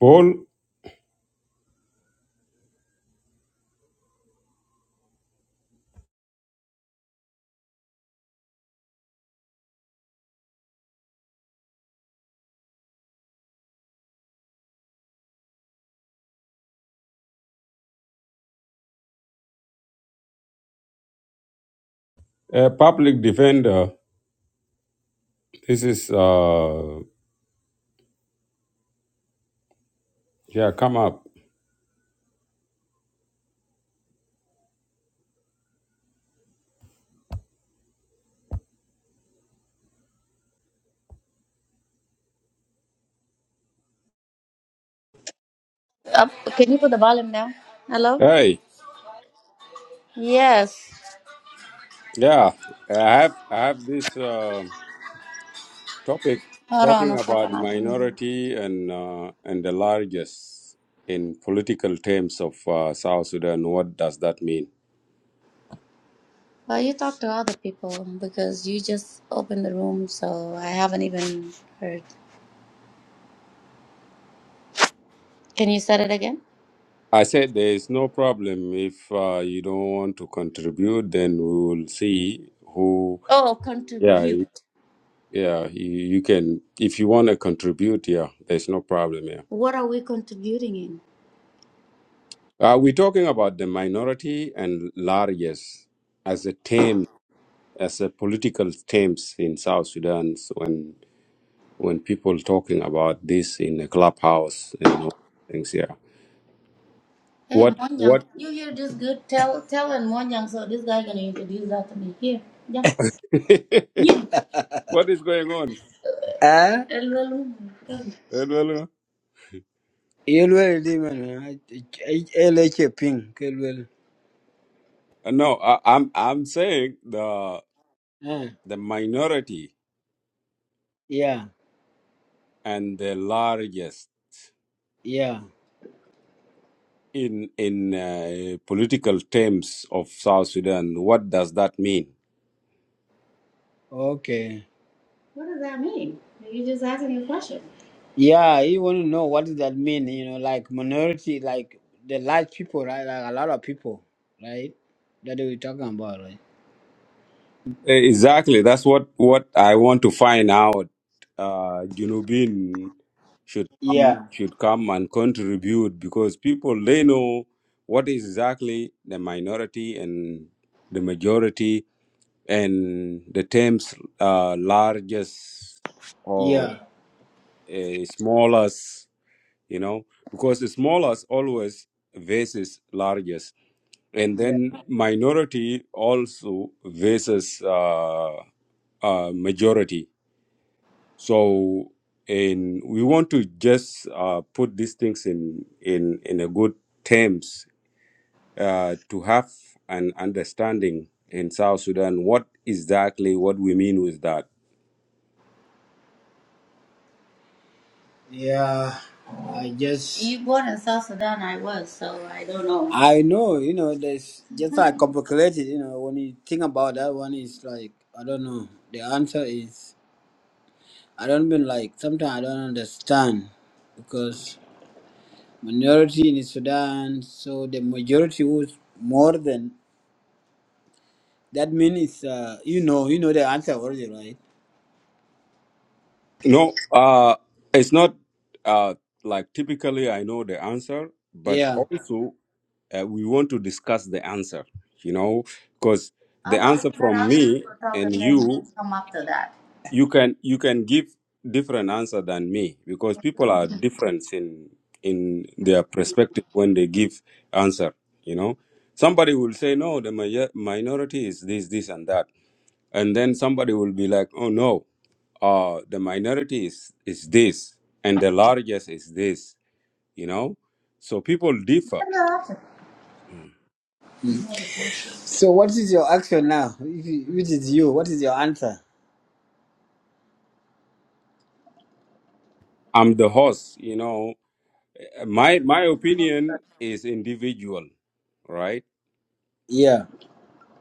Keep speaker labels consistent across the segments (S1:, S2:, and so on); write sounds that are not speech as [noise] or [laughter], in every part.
S1: Paul, a public defender. This is uh yeah, come up.
S2: Up, can you put the volume down? Hello?
S1: Hey,
S2: Yes.
S1: yeah, I have I have this uh, topic
S2: Hold on
S1: talking
S2: a
S1: about
S2: second. I can hear.
S1: minority and uh, and the largest in political terms of uh, South Sudan. What does that mean?
S2: Well, you talk to other people because you just opened the room, so I haven't even heard. Can you say it again?
S1: I said there is no problem if uh, you don't want to contribute. Then we will see who.
S2: Oh,
S1: Yeah, you-
S2: contribute.
S1: yeah. You, you can if you want to contribute. Yeah, there's no problem. Yeah.
S2: What are we contributing in?
S1: Uh, we're talking about the minority and largest as a term, as a political terms in South Sudan. So when when people talking about this in a clubhouse and all things, yeah.
S2: Hey,
S1: What
S2: Monyang,
S1: what
S2: can you hear this good? Tell, tell and Monyang, so this guy gonna introduce that to me. Here, yeah. [laughs]
S1: [laughs]
S2: You.
S1: what is going on?
S2: Ah, Hello, hello.
S1: Hello?
S2: yelwel di man, eleche ping, kelwel.
S1: No, I, I'm I'm saying the
S2: Ah,
S1: the minority
S2: yeah.
S1: and the largest
S2: Yeah.
S1: in in uh, political terms of South Sudan. What does that mean?
S2: Okay. What does that mean? You just asking a question. Yeah, you want to know what does that mean? You know, like minority, like the large people, right? Like a lot of people, right? That we're talking about, right?
S1: Exactly. That's what what I want to find out. Uh, Junubin should come
S2: Yeah.
S1: should come and contribute because people they know what is exactly the minority and the majority and the terms uh, largest or
S2: Yeah.
S1: uh, smallest. You know because the smallest always versus largest, and
S2: Yeah.
S1: then minority also versus. uh, uh, majority. So, and we want to just uh, put these things in in in a good terms uh, to have an understanding in South Sudan what exactly what we mean with that.
S2: Yeah. I just. You born in South Sudan, I was, so I don't know. I know, you know, there's just like [laughs] complicated, you know, when you think about that one, it's like, I don't know. The answer is. I don't mean like sometimes I don't understand because minority in Sudan, so the majority was more than that means it's, uh, you know you know the answer already, right?
S1: No, uh, it's not uh, like typically I know the answer, but
S2: Yeah.
S1: also uh, we want to discuss the answer. You know, because the
S2: How about we
S1: answer
S2: let
S1: from
S2: other
S1: me
S2: people talk and
S1: and
S2: then we
S1: you
S2: come after that?
S1: you can you can give different answer than me because people are different in in their perspective when they give answer you know somebody will say no the mi- minority is this this and that and then somebody will be like oh no uh the minority is is this and the largest is this you know so people differ
S2: Let the option. So what is your action now? If you- Which is you? What is your answer?
S1: i'm the host you know my my
S2: You can go.
S1: opinion is individual right
S2: Yeah.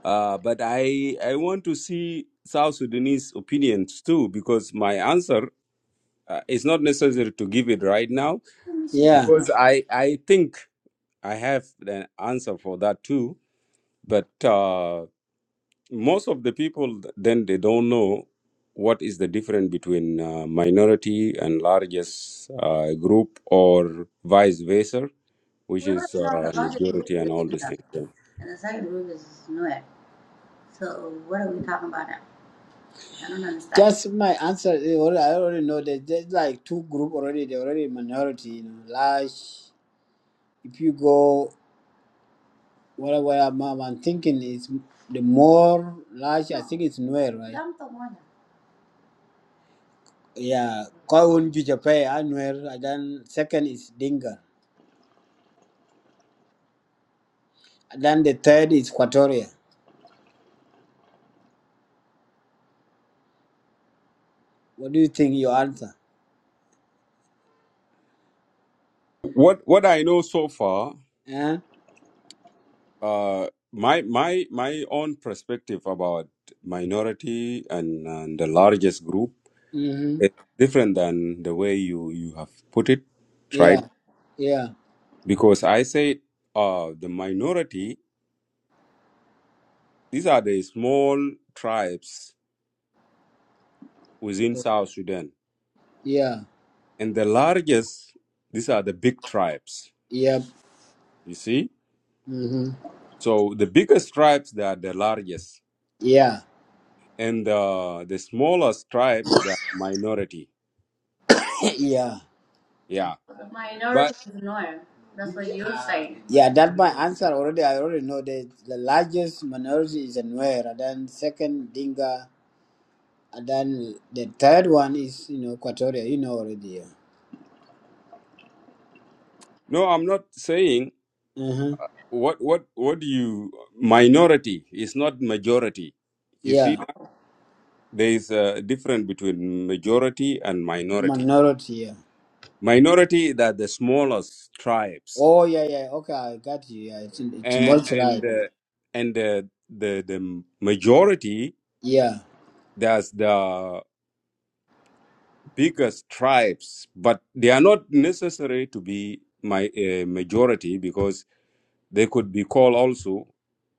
S1: Uh, but I I want to see South Sudanese opinions too because my answer uh, is not necessary to give it right now
S2: Yeah.
S1: because I I think I have an answer for that too. But uh, most of the people then they don't know what is the difference between uh, minority and largest uh, group or vice versa which
S2: We already
S1: is
S2: know
S1: uh,
S2: the larger group
S1: majority
S2: is
S1: and
S2: the
S1: all these
S2: data,
S1: things. Yeah.
S2: and the second group is Nuer. So what are we talking about now? I don't understand. Just my answer. eh, alre- I already know that there's like two group already. They're already minority. You know, large. If you go, what what I'm, I'm thinking is the more large. I think it's Nuer, right? Dam to one. Yeah, Kowun Jujape, Anwer, and then second is Dinga. And then the third is Quatoria. What do you think your answer?
S1: What what I know so far,
S2: Eh?
S1: uh, my my my own perspective about minority and, and the largest group
S2: Mm-hmm.
S1: is different than the way you you have put it,
S2: Yeah,
S1: right?
S2: yeah,
S1: Because I say uh, the minority; these are the small tribes within South Sudan.
S2: yeah,
S1: And the largest, these are the big tribes,
S2: yeah,
S1: you see?
S2: mm-hmm.
S1: So the biggest tribes, they are the largest.
S2: yeah,
S1: And uh, the smallest tribes, they are minority.
S2: [coughs] [laughs] yeah.
S1: Yeah. But
S2: Minority is no. That's what you're saying. Yeah, that my answer already. I already know that the largest minority is Nuer, and then second Dinga, and then the third one is you know Equatoria. You know already. Yeah.
S1: no, I'm not saying
S2: Uh-huh.
S1: what, what, what do you, minority is not majority. You see,
S2: Yeah,
S1: that? there is a difference between majority and minority.
S2: minority. Yeah.
S1: Minority, that the smallest tribes
S2: Oh yeah, yeah. Okay, I got you. Yeah, it's it's
S1: and
S2: more
S1: and
S2: tribe.
S1: uh, and uh, the the majority
S2: Yeah.
S1: there's the biggest tribes but they are not necessary to be my uh, majority because they could be called also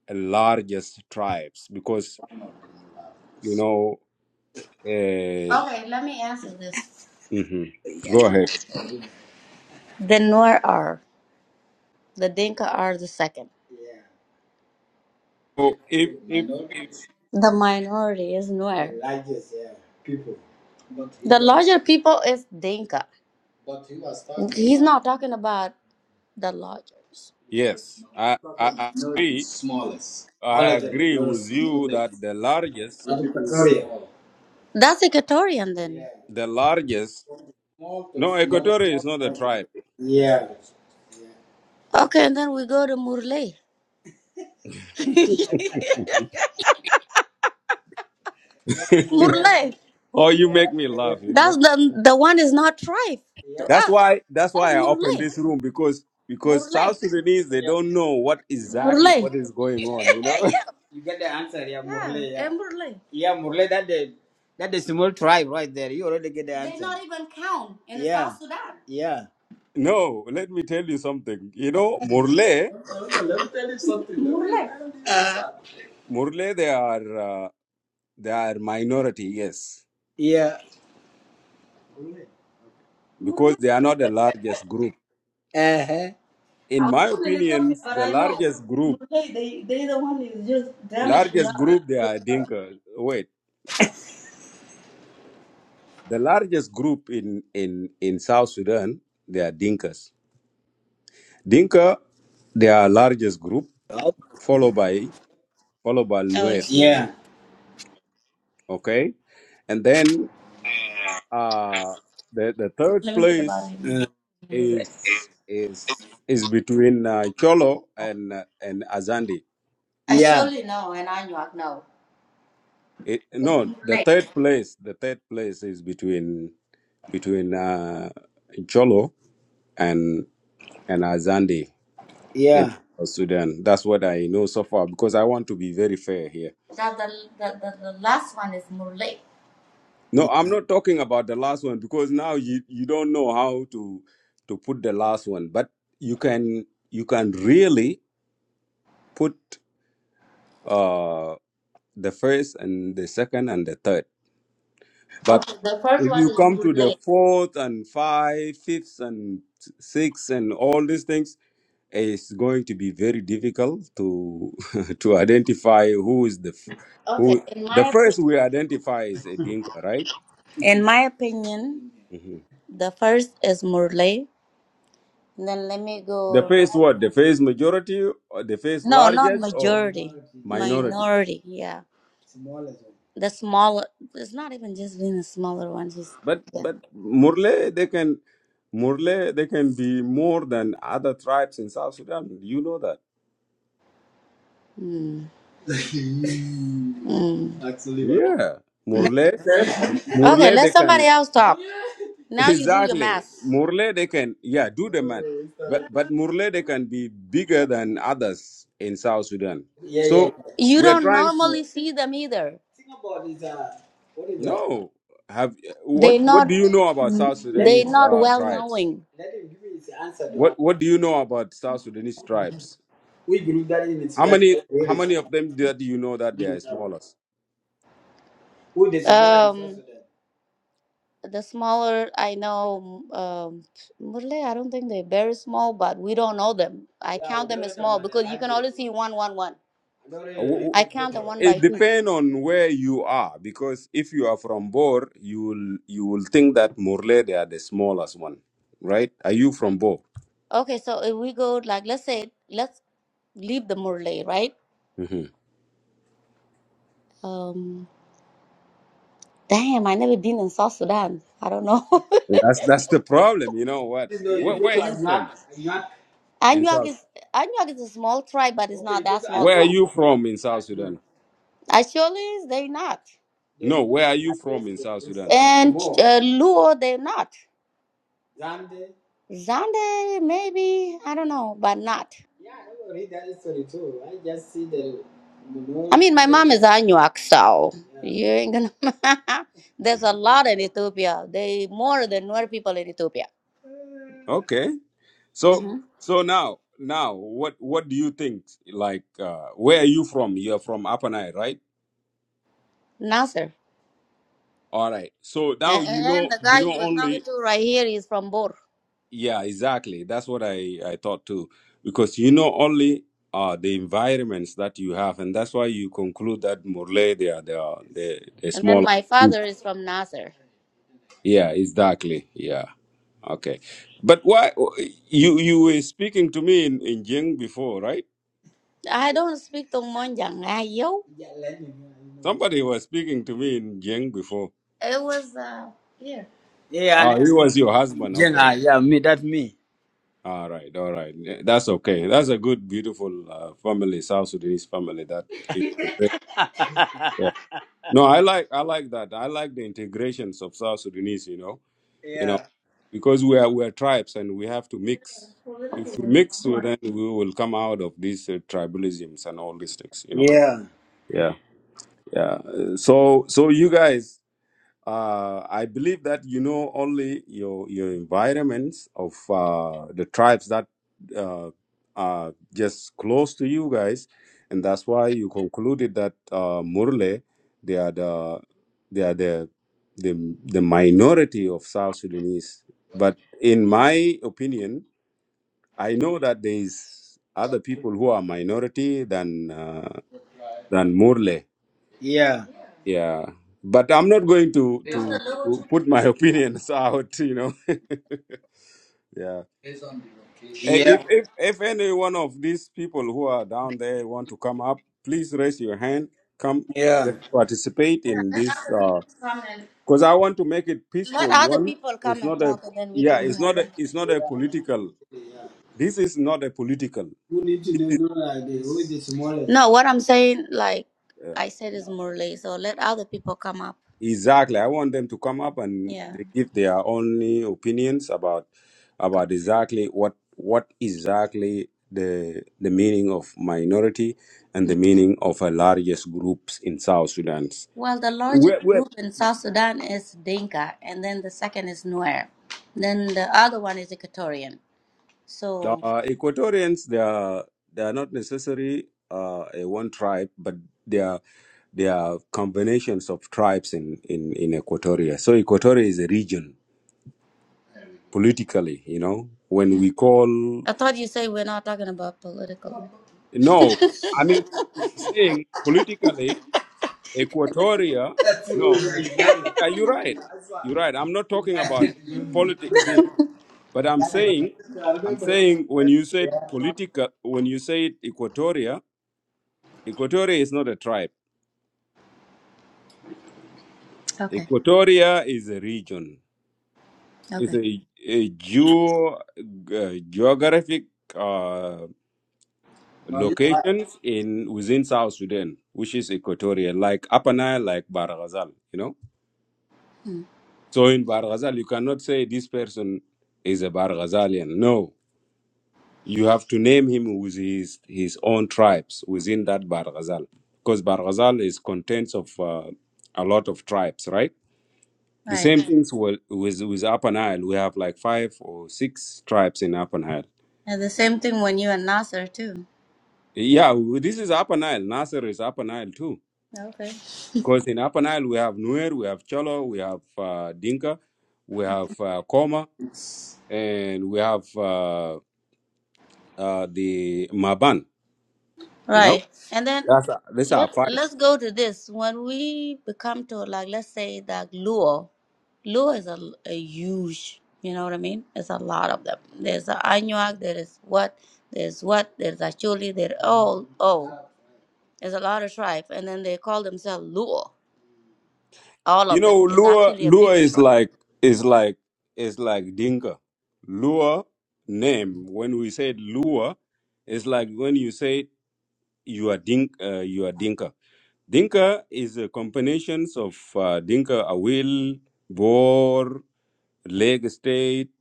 S1: a largest tribes because you know uh,
S2: Okay, let me answer this.
S1: mhm. go ahead
S2: The Nuer are. The Dinka are the second.
S1: so if if, if
S2: minorities, The minority is Nuer. the largest yeah, people. But he The was, larger people is Dinka. but he was talking He's about not talking about the largest. yeah,
S1: yes
S2: no,
S1: I, I
S2: talking about
S1: i
S2: minorities,
S1: agree
S2: smallest,
S1: i
S2: smaller than
S1: agree
S2: minorities,
S1: with you that
S2: smallest,
S1: the largest
S2: not Equatorial. small. That's Equatorian then. Yeah,
S1: the largest
S2: okay.
S1: no
S2: small but not. a-
S1: equatorial is not a tribe
S2: Yeah, Okay, and then we go to Murle. Murle,
S1: [laughs]
S2: Murle.
S1: Oh, you make me laugh,
S2: Island.
S1: you
S2: That's
S1: know.
S2: the the one is not tribe Yeah, to Yeah.
S1: That's
S2: us.
S1: why that's
S2: That's
S1: why I
S2: Murle.
S1: opened this room because because South
S2: Murle.
S1: Sudanese they don't know what exactly
S2: Murle.
S1: what is going on, you
S2: Hey,
S1: know.
S2: yeah. You get the answer, yeah, Yeah, Murle, yeah. and Murle. Yeah, Murle, that the that the small tribe right there. You already get the answer. They not even count in the yeah. South Sudan. Yeah.
S1: [laughs] no, let me tell you something. You know, Murle,
S2: Murle.
S1: Murle they are uh, they are minority, yes,
S2: Yeah.
S1: because they are not the largest group.
S2: Uh-huh. I
S1: In
S2: was
S1: my
S2: born in
S1: opinion,
S2: Ethiopia, but
S1: the
S2: I know
S1: largest group,
S2: Murle. They they the one is just damaging
S1: largest
S2: us.
S1: group they are Dinkas. Wait, the largest group in in in South Sudan they are Dinkas. Dinka, they are largest group
S2: Oh,
S1: followed by followed by
S2: Oh,
S1: Nuer.
S2: excuse yeah.
S1: Okay, and then uh, the the third
S2: Let me put the bottle
S1: place
S2: in. Uh,
S1: is is is between uh, Cholo and uh, and Azandi.
S2: I yeah. surely know, and I know. know.
S1: It,
S2: It's
S1: no, the
S2: Murle.
S1: third place the third place is between between uh, Cholo and and Azandi in
S2: Yeah.
S1: Sudan. That's what I know so far because I want to be very fair here.
S2: That the, the, the, the last one is Murle.
S1: No,
S2: Yeah.
S1: I'm not talking about the last one because now you, you don't know how to to put the last one, but you can you can really put uh the first and the second and the third. But
S2: Okay, the first
S1: if
S2: one
S1: you
S2: is
S1: come to the
S2: Murle.
S1: fourth and five, fifth and sixth and all these things, it's going to be very difficult to [laughs] to identify who is the f-
S2: Okay,
S1: who
S2: in
S1: the
S2: my
S1: first
S2: opinion,
S1: we identify is a dinka, right?
S2: in my opinion,
S1: Mm-hmm.
S2: the first is Murle. Then let me
S1: The
S2: go.
S1: face what? The face majority or the face
S2: No, not
S1: largest or
S2: majority,
S1: minority?
S2: minority. Yeah, the smaller. It's not even just being a smaller one. Just
S1: But
S2: yeah.
S1: but Murle they can Murle they can be more than other tribes in South Sudan. You know that.
S2: Mm. Mm.
S1: Yeah. Murle
S2: Okay,
S1: Murle
S2: let
S1: they
S2: somebody
S1: can
S2: else talk.
S1: [laughs]
S2: Now you do your
S1: exactly
S2: math.
S1: Murle they can yeah, do the math. But but Murle they can be bigger than others in South Sudan. So
S2: You
S1: we're
S2: don't
S1: trying to
S2: normally see them either.
S1: no have what
S2: They
S1: what do
S2: not
S1: you know about
S2: mm,
S1: South
S2: they
S1: Sudanese
S2: not
S1: uh,
S2: well
S1: tribes?
S2: knowing. Um,
S1: What What do you know about South Sudanese tribes? How many How many of them do do you know that they are smallest?
S2: the smaller I know um Murle, I don't think they're very small, but we don't know them. I Yeah, count them as small because you can only see one one one. I
S1: Uh, wh-
S2: really
S1: wh-
S2: count them them. one by
S1: It
S2: two.
S1: depends on where you are, because if you are from Bor, you will you will think that Murle they are the smallest one, right? Are you from Bor?
S2: Okay, so if we go like let's say let's leave the Murle, right?
S1: hmm
S2: Um damn, I never been in South Sudan. I don't know. [laughs]
S1: That's that's the problem. You know what?
S2: You know,
S1: Where,
S2: you go
S1: where
S2: to
S1: are you
S2: Anuak,
S1: from
S2: Anuak.
S1: in
S2: Anuag
S1: South?
S2: is Anuak is a small tribe, but it's Okay, not you go that to small
S1: Where are
S2: tribe.
S1: you from in South
S2: Acholi,
S1: Sudan?
S2: Actually, they're not. The
S1: No, where are you from
S2: Lagos,
S1: in South
S2: the
S1: Sudan?
S2: And Chamor, uh, Luo, they're not. Zande. Zande, maybe I don't know, but not. Yeah, I don't read that story too. I just see the, you I mean, my mom is Anuak, so yeah. you ain't gonna. [laughs] There's a lot in Ethiopia. They more than Nuer people in Ethiopia.
S1: Okay. So
S2: Mm-hmm.
S1: so now now what what do you think? Like uh where are you from? You're from Apanai, right?
S2: Nasser.
S1: All right. So now
S2: And,
S1: you
S2: and
S1: know
S2: the guy
S1: you know
S2: you were talking
S1: only
S2: to right here is from Bor.
S1: yeah, exactly. That's what I I thought too. Because you know only uh the environments that you have and that's why you conclude that Murle they are they are they they're
S2: And then
S1: smaller.
S2: my
S1: Mm.
S2: father is from Nasser.
S1: Yeah, exactly. Yeah. Okay. But why you you were speaking to me in in Jing before, right?
S2: I don't speak Tongmonjang. Ah, yo.
S1: Somebody was speaking to me in Jiang before.
S2: It was, uh, yeah. Yeah,
S1: Ah,
S2: and
S1: he was your
S2: I'm
S1: husband. Okay.
S2: Jenga. Yeah, me. That's me.
S1: All right. All right. Eh, That's okay. That's a good, beautiful uh, family, South Sudanese family. That integrate.
S2: [laughs]
S1: Yeah. No, I like. I like that. I like the integrations of South Sudanese. You know. You know,
S2: yeah.
S1: because we are we are tribes and we have to mix. If we mix, well, then we will come out of these uh, tribalisms and all these things. You know.
S2: Yeah.
S1: Yeah. Yeah. Uh, So so you guys. Uh, I believe that you know only your your environments of uh, the tribes that uh, are just close to you guys, and that's why you concluded that uh, Murle they are the they are the the the minority of South Sudanese. But in my opinion, I know that there is other people who are minority than uh, than Murle.
S2: Yeah.
S1: Yeah, but I'm not going to to to put my [laughs] opinions out. You know, [laughs] yeah. Eh,
S2: Yeah.
S1: If if if any one of these people who are down there want to come up, please raise your hand. Come
S2: Yeah.
S1: participate in this because
S2: Come and
S1: I want to make it
S2: let
S1: peaceful.
S2: other
S1: One,
S2: people come
S1: it's
S2: and
S1: not a
S2: talk and then we
S1: yeah,
S2: can
S1: it's
S2: hear
S1: not
S2: them.
S1: a, it's not a political. This is not a political.
S2: Who need to know know like this? Who is the smallest? No, what I'm saying, like
S1: yeah.
S2: I said, is Murley. So let other people come up.
S1: Exactly. I want them to come up and
S2: Yeah.
S1: they give their only opinions about about exactly what what exactly the the meaning of minority and the meaning of a largest groups in South Sudan.
S2: Well, the largest
S1: We're, we're,
S2: group in South Sudan is Dinka, and then the second is Nuer. Then the other one is Equatorian. So
S1: uh, Equatorians, they are they are not necessarily uh, a one tribe, but they are they are combinations of tribes in in in Equatoria. So Equatoria is a region politically. You know, when we call
S2: I thought you said we're not talking about political.
S1: No, I mean, I'm I'm saying politically, Equatoria, no,
S2: [laughs] Exactly.
S1: yeah, you're right. You're right. I'm not talking about
S2: Exactly.
S1: politics here, but I'm saying,
S2: Exactly.
S1: I'm saying when you said political, when you said Equatoria, Equatoria is not a tribe.
S2: Okay.
S1: Equatoria is a region. It's
S2: Okay.
S1: a, a geo, uh, geographic uh,
S2: No, right.
S1: locations in within South Sudan, which is Equatoria, like Upper Nile, like Baragazal, you know? So in Bar Ghazal, you cannot say this person is a Bar Ghazalian. No, you have to name him with his, his own tribes within that Bar Ghazal. Because Bar Ghazal is contents of uh, a lot of tribes, right? The
S2: Right.
S1: same things with, with, with Upper Nile. We have like five or six tribes in Upper Nile.
S2: And the same thing when you and Nasser too.
S1: Yeah, w- this is Upper Nile. Nasser is Upper Nile too.
S2: Okay.
S1: Because in Upper Nile, we have Nuer, we have Cholo, we have uh, Dinka, we have uh, Koma, and we have. uh, uh, the Maban. You know,
S2: Right. And then
S1: that's these are
S2: let
S1: five.
S2: let's go to this. When we become to like let's say that Luo, Luo is a, a huge, you know what I mean? There's a lot of them. There's a Anuak, there is what, there's what, there's Acholi, they're all oh. There's a lot of tribe and then they call themselves Luo. All
S1: You
S2: of
S1: know,
S2: them. It's
S1: Lua
S2: actually a big
S1: Lua is
S2: tribe.
S1: like is like is like Dinka. Lua name when we said Lua, it's like when you say you are Dink uh, you are Dinka. Dinka is a combinations of uh, Dinka Awil, Bor, Lake State,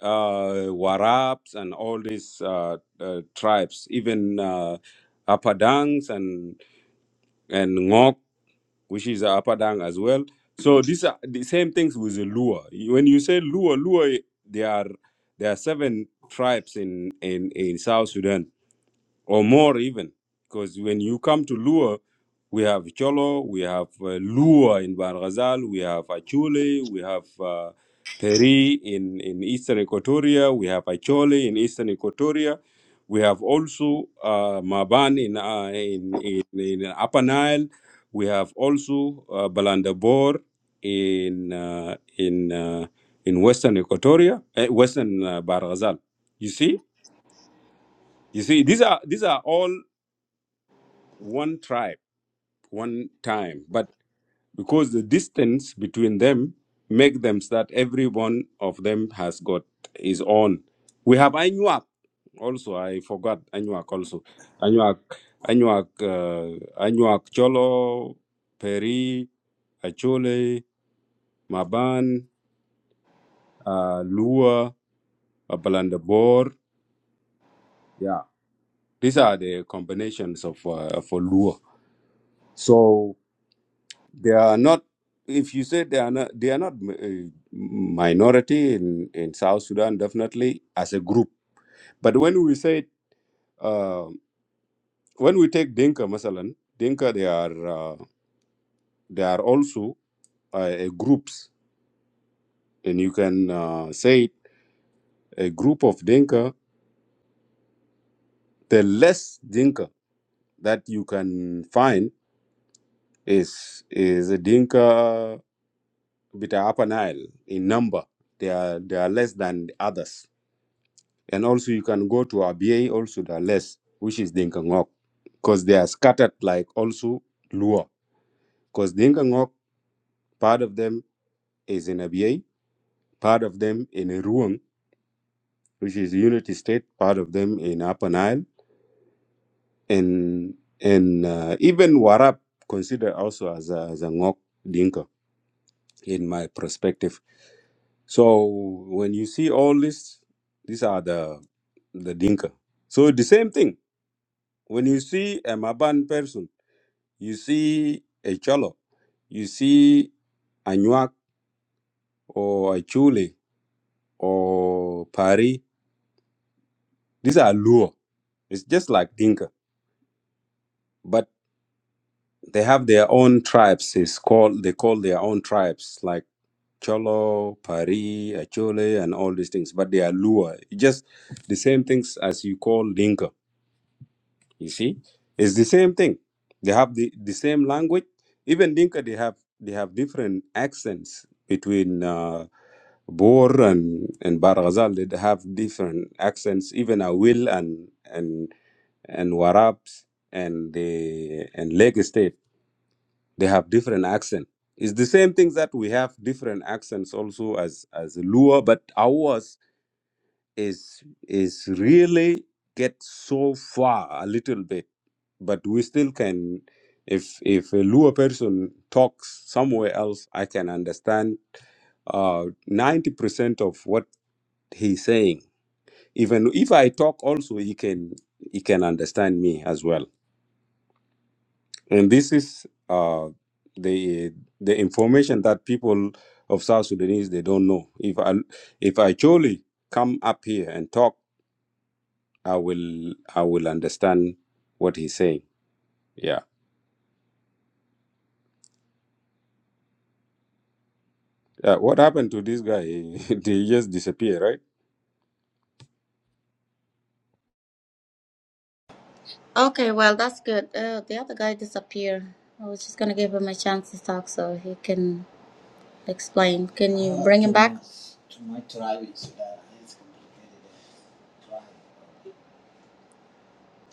S1: uh, Warabs, and all these uh, uh, tribes, even uh, Apadangs and and Ngok which is uh, Upper Dang as well. So these are the same things with the Lua. When you say Lua, Lua, there are there are seven tribes in in in South Sudan or more even. Because when you come to Lua, we have Cholo, we have uh, Lua in Bar Ghazal, we have Achule, we have uh, Peri in, in Eastern Equatoria, we have Achole in Eastern Equatoria, we have also uh, Maban in, uh, in, in, in Upper Nile, we have also uh, Balandabor in, uh, in, uh, in Western Equatoria, eh, Western uh, Bar Ghazal. You see? You see, these are these are all one tribe, one time, but because the distance between them make them so that every one of them has got his own. We have Anuak also. I forgot Anuak also. Anuak, Anuak, uh, Anuak Cholo, Peri, Achole, Maban, uh, Lua, Abalandabor. Yeah, these are the combinations of uh, for Lua. So They are not. If you say they are not, they are not uh, minority in in South Sudan. Definitely as a group. But when we say uh, when we take Dinka, Masalan, Dinka, they are uh, they are also uh, a groups, and you can uh, say it, a group of Dinka. The less Dinka that you can find is is a Dinka bit Upper Nile in number. They are they are less than the others. And also you can go to Abia. also the less, which is Dinkangok, because they are scattered like also Lua. Because Dinkangok, part of them is in Abia, part of them in Ruang, which is Unity State, part of them in Upper Nile, and and uh, even Warap considered also as a, as a Ngok Dinka in my perspective. So when you see all this, these are the the Dinka. So the same thing. When you see a Maban person You see a Cholo, you see a Nuak or a Chule or Pari. These are Luo. It's just like Dinka, but they have their own tribes. It's called they call their own tribes like Cholo, Pari, Achole, and all these things. But they are Luo. It's just the same things as you call Dinka. You see, it's the same thing. They have the, the same language. Even Dinka, they have they have different accents between. Uh, Bor and, and Bar did have different accents, even Awil and and and Warabs and the and Lake State, they have different accent. It's the same thing that we have different accents also as as Lua, but ours is is really get so far a little bit, but we still can. If if a Lua person talks somewhere else, I can understand Uh, ninety percent of what he's saying. Even if I talk also, he can he can understand me as well. And this is uh, the the information that people of South Sudanese they don't know. If I if I truly come up here and talk, I will I will understand what he's saying. Yeah. Uh, what happened to this guy? [laughs] he just disappeared, right?
S2: Okay, well that's good. Uh, the other guy disappeared. I was just gonna give him a chance to talk so he can Explain. Can you bring him back?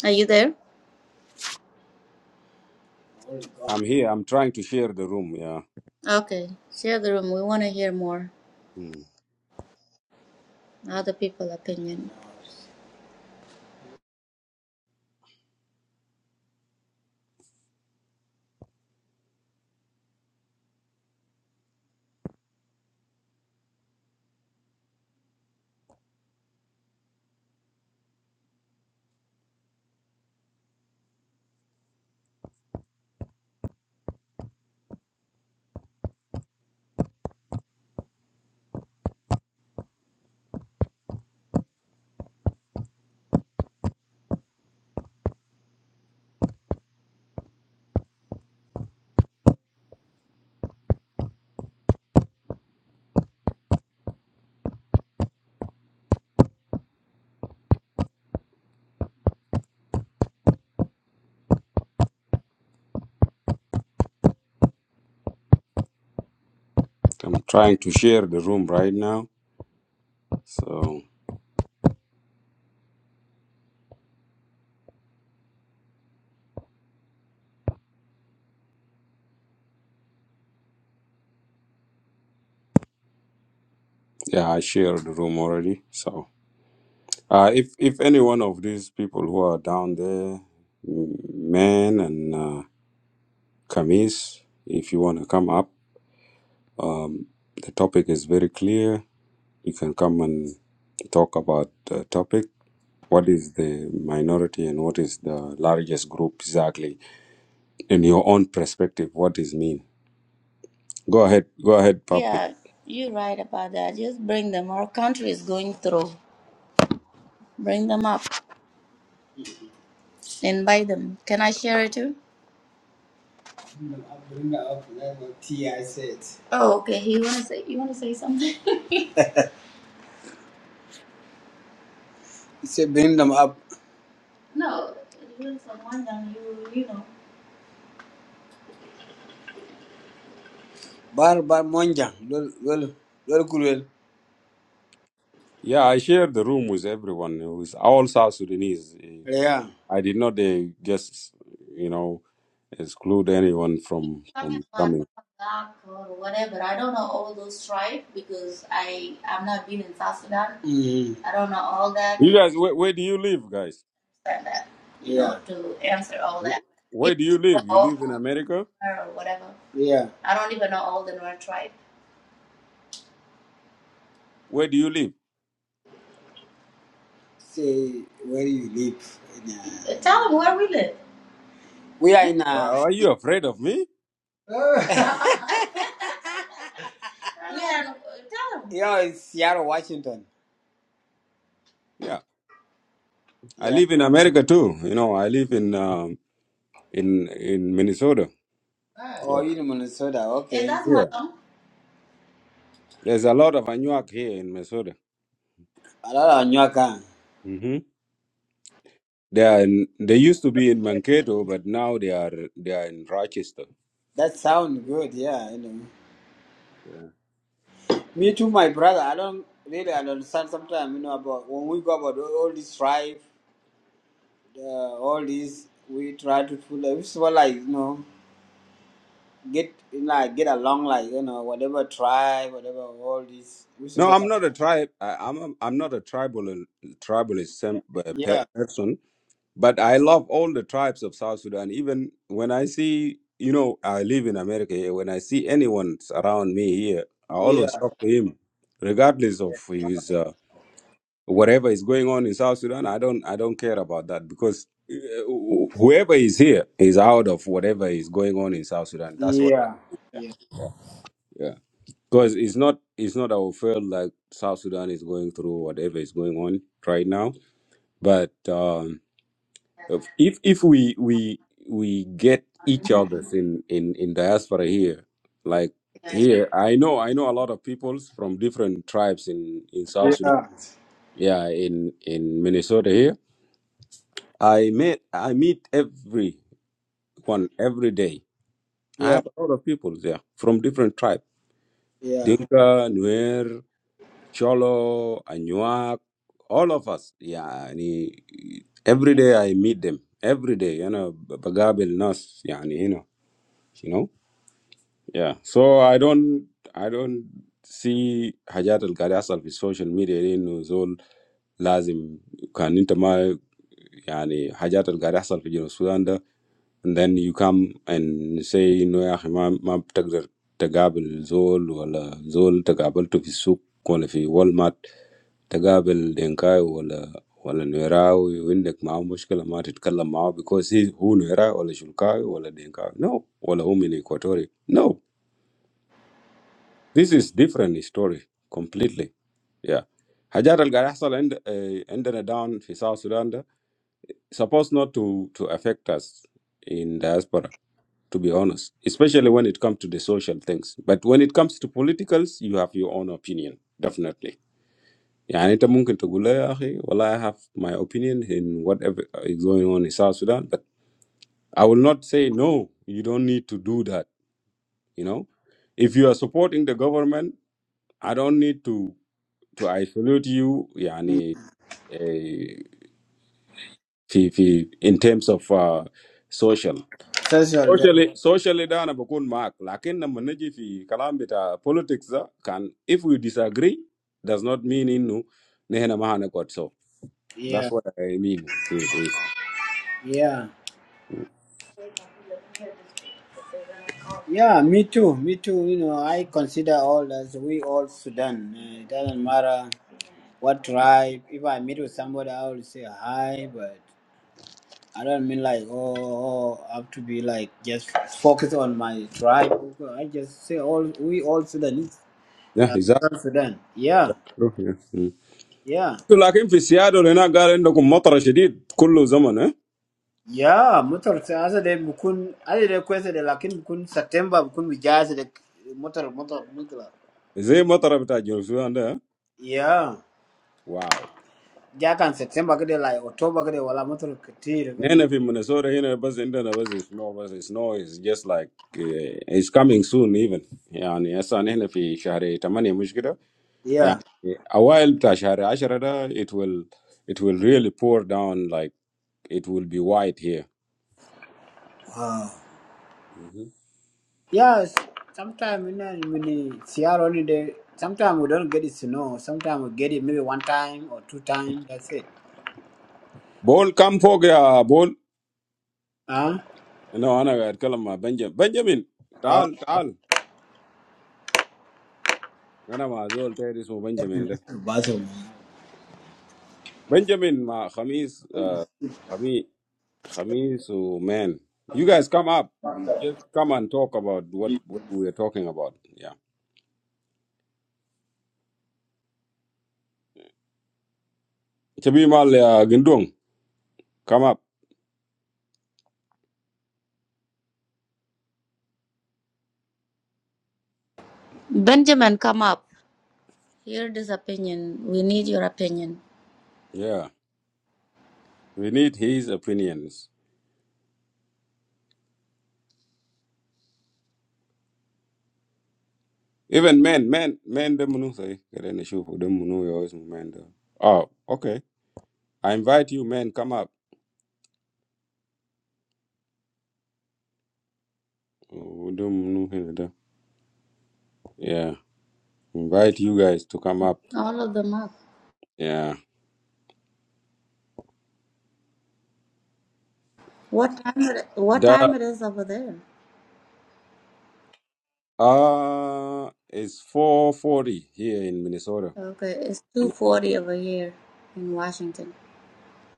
S2: Are you there?
S1: I'm here. I'm trying to share the room. Yeah.
S2: Okay. Share the room. We want to hear more
S1: Mm.
S2: other people' opinion.
S1: I'm trying to share the room right now. So yeah, I shared the room already. So. Uh, if if any one of these people who are down there, men and uh, Kamis, if you want to come up, um, the topic is very clear. You can come and talk about the topic. What is the minority and what is the largest group exactly? In your own perspective, what does mean? Go ahead, go ahead, public.
S2: Yeah, you're right about that. Just bring them. Our country is going through. Bring them up. Invite them. Can I share it too? Oh, okay. He wanna say. You wanna say something? [laughs] He said, bring them up. No, it was someone that you you know. Bar bar monjang lol lol lol kulwel
S1: Yeah, I share the room with everyone, with all South Sudanese. Eh,
S2: reya.
S1: I did not uh, just, you know. exclude anyone from
S2: talking
S1: from
S2: about
S1: coming.
S2: Black or whatever. I don't know all those tribes because I i am not been in South Sudan. Mm, I don't know all that.
S1: You guys, where, where do you live, guys?
S2: I understand that, you know, yeah to answer all
S1: Wh-
S2: that.
S1: Where
S2: If
S1: do you live? You
S2: all
S1: live in America?
S2: or whatever. yeah. I don't even know all the North tribe.
S1: Where do you live?
S2: Say where you live. In, uh, Uh, Tell them where we live. we are
S1: Yeah.
S2: in a
S1: Are are you afraid of me?
S2: [laughs] [laughs] yeah, uh, tell them. [laughs] you know it's Seattle, Washington.
S1: Yeah, I
S2: Yeah.
S1: live in America too. You know, I live in um, in in Minnesota. Yeah,
S2: Oh, you in Minnesota? Yeah, Okay. Yeah, that's my
S1: yeah.
S2: mom.
S1: There's a lot of Anuak here in Minnesota.
S2: I don't know Anyoka.
S1: hmm They are in, they used to be in Mankato, but now they are they are in Rochester.
S2: That sounds good. Yeah, you know.
S1: Yeah.
S2: Me too, my brother. I don't really understand sometimes. You know about when we go about all this strife, uh, all this we try to pull. Like, It's more like you know get like get along like you know whatever tribe, whatever all this. We
S1: No,
S2: supposed
S1: I'm
S2: like,
S1: not a tribe. I, I'm a, I'm not a tribal tribalist sem- uh, pe-
S2: yeah,
S1: person. But I love all the tribes of South Sudan. Even when I see, you know, I live in America here. When I see anyone around me here, I
S2: yeah,
S1: always talk to him, regardless of his uh, whatever is going on in South Sudan. I don't, I don't care about that because uh, wh- whoever is here is out of whatever is going on in South Sudan. That's what.
S2: yeah,
S1: Yeah.
S2: yeah,
S1: yeah. Because it's not, it's not our fault. Like South Sudan is going through whatever is going on right now, but. um If if if we we we get each other's in in in diaspora here, like
S2: Yeah.
S1: here, I know I know a lot of peoples from different tribes in in South Sudan.
S2: yeah,
S1: Yeah, in in Minnesota here, I met I meet everyone every day. I
S2: yeah,
S1: have a lot of people there from different tribes:
S2: yeah.
S1: Dinka, Nuer, Cholo, Anuak, all of us. Yeah, and every day I meet them. Every day, you know, بقابل ناس يعني هنا You know, yeah. So I don't, I don't see how Jadaal Karya itself is social media. You know, it's all, lazim. Can't imagine. Yanie, how did it happen? South Sudan. And then you come and say, no, I have to go to Kabul, Zol, or Zol to Kabul to buy soup. Go to Walmart, to Kabul, Denka, or Newera. When they come out, most people are not from Newera or Denka. No, they are from Equatorial. No, this is different story, completely. Yeah, how did it happen? In the down in South Sudan. ده supposed not to to affect us in diaspora to be honest especially when it comes to the social things but when it comes to politicals you have your own opinion definitely يعني انت ممكن تقول لي يا اخي والله I have my opinion in whatever is going on in South Sudan but I will not say no you don't need to do that you know if you are supporting the government I don't need to to isolate you يعني eh, في في in terms of uh, social
S2: Social.
S1: Socially, socially, da na bokun mark. Lakem na maneji fi kalam beta politicsa kan. If we disagree, does not mean inu. Nehe na mahana kwa sio. That's
S2: Yeah,
S1: what I mean. with- with-
S2: yeah. Yeah, me too, me too. You know, I consider all as we all Sudan. Uh, it doesn't matter what tribe. If I meet with somebody, I will say hi, but I don't mean like, oh, oh, I have to be like just focus on my tribe. I just say all we all Sudanese,
S1: Yeah,
S2: uh,
S1: exactly.
S2: Southern Sudan. Yeah, yeah.
S1: Lakem fi siyado le na galendo kummutra shidid kulu zaman.
S2: Yeah, motor sa asa de bukun asa de kwese de lakin bukun September bukun wijaza de motor motor motor.
S1: Isi mutra beta jinsu ande.
S2: Yeah.
S1: Wow.
S2: Jakan September kede like October kede wala motor ketir
S1: Nehe
S2: kena.
S1: na fi mnisora hina busi enda na busi snow busi snow is just like is coming soon even. Yani asa nehe na fi shari tamani mushi kito. Yeah,
S2: Yeah.
S1: a while Tashari Asharada, it will it will really pour down like it will be white here.
S2: Wow.
S1: Mm-hmm.
S2: Yes. Sometimes you know, when it's Sierra only day, sometimes we don't get it snow. Sometimes we get it maybe one time or two times. That's it.
S1: Bol come fog ya bol.
S2: Huh?
S1: No, ana ga kalam ma Benjamin. Benjamin,
S2: Oh,
S1: tal tal. Ana ma zol tayri ismu Benjamin da.
S2: bathroom.
S1: Benjamin ma khamis uh khami khamis oh, man. You guys come up. Just come and talk about what what we are talking about. Yeah. Chabi mal ya gindung, come up.
S2: Benjamin, come up. Here this opinion. We need your opinion.
S1: Yeah. We need his opinions. Even men, men, men the munu say, kerene shufu the shoe for them munu yo is men the. Oh, okay. I invite you men come up. Oh, the munu here the. Yeah, invite you guys to come up.
S2: All of them up.
S1: Yeah.
S2: What time it, what time
S1: The
S2: it is over there?
S1: uh it's 4:40 here in Minnesota
S2: Okay, it's
S1: in
S2: two
S1: the morning.
S2: forty over here in Washington.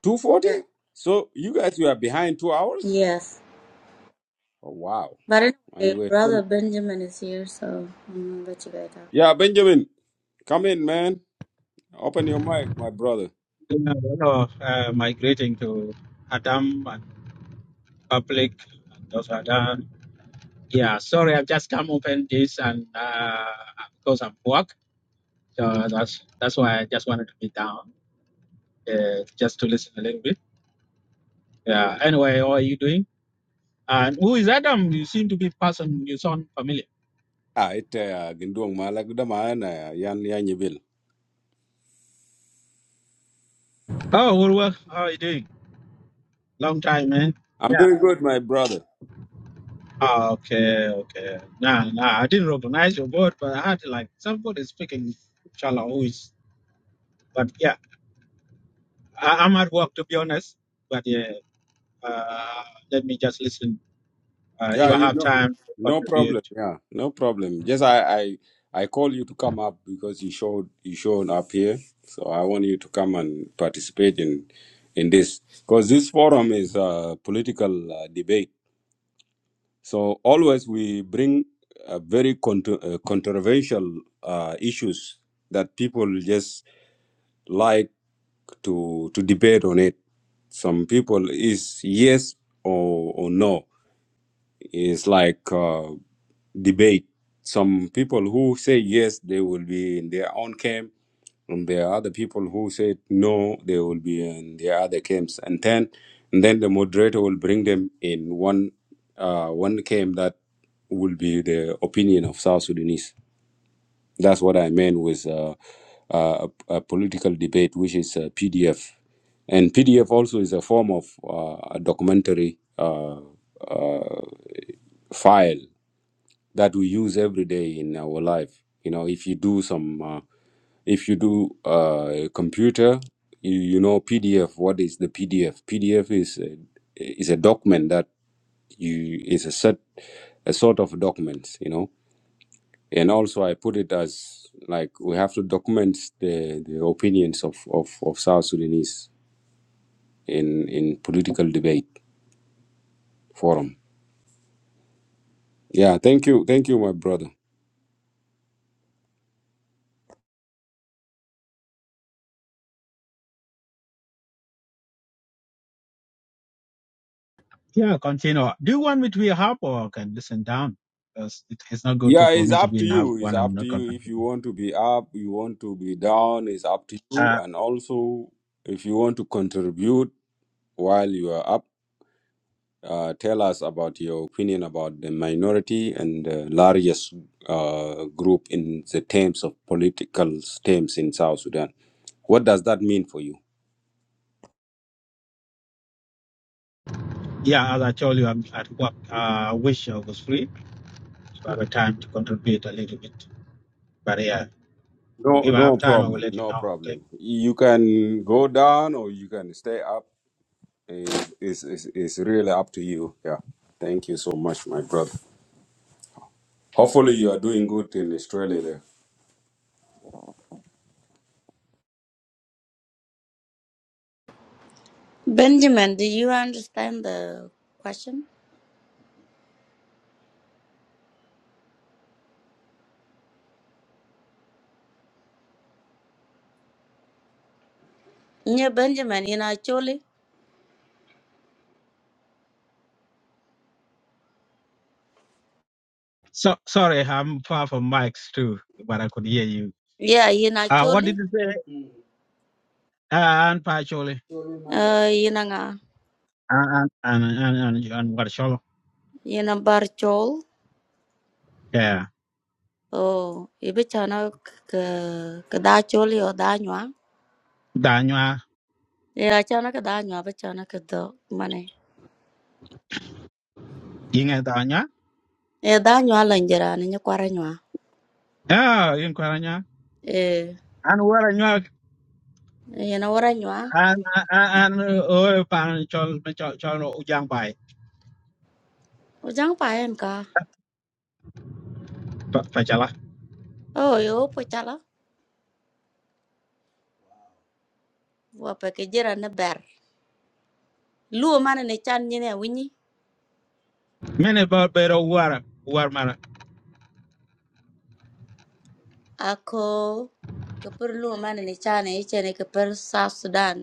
S1: 2:40?
S2: Yeah.
S1: So you guys you are behind 2 hours?
S2: Yes.
S1: Oh, wow.
S2: But
S1: And
S2: anyway,
S1: we're still
S2: brother Benjamin is here, so I'm gonna let you guys talk.
S1: Yeah, Benjamin, come in man. Open your mic, my brother.
S3: Yeah, a lot of uh, migrating to Adam and public and those are done. Yeah, sorry, I've just come open this and uh, because I'm work, so that's that's why I just wanted to be down, uh, just to listen a little bit. Yeah. Anyway, how are you doing? And who is Adam? You seem to be person you sound familiar.
S1: Ah, it uh, gindong malagda maana ah, yan yan
S3: Oh, well, well, how are you doing? Long time, man.
S1: I'm
S3: Yeah.
S1: doing good, my brother.
S3: Ah, okay, okay. Nah, nah, I didn't recognize your word, but I had like somebody speaking Chala who is, but yeah. I, I'm at work to be honest, but yeah, uh, let me just listen. Uh, if
S1: Yeah,
S3: I
S1: you
S3: have
S1: know,
S3: time to
S1: no
S3: contribute,
S1: problem. Yeah, no problem. Just I, I, I call you to come up because you showed you showed up here. So I want you to come and participate in, in this because this forum is a political uh, debate. So always we bring uh, very contro uh, controversial uh, issues that people just like to to debate on it. Some people is yes or or no It's like uh, debate. Some people who say yes, they will be in their own camp, and there are other people who say no, they will be in their other camps. And then, and then the moderator will bring them in one uh, one camp that will be the opinion of South Sudanese. That's what I meant with uh, uh, a, a political debate, which is a PDF. And PDF also is a form of uh, a documentary uh, uh, file that we use every day in our life. You know, if you do some, uh, if you do uh, computer, you, you know PDF. What is the PDF? PDF is a, is a document that you is a set a sort of documents. You know, and also I put it as like we have to document the, the opinions of, of, of South Sudanese in in political debate forum. Yeah, thank you, thank you, my brother.
S3: yeah, continue. Do you want me to be a or I can listen down? Because it, it's not good to,
S1: Yeah,
S3: for
S1: it's
S3: me to
S1: up
S3: be
S1: to
S3: in hub
S1: you. It's
S3: when I'm
S1: up to
S3: not
S1: you if you
S3: contributing.
S1: want to be up, you want to be down, it's up to you.
S3: Uh,
S1: And also, if you want to contribute while you are up, uh, tell us about your opinion about the minority and the largest uh, group in the terms of political terms in South Sudan. What does that mean for you?
S3: yeah, as I told you, I'm at work. Uh, I wish I was free to have a time to contribute a little bit. But yeah,
S1: No,
S3: if I
S1: no
S3: have time, I will
S1: problem.
S3: let you
S1: No
S3: know. Okay.
S1: problem. You can go down or you can stay up. It's, it's, it's it's really up to you. Yeah. Thank you so much, my brother. Hopefully you are doing good in Australia there.
S2: Benjamin, do you understand the question? Yeah, Benjamin, you know Choli?
S3: So sorry, I'm far from mics too, but I could hear you.
S2: Yeah, you know
S3: Uh, what did
S2: Choli?
S3: you say, uh, Anne Patchouli?
S2: Uh, you know nga,
S3: an an an an an war chol
S2: you know bar chol.
S3: yeah
S2: Oh, ibi chana ka ka da choli o da nywa.
S3: da nya
S2: Yeah, chana ka da nywa, but chana ka do mane.
S3: yinga da nya
S2: Eh, da nywa lanjera ni nyakwara nywa.
S3: ya yin kwara nya
S2: Eh,
S3: an war nya
S2: you know wara nywa.
S3: an an o pan chol chol chol ujang bai
S2: Ujang pa en ka.
S3: pa chala
S2: Oh, yo po chala. wa pa ke jera na ber luo mane ne chan nyine winyi
S3: mene ba pero war war mara
S2: ako ka par luo mane ne chan e chene ka par South Sudan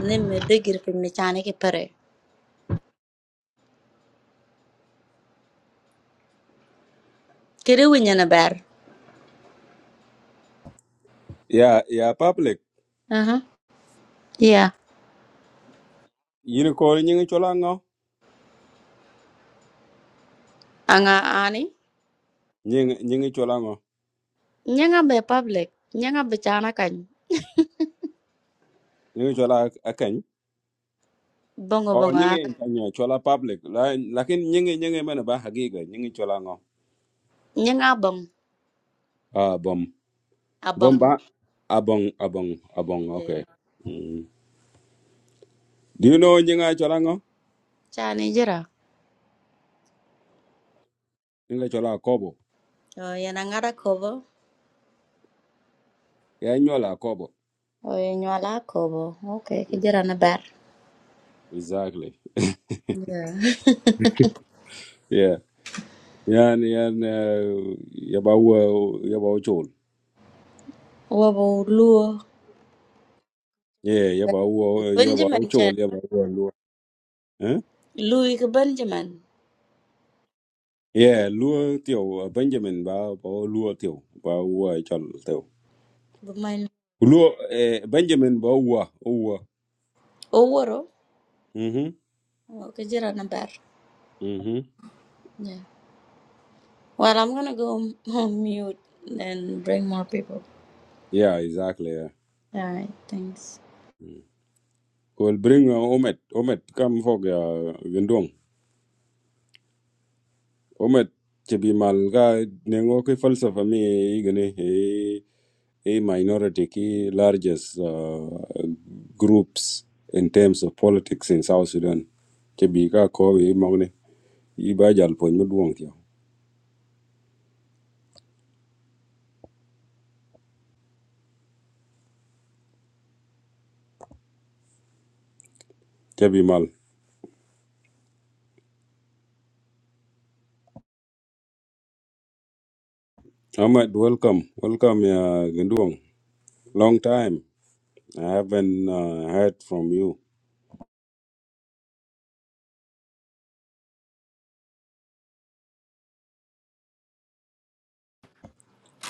S2: ne me degir pin ne chan ke pare kere winya na ber
S1: Yeah, yeah, public.
S2: aha yeah
S1: You call nyingi chola ngo?
S2: anga ani
S1: Nyingi nyingi Cholango, ngo?
S2: nyanga be public nyanga be chana kan
S1: Nyingi chola akany?
S2: bongo
S1: Oh,
S2: bongo ana
S1: nyingi kanya chola public. La, lakin nyingi nyingi mana ba hagiga nyingi Cholango. ngo?
S2: nyanga bong
S1: Ah, bom. Bom
S2: abong
S1: ba? Abong, abong, abong, okay.
S2: eh,
S1: Mm. Do you know nyinga Cholango? ngo?
S2: chan e jera
S1: Nyinga chola Kobo.
S2: o yana ngara kobo
S1: Yeah, nyola Kobo.
S2: o nyala kobo okay ke jera na ber
S1: Exactly.
S2: yeah
S1: Yeah. Yan, yan, uh, yaba wo, yaba wo chol.
S2: [laughs] wabo luo
S1: Yeah, yaba wo, yaba wo
S2: Benjamin Chan.
S1: chol, yaba wo. eh
S2: Louis Benjamin,
S1: yeah luo tio benjamin ba ba luo tio ba wa chal tio
S2: but my
S1: luo eh, benjamin ba wa wa
S2: Oworo,
S1: mhm
S2: okay, Jira Nabar.
S1: mhm
S2: Yeah. Well, I'm gonna go m- [laughs] on mute and bring more people.
S1: yeah exactly yeah
S2: Alright, thanks.
S1: Mm. cool bring uh, omet omet come for ya gendong omet che bi mal ga nengo ki falsafa mi igene e e minority ki largest uh, groups in terms of politics in south sudan che bi ka ko e magne i ba jal pon mu duong tio che bi mal Ahmed, welcome. Welcome, uh, Ginduang. Long time. I haven't uh, heard from you.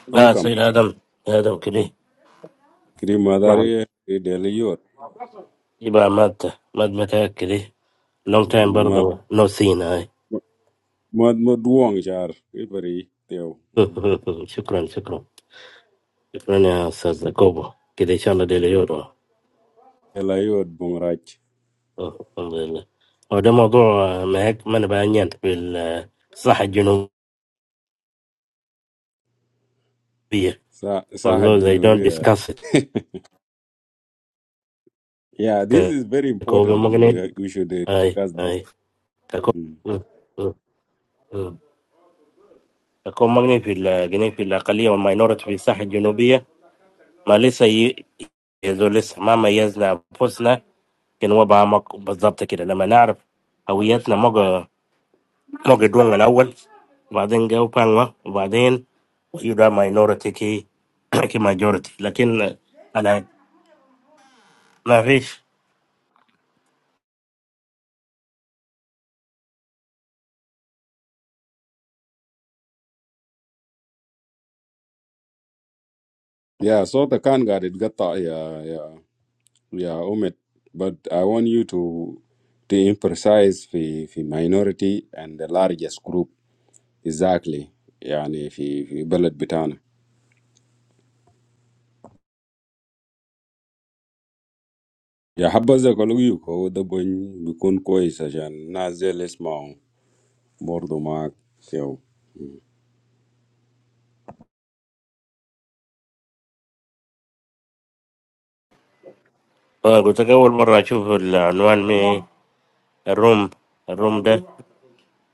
S4: لا
S1: Welcome.
S4: سيد آدم آدم كده
S1: Kiri
S4: نعم
S1: madari e deliot.
S4: يبقى مات مات متى كده لونج تايم
S1: Mad
S4: برضه نو سين هاي
S1: mad maduang char. Iberi teo.
S4: [laughs] شكرا شكرا شكرا يا أستاذ كوبا كده إن شاء الله ديلي يورو
S1: Deliot bungrach.
S4: أه، الحمد لله هو ده موضوع آه، ما هيك ما نبين في الصحة الجنوبية
S1: Sa saha
S4: although they don't
S1: jinuia.
S4: discuss it
S1: Yeah, this
S4: ك-
S1: is very
S4: كوبا
S1: important. We
S4: مغني
S1: we should uh,
S4: أي
S1: discuss this.
S4: أي كوبا
S1: Mm.
S4: كوبا مغني في الجنوب في الأقلية والماينورتي في الساحة الجنوبية ما لسه ي- يزو لسه ما ميزنا انفسنا كان هو بعمق بالظبط كده لما نعرف هويتنا موجة موجة دون الاول وبعدين جو بانوا وبعدين يبقى ماينورتي كي [clears throat] كي ماجورتي لكن انا ما فيش
S1: Yeah, so the can got it got that, yeah yeah yeah Umit. But I want you to to emphasize the, the minority and the largest group exactly يعني في في بلد بتاعنا يا حبذا قالوا هو ده بن بيكون كويس عشان نازل زي اللي يسمعوا برضه معاك يو
S4: آه، قلت لك اول مره اشوف العنوان من الروم الروم ده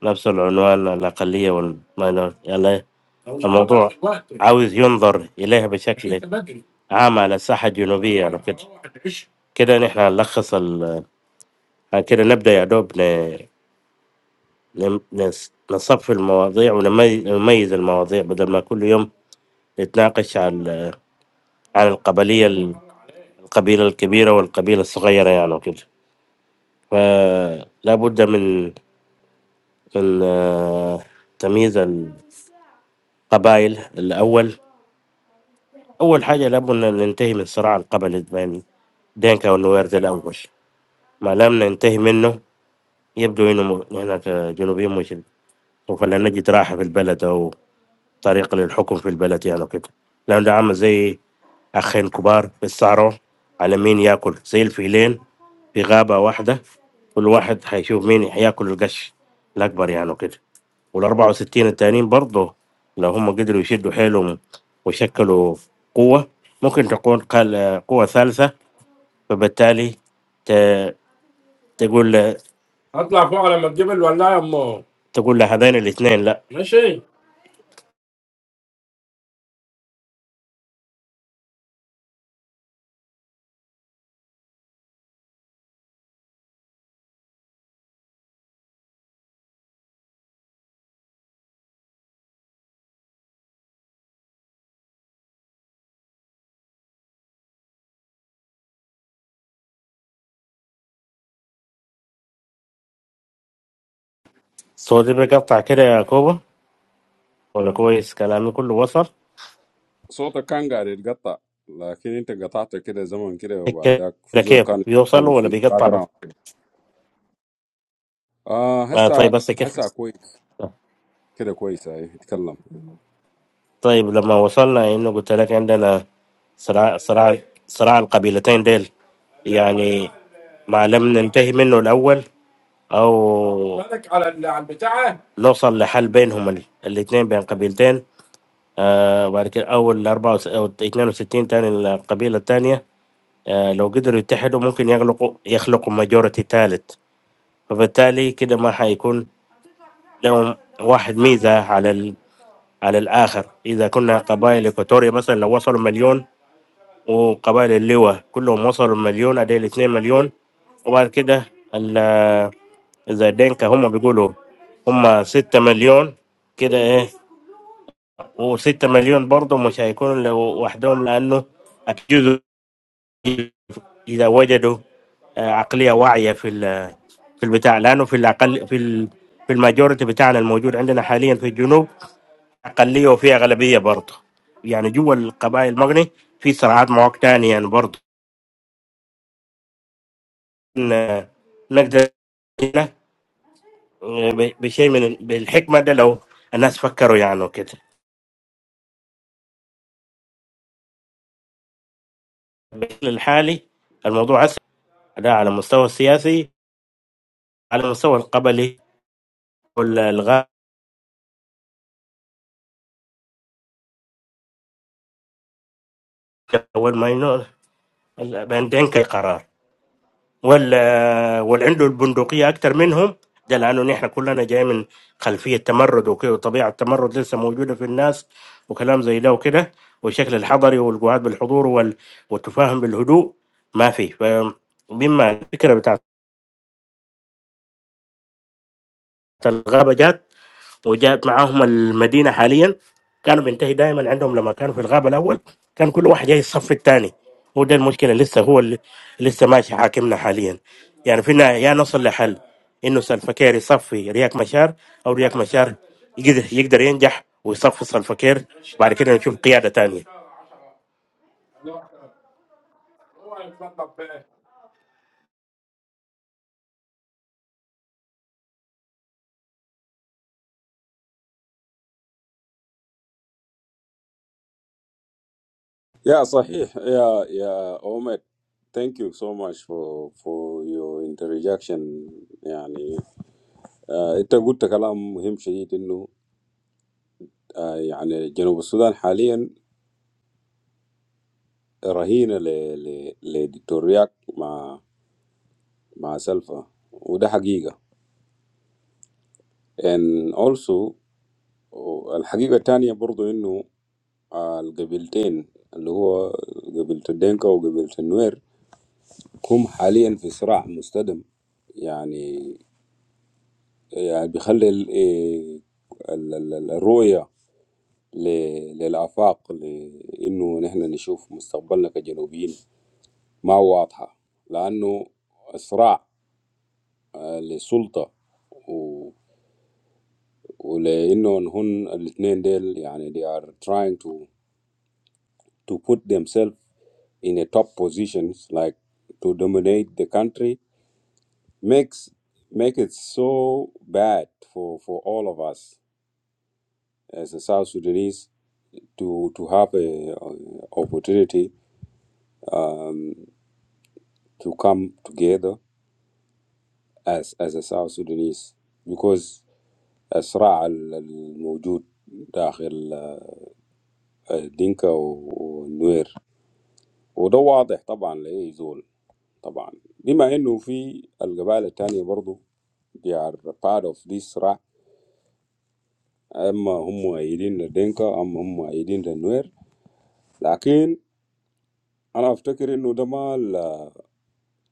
S4: نفس العنوان الأقلية والماينورتي يعني الموضوع عاوز ينظر إليها بشكل عام على الساحة الجنوبية يعني كده كده نحن هنلخص ال يعني كده نبدأ يا دوب ن... ن- نس- نصفي المواضيع ونمي- ونميز نميز المواضيع بدل ما كل يوم نتناقش عن عن القبلية ال- القبيلة الكبيرة والقبيلة الصغيرة يعني وكده فلا بد من من آه، تمييز القبائل الأول أول حاجة لابد أن ننتهي من صراع القبل بين دينكا والنويرد الأول ما لم ننتهي منه يبدو أنه م- هناك جنوبيين مش سوف لا نجد راحة في البلد أو طريقة للحكم في البلد يعني وكده لأن ده عامل زي أخين كبار بيتصارعوا على مين ياكل زي الفيلين في غابة واحدة كل واحد هيشوف مين هياكل القش الأكبر يعني وكده وال 64 التانيين برضه لو هم قدروا يشدوا حيلهم ويشكلوا قوة ممكن تكون قال قوة ثالثة فبالتالي ت- تقول تقول لهذين الاثنين لا صوتي بيقطع كده يا كوبا ولا كويس كلامي كله وصل
S1: صوتك كان قاعد يتقطع لكن انت قطعت كده زمن كده وبعد
S4: كده
S1: ذاك في زول
S4: كيف
S1: كان
S4: بيوصل
S1: يتكلم
S4: ولا
S1: في باك
S4: بيقطع بس
S1: جراوند كده اه
S4: آه طيب
S1: هسه
S4: بس كده
S1: هسه كويس كده كويس اهي يتكلم
S4: طيب لما وصلنا انه قلت لك عندنا صراع صراع صراع القبيلتين ديل يعني ما لم ننتهي منه الاول او بالك على ال- على البتاع نوصل لحل بينهم الاثنين بين قبيلتين آه بعد كده اول 64 او 62 تاني القبيله الثانيه آه لو قدروا يتحدوا ممكن يغلقوا يخلقوا ماجورتي ثالث فبالتالي كده ما حيكون لهم واحد ميزه على ال... على الاخر اذا كنا قبائل اكواتوريا مثلا لو وصلوا مليون وقبائل اللواء كلهم وصلوا مليون اديل 2 مليون وبعد كده ال- اذا دينكا هم بيقولوا هم 6 مليون كده ايه و6 مليون برضه مش هيكونوا لو- لوحدهم لانه اكيد اذا وجدوا آه، عقليه واعيه في ال- في البتاع لانه في الاقل في ال- في الماجورتي بتاعنا الموجود عندنا حاليا في الجنوب اقليه وفي اغلبيه برضه يعني جوا القبائل المغني في صراعات مواقع تانية يعني برضه إن- نقدر نقول ب- بشيء من ال- بالحكمه ده لو الناس فكروا يعني وكده بالشكل الحالي الموضوع اسهل ده على المستوى السياسي على المستوى القبلي والغاء اول ما ينو- بعدين كي قرار وال واللي عنده البندقيه اكتر منهم ده لانه نحن كلنا جاي من خلفيه تمرد وكده وطبيعه التمرد لسه موجوده في الناس وكلام زي ده وكده والشكل الحضري والقعاد بالحضور وال... والتفاهم بالهدوء ما في فمما الفكره بتاعت الغابه جات وجاءت معاهم المدينه حاليا كانوا بينتهي دائما عندهم لما كانوا في الغابه الاول كان كل واحد جاي الصف الثاني وده المشكله لسه هو اللي لسه ماشي حاكمنا حاليا يعني فينا يا نصل لحل انه سلفكير يصفي رياك مشار او رياك مشار يقدر, يقدر ينجح ويصفي سلفكير بعد كده نشوف قياده تانية
S1: يا صحيح يا يا اومد thank you so much for for your interjection يعني آه انت قلت كلام مهم شديد آه، يعني جنوب السودان حاليا رهينة ل- ل- لدكتور رياك مع مع سلفا وده حقيقة and also الحقيقة التانية برضو إنه آه، القبيلتين اللي هو قبيلة الدنكا وقبيلة النوير هم حاليا في صراع مستدام يعني يعني بيخلي ال- إيه، ال- ال- ال- الرؤية ل- للآفاق لإنه نحن نشوف مستقبلنا كجنوبيين ما واضحة لأنه صراع آه، للسلطة و... ولأنه هن الاثنين ديل يعني they are trying to to put themselves in a top positions like to dominate the country makes make it so bad for for all of us as a South Sudanese to to have a, uh opportunity to come together as as a South Sudanese because الصراع ال- الموجود داخل دينكا والنوير وده واضح طبعا لأي زول طبعا بما انه في القبائل التانية برضو they are part of this صراع اما هم مؤيدين لدينكا اما هم مؤيدين للنوير لكن انا افتكر انه ده ما ال-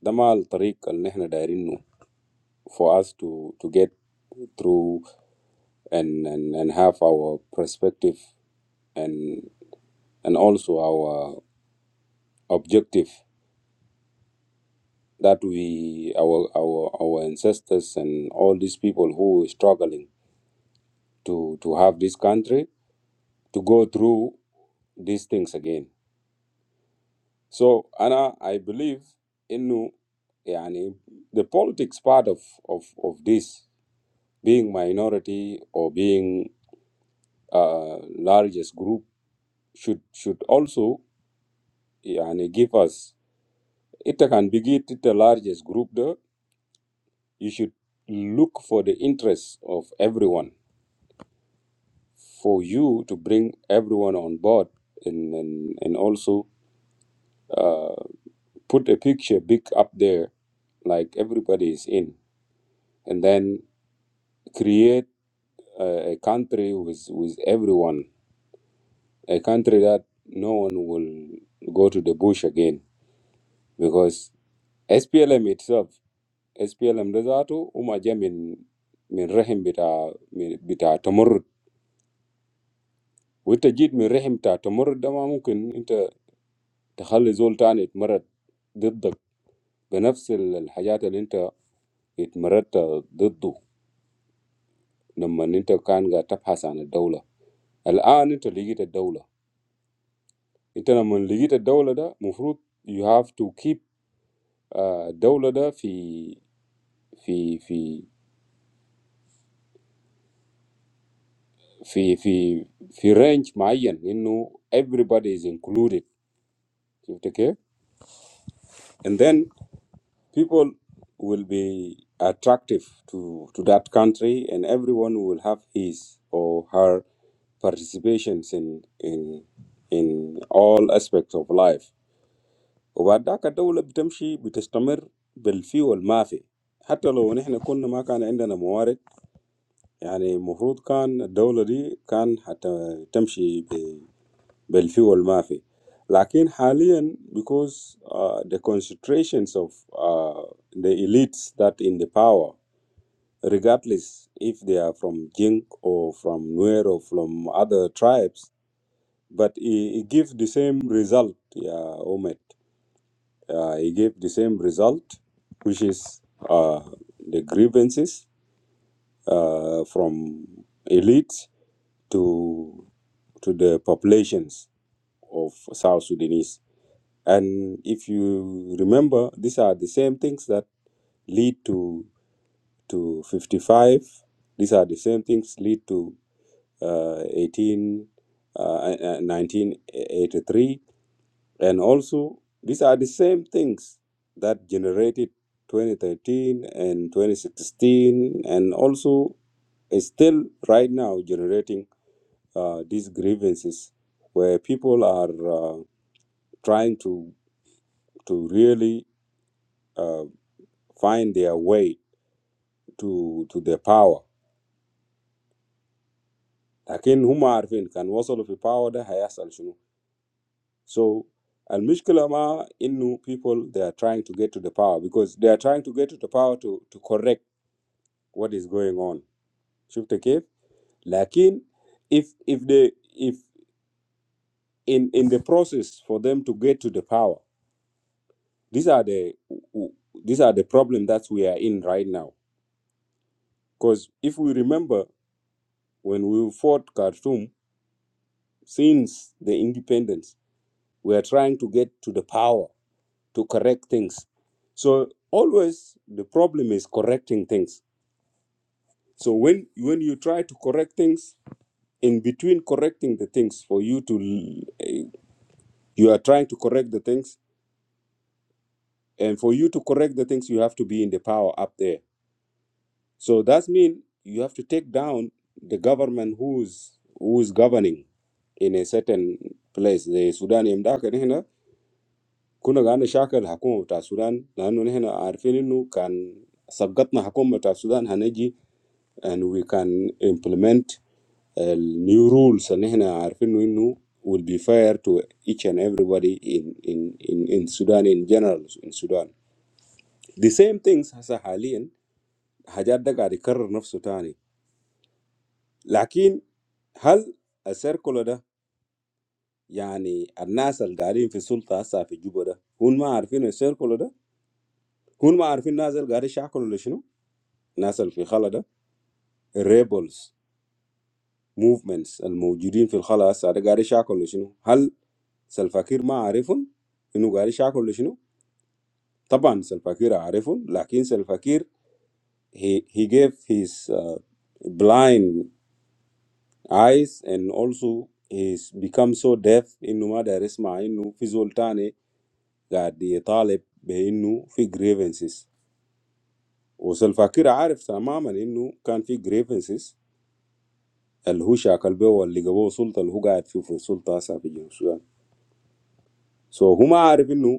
S1: ده ما الطريق اللي احنا دايرينه for us to to get through and and, and have our perspective and and also our objective that we our our our ancestors and all these people who were struggling to to have this country to go through these things again so Anna I believe in yani, the politics part of, of of this being minority or being uh, largest group should should also yani, give us it can begin be the largest group there you should look for the interests of everyone for you to bring everyone on board and and, and also uh, put a picture big up there like everybody is in and then create a, a country with with everyone a country that no one will go to the bush again because SPLM itself SPLM ده ذاته وما جا من من رحم bita من بتاع تمرد وانت جيت من رحم بتاع تمرد ده ما ممكن انت تخلي زول تاني يتمرد بنفس ال- الحاجات اللي انت اتمردت ضده لما انت كان قاعد تبحث عن الدولة الآن انت لقيت الدولة انت لما لقيت الدولة ده مفروض you have to keep آه، الدولة ده في في في في في في رينج معين انه everybody is included شفت كيف؟ and then people will be attractive to, to that country and everyone will have his or her participations in in in all aspects of life وبعدك الدولة بتمشي بتستمر بالفي والمافي حتى لو نحن كنا ما كان عندنا موارد يعني المفروض كان الدولة دي كان حتى تمشي بالفي mafi. لكن حاليا because uh, the concentrations of uh, the elites that in the power regardless if they are from Jing or from Nuer or from other tribes but it, it gives the same result yeah Omet uh, it gave the same result which is uh, the grievances uh, from elites to to the populations of South Sudanese And if you remember, these are the same things that lead to to 55. These are the same things lead to uh, 18, uh, uh, 1983, and also these are the same things that generated 2013 and 2016, and also is still right now generating uh, these grievances where people are uh, trying to to really uh, find their way to to their power لكن هم عارفين كان وصلوا في power ده هيحصل شنو so المشكلة ما إنه people they are trying to get to the power because they are trying to get to the power to to correct what is going on شفت كيف لكن if if they if in in the process for them to get to the power these are the these are the problem that we are in right now because if we remember when we fought Khartoum since the independence We are trying to get to the power to correct things. So always the problem is correcting things. So when when you try to correct things, in between correcting the things, for you to l- eh, you are trying to correct the things, and for you to correct the things, you have to be in the power up there. So that means you have to take down the government who's who is governing in a certain place. The Sudan كنا قاعدين نشاكل الحكومة بتاع السودان، لأنه نحن عارفين إنه كان سبقتنا حكومة بتاع السودان هنجي and We can implement ال new rules, and we can ensure that they will be fair to each and everybody in in in in Sudan in general. In Sudan, the same things as a halalian, a hundred different cultures. But how the circle of it, that is, the nature of the Sultanate, is different. How do you know the circle? How do you know the nature of the circle? الناس اللي في الخلا ده الريبلز موفمنتس الموجودين في الخلا هسه ده قاعد يشاكلوا شنو هل سلفاكير ما عارفهم انه قاعد يشاكلوا شنو طبعا سلفاكير عارفهم لكن سلفاكير he he gave his uh, blind eyes and also he's become so deaf انه ما داير يسمع انه في زول تاني قاعد يطالب بانه في grievances وسلفاكير عارف تماما انه كان في grievances The Husha Kalbeo and Ligabo Sultan Haga Ethiopia Sultan South Sudan. So, whom I already know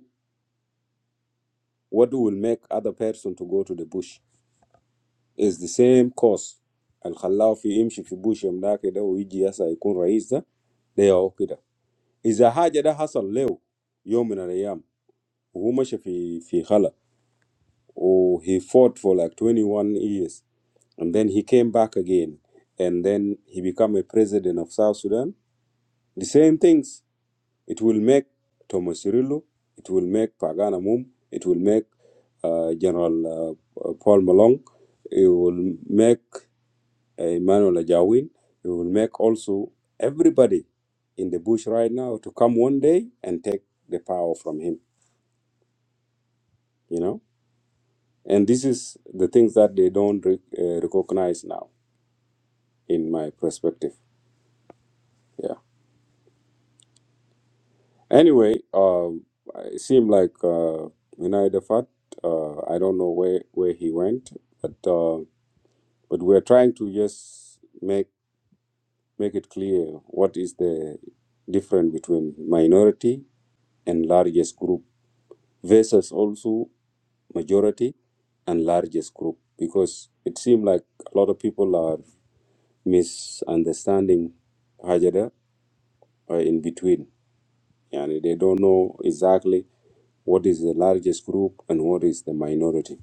S1: what will make other person to go to the bush is the same cause. The Khalo in him, she in bush, and that they will go there. They are all there. If the thing that has a level, you mean a day. Who much in in Khalo? Oh, he fought for like twenty-one years, and then he came back again, and then he became a president of South Sudan. The same things. It will make Thomas Cirillo, it will make Pagana Mum, it will make uh, General uh, Paul Malong, it will make uh, Emmanuel Ajawin, it will make also everybody in the bush right now to come one day and take the power from him, you know? And this is the things that they don't re- uh, recognize now, in my perspective. yeah. Anyway, um, it seemed like uh, United Fat. Uh, I don't know where, where he went, but uh, but we're trying to just make make it clear what is the difference between minority and largest group versus also majority and largest group because it seemed like a lot of people are misunderstanding Hajada uh, in between. and they don't know exactly what is the largest group and what is the minority.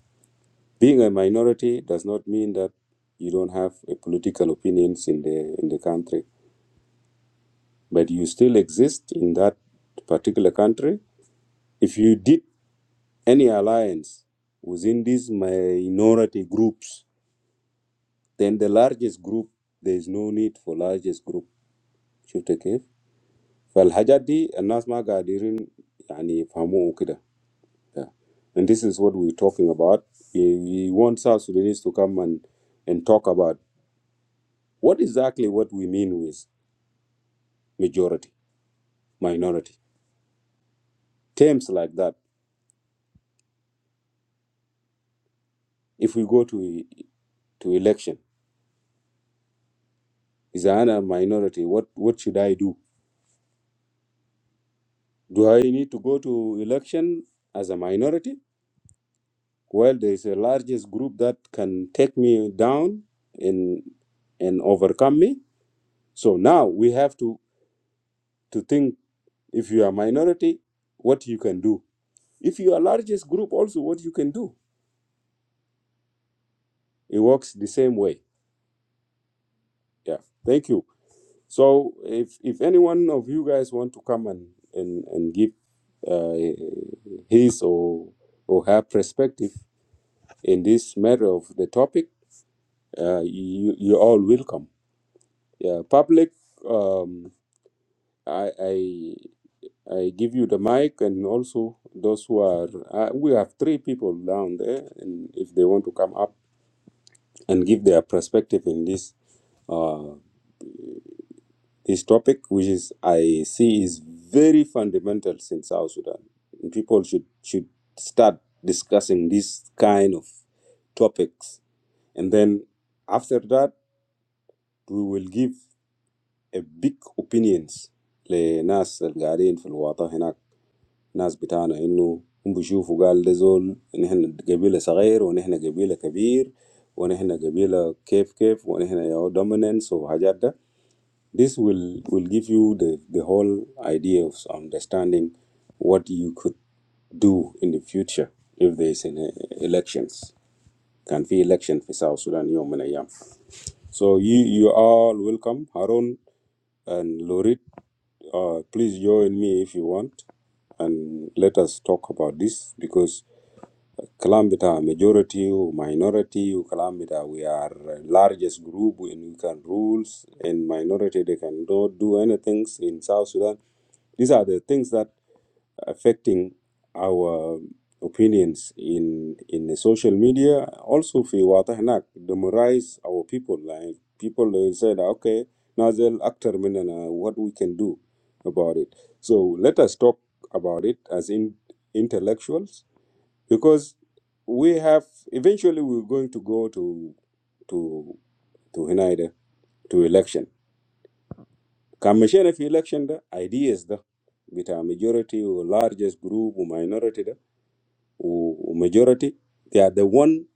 S1: Being a minority does not mean that you don't have a political opinions in the in the country, but you still exist in that particular country. If you did any alliance within these minority groups, then the largest group there is no need for largest group. شفت كيف؟ فالحاجات دي الناس ما قادرين يعني يفهموه كده Yeah. And this is what we're talking about. He, he wants South Sudanese to come and, and talk about what exactly what we mean with majority, minority. Terms like that. If we go to to election, is I a minority, what, what should I do? Do I need to go to election as a minority? Well, there is a largest group that can take me down and and overcome me. So now we have to, to think if you are minority, what you can do If you are largest group, also what you can do, it works the same way. Yeah. Thank you. So if if any one of you guys want to come and and and give uh, his or or her perspective in this matter of the topic, uh, you you're all welcome. Yeah. Public. Um, I I I give you the mic, and also those who are uh, we have three people down there, and if they want to come up and give their perspective in this. uh, This topic, which is I see, is very fundamental in South Sudan. And people should should start discussing this kind of topics, and then after that, we will give a big opinions لناس القاعدين في الوطن هناك ناس بتاعنا إنه هم بيشوفوا قال ده زول نحن قبيلة صغير ونحن قبيلة كبير ونحن قبيلة كيف كيف ونحن يا dominance وحاجات ده this will, will give you the, the whole idea of understanding what you could do in the future if there's an uh, elections. Can be election for South Sudan يوم من الأيام. So you, you are welcome, Harun and Lorit. Uh, please join me if you want, and let us talk about this because Kalam bita majority or minority or kalam bita we are largest group and we can rules and minority they cannot do anything in South Sudan. These are the things that affecting our opinions in in the social media. Also, في واضح هناك demoralize our people. Like people will say, that, okay, نازل أكتر مننا, what we can do about it. So let us talk about it as in intellectuals because we have eventually we're going to go to to to Hinaida to election. Commission of election the ideas the with a majority or largest group or minority the or majority they are the one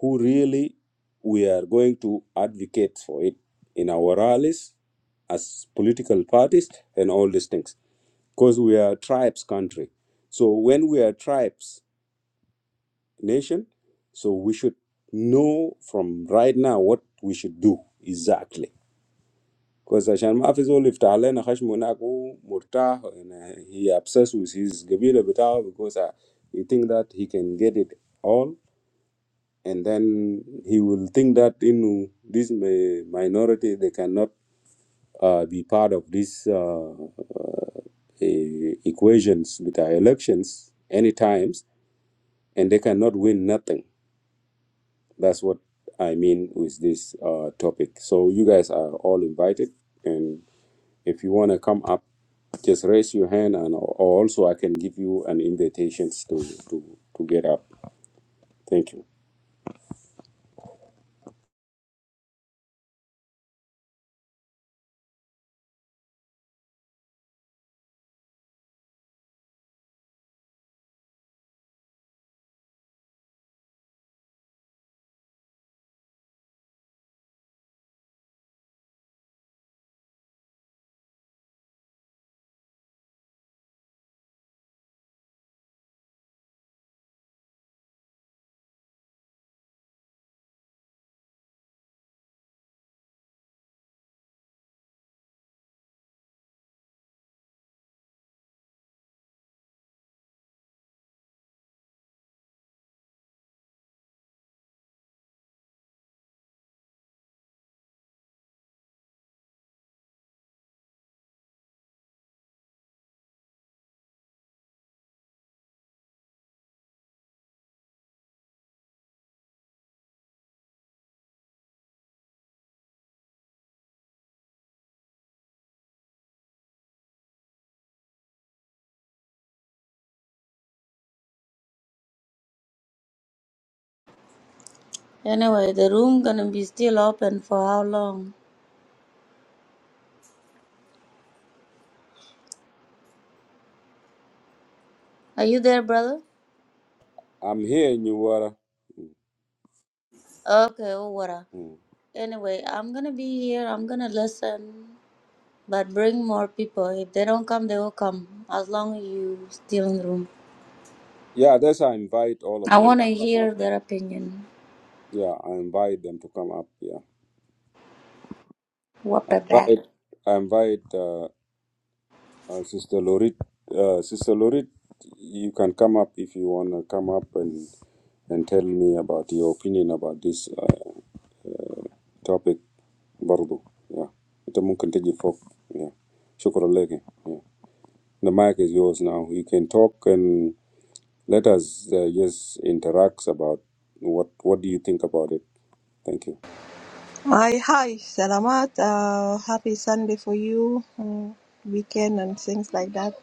S1: who really we are going to advocate for it in our rallies as political parties and all these things because we are tribes country so when we are tribes nation. So we should know from right now what we should do exactly. Because عشان ما في زول يفتح لنا خشم هناك هو مرتاح and uh, he obsessed with his قبيلة بتاعه because uh, he think that he can get it all and then he will think that you know, this mi- minority they cannot uh, be part of this uh, uh, e- equations with our elections any times and they cannot win nothing That's what I mean with this uh, topic. So you guys are all invited, and if you want to come up, just raise your hand, and or also I can give you an invitations to to to get up. Thank you.
S2: Anyway, the room gonna be still open for how long? Are you there, brother?
S1: I'm here in Uwara.
S2: Okay, Oworo.
S1: Mm.
S2: Anyway, I'm gonna be here. I'm gonna listen, but bring more people. If they don't come, they will come. As long as you still in the room,
S1: Yeah, that's I invite all of
S2: I
S1: them to
S2: wanna
S1: come up.
S2: hear their opinion.
S1: Yeah, I invite them to come up. Yeah,
S2: What
S1: I
S2: about? that?
S1: invite I invite uh, uh, Sister Lorit. Uh, Sister Lorit, you can come up if you want to come up and and tell me about your opinion about this. uh, topic برضو yeah. انت ممكن تجي فوق yeah. شكرا لك yeah. the mic is yours now you can talk and let us uh, just interact about what what do you think about it thank you
S5: Hi, hi, Salamat. Uh, happy Sunday for you, uh, weekend and things like that.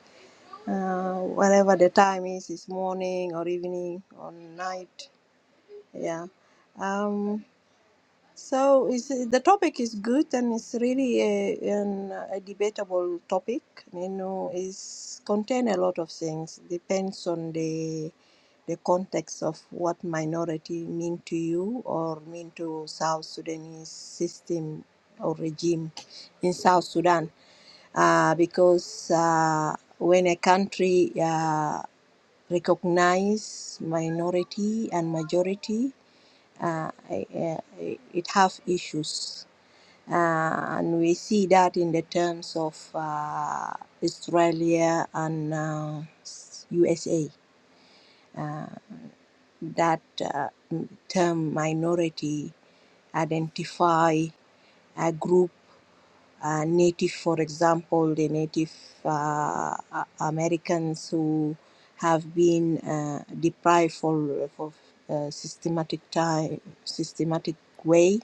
S5: Uh, whatever the time is, it's morning or evening or night. Yeah. Um, so is the topic is good and it's really a, an, a debatable topic. You know, it's contain a lot of things. Depends on the the context of what minority mean to you or mean to South Sudanese system or regime in South Sudan. Uh, because uh, when a country uh, recognize minority and majority, uh, uh, it have issues, uh, and we see that in the terms of uh, Australia and uh, USA. That uh, term minority identify a group uh, native, for example, the Native uh, Americans who have been uh, deprived for for uh, systematic time, systematic way,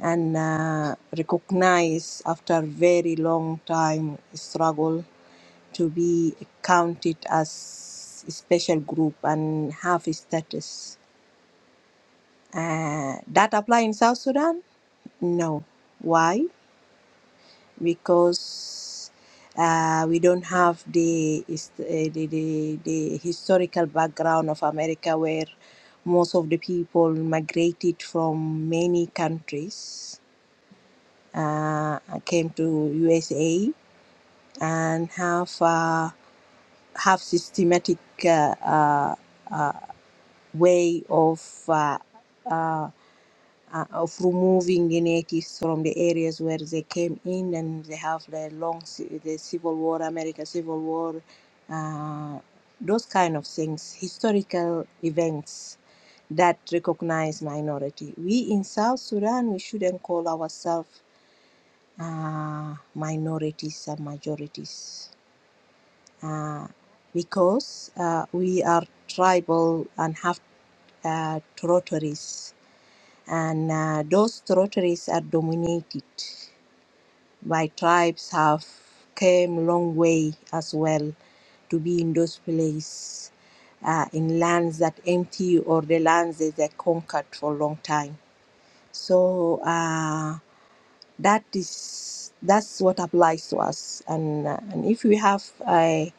S5: and uh, recognized after very long time struggle to be counted as a special group and have a status. Uh, that apply in South Sudan? No. Why? because uh, we don't have the, his- uh, the, the the historical background of America, where most of the people migrated from many countries, uh, came to USA, and have uh, have systematic uh, uh, uh, way of uh, uh, uh, of removing the natives from the areas where they came in, and they have the long ci- the Civil War, America Civil War, uh, those kind of things, historical events that recognize minority. We in South Sudan, we shouldn't call ourselves uh, minorities and majorities uh, because uh, we are tribal and have uh, territories and uh, those territories are dominated by tribes have came long way as well to be in those places uh, in lands that empty or the lands that they conquered for a long time so uh, that is that's what applies to us and uh, and if we have a,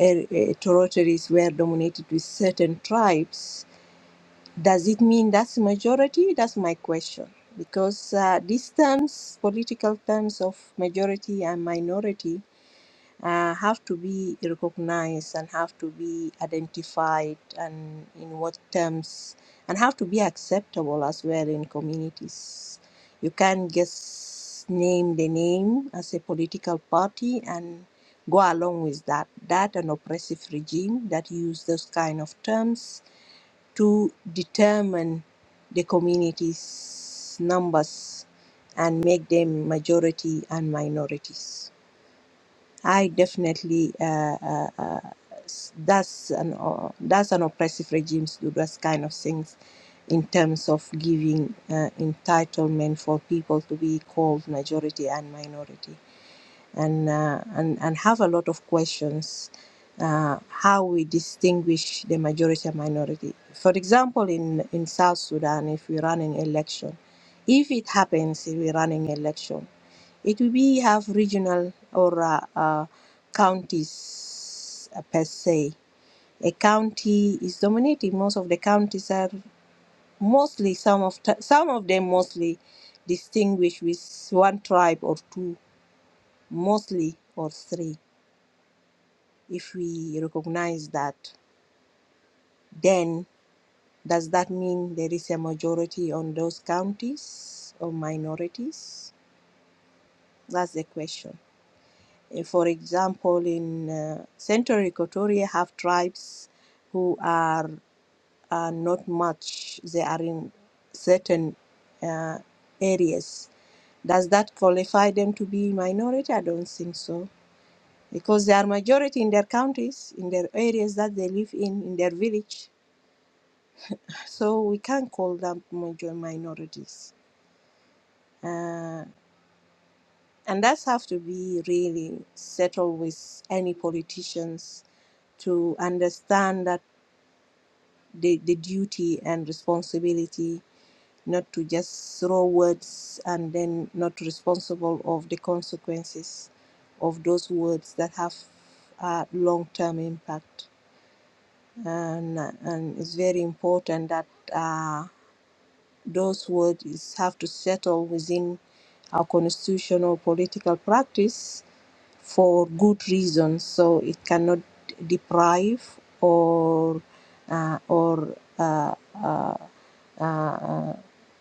S5: a, a territories were dominated with certain tribes does it mean that's majority? That's my question. Because uh, these terms, political terms of majority and minority, uh, have to be recognized and have to be identified and in what terms and have to be acceptable as well in communities. You can't just name the name as a political party and go along with that. That an oppressive regime that use those kind of terms to determine the community's numbers and make them majority and minorities. I definitely uh, uh, uh, that's an uh, that's an oppressive regime to do those kind of things in terms of giving uh, entitlement for people to be called majority and minority and uh, and and have a lot of questions uh, how we distinguish the majority and minority. For example, in in South Sudan, if we run an election, if it happens, if we run an election, it will be have regional or uh, uh, counties uh, per se. A county is dominated. Most of the counties are mostly some of t- some of them mostly distinguished with one tribe or two, mostly or three if we recognize that, then does that mean there is a majority on those counties or minorities? That's the question. Eh, For example, in uh, Central Equatoria, have tribes who are, are not much. They are in certain uh, areas. Does that qualify them to be minority? I don't think so because they are majority in their counties, in their areas that they live in, in their village. So we can't call them major minorities. Uh, and that's have to be really settled with any politicians to understand that the, the duty and responsibility not to just throw words and then not responsible of the consequences of those words that have a long-term impact. And, and it's very important that uh, those words have to settle within our constitutional political practice for good reasons. So it cannot deprive or uh, or uh, uh, uh,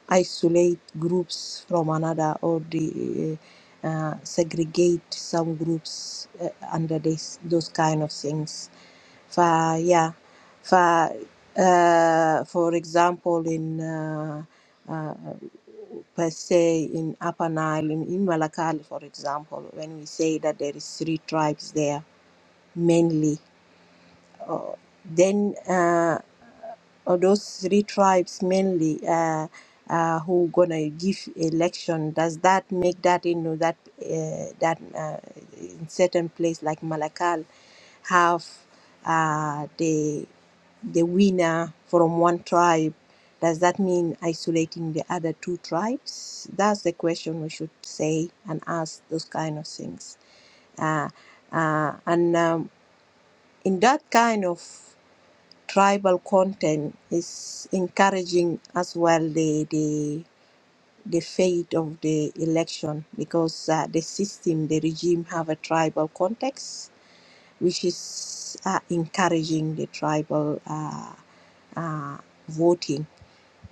S5: isolate groups from another or the, uh, segregate some groups uh, under this, those kind of things. For yeah, for uh, for example, in uh, uh, per se in Upper Nile, in, in Malakal, for example, when we say that there is three tribes there mainly, uh, then uh, or those three tribes mainly uh, uh, who gonna give election does that make that you know that uh, that uh, in certain place like malakal have uh, the the winner from one tribe does that mean isolating the other two tribes that's the question we should say and ask those kind of things uh, uh, and um, in that kind of tribal content is encouraging as well the the the fate of the election because uh, the system the regime have a tribal context which is uh, encouraging the tribal uh, uh, voting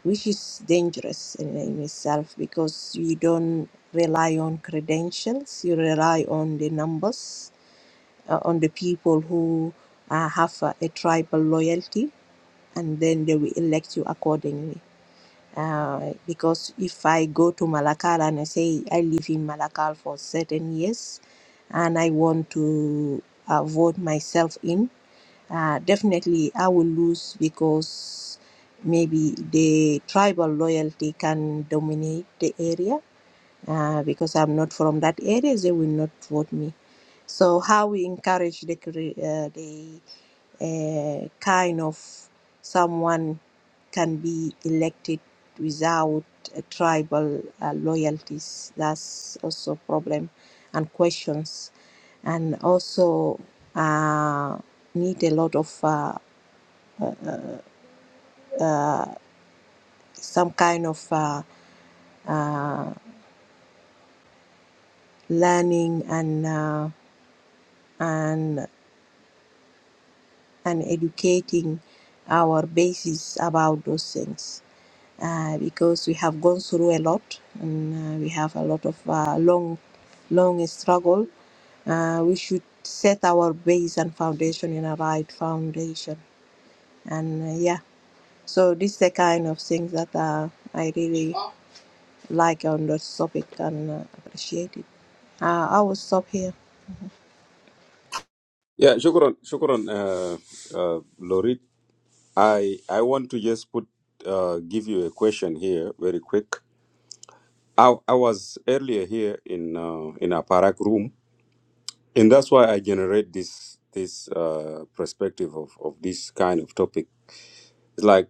S5: which is dangerous in, in itself because you don't rely on credentials you rely on the numbers uh, on the people who uh, have a, a tribal loyalty and then they will elect you accordingly. Uh, because if I go to Malakal and I say I live in Malakal for certain years and I want to uh, vote myself in, uh, definitely I will lose because maybe the tribal loyalty can dominate the area uh, because I'm not from that area, they will not vote me. So how we encourage the cre- uh, the uh, kind of someone can be elected without uh, tribal uh, loyalties. That's also problem and questions, and also uh, need a lot of uh, some kind of uh, uh, learning and. Uh, and and educating our basis about those things uh, because we have gone through a lot and uh, we have a lot of uh, long, long struggle. Uh, we should set our base and foundation in a right foundation. And uh, yeah, so this is the kind of things that uh, I really like on this topic and uh, appreciate it. Uh, I will stop here.
S1: Yeah, Shukran, Shukran, uh, uh, Lorit. I I want to just put uh, give you a question here, very quick. I, I was earlier here in uh, in a parak room, and that's why I generate this this uh, perspective of, of this kind of topic. It's like.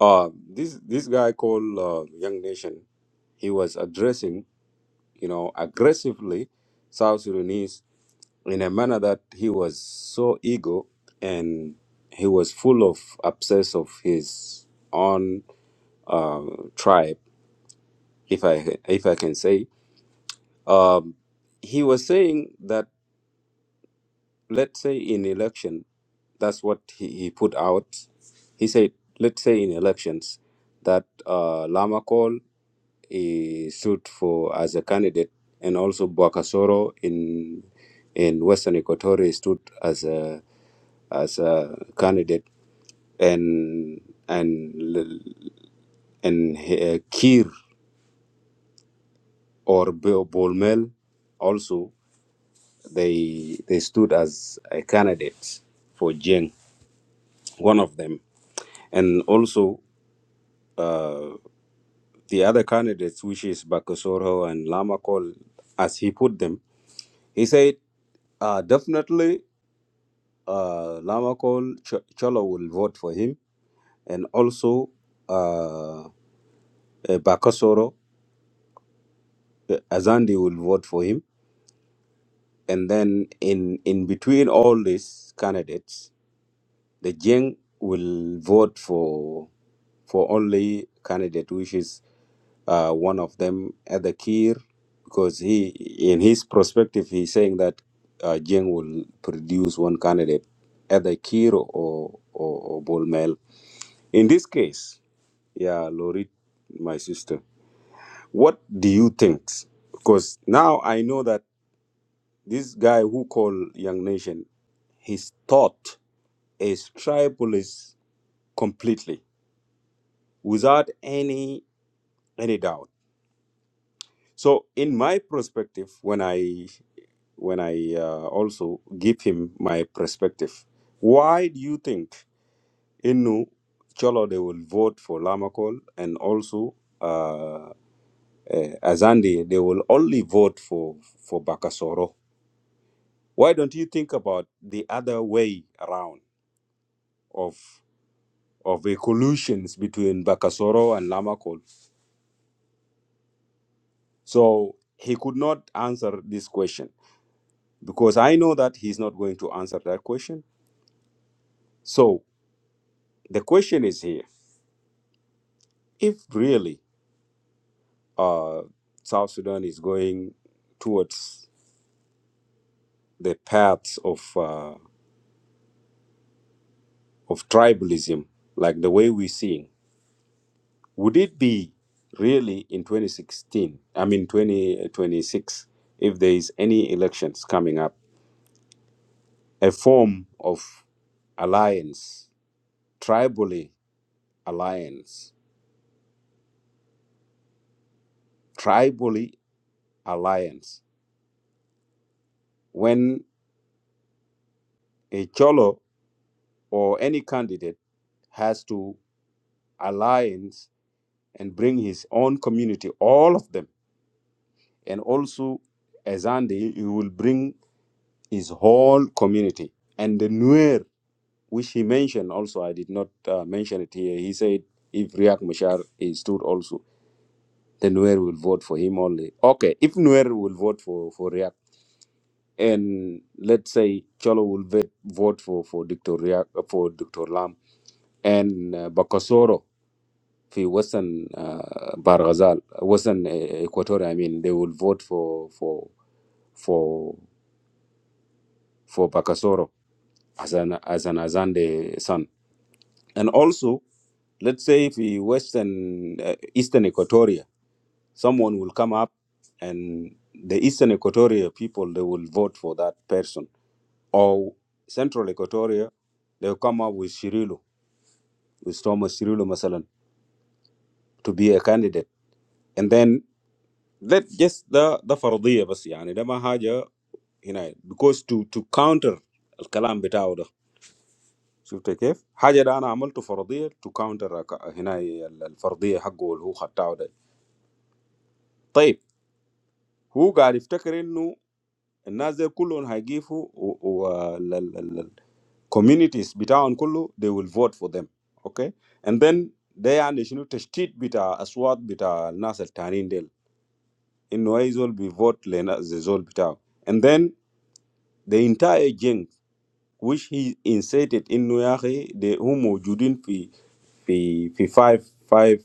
S1: Uh, this this guy called uh, Young Nation, he was addressing, you know, aggressively South Sudanese in a manner that he was so ego and he was full of obsess of his own uh, tribe, if I if I can say. Um, he was saying that let's say in election, that's what he, he put out. He said, let's say in elections that uh, Lama call. He stood for as a candidate, and also Bwakasoro in in Western Equatoria stood as a as a candidate, and and L- and uh, Kir or Bo- Bolmel also they they stood as a candidate for Jeng, one of them, and also uh, the other candidates, which is Bakasoro and Lamakol, as he put them, he said uh, definitely. uh, Lamakol Ch- Cholo will vote for him, and also uh, eh, Bakasoro eh, Azandi will vote for him. And then in in between all these candidates, the Jeng will vote for for only candidate which is uh, one of them Adakir, because he in his perspective he's saying that uh, Jeng will produce one candidate, Adakir or or, or Bolmel. In this case. Yeah, Lorit, my sister. What do you think? Because now I know that this guy who call Young Nation, his thought is tribalist completely, without any any doubt. So, in my perspective, when I when I uh, also give him my perspective, why do you think Innu Cholo they will vote for Lamakol and also? uh, uh, Azandi, they will only vote for for Bakasoro. Why don't you think about the other way around of of the collusions between Bakasoro and Lamakol? So he could not answer this question because I know that he's not going to answer that question. So the question is here: If really uh, South Sudan is going towards the paths of uh, of tribalism, like the way we're seeing. Would it be really in 2016, I mean 2026, if there is any elections coming up, a form of alliance, tribally alliance, tribally alliance, when a Cholo or any candidate has to alliance and bring his own community, all of them, and also as Andy, he will bring his whole community and the Nuer which he mentioned also. I did not uh, mention it here. He said if Riak Machar is stood also, then Nuer will vote for him only. Okay, if Nuer will vote for for Riak, and let's say Cholo will vet, vote for for Dr. Riak uh, for Dr. Lam and uh, Bakasoro for Western uh, Barghazal, Western uh, Equatorial. I mean, they will vote for for for for Bakasoro as an as an Azande son And also, let's say if we Western, uh, Eastern Equatoria, someone will come up and the Eastern Equatoria people, they will vote for that person. Or Central Equatoria, they'll come up with Shirilo with Thomas Shirilo, Masalan, to be a candidate. And then let just the the فرضية بس يعني ده ما حاجة هنا because to to counter الكلام بتاعه ده شفت كيف؟ حاجة ده أنا عملته فرضية to counter هنا الفرضية حقه اللي هو خدتها Right, who are if they're telling you, and now the whole high give who, or the the the communities, betaw on Kulu, they will vote for them, okay? And then they are not going to cheat, betaw, aswaat, betaw, now the turning deal, in who is all be vote Lena, as is all betaw. And then the entire gang, which he inserted in Newari, the who mojudin pi pi pi five five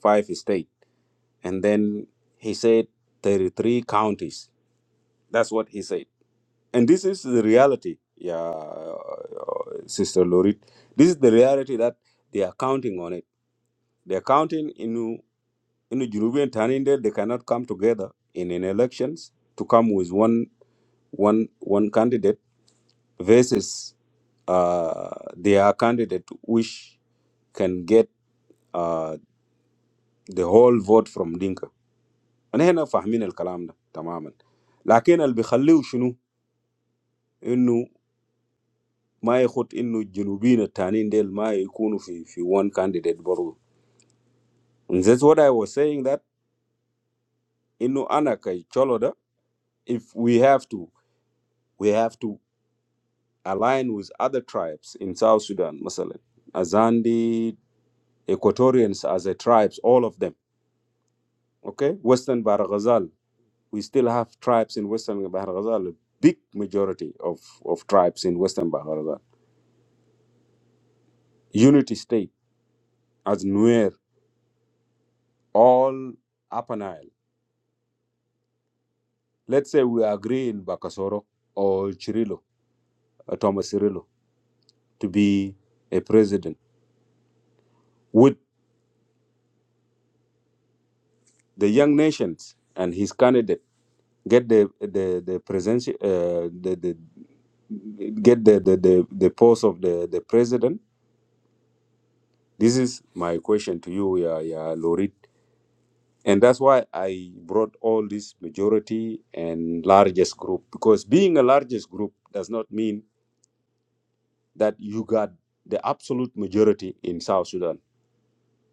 S1: five state, and then he said there are three counties. That's what he said. And this is the reality, yeah, uh, Sister Lorit. This is the reality that they are counting on it. They are counting in in the Junubian Taninde, they cannot come together in, in elections to come with one one one candidate versus uh, their candidate which can get uh, the whole vote from Dinka. أنا هنا فاهمين الكلام ده تماما. لكن اللي بيخليه شنو؟ ما يخط انه الجنوبيين التانيين ديل ما يكونوا في في one candidate برضو and that's what I was saying that انه انا كشولو if we have to we have to align with other tribes in South Sudan مثلا Azandi Equatorians as a tribes all of them okay Western Bahar Ghazal we still have tribes in Western Bahar Ghazal a big majority of of tribes in Western Bahar Ghazal unity state as Nuer all Upper Nile Let's say we agree in Bakasoro or Cirillo, uh, Thomas Cirillo, to be a president. Would the young nations and his candidate get the the the presidential uh, the, the get the the, the, the post of the, the president? This is my question to you, yeah, yeah, Lorit. And that's why I brought all this majority and largest group because being a largest group does not mean that you got the absolute majority in South Sudan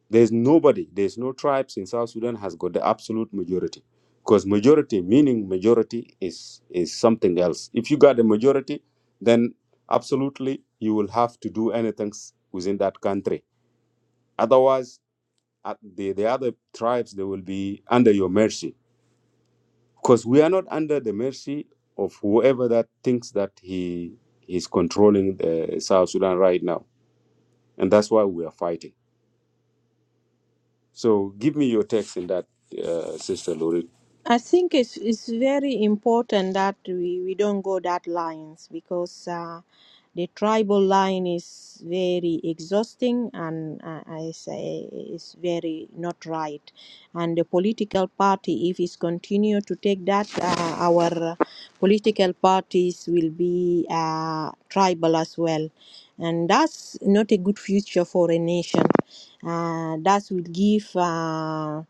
S1: There's nobody, there's no tribes in South Sudan has got the absolute majority. Because majority, meaning majority, is is something else. If you got the majority, then absolutely you will have to do anything s- within that country. Otherwise, at the, the other tribes they will be under your mercy. Because we are not under the mercy of whoever that thinks that he is controlling the South Sudan right now. And that's why we are fighting. So give me your text in that, uh, Sister Lorita.
S5: I think it's it's very important that we, we don't go that lines because uh, the tribal line is very exhausting and uh, I say it's very not right. And the political party, if it's continue to take that, uh, our political parties will be uh, tribal as well, and that's not a good future for a nation. Uh, that will give. Uh,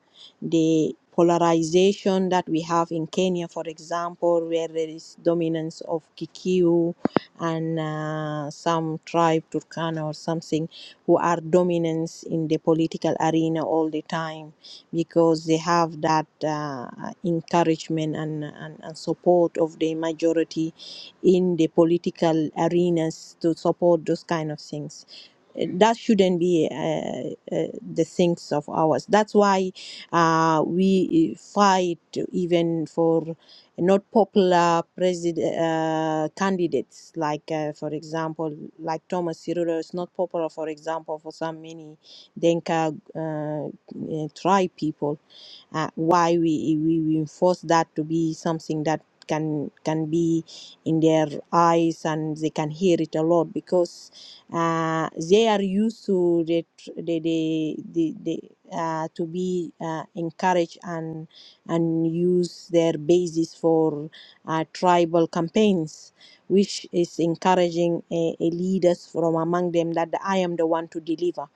S5: the polarization that we have in Kenya, for example, where there is dominance of Kikuyu and uh, some tribe, Turkana or something, who are dominant in the political arena all the time because they have that uh, encouragement and, and, and support of the majority in the political arenas to support those kind of things that shouldn't be uh, uh, the things of ours. That's why uh, we eh, fight even for not popular president uh, candidates, like uh, for example, like Thomas Cirillo is not popular, for example, for some many Denka uh, uh, tribe people. Uh, why we, we we enforce that to be something that can can be in their eyes and they can hear it a lot because uh, they are used to the, tr- the, the, the, uh, to be uh, encouraged and and use their basis for uh, tribal campaigns, which is encouraging a, a leaders from among them that I am the one to deliver.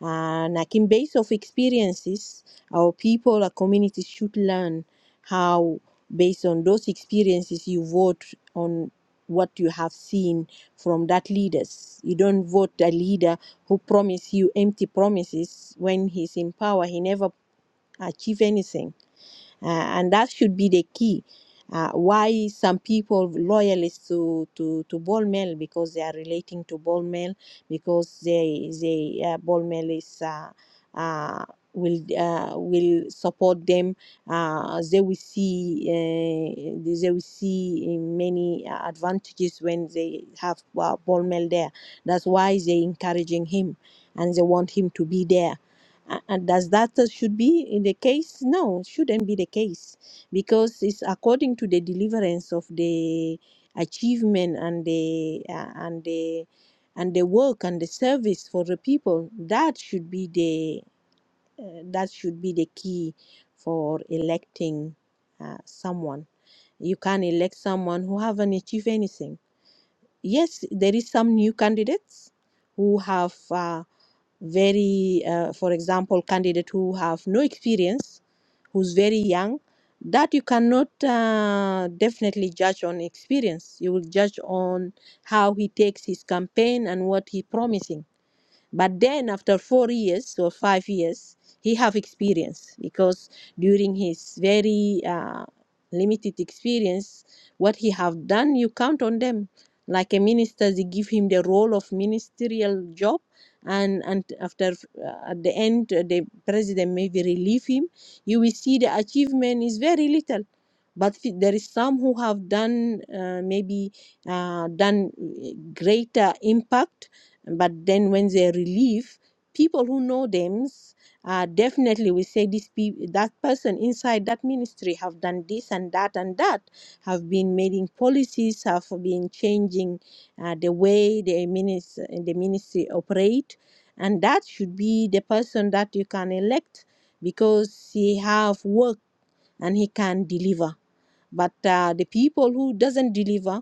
S5: And I think based of experiences, our people, our communities should learn how, based on those experiences, you vote on what you have seen from that leaders. You don't vote a leader who promise you empty promises when he's in power he never achieve anything uh, and that should be the key. Uh, why some people loyalists to to to ball mill because they are relating to ball mill because they they uh, ball mill is uh, uh, will uh, will support them. Uh, they will see uh, they will see uh, many uh, advantages when they have uh, ball mill there. That's why they encouraging him and they want him to be there a- And does that uh, should be in the case? No, it shouldn't be the case because it's according to the deliverance of the achievement and the uh, and the and the work and the service for the people. That should be the uh, that should be the key for electing uh, someone. You can't elect someone who haven't achieved anything. Yes, there is some new candidates who have. Uh, very uh, for example candidate who have no experience who's very young that you cannot uh, definitely judge on experience you will judge on how he takes his campaign and what he promising but then after four years or five years, he have experience because during his very uh, limited experience, what he have done, you count on them. Like a minister, they give him the role of ministerial job, and and after uh, at the end, uh, the president maybe relieve him. You will see the achievement is very little, but f- there is some who have done uh, maybe uh, done uh, greater impact but then when they relieve, people who know them uh, definitely will say this pe- that person inside that ministry have done this and that and that, have been making policies, have been changing uh, the way the ministry, the ministry operate. And that should be the person that you can elect because he have work and he can deliver. But uh, the people who doesn't deliver,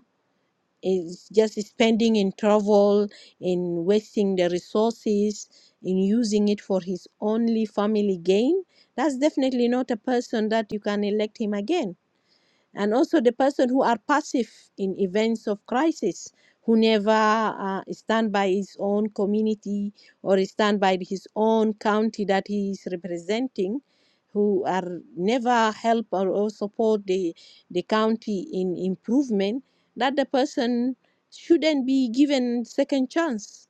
S5: is just spending in travel, in wasting the resources, in using it for his only family gain, that's definitely not a person that you can elect him again and also the person who are passive in events of crisis who never uh, stand by his own community or stand by his own county that he is representing who are never help or, or support the, the county in improvement that the person shouldn't be given second chance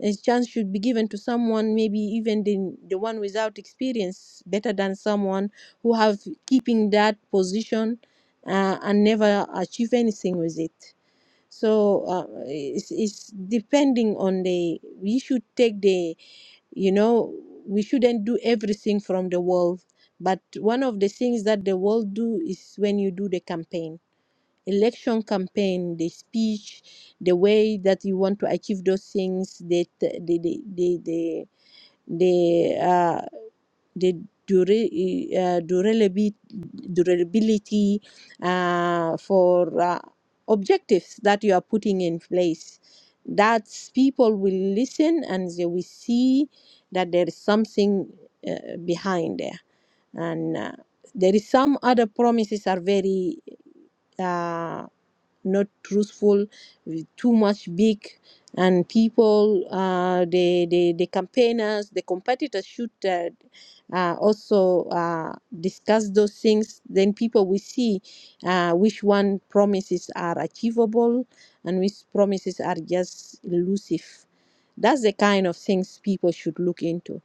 S5: a chance should be given to someone maybe even the, the one without experience better than someone who have keeping that position uh, and never achieve anything with it. So uh, it's, it's depending on the, we should take the, you know, we shouldn't do everything from the world. But one of the things that the world do is when you do the campaign, election campaign, the speech, the way that you want to achieve those things, the, the, the, the, the, the uh, the dura- uh, durability, durability uh, for uh, objectives that you are putting in place. That people will listen and they will see that there is something uh, behind there. And uh, there is some other promises are very uh, not truthful, too much big and people, uh, the, the, the campaigners, the competitors should uh, uh, also uh, discuss those things. Then people will see uh, which one promises are achievable and which promises are just elusive. That's the kind of things people should look into.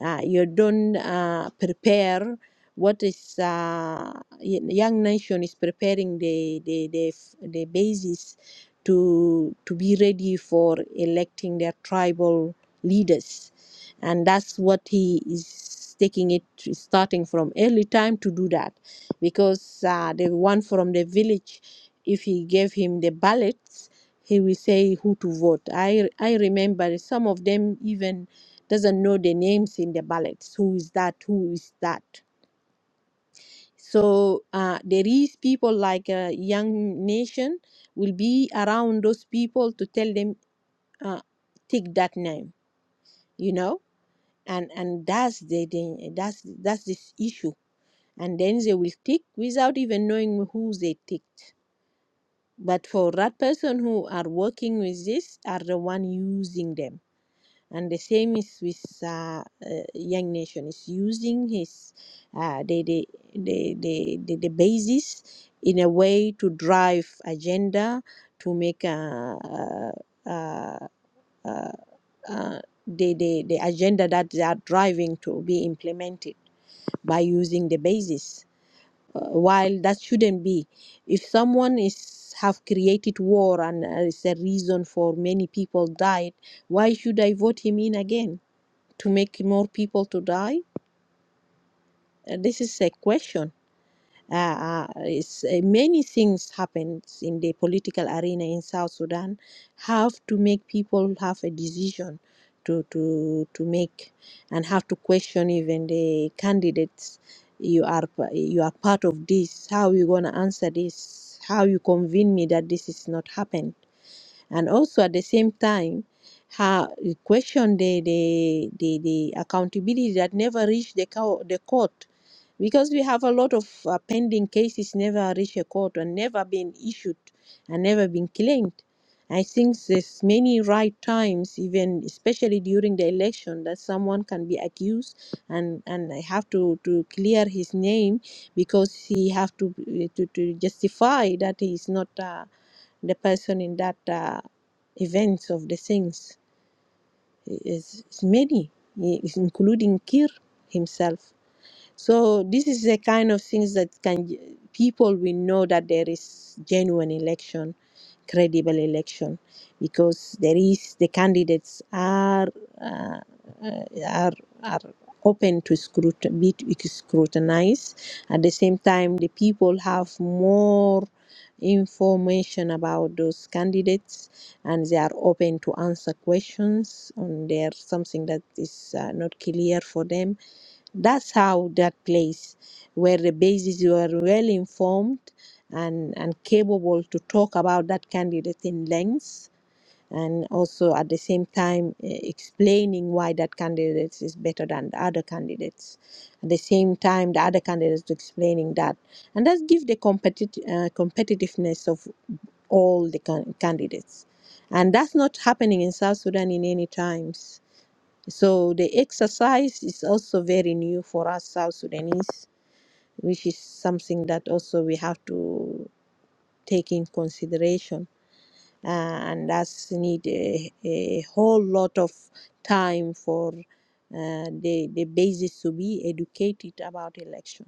S5: Uh, you don't uh, prepare what is uh, y- young nation is preparing the the the, f- the basis to to be ready for electing their tribal leaders and that's what he is taking it starting from early time to do that because uh, the one from the village if he gave him the ballots he will say who to vote i i remember some of them even doesn't know the names in the ballots who is that who is that so uh, there is people like uh, Young Nation will be around those people to tell them uh, take that name, you know, and and that's the, the that's that's this issue, and then they will take without even knowing who they ticked. But for that person who are working with this, are the one using them And the same is with uh, uh, Young Nation. Is using his uh, the, the, the, the, the, the basis in a way to drive agenda to make uh, uh, uh, uh, the, the, the agenda that they are driving to be implemented by using the basis. Uh, while that shouldn't be, if someone is have created war and uh, it's a reason for many people died, why should I vote him in again? to make more people to die? Uh, this is a question. Uh, uh, it's, uh, many things happen in the political arena in South Sudan have to make people have a decision to, to, to make and have to question even the candidates you are you are part of this how you going to answer this how you convince me that this is not happened and also at the same time, her question the the, the, the accountability that never reached the, co- the court because we have a lot of uh, pending cases never reach a court and never been issued and never been claimed. I think there's many right times, even especially during the election, that someone can be accused and and I have to to clear his name because he have to to, to justify that he is not. Uh, the person in that uh, events of the things is, is many, including Kir himself. So this is the kind of things that can people will know that there is genuine election, credible election, because there is the candidates are uh, uh, are are open to scrutin be scrutinized. At the same time, the people have more information about those candidates and they are open to answer questions on there something that is uh, not clear for them that's how that place where the bases were well informed and, and capable to talk about that candidate in length and also at the same time eh, explaining why that candidate is better than the other candidates at the same time the other candidates explaining that and that gives the competit- uh, competitiveness of all the can- candidates and that's not happening in south sudan in any times so the exercise is also very new for us South Sudanese, which is something that also we have to take in consideration. Uh, and that's need a, a whole lot of time for uh, the, the basis to be educated about election.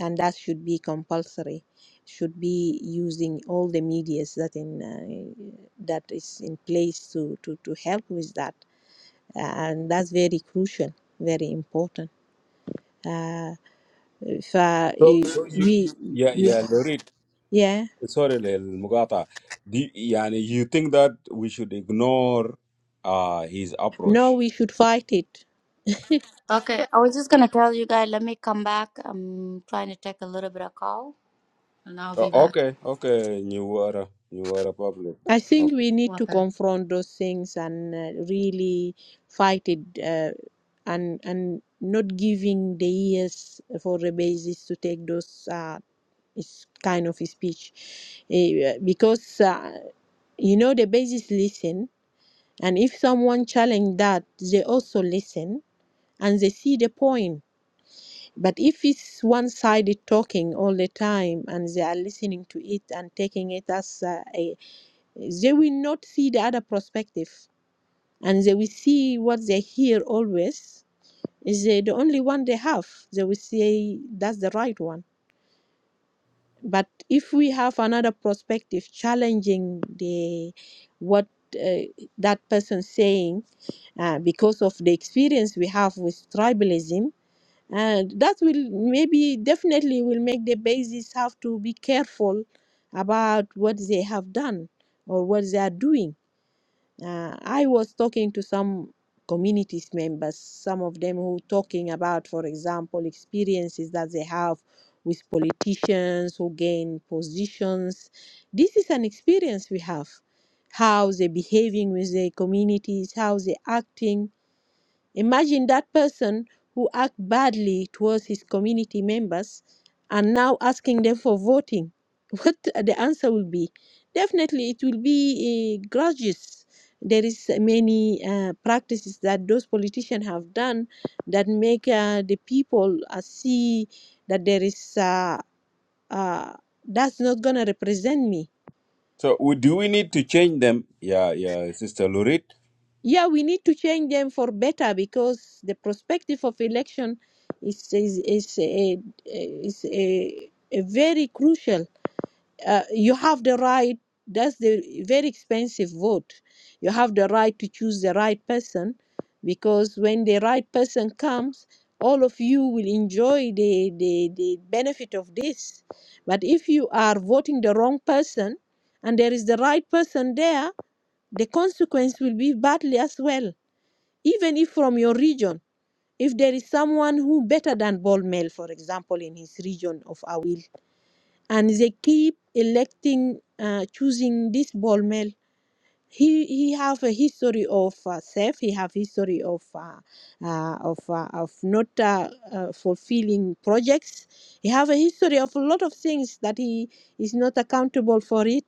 S5: And that should be compulsory, should be using all the medias that in uh, that is in place to, to, to help with that. and that's very crucial, very important. Uh, if uh,
S1: So,
S5: i-
S1: so you,
S5: we,
S1: yeah,
S5: we,
S1: yeah, Lorit,
S5: yeah,
S1: sorry, Mugata. Do, yani, you think that we should ignore uh, his
S5: no,
S1: approach?
S5: we should fight it.
S2: Okay, I was just gonna tell you guys, let me come back. I'm trying to take a little bit of call and I'll
S1: Uh,
S2: be back.
S1: okay, okay, new Newara Public.
S5: I think
S1: Okay.
S5: we need to confront those things and uh, really fight it, uh, and and not giving the ears for the basis to take those uh, is kind of speech, Eh, because uh, you know the basis listen, and if someone challenge that, they also listen and they see the point But if it's one sided talking all the time and they are listening to it and taking it as uh, a, they will not see the other perspective and they will see what they hear always is they the only one they have. They will say that's the right one. But if we have another perspective challenging the what uh, that person saying uh, because of the experience we have with tribalism, and that will maybe definitely will make the basis have to be careful about what they have done or what they are doing uh, i was talking to some communities members some of them who talking about for example experiences that they have with politicians who gain positions this is an experience we have how they behaving with their communities how they acting Imagine that person who act badly towards his community members and now asking them for voting. [laughs] What the answer will be? Definitely, it will be uh, grudges. There is many uh, practices that those politicians have done that make uh, the people uh, see that there is uh, uh, that's not gonna represent me
S1: So, we, do we need to change them? Yeah, yeah, Sister Lorit.
S5: Yeah, we need to change them for better because the perspective of election is is is a, is a, a very crucial uh, you have the right that's the very expensive vote you have the right to choose the right person because when the right person comes all of you will enjoy the, the, the benefit of this but if you are voting the wrong person and there is the right person there the consequence will be badly as well even if from your region if there is someone who better than Bol Mel, for example, in his region of Awil, and they keep electing, uh, choosing this ball mill. He he have a history of uh, theft. He have history of uh, uh, of uh, of not uh, uh, fulfilling projects. He have a history of a lot of things that he is not accountable for it.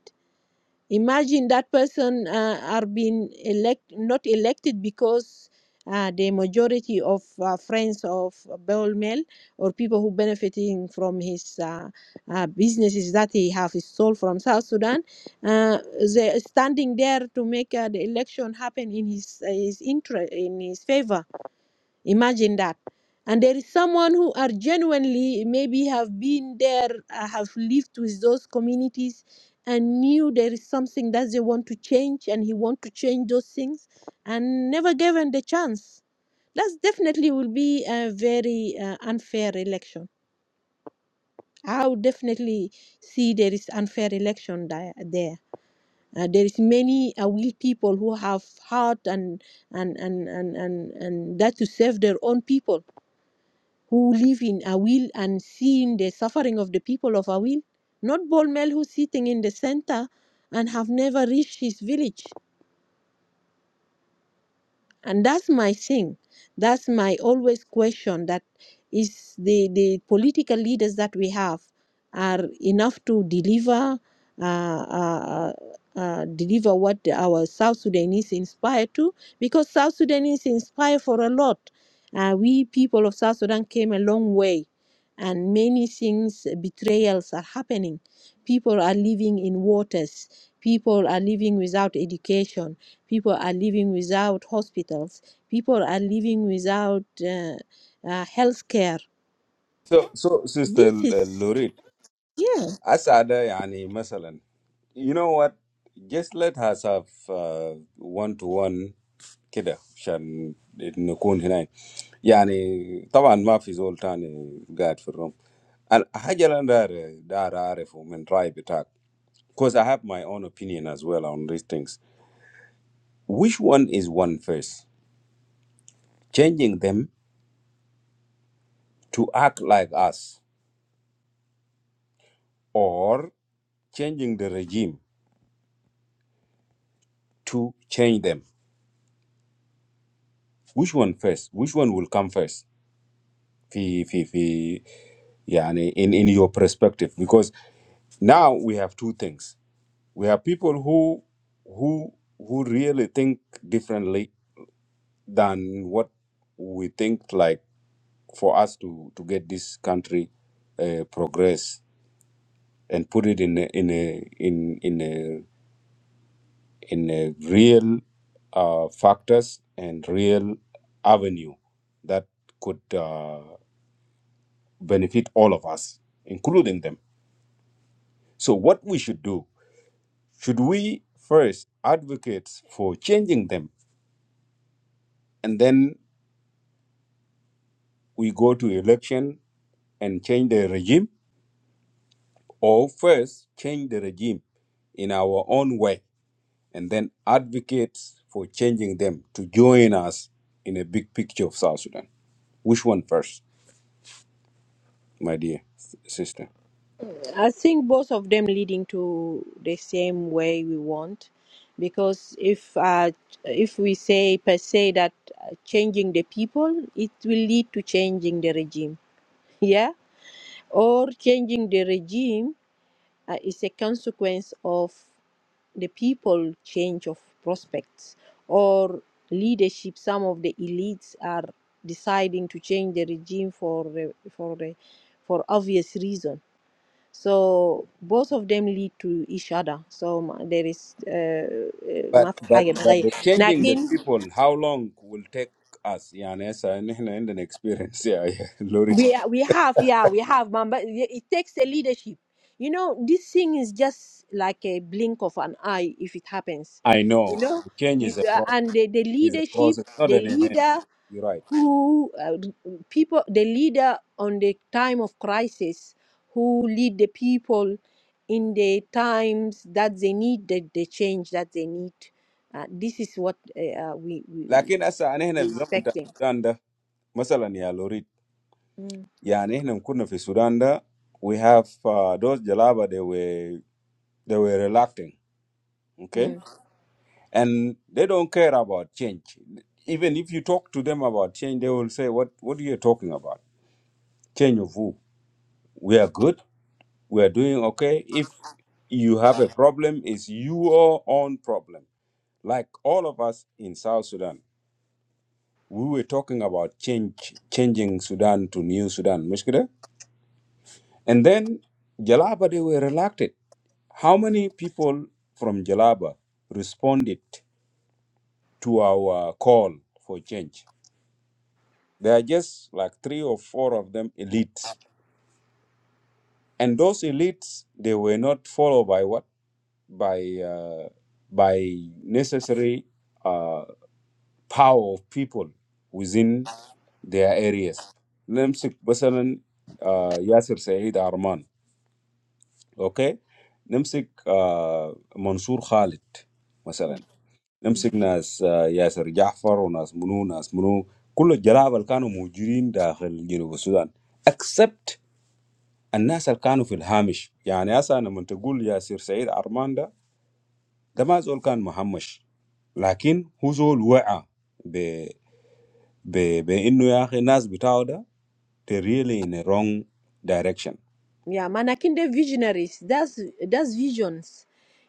S5: Imagine that person uh, are being elect not elected because uh, the majority of uh, friends of Bawel Mel or people who benefiting from his uh, uh, businesses that he have sold from South Sudan, uh, they standing there to make uh, the election happen in his uh, his interest in his favor Imagine that. And there is someone who are genuinely maybe have been there, uh, have lived with those communities, and knew there is something that they want to change, and he want to change those things, and never given the chance. That definitely will be a very uh, unfair election. I would definitely see there is unfair election di- there. Uh, there is many uh, will people who have heart and and and and and, and that to serve their own people who live in Awil and seeing the suffering of the people of Awil, not Bolmel who's sitting in the center and have never reached his village and that's my thing that's my always question that is the the political leaders that we have are enough to deliver uh, uh, uh, deliver what our South Sudanese inspire to because South Sudanese inspire for a lot. Uh, we people of South Sudan came a long way, and many things uh, betrayals are happening. People are living in waters. People are living without education People are living without hospitals. People are living without uh, uh, health care.
S1: So, so Sister
S5: This is,
S1: uh,
S5: yeah.
S1: Asada, yani, masalan. You know what? Just let us have one to one كده عشان نكون هنا يعني طبعا ما في زول تاني قاعد في الروم And حاجة اللي أنا داير داير أعرفه من رأي بتاعك because I have my own opinion as well on these things which one is one first changing them to act like us or changing the regime to change them which one first which one will come first في في في يعني in in your perspective because now we have two things we have people who who who really think differently than what we think like for us to to get this country uh, progress and put it in a, in a in in a in a real uh, factors and real avenue that could uh, benefit all of us including them so what we should do Should we first advocate for changing them and then we go to election and change the regime, or first change the regime in our own way and then advocate for changing them to join us in a big picture of South Sudan? Which one first, my dear s- sister?
S5: I think both of them leading to the same way we want. Because if uh, if we say per se that uh, changing the people, it will lead to changing the regime. Yeah, or changing the regime uh, is a consequence of the people change of prospects or leadership some of the elites are deciding to change the regime for the, for the, for obvious reason so both of them lead to each other so ma- there is uh, uh, ما
S1: But
S5: في
S1: but
S5: حاجة
S1: but
S5: بتغير.
S1: the changing the
S5: لكن
S1: people, how long will take us? Yeah, and as I- [laughs] and and- and an experience. Yeah, yeah, [laughs] Lord,
S5: We we have yeah we have man, but it it takes a leadership. You know this thing is just like a blink of an eye if it happens.
S1: I
S5: You
S1: know
S5: know,
S1: the change
S5: you,
S1: is a
S5: uh,
S1: process.
S5: and the, the
S1: It's a
S5: leadership,
S1: process, not
S5: the
S1: an event.
S5: leader
S1: You're right.
S5: who uh, people, the leader on the time of crisis, who lead the people in the times that they need the, the change that they need. Uh, this is what uh, uh, we, we
S1: لكن هسه أنا هنا
S5: we
S1: في زمن بتاع
S5: expecting.
S1: السودان ده مثلا يا لوريد
S5: Mm,
S1: يعني هنا كنا في السودان ده we have uh, those jalaba they were they were reluctant okay
S5: mm.
S1: and they don't care about change even if you talk to them about change they will say what what are you talking about change of who we are good we are doing okay if you have a problem it's your own problem like all of us in South Sudan we were talking about change, changing Sudan to New Sudan, مشكلة? And then Jalaba, they were reluctant. How many people from Jalaba responded to our call for change? There are just like three or four of them elites. And those elites, they were not followed by what? By, uh, by necessary uh, power of people within their areas. نمسك مثلا آه، ياسر سعيد عرمان اوكي نمسك آه، منصور خالد مثلا نمسك ناس آه، ياسر جعفر وناس منو ناس منو كل الجلابه اللي كانوا موجودين داخل جنوب السودان except الناس اللي كانوا في الهامش يعني هسه لما تقول ياسر سعيد عرمان ده ده ما زول كان مهمش لكن هو زول وعى be be innu yaakhe nas bitaw da they really in a wrong direction
S5: Yeah, manakinde visionaries. That's that's visions.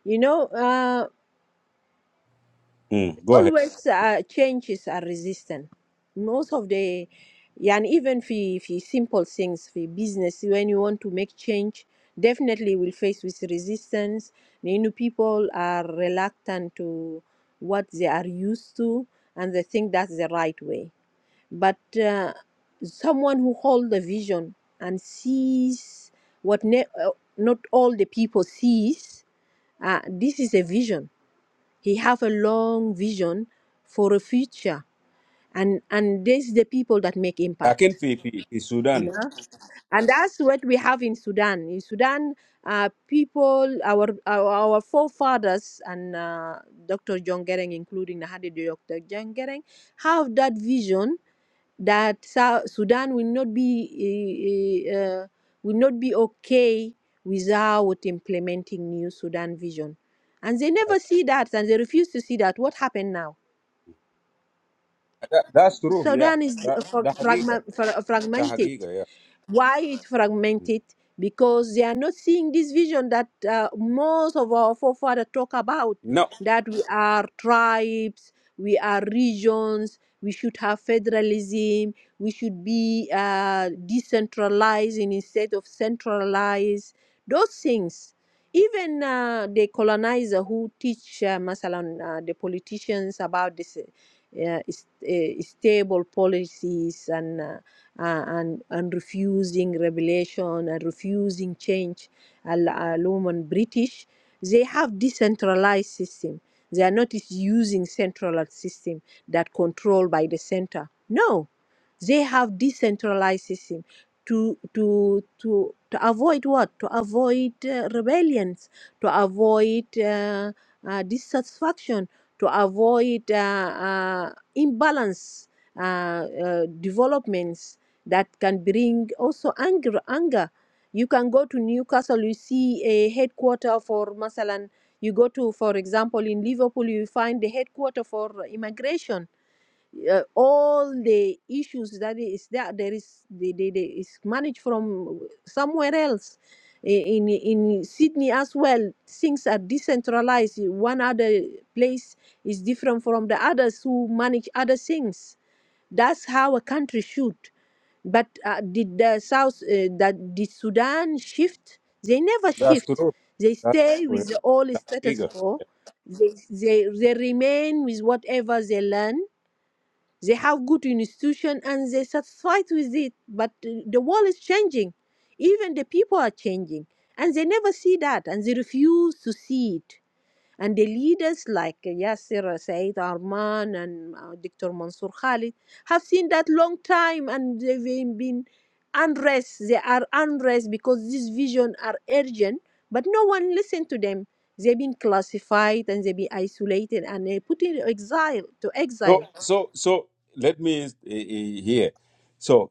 S5: You know, uh,
S1: mm, go ahead
S5: always uh, changes are resistant. Most of the, yeah, and even for for simple things, for business, when you want to make change, definitely will face with resistance. You know, people are reluctant to what they are used to, and they think that's the right way but uh, someone who holds the vision and sees what ne- uh, not all the people sees uh, this is a vision he have a long vision for a future and and this the people that make
S1: lakin
S5: impact
S1: fi fi, fi
S5: you
S1: sudan
S5: know and that's what we have in sudan in sudan uh, people our our, our forefathers and uh, dr john gering including the Hadi dr john gering have that vision that South Sudan will not be eh, eh, uh, will not be okay without implementing new Sudan vision, and they never see that, and they refuse to see that. What happened now?
S1: that, that's true yeah
S5: Sudan is uh,
S1: that
S5: frag-
S1: the hagiga
S5: fragma- fra-
S1: the
S5: fragmented
S1: hagiga yeah
S5: why it's
S1: Mm.
S5: fragmented because they are not seeing this vision that uh, most of our forefathers talk about
S1: no
S5: that we are tribes we are regions we should have federalism we should be uh, decentralized instead of centralized those things even uh, the colonizer who teach uh, masalan uh, the politicians about this uh, is- uh, stable policies and uh, uh, and, and refusing revelation and refusing change al- alum and british they have decentralized system they are not is- using centralized system that controlled by the center no they have decentralized system to to to to avoid what to avoid uh, rebellions to avoid uh, uh, dissatisfaction to avoid uh, uh, imbalance uh, uh, developments that can bring also anger anger you can go to newcastle you see a headquarter for masalan you go to for example in liverpool you find the headquarter for immigration uh, all the issues that is there there is they, they, they is managed from somewhere else in in sydney as well things are decentralized one other place is different from the others who manage other things that's how a country should. But uh, did the South, uh, that did Sudan shift? They never
S1: that's
S5: shift.
S1: true
S5: They
S1: that's
S5: stay
S1: true yeah.
S5: with the old
S1: the
S5: status
S1: hagiga
S5: quo. They, they, they remain with whatever they learn. They have good institution and they satisfied with it. But uh, the world is changing. Even the people are changing. And they never see that and they refuse to see it. And the leaders like uh, Yasser uh, Said Arman and uh, Dr. Mansour Khalid have seen that long time and they've been been unrest. They are unrest because these visions are urgent, but no one listened to them. They've been classified and they've been isolated and they put in exile to
S1: so
S5: exile
S1: so so let me uh, uh, here so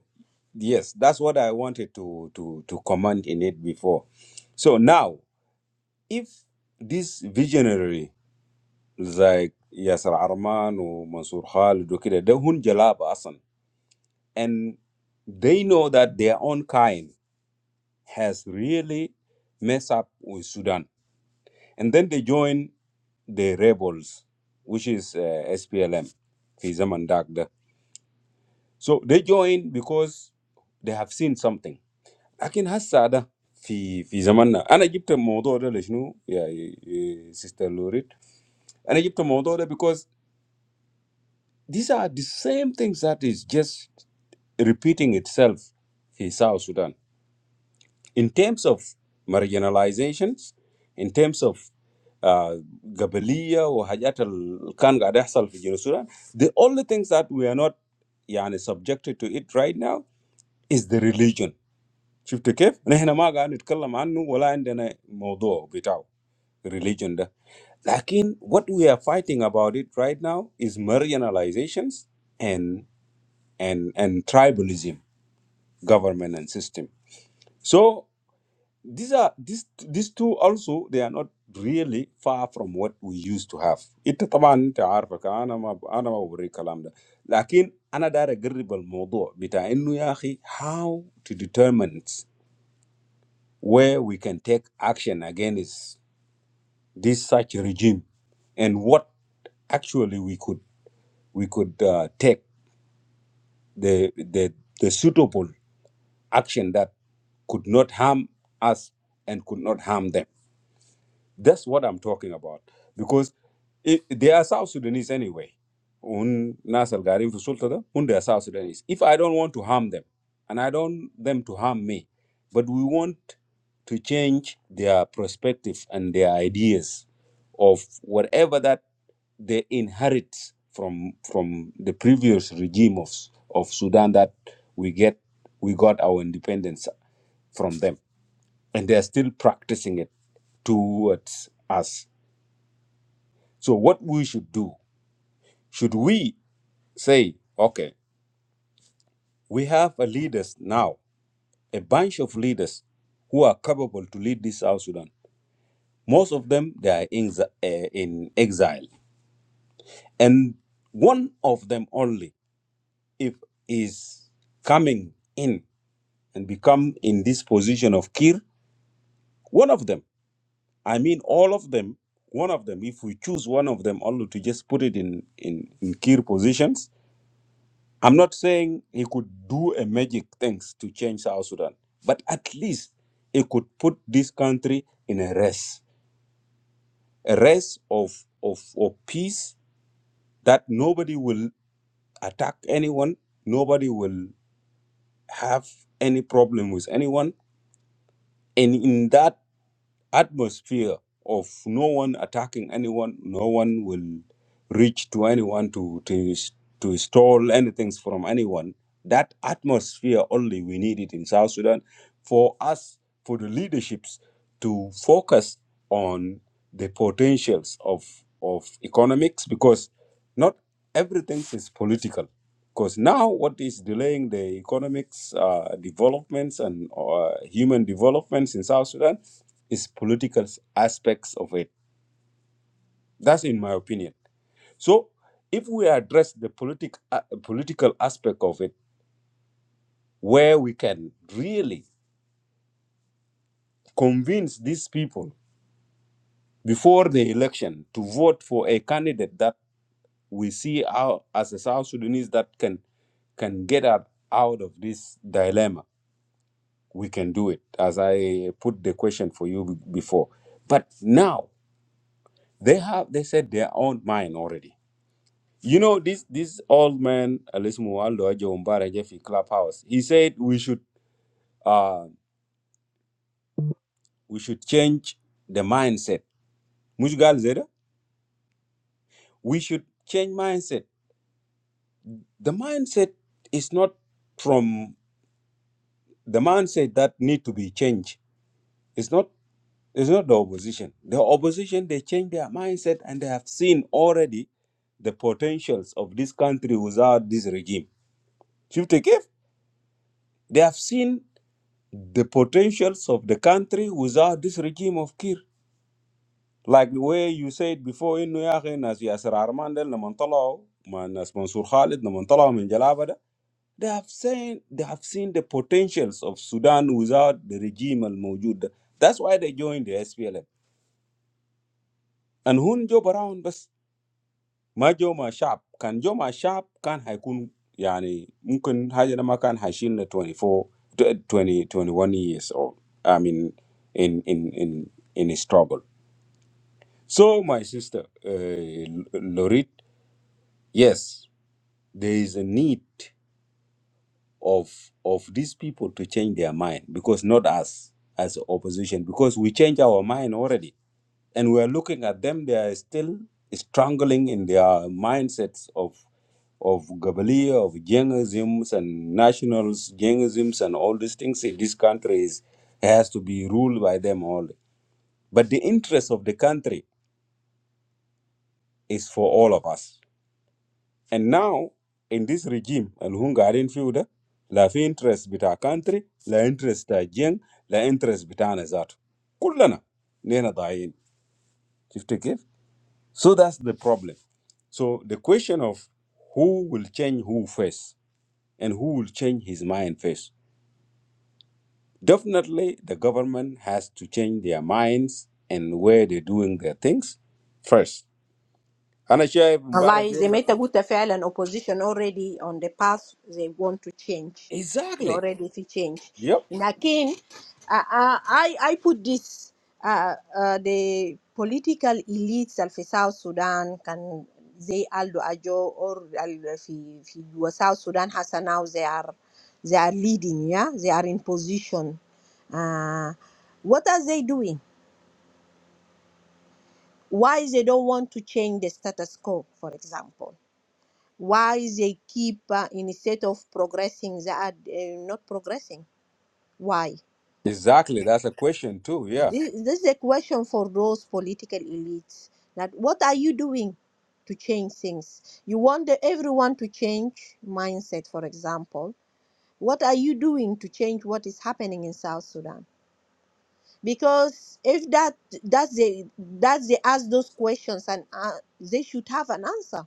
S1: yes that's what i wanted to to to comment in it before so now if this visionary زي ياسر عرمان ومنصور خالد وكده ده هن جلابة أصلا and they know that their own kind has really messed up with Sudan and then they join the rebels which is uh, SPLM في زمن داك ده so they join because they have seen something لكن هسه ده في في زماننا انا جبت الموضوع ده لشنو يا سيستر لوريد انا جبت الموضوع ده because These are the same things that is just repeating itself in South Sudan. In terms of marginalizations, in terms of uh, Gabalia or Hayat al-Khan Gadahsal في جنوب Sudan, the only things that we are not يعني subjected to it right now is the religion. شفت كيف؟ نحن ما قاعد نتكلم عنه ولا عندنا موضوع بتاعه religion ده. لكن what we are fighting about it right now is marginalizations and and tribalism government and system so these are these these two also they are not really far from what we used to have انت طبعا انت عارفك انا ما انا ما بوري الكلام ده لكن انا داير اقرب الموضوع بتاع انه يا اخي how to determine where we can take action against this such regime and what actually we could we could uh, take the the the suitable action that could not harm us and could not harm them. That's what I'm talking about. Because it, they are South Sudanese anyway. Un nasal garin fi sulta da, un they are South Sudanese. If I don't want to harm them, and I don't want them to harm me, but we want to change their perspective and their ideas of whatever that they inherit from from the previous regime of, of Sudan that we get we got our independence from them and they are still practicing it towards us so what we should do should we say okay we have a leaders now a bunch of leaders who are capable to lead this south sudan most of them they are in, exi- eh, in exile and one of them only if is coming in and become in this position of kir one of them I mean, all of them, one of them, if we choose one of them only to just put it in, in, in key positions, I'm not saying he could do a magic things to change South Sudan, but at least he could put this country in a rest, a rest of, of, of peace that nobody will attack anyone, nobody will have any problem with anyone. And in that atmosphere of no one attacking anyone, no one will reach to anyone to to to stole anything from anyone. That atmosphere only we need it in South Sudan for us, for the leaderships to focus on the potentials of of economics because not everything is political. Because now what is delaying the economics uh, developments and uh, human developments in South Sudan is political aspects of it. That's in my opinion. So if we address the politic, uh, political aspect of it, where we can really convince these people before the election to vote for a candidate that we see out as a South Sudanese that can can get up out of this dilemma, we can do it. As I put the question for you be- before, but now they have they said their own mind already You know, this this old man Alice Mualdo Jombara Jeffy Clubhouse, he said we should uh we should change the mindset. Mushgal Zeda, we should change mindset. The mindset is not from the mindset that need to be changed. It's not it's not the opposition. The opposition they change their mindset and they have seen already the potentials of this country without this regime. Chief Tekef, They have seen the potentials of the country without this regime of Kir. Like the way you said before, إنه يا أخي ناس ياسر عرمان ده لما طلعوا مع ناس منصور خالد لما طلعوا من جلابة ده they have seen they have seen the potentials of Sudan without the regime الموجود ده. That's why they joined the SPLM. And who job around بس ما جو مع شعب كان جو مع شعب كان هيكون يعني ممكن حاجة ده ما كان هيشيلنا 24 years old I mean in in in in his trouble so my sister uh, Lorit yes there is a need of of these people to change their mind because not us as opposition because we change our mind already and we are looking at them they are still strangling in their mindsets of of Gabalia, of Jengisms and nationals, Jengisms and all these things this country is has to be ruled by them all. But the interest of the country is for all of us. And now in this regime, Al Hungarian feud, la fi interest bita country, la interest ta Jeng, la interest bitana zatu. Kullana, nena dayin. Shifti kif? So that's the problem. So the question of who will change who first and who will change his mind first. Definitely, the government has to change their minds and where they're doing their things first. And I share Mubarak
S5: Allah, they
S1: rule that-
S5: made a good affair and opposition already on the path they want to change. They
S1: Exactly.
S5: already to change.
S1: Yep.
S5: Lakin, uh, uh, I, I put this, uh, uh, the political elites of South Sudan can, they Aldo Ajo or al- fi fi South Sudan Hasa now they are, they are leading, yeah? They are in position. Uh, what are they doing? Why they don't want to change the status quo, for example? Why they keep uh, instead of progressing, they are uh, not progressing? Why?
S1: Exactly. That's a question too. Yeah.
S5: This, this is a question for those political elites. That what are you doing to change things? You want the, everyone to change mindset, for example. What are you doing to change what is happening in South Sudan? Because if that that's the that they ask those questions and uh, they should have an answer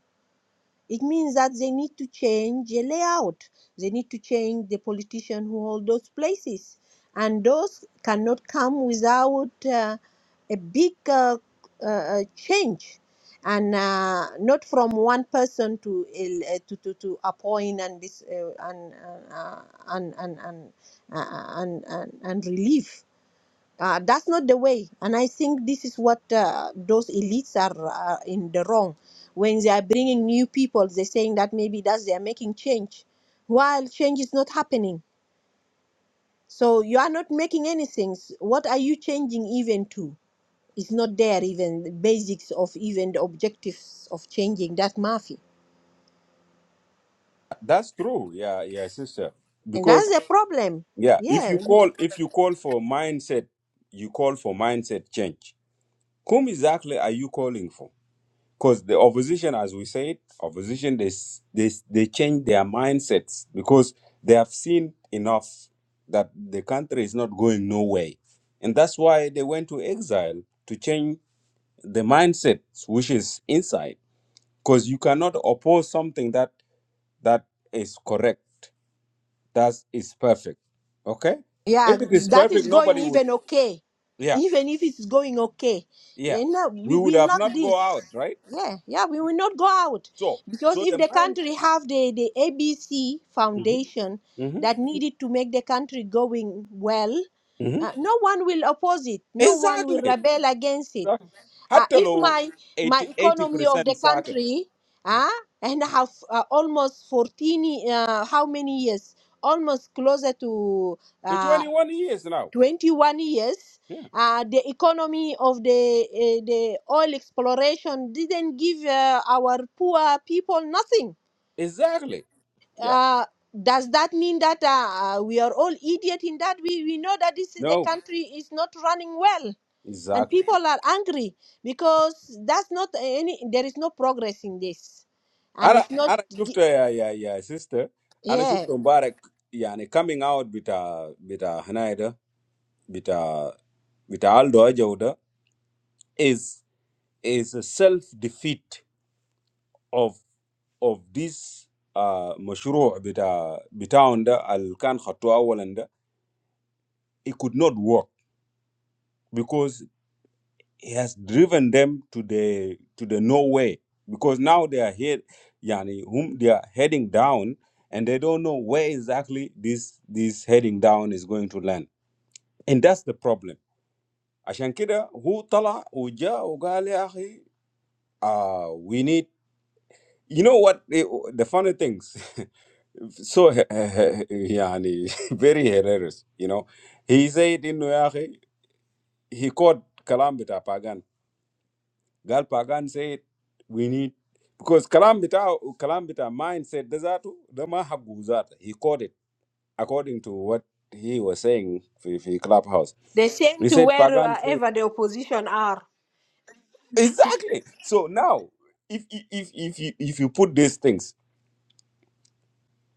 S5: It means that they need to change the layout. They need to change the politician who hold those places, and those cannot come without uh, a big uh, uh, uh, change, and uh, not from one person to el- uh, to, to to appoint and this uh, and, uh, uh, and and and uh, and and and relieve. Uh, that's not the way. And I think this is what uh, those elites are uh, in the wrong. When they are bringing new people, they're saying that maybe that's they are making change, while change is not happening. So you are not making anything. What are you changing even to? It's not there even the basics of even the objectives of changing that mafia,
S1: That's true. Yeah. Yeah, sister.
S5: and that's
S1: Because
S5: the problem.
S1: yeah, if
S5: Yeah,
S1: you call if you call for mindset, you call for mindset change. Whom exactly are you calling for? because the opposition, as we said, opposition they s- they s- they change their mindsets because they have seen enough that the country is not going nowhere, and that's why they went to exile to change the mindset, which is inside. Because you cannot oppose something that that is correct, that is perfect. Okay,
S5: Yeah,
S1: if it is
S5: that is
S1: perfect,
S5: going
S1: nobody will.
S5: even okay.
S1: Yeah,
S5: Even if it's going okay.
S1: yeah,
S5: You know,
S1: we
S5: we,
S1: would
S5: we
S1: have
S5: lock
S1: not go
S5: this.
S1: out, right?
S5: Yeah, yeah, we will not go out.
S1: So,
S5: Because
S1: so
S5: if
S1: the
S5: the
S1: mind.
S5: country have the, the ABC foundation that needed to make the country going well,
S1: hmm
S5: uh, no one will oppose it. No one will
S1: Exactly.
S5: rebel against it. Uh,
S1: Hatta
S5: if
S1: low
S5: my my
S1: 80
S5: economy of the
S1: percent soccer.
S5: country,
S1: Mm.
S5: uh, and I have uh, almost 14, uh, how many years? Almost closer to
S1: To
S5: uh,
S1: twenty one years now.
S5: 21 years,
S1: Yeah.
S5: uh, the economy of the uh, the oil exploration didn't give uh, our poor people nothing.
S1: Exactly. Yeah.
S5: Uh, does that mean that uh, uh, we are all idiot in that? We, we know that this is the
S1: No.
S5: country is not running well and
S1: Exactly.
S5: people are angry because that's not any there is no progress in this and
S1: Ana
S5: it's not
S1: ana
S5: gi-
S1: shufta ya ya ya sister. Ana shufta
S5: yeah
S1: Mubarak yani coming out bita bita Hanaida bita bita Aldo Ajauda is is a self defeat of of this uh مشروع بتاع بتاعهم ده اللي كان خطوه اولا ده it could not work because. he has driven them to the to the nowhere because now they are here yani whom they are heading down and they don't know where exactly this this heading down is going to land and that's the problem عشان كده هو طلع وجاء وقال يا أخي uh, we need you know what the the funny things [laughs] so [laughs] yani [laughs] very hilarious you know he said إنه يا أخي he called كلام بتاع Pagan. Gal Pagan said we need because Kalambita Kalambita mind said Desatu Dama Habguzata. He called it according to what he was saying for, for Clubhouse.
S5: the same
S1: He
S5: to
S1: said Pagan said
S5: wherever the opposition are
S1: Exactly. So now if if if if you, if you put these things,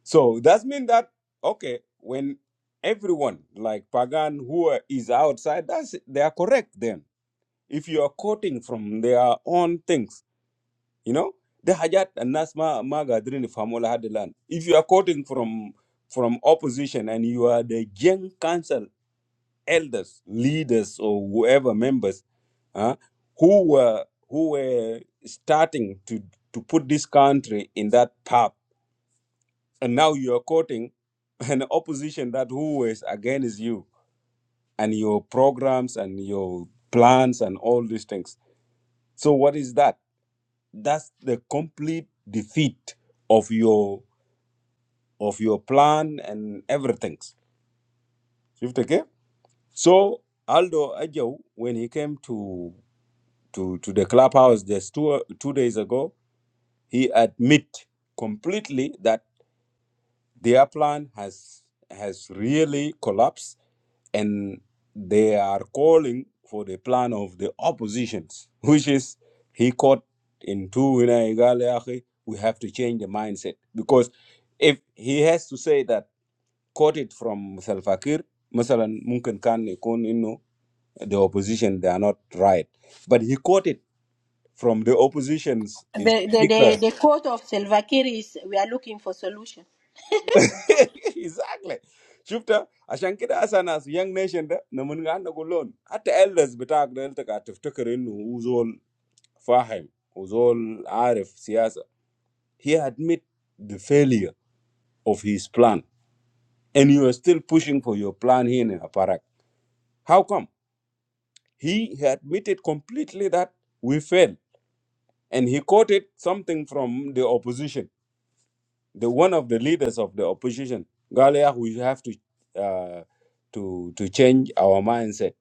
S1: so that means that okay, when everyone like Pagan who are- is outside, that's they are correct then. If you are quoting from their own things You know, the hajat and nasma magadrin famola had the land. If you are quoting from from opposition and you are the young council elders, leaders, or whoever members, uh, who were who were starting to to put this country in that path, and now you are quoting [laughs] an opposition that who was against you and your programs and your plans and all these things. So what is that? that's the complete defeat of your of your plan and everything. Okay? So Aldo Ajo, when he came to to to the clubhouse just two two days ago, he admit completely that. Their plan has has really collapsed, and they are calling for the plan of the oppositions, which is he caught in two. you know, قال يا أخي, We have to change the mindset because if he has to say that quote it from Salva Kiir, مثلا ممكن كان يكون إنه the opposition they are not right, but he quoted from the opposition's is
S5: The, the, the, the quote of Salva Kiir is we are looking for solution.
S1: [laughs] exactly شفتها عشان كده هسه ناس young nation ده نمن عندنا كلهم حتى elders بتاعك ده انت قاعد تفتكر انه هو زول فاهم وزول عارف سياسه he admit the failure of his plan and you are still pushing for your plan here in Aparak. How come? He admitted completely that we failed and he quoted something from the opposition the one of the leaders of the opposition, Galia, we have to uh, to to change our mindset.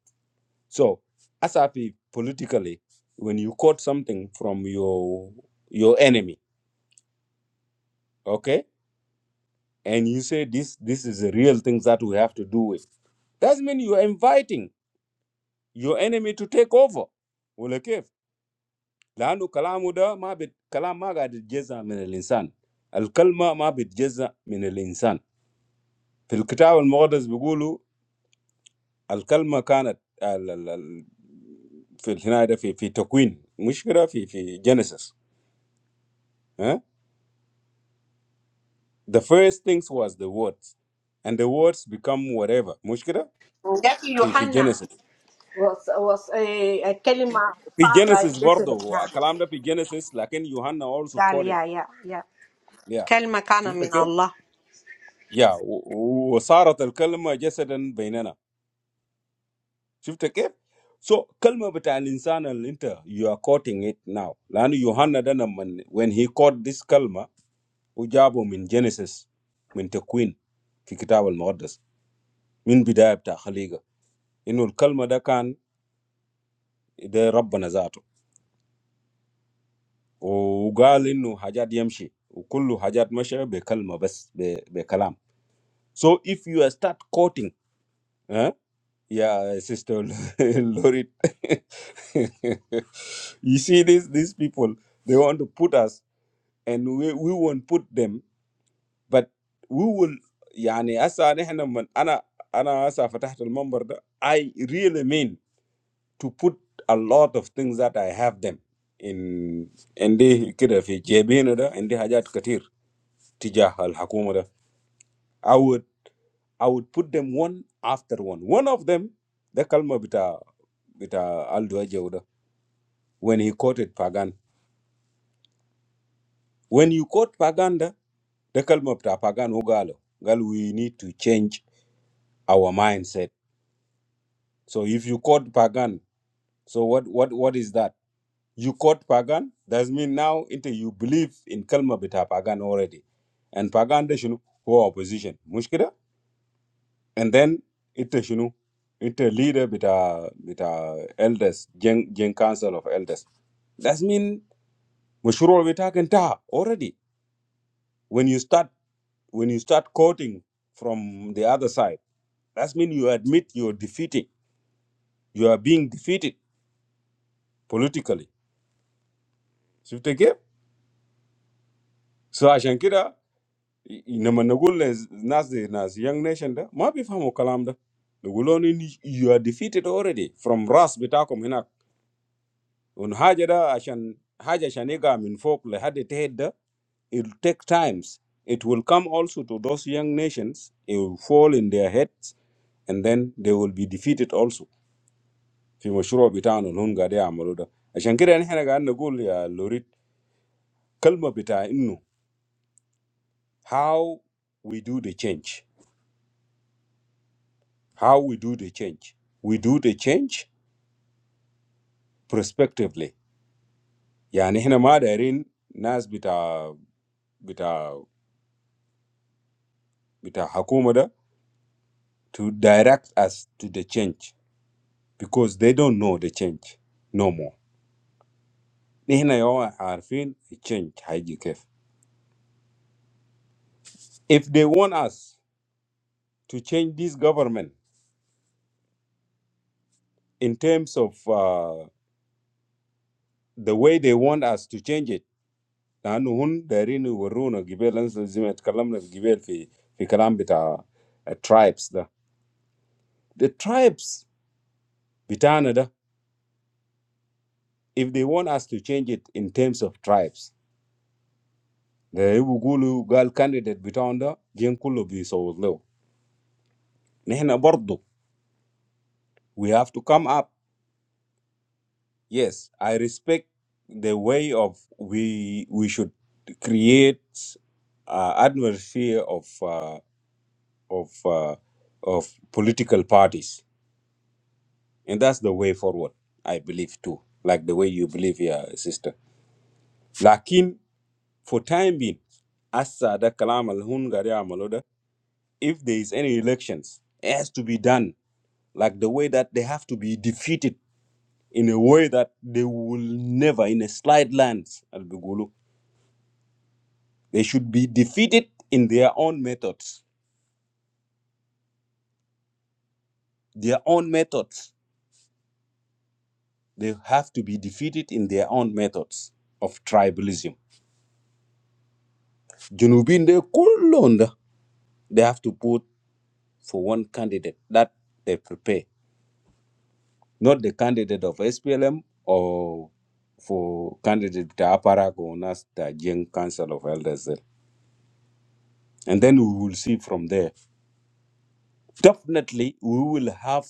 S1: So, as ASAP politically, when you quote something from your your enemy, okay, and you say this this is the real things that we have to do with, that means you are inviting your enemy to take over. ولا كيف؟ لأنه كلامه ده ما بت... كلام ما قاعد يتجزأ من الإنسان. الكلمة ما بتجزأ من الإنسان. في الكتاب المقدس بيقولوا الكلمه كانت ال- ال- ال- في هنا ده في في تكوين، مش كده، في في جينيسيس. ها the first things was the words and the words become whatever، مش كده،
S5: That
S1: في في
S5: Yohanna
S1: جينيسيس،
S5: was was a, a كلمة
S1: في جينيسيس
S5: فارة
S1: برضه الكلام ده في جينيسيس، لكن يوحنا also
S5: قال
S1: caught it.
S5: yeah yeah yeah
S1: yeah.
S5: كلمة كان
S1: شفت
S5: من
S1: كيف؟
S5: الله
S1: يا و- وصارت الكلمه جسدا بيننا. شفت كيف؟ so كلمه بتاع الانسان اللي انت you are quoting it now، لانه يوحنا ده لما when he caught this كلمه Ujabo min Genesis min the Queen kitabel mardas min bidayt ta xaliga inu kalma da kan dey Rabb Nazaru ugalinu hajat yamshi uku lu hajat mashu be kalma bes be be kalam so if you start quoting ah your sister [laughs] Lordy [laughs] you see these these people they want to put us and we we want put them. but we will يعني هسه نحن من انا انا هسه فتحت المنبر ده I really mean to put a lot of things that I have them in عندي كده في جيبين ده عندي حاجات كتير تجاه الحكومة ده I would I would put them one after one one of them ده كلمة بتاع بتاع Aldo Ajaw ده when he quoted Pagan when you quote Pagan ده ده كلمة بتاع Pagan هو قاله قال we need to change our mindset So if you caught pagan, so what what what is that? You caught pagan. That mean now into you believe in kalma bita pagan already, and pagan de shunu who are opposition mushkida, and then it shunu it leader bita bita elders gen gen council of elders. That mean mushurul bita kenta already. When you start when you start quoting from the other side, that mean you admit you're defeating. You are being defeated politically. Shifta ke? So, asan kila na mga nagulon nas na siyang nation da mabibigam mo kalamda nagulon ni you are defeated already from Russ bita ko muna unhajeda asan hajas ane ga minfolk lehade tehe da it'll take times it will come also to those young nations it will fall in their heads and then they will be defeated also fi moshuro bita un hun gadya maludo asan kila ni heneragan naguloy alorit kalma bita inu how we do the change. how we do the change. We do the change prospectively. Yani hina ma dairin nas bita bita bita hakuma da to direct us to the change because they don't know the change no more. Ni hina yawan harfin change haiji kef. If they want us to change this government in terms of uh, the way they want us to change it, لأنه هن دايرين يورونا قبل أنزل زي ما تكلمنا في قبل في في كلام بتاع tribes ده. The tribes, Bitanada, if they want us to change it in terms of tribes, the Ibugulu Gal candidate Bitanda, Jenkulo Bisowlo. Nehna Bordo, we have to come up. Yes, I respect the way of we we should create uh, atmosphere of uh, of uh, of political parties, and that's the way forward. I believe too, like the way you believe, yeah, sister. Lakin For time being, asa da kalam al hun gari amalo da, if there is any elections, it has to be done like the way that they have to be defeated in a way that they will never, in a slight lands, al bigulu. They should be defeated in their own methods. Their own methods. They have to be defeated in their own methods of tribalism. Junubin de kullunda, they have to vote for one candidate that they prepare not the candidate of SPLM or for candidate to Aparak or NAS, the Young Council of Elders. there. And then we will see from there. Definitely, we will have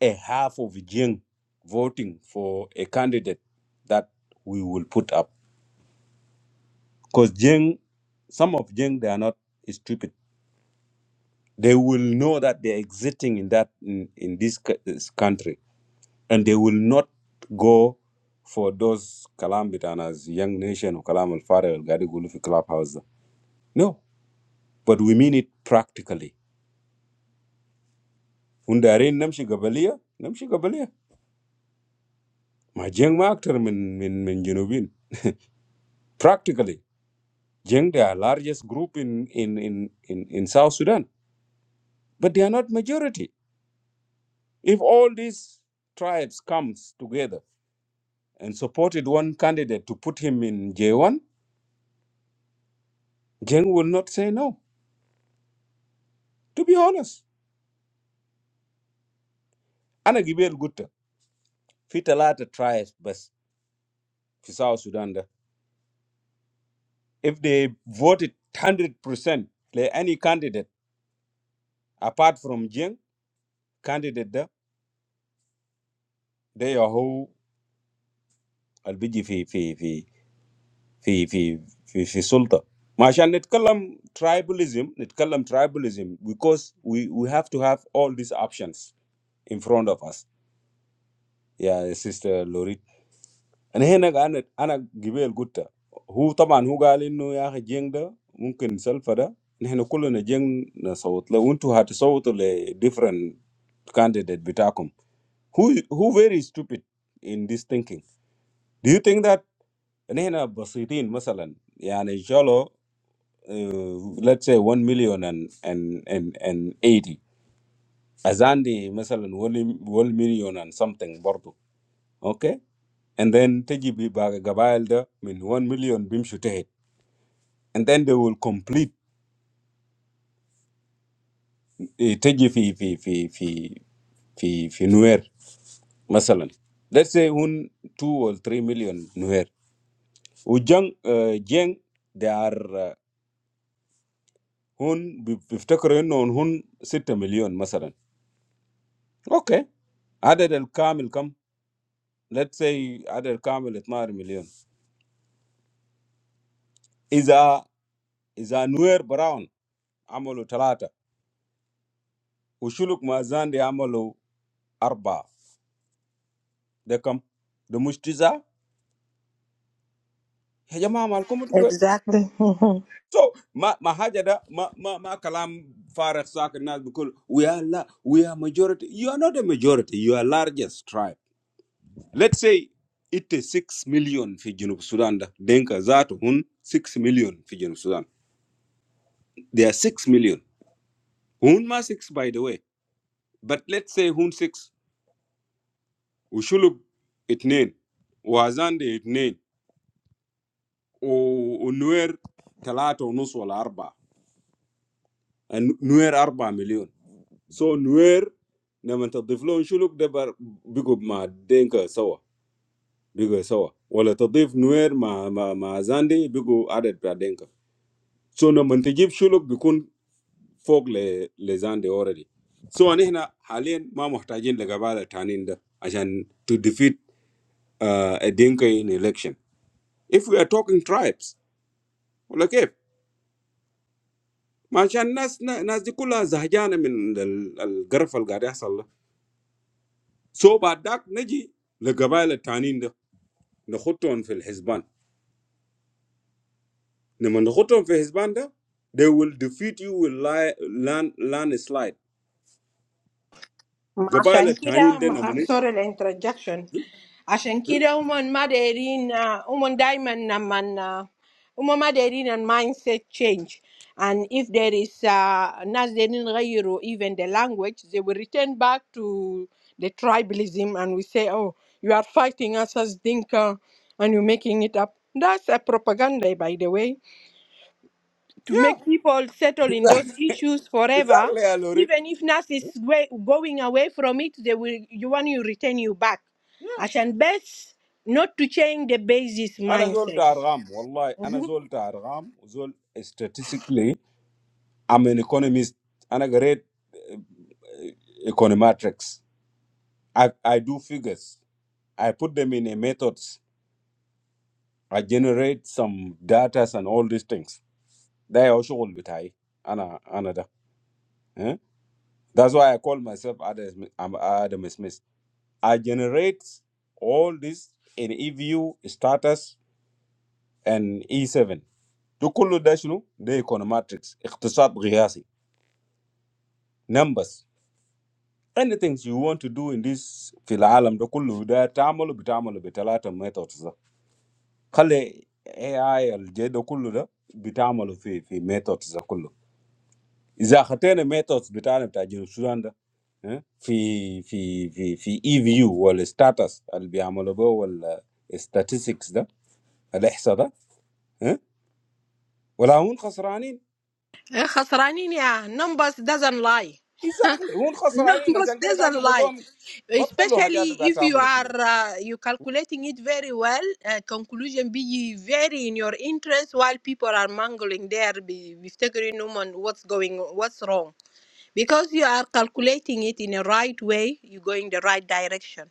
S1: a half of Jing voting for a candidate that we will put up. Because Jing, some of Jing, they are not stupid. They will know that they are existing in that in, in this, c- this country and they will not go for those kalam bitanas young nation or kalam al farag al gadi gulu fi clubhouse da. no but we mean it practically undarin namshi gabaliya namshi gabaliya ma jeng ma aktar min min min junubin practically jeng they are largest group in in in in, in south sudan but they are not majority if all these tribes comes together and supported one candidate to put him in j1 jeng will not say no to be honest ana gibel gutta Fit a lot of tribes but في South Sudan ده. If they voted 100% percent like any candidate apart from Jing candidate ده they are who بيجي في fi fi fi fi fi fi سلطة. ما عشان نتكلم tribalism نتكلم tribalism because we we have to have all these options in front of us. Yeah, sister Lori. ان هنا قاعد أنا جبيل جوته هو طبعا هو قال إنه يا جينده ممكن سلفده نحن كله نجين نصوت لو أنتم هاد نصوت ل differences candidates بتاعكم who who very stupid in this thinking do you think that ن هنا بسيطين مثلا يعني جلو let's say one million and and and and eighty أزandi مثلا one one million and something برضو okay and then تجي ببعض جبيل ده من one million بيمشتهي And then they will complete. Take you fi fi fi fi fi fi Nuwer, for example. Let's say hun two or three million Nuwer. Ojang Jeng, they are uh, hun. If you take around, on hun six million, for example. Okay. Other el kam el kam. Let's say other kam el tmar million. If a if a Nuwer brown, amolo talata. Oshuluk maazande amolo arba. De kam. The mostiza? Hejama amal komu.
S5: Exactly. [laughs]
S1: So ma ma haja da ma ma ma kalam farag saka nas because we are la, we are majority. You are not a majority. You are largest tribe. Let's say it is six million fi Junub Sudan da denka zatu hun six million fi Junub Sudan. They are six million. Hun ma six by the way. But let's say hun six. Ushulub itnin. Wazande itnin. O unwer talata unus wala arba. And nuer arba million. So, newer, na man ta taflo shuluk debar bigo ma dinka sawa bigo sawa. Wala ta taflo newer ma ma ma zande bigo adet pa dinka. So na man tajib shuluk bigo fok le le zande already. So ane hena, haliyin ma muhtajin lagabaila taniindo, asan to defeat uh, a dinka in election. If we are talking tribes, like eep, ma asan nas nas dikula zahjan min the the garfal garya sallah. So baadak neji lagabaila taniindo. نخطهم في الحسبان لما نخطهم في الحسبان ده they will defeat you with li- land landslide قبائل
S5: عشان
S1: التانيين
S5: كده
S1: ده
S5: ما
S1: نموني
S5: سوري الانترجكشن عشان كده هم ما دايرين آه، هم دايما لما آه، هم ما دايرين المايند سيت تشينج and if there is uh, ناس دايرين يغيروا even the language they will return back to the tribalism and we say oh you are fighting us as Dinka and you're making it up that's a propaganda by the way to make
S1: yeah
S5: people settle in those issues forever.
S1: exactly يا لوريد
S5: Even if NAS is wa- going away from it, they will you want you return you back.
S1: yeah
S5: عشان بس not to change the basis
S1: أنا زول
S5: mindset.
S1: بتاع أرقام والله أنا زول بتاع أرقام وزول statistically I'm an economist أنا قريت uh, econometrics I, I do figures I put them in a methods I generate some data and all these things ده هو شغل بتاعي أنا أنا ده That's why I call myself Adam, Smith. I'm Adam Smith. I generate all this in EVU, status, and E7. To kullu dash nu, the econometrics, اقتصاد قياسي, numbers. Anything you want to do in this في العالم ده كله ده تعمله بتعمله بثلاثة methods ده. خلي AI الجي ده كله ده بتعمله في في methods ده كله. اذا خطينا ميثودز بتاعنا بتاع جنوب السودان ده ها، في في في في اي فيو ولا ستاتس اللي بيعملوا به ولا statistics ده الاحصاء ده ها، ولا هم خسرانين
S5: Eh, خسرانين يا numbers doesn't lie.
S1: exactly هم
S5: [laughs]
S1: خسرانين.
S5: Numbers
S1: عشان كده قاعد
S5: doesn't
S1: نقول
S5: lie,
S1: لهم بطلوا
S5: especially
S1: حاجات اللي قاعد
S5: if you
S1: تعملوا فيه
S5: are
S1: ده.
S5: uh, you calculating it very well. Uh, conclusion be very in your interest while people are mangling there, be- بيفتكروا إنهم on what's going what's wrong. because you are calculating it in a right way you're going the right direction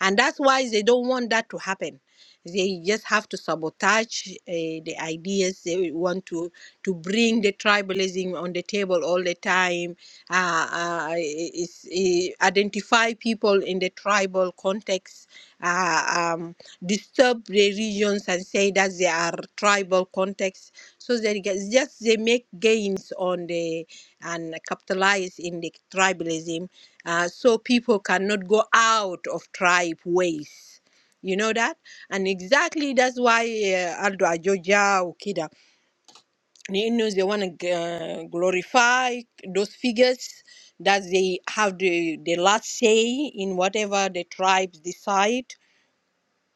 S5: and that's why they don't want that to happen they just have to sabotage uh, the ideas they want to to bring the tribalism on the table all the time. Uh, uh, is, eh, identify people in the tribal context. Uh, um, disturb the regions and say that they are tribal contexts so they it's just they make gains on the and capitalize in the tribalism uh, so people cannot go out of tribe ways you know that? And exactly that's why uh, Aldo Ajoja, Okida, you know, they want to uh, glorify those figures that they have the, the last say in whatever the tribes decide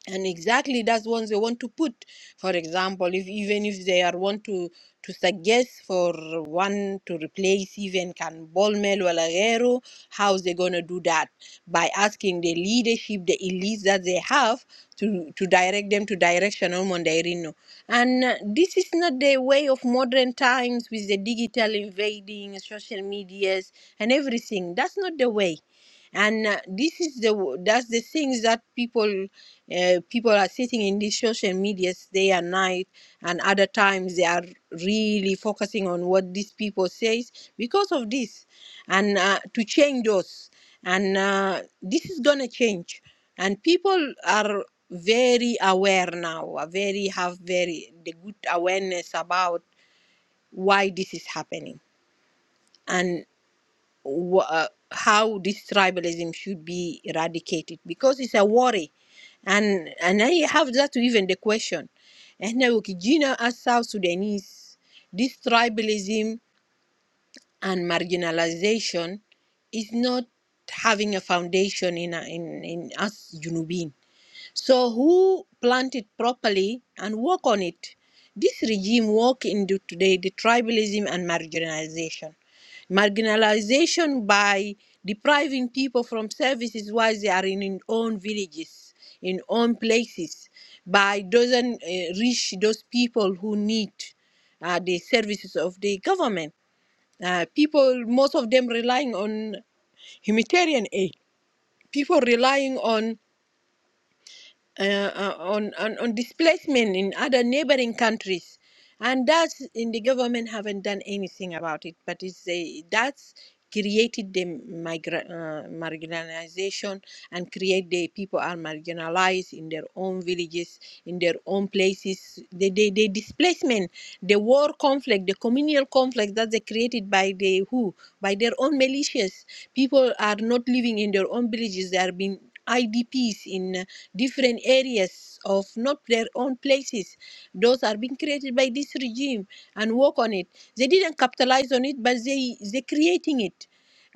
S5: and exactly that's ones they want to put for example if even if they are want to to suggest for one to replace even can bolmel walagero how's they going to do that by asking the leadership the elites that they have to to direct them to directional mondairino and uh, this is not the way of modern times with the digital invading social medias and everything that's not the way and uh, this is the w- that's the things that people uh, people are sitting in these social medias day and night and other times they are really focusing on what these people says because of this and uh, to change those and uh, this is gonna change and people are very aware now are very have very the good awareness about why this is happening wh- uh, how this tribalism should be eradicated because it's a worry and and I have that even the question and now Gina as South Sudanese this tribalism and marginalization is not having a foundation in a- in in us Junubin so who plant it properly and work on it? This regime work into today the tribalism and marginalization. Marginalization by depriving people from services while they are in in own villages, in own places, by doesn't uh, reach those people who need uh, the services of the government. Uh, people, most of them relying on humanitarian aid. People relying on uh, uh, on, on on displacement in other neighboring countries, and that's in the government haven't done anything about it. But it's a, that's created the migra- uh, marginalization and create the people are marginalized in their own villages, in their own places. The, the, the displacement, the war conflict, the communal conflict that they created by the who, by their own militias. People are not living in their own villages. They are being IDPs in different areas of not their own places. Those are being created by this regime and work on it. They didn't capitalize on it, but they they're creating it.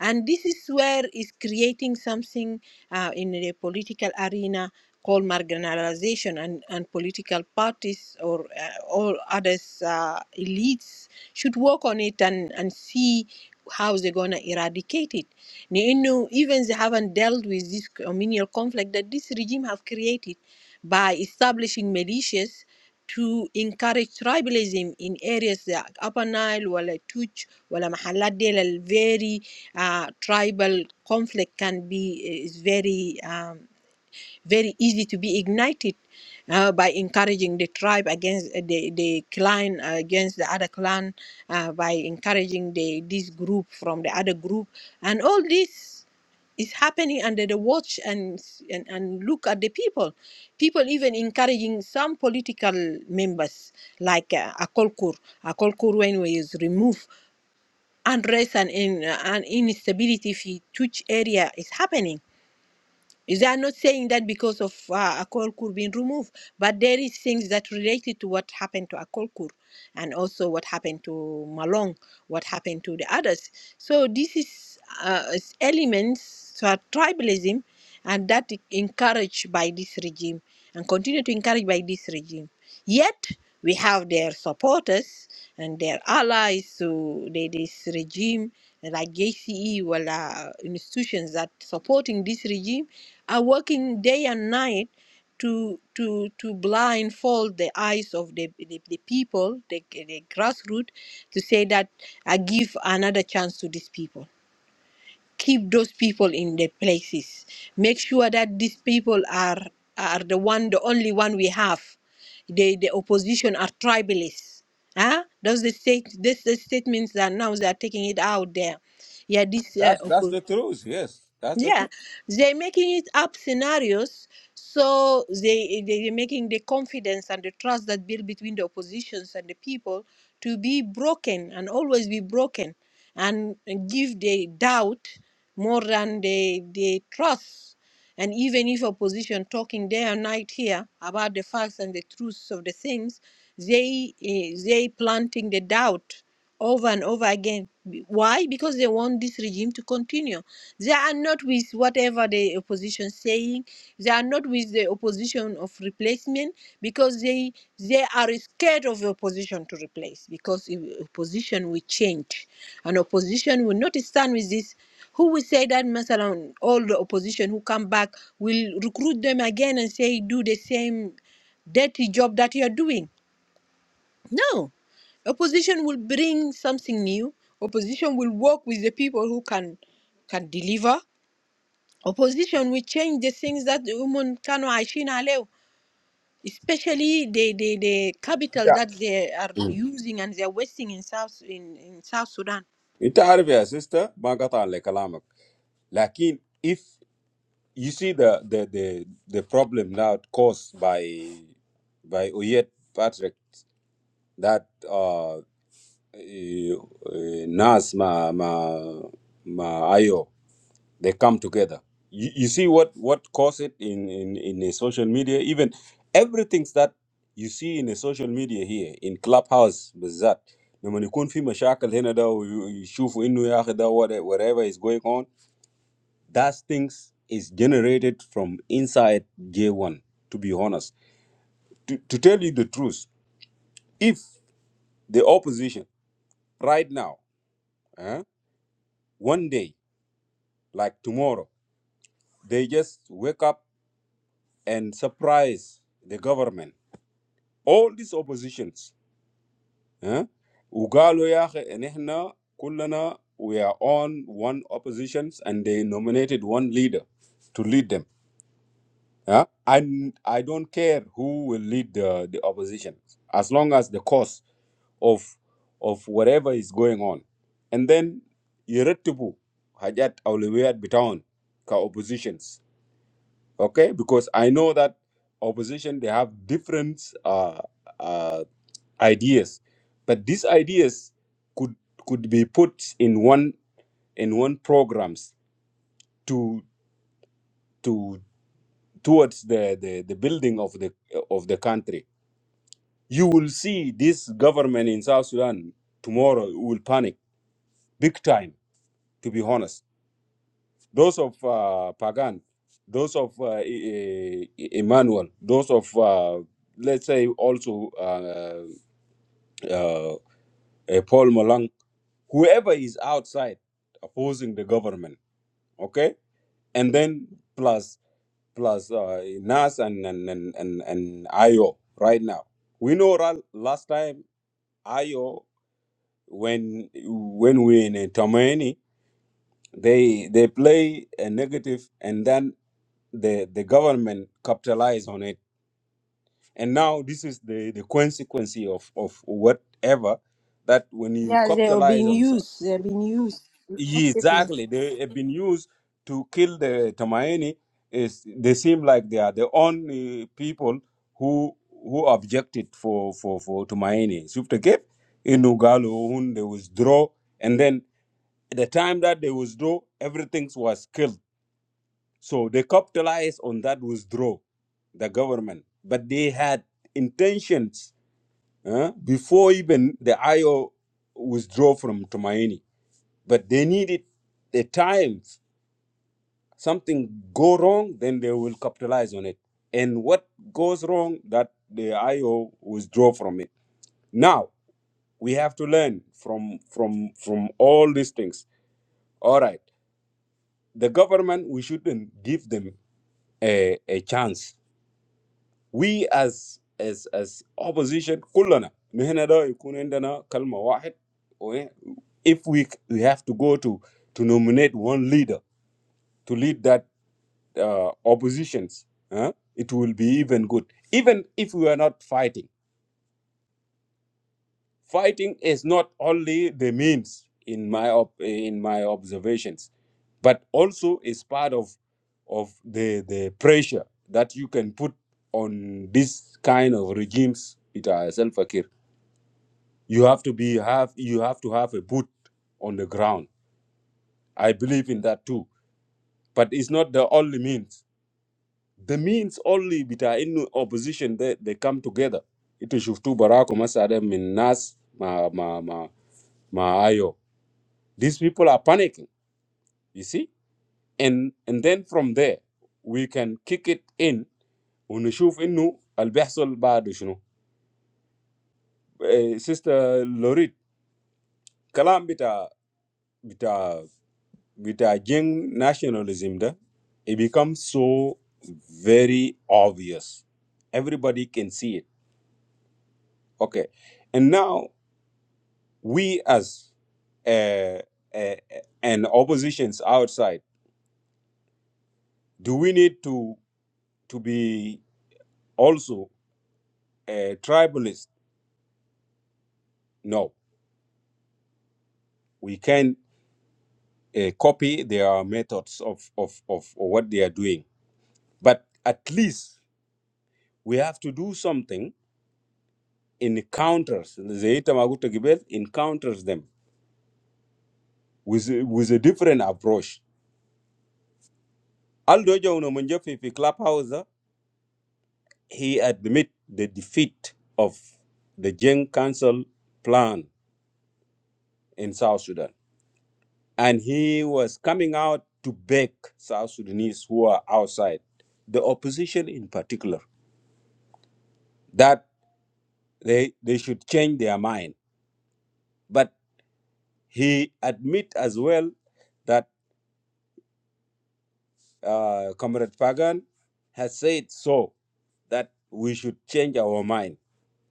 S5: And this is where is creating something uh, in the political arena called marginalization and, and political parties or uh, all others uh, elites should work on it and, and see how is they going to eradicate it لانه even they haven't dealt with this communal conflict that this regime have created by establishing militias to encourage tribalism in areas like Upper Nile, Wala Tuch, Wala Mahalat Del, very uh, tribal conflict can be is very um, very easy to be ignited uh, by encouraging the tribe against uh, the, the clan uh, against the other clan uh, by encouraging the this group from the other group and all this is happening under the watch and, and and look at the people people even encouraging some political members like uh, akolkur akolkur when he was removed unrest and, in, uh, and instability in tuch area is happening is that not saying that because of uh, Akolkur being removed, but there is things that related to what happened to Akolkur, and also what happened to Malong, what happened to the others. So this is uh, is elements to our tribalism, and that encouraged by this regime and continue to encourage by this regime. Yet we have their supporters and their allies to the- this regime, like JCE, well, uh, institutions that supporting this regime are working day and night to to to blindfold the eyes of the the, the people, the, the grassroots, to say that I give another chance to these people keep those people in their places make sure that these people are are the one the only one we have the the opposition are tribalists huh? those the state this the statements that now they are taking it out there yeah this uh,
S1: That's that's
S5: oppo-
S1: the truth. Yes, that's the
S5: yeah,
S1: truth.
S5: they're making it up scenarios. So they they're making the confidence and the trust that built between the oppositions and the people to be broken and always be broken, and give the doubt more than the the trust. And even if opposition talking day and night here about the facts and the truths of the things, they eh, they planting the doubt over and over again. Why? Because they want this regime to continue they are not with whatever the opposition saying. They are not with the opposition of replacement because they they are scared of opposition to replace because if opposition will change, and opposition will not stand with this. Who will say that Masalan, all the opposition who come back will recruit them again and say do the same dirty job that you are doing? No, opposition will bring something new. Opposition will work with the people who can can deliver opposition will change the things that the women kanu عايشين عليه especially the, the, the capital that
S1: Yeah.
S5: they are using and they're wasting in South in, in South Sudan.
S1: Into Arabic sister, I'm gonna tell you my talk. But if you see the the the the problem now caused by by Oyed Patrick. that uh, eh, eh, Nas ma ma ma Ayo they come together. You, you see what what caused it in in in the social media. Even everything that you see in the social media here in clubhouse بالذات لما يكون في مشاكل هنا ده ويشوفوا انه يا اخي ده what- whatever is going on that things is generated from inside J1 to be honest to, to tell you the truth if the opposition right now eh, one day, like tomorrow, they just wake up and surprise the government. All these oppositions. huh? وقالوا يا أخي إن إحنا كلنا we are on one oppositions and they nominated one leader to lead them. eh? And I don't care who will lead the, the opposition as long as the cause of of whatever is going on. And then يرتبوا حاجات أولويات بتاعهم كoppositions okay because i know that opposition they have different uh, uh, ideas but these ideas could could be put in one in one programs to to towards the, the, the building of the of the country you will see this government in south sudan tomorrow will panic big time to be honest those of uh, Pagan, those of uh, E- E- Emmanuel, those of uh, let's say also uh, uh, uh, Paul Malang, whoever is outside opposing the government, okay, and then plus plus uh, Nas and and and and, and Ayo right now. We know ra- last time Ayo when when we in Tomani, they they play a negative and then the the government capitalized on it and now this is the the consequence of of whatever that when you
S5: Yeah, they are
S1: capitalize
S5: being
S1: on so
S5: used. They're being used
S1: Yeah,
S5: effectively.
S1: exactly they have been used to kill the Tamaini is they seem like they are the only people who who objected for for for Tumaini. Sufte Cape in Ugalo when they withdraw and then at the time that they withdraw everything was killed So they capitalized on that withdrawal, the government. But they had intentions uh, before even the IO withdrew from Tumaini. But they needed the time. Something go wrong, then they will capitalize on it. And what goes wrong, that the IO withdraw from it. Now we have to learn from from from all these things. All right, the government we shouldn't give them a, a chance we as as as opposition كلنا نحن ده يكون عندنا كلمة واحد و- if we we have to go to to nominate one leader to lead that uh, oppositions huh, it will be even good even if we are not fighting fighting is not only the means in my op- in my observations but also is part of of the the pressure that you can put on this kind of regimes with ourselves you have to be have you have to have a boot on the ground i believe in that too but it's not the only means the means only with in opposition they, they come together ito shuftu barako masada min nas ma ma ma ma ayo these people are panicking you see and and then from there we can kick it in ونشوف انه اللي بيحصل بعد شنو Eh, sister lorit kalam bita bita with a Jing nationalism, da, it becomes so very obvious. Everybody can see it. Okay. And now we as uh, uh, and oppositions outside, do we need to to be also uh, tribalist? No, we can uh, copy their methods of, of, of what they are doing. But at least we have to do something encounters zeita maguto gibel encounters them with with a different approach aldo jono munjo fi fi clubhouse da, he admit the defeat of the gen council plan in south sudan and he was coming out to beg south sudanese who are outside the opposition in particular that they they should change their mind but he admit as well that uh, comrade pagan has said so that we should change our mind.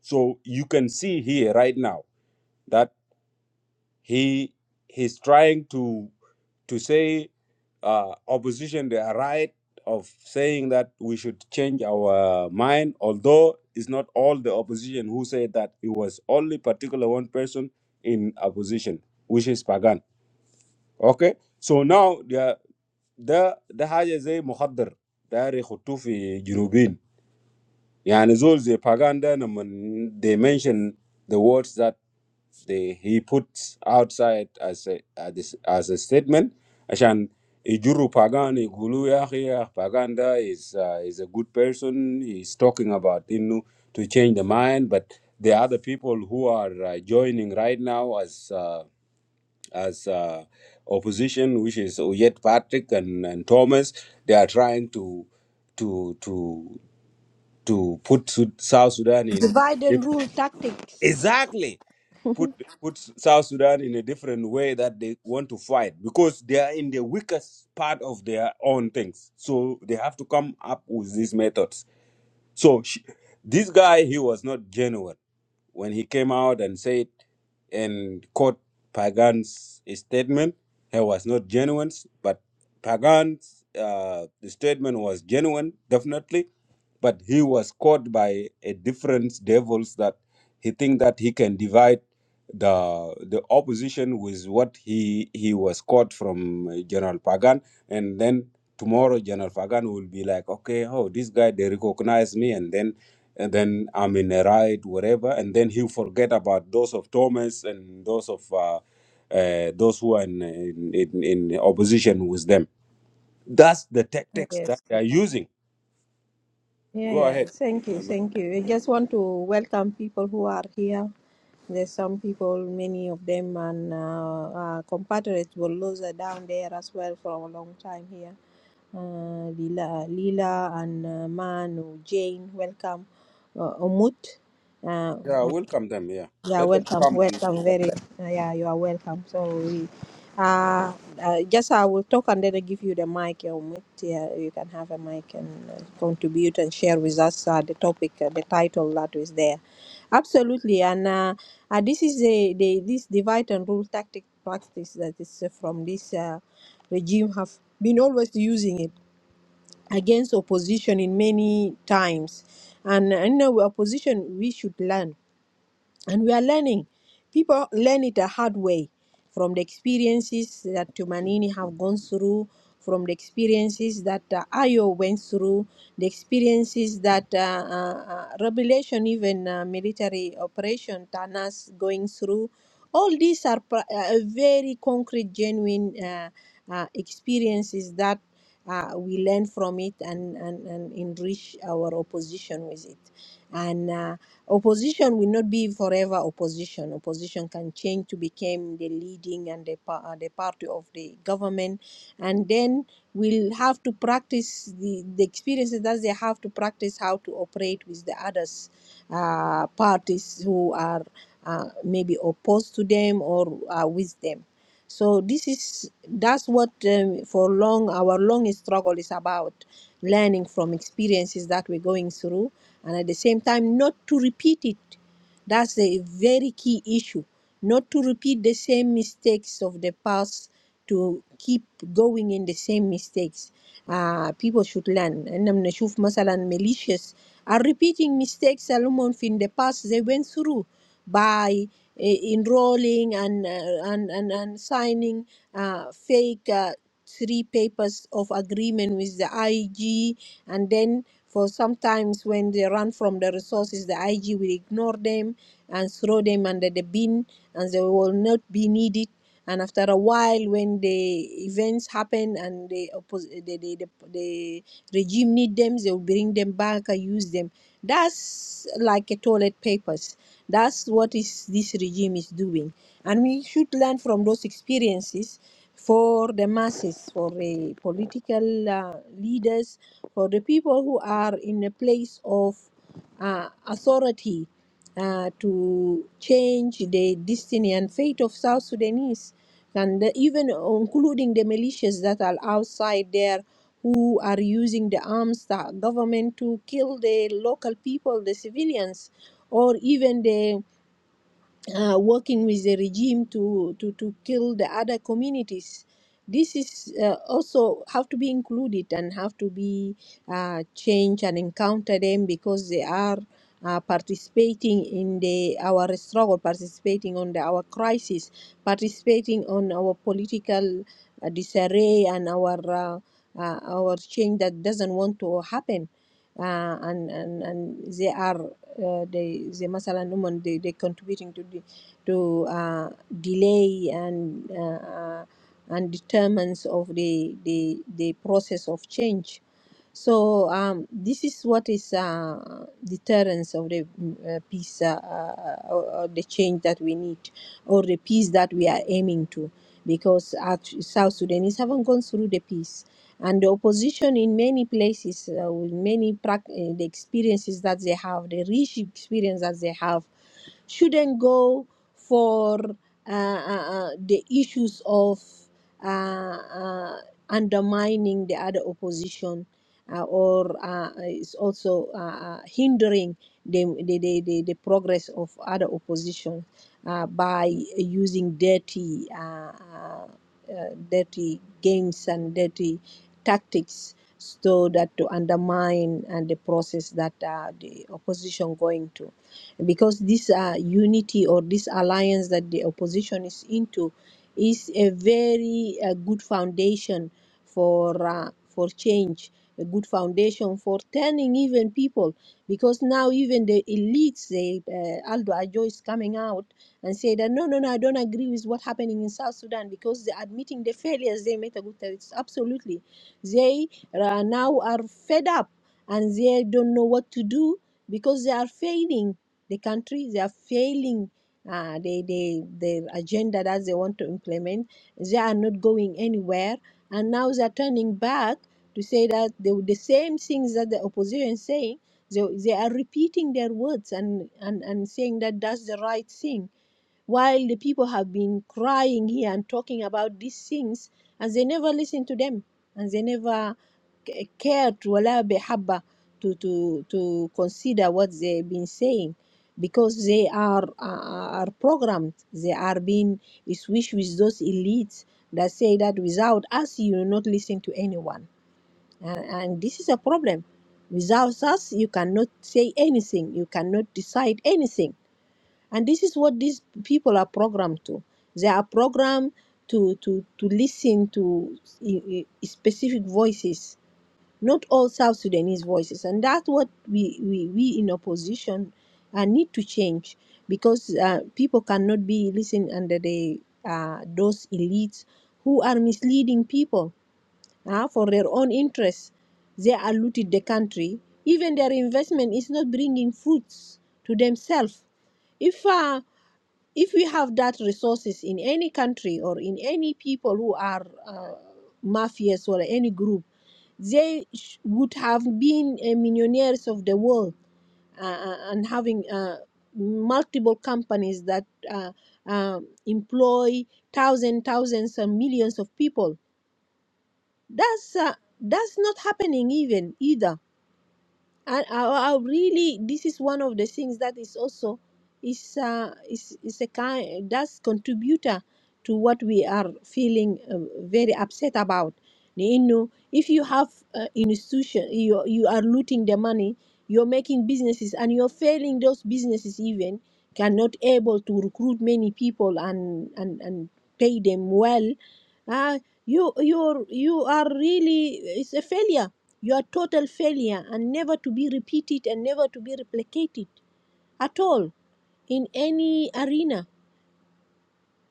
S1: So you can see here right now that he he's trying to to say uh, opposition they are right of saying that we should change our mind. Although it's not all the opposition who said that it was only particular one person in opposition, which is Pagan. Okay, so now the the the حاجة زي مخدر داير يحطوه في جنوبين Yani Zol the Paganda, and when they mention the words that they he put outside as a as a, as a statement. Ashan Ijuru Pagani Gulu Yahya Paganda is uh, is a good person. He's talking about Innu to change the mind, but the other people who are uh, joining right now as uh, as uh, opposition, which is Oyet Patrick and, and Thomas, they are trying to to to to put Sud- South Sudan in a
S5: Divide and
S1: diff-
S5: rule tactics.
S1: exactly put put South Sudan in a different way that they want to fight because they are in the weakest part of their own things. So they have to come up with these methods. So she, this guy, he was not genuine when he came out and said and quote Pagan's statement. He was not genuine, but Pagan's uh, statement was genuine, definitely. But he was caught by a different devils that he think that he can divide the the opposition with what he he was caught from uh, General Pagan, and then tomorrow General Fagan will be like, okay, oh, this guy they recognize me, and then and then I'm in a ride, whatever, and then he'll forget about those of Thomas and those of uh, uh, those who are in, in in in opposition with them. That's the tactics that
S5: Yes,
S1: they are
S5: yeah.
S1: using.
S5: yeah,
S1: Go
S5: yeah.
S1: ahead.
S5: Thank you,
S1: Um,
S5: thank you. I just want to welcome people who are here. There's some people, many of them, and uh, uh, compatriots Bulldozer down there as well for a long time here. uh, Lila, Lila and uh, Manu, Jane, welcome. Uh, Umut, uh,
S1: Yeah, welcome them. Yeah,
S5: yeah,
S1: let them
S5: welcome,
S1: come.
S5: welcome, very, uh, yeah, you are welcome. So we, uh, uh, just I will talk and then I give you the mic, yeah, Umut. Yeah, you can have a mic and uh, contribute and share with us uh, the topic, uh, the title that is there. Absolutely, and uh, uh, this is the, the this divide and rule tactic practice that is uh, from this uh, regime have been always using it against opposition in many times and you know opposition we should learn and we are learning people learn it a hard way from the experiences that tumanini have gone through from the experiences that uh, ayo went through the experiences that uh, uh, uh, revelation even uh, military operation tanas going through all these are pr- uh, very concrete genuine uh, uh, experiences that uh, we learn from it and, and, and enrich our opposition with it and uh, Opposition will not be forever opposition. Opposition can change to become the leading and the, pa- uh, the party of the government, and then we'll have to practice the, the experiences that they have to practice how to operate with the others uh, parties who are uh, maybe opposed to them or uh, with them. So this is that's what um, for long our long struggle is about learning from experiences that we're going through and at the same time not to repeat it that's a very key issue not to repeat the same mistakes of the past to keep going in the same mistakes uh, people should learn and I'm نشوف مثلا militias are repeating mistakes alumon in the past they went through by uh, enrolling and, uh, and, and, and signing uh, fake uh, three papers of agreement with the IG, and then for sometimes when they run from the resources, the IG will ignore them and throw them under the bin, and they will not be needed. And after a while, when the events happen and the oppos- the, the, the, the regime need them, they will bring them back and use them. That's like a toilet papers. That's what is this regime is doing, and we should learn from those experiences for the masses, for the political uh, leaders for the people who are in a place of uh, authority uh, to change the destiny and fate of South Sudanese, and the- even including the militias that are outside there who are using the arms that government to kill the local people, the civilians, or even the uh, working with the regime to, to, to kill the other communities. This is uh, also have to be included and have to be uh, changed and encounter them because they are uh, participating in the our struggle, participating on the, our crisis, participating on our political uh, disarray and our uh, uh, our change that doesn't want to happen. Uh, and, and, and they are uh, they, they, مثلا, هم- they, they contributing to the to uh, delay and uh, uh, and determines of the, the the process of change. So um, this is what is uh, deterrence of the mm, uh, peace, uh, uh, or, or the change that we need, or the peace that we are aiming to, because act- South Sudanese haven't gone through the peace, and the opposition in many places, uh, with many prac- uh, the experiences that they have, the rich experience that they have, shouldn't go for uh, uh, uh, the issues of uh, uh, undermining the other opposition uh, or uh, is also uh, uh, hindering the, the, the, the, the progress of other opposition uh, by using dirty, uh, uh, uh, dirty games and dirty tactics so that to undermine and the process that uh, the opposition going to because this uh, unity or this alliance that the opposition is into is a very uh, good foundation for uh, for change a good foundation for turning even people because now even the elites they uh, Aldo Ajo is coming out and say that no no no I don't agree with what's happening in South Sudan because they're admitting the failures they made a it's absolutely they uh, now are fed up and they don't know what to do because they are failing the country they are failing uh, they, they, their agenda that they want to implement they are not going anywhere and now they're turning back to say that the, the same things that the opposition is saying they, they are repeating their words and, and, and saying that that's the right thing while the people have been crying here and talking about these things and they never listen to them and they never c- cared ولا بحبة to, to, to consider what they've been saying because they are, are are programmed they are being switched with those elites that say that without us you will not listen to anyone and, and this is a problem without us you cannot say anything you cannot decide anything and this is what these people are programmed to they are programmed to to to listen to i- i- specific voices not all south sudanese voices and that's what we we, we in opposition uh, need to change because uh, people cannot be listening under the uh, those elites who are misleading people uh, for their own interests they are looting the country even their investment is not bringing fruits to themselves if uh, if we have that resources in any country or in any people who are uh, mafias or any group they sh- would have been uh, millionaires of the world uh, uh, and having uh, multiple companies that uh, um employ thousands thousands and millions of people that's uh, that's not happening even either and I, I I really this is one of the things that is also is uh, is is a kind that's contributor to what we are feeling um, very upset about. You know, if you have uh, an institution, you you are looting the money, you're making businesses, and you're failing those businesses even cannot able to recruit many people and and and pay them well. Uh, you you're you are really it's a failure you are total failure and never to be repeated and never to be replicated at all in any arena.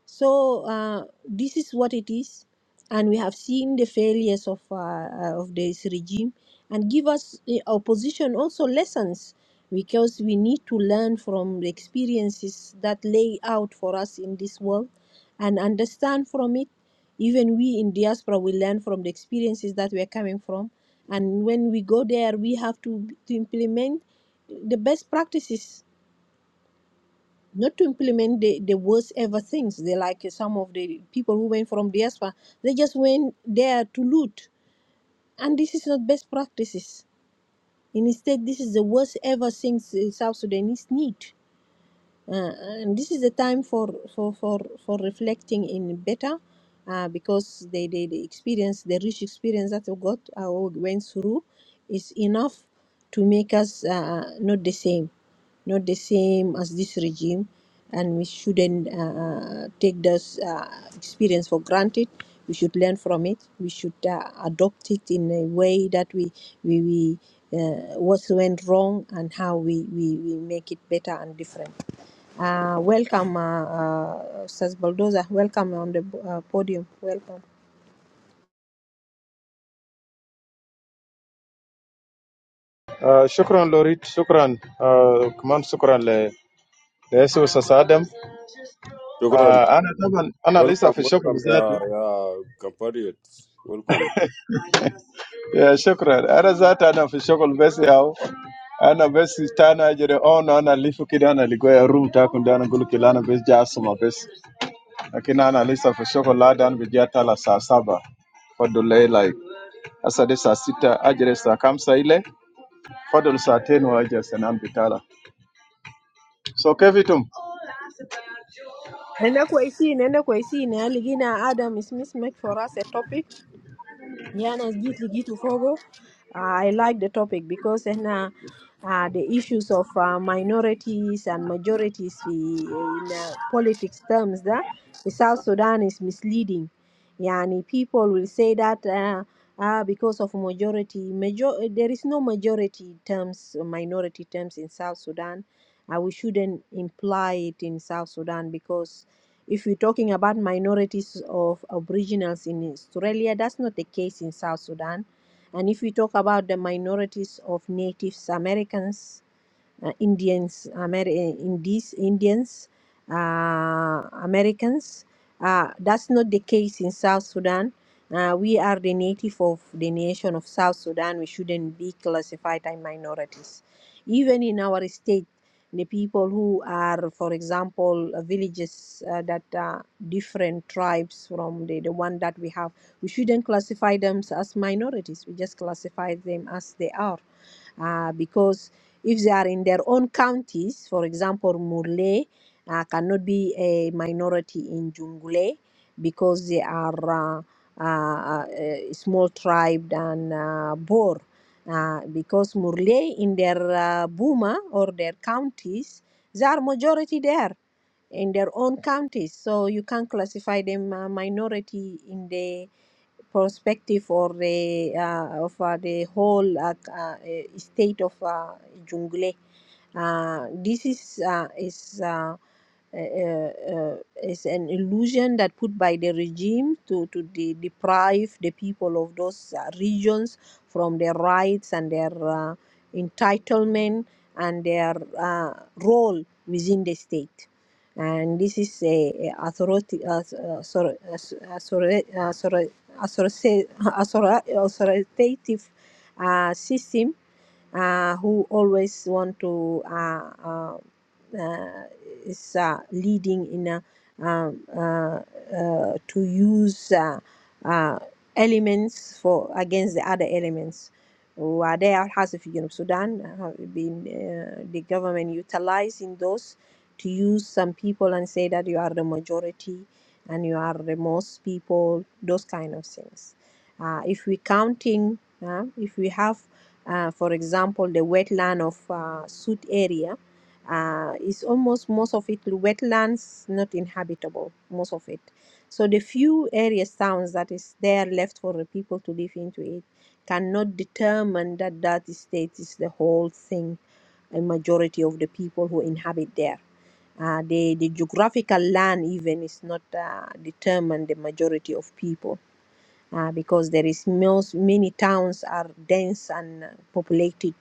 S5: So uh, this is what it is, and we have seen the failures of uh, uh, of this regime, and give us the opposition also lessons because we need to learn from the experiences that lay out for us in this world, and understand from it. Even we in diaspora we learn from the experiences that we are coming from, and when we go there, we have to to implement the best practices not to implement the, the worst ever things. They like some of the people who went from diaspora, they just went there to loot. And this is not best practices. And Instead, this is the worst ever things the South Sudanese need uh, and this is a time for for for for reflecting in better uh, because the, the the experience the rich experience that we got uh, we went through is enough to make us uh, not the same not the same as this regime and we shouldn't uh, take this uh, experience for granted we should learn from it we should uh, adopt it in a way that we we, we uh, what went wrong and how we, we, we make it better and different uh, welcome, uh, uh, Sas Baldoza. Welcome on the uh, podium. Welcome.
S6: آه شكرا لوريد شكرا آه كمان شكرا ل ليسوع استاذ ادم
S1: Shukran.
S6: آه انا طبعا انا لسه
S1: Welcome,
S6: في الشغل
S1: welcome, yeah,
S6: ذاته
S1: yeah, compatriots. Welcome.
S6: يا شكرا انا ذاته انا في الشغل بس او انا بس تانا اجري اون انا ليفو كده انا لقوا روم تاكل ده انا اقول لك لا، انا بس جا اسمع بس لكن انا لسه في الشغل لا ده انا بجي تالا الساعه 7 فضل لي لايك هسه دي الساعه 6 اجري الساعه 5 ile فضل ساعتين واجي سنان بتالا سو كيفكم
S5: Nenda kwa isi, nenda kwa isi, na aligina Adam is mismatch for us a topic. Yeah, no, Gitli Gitu Fogo. I like the topic because eh, na uh, the issues of uh, minorities and majorities fi- eh, in uh, politics terms da in South Sudan is misleading. Yani people will say that uh, uh, because of majority, major eh, there is no majority terms, minority terms in South Sudan. Uh, we shouldn't imply it in South Sudan because if we're talking about minorities of aboriginals in Australia, that's not the case in South Sudan. And if we talk about the minorities of Native Americans uh, Indians, Amer- Indies, Indians, uh, Americans. Uh, that's not the case in South Sudan. Uh, we are the native of the nation of South Sudan. We shouldn't be classified as minorities. Even in our state, the people who are, for example, uh, villages uh, that are different tribes from the, the one that we have, we shouldn't classify them as minorities. We just classify them as they are uh, because if they are in their own counties, for example, Murle uh, cannot be a minority in Jungle because they are uh, uh, uh, a small tribe than uh, Bor. Uh, because Murle in their uh, Buma or their counties, they are majority there in their own counties. So you can classify them uh, minority in the perspective or the uh, of uh, the whole uh, uh, state of uh, Jungle. Uh, this is uh, is. Uh, uh, uh, is an illusion that put by the regime to, to de- deprive the people of those uh, regions from their rights and their uh, entitlement and their uh, role within the state. And this is a, a authority, uh, uh, sorry, uh, sorry, uh, sorry, authorita- author- authoritative uh, system uh, who always want to uh, uh, uh, is uh, leading in a, um, uh, uh, to use uh, uh, elements for against the other elements. وده الحاصل في جنوب السودان have been uh, the government utilizing those to use some people and say that you are the majority and you are remorse people, those kind of things. Uh, if we counting, uh, if we have, uh, for example, the wetland of uh, Sud area, uh, is almost most of it wetlands, not inhabitable, most of it. So the few areas, towns that is there left for the people to live into it cannot determine that that state is the whole thing, a majority of the people who inhabit there uh, the, the geographical land even is not uh, determined the majority of people uh, because there is most many towns are dense and uh, populated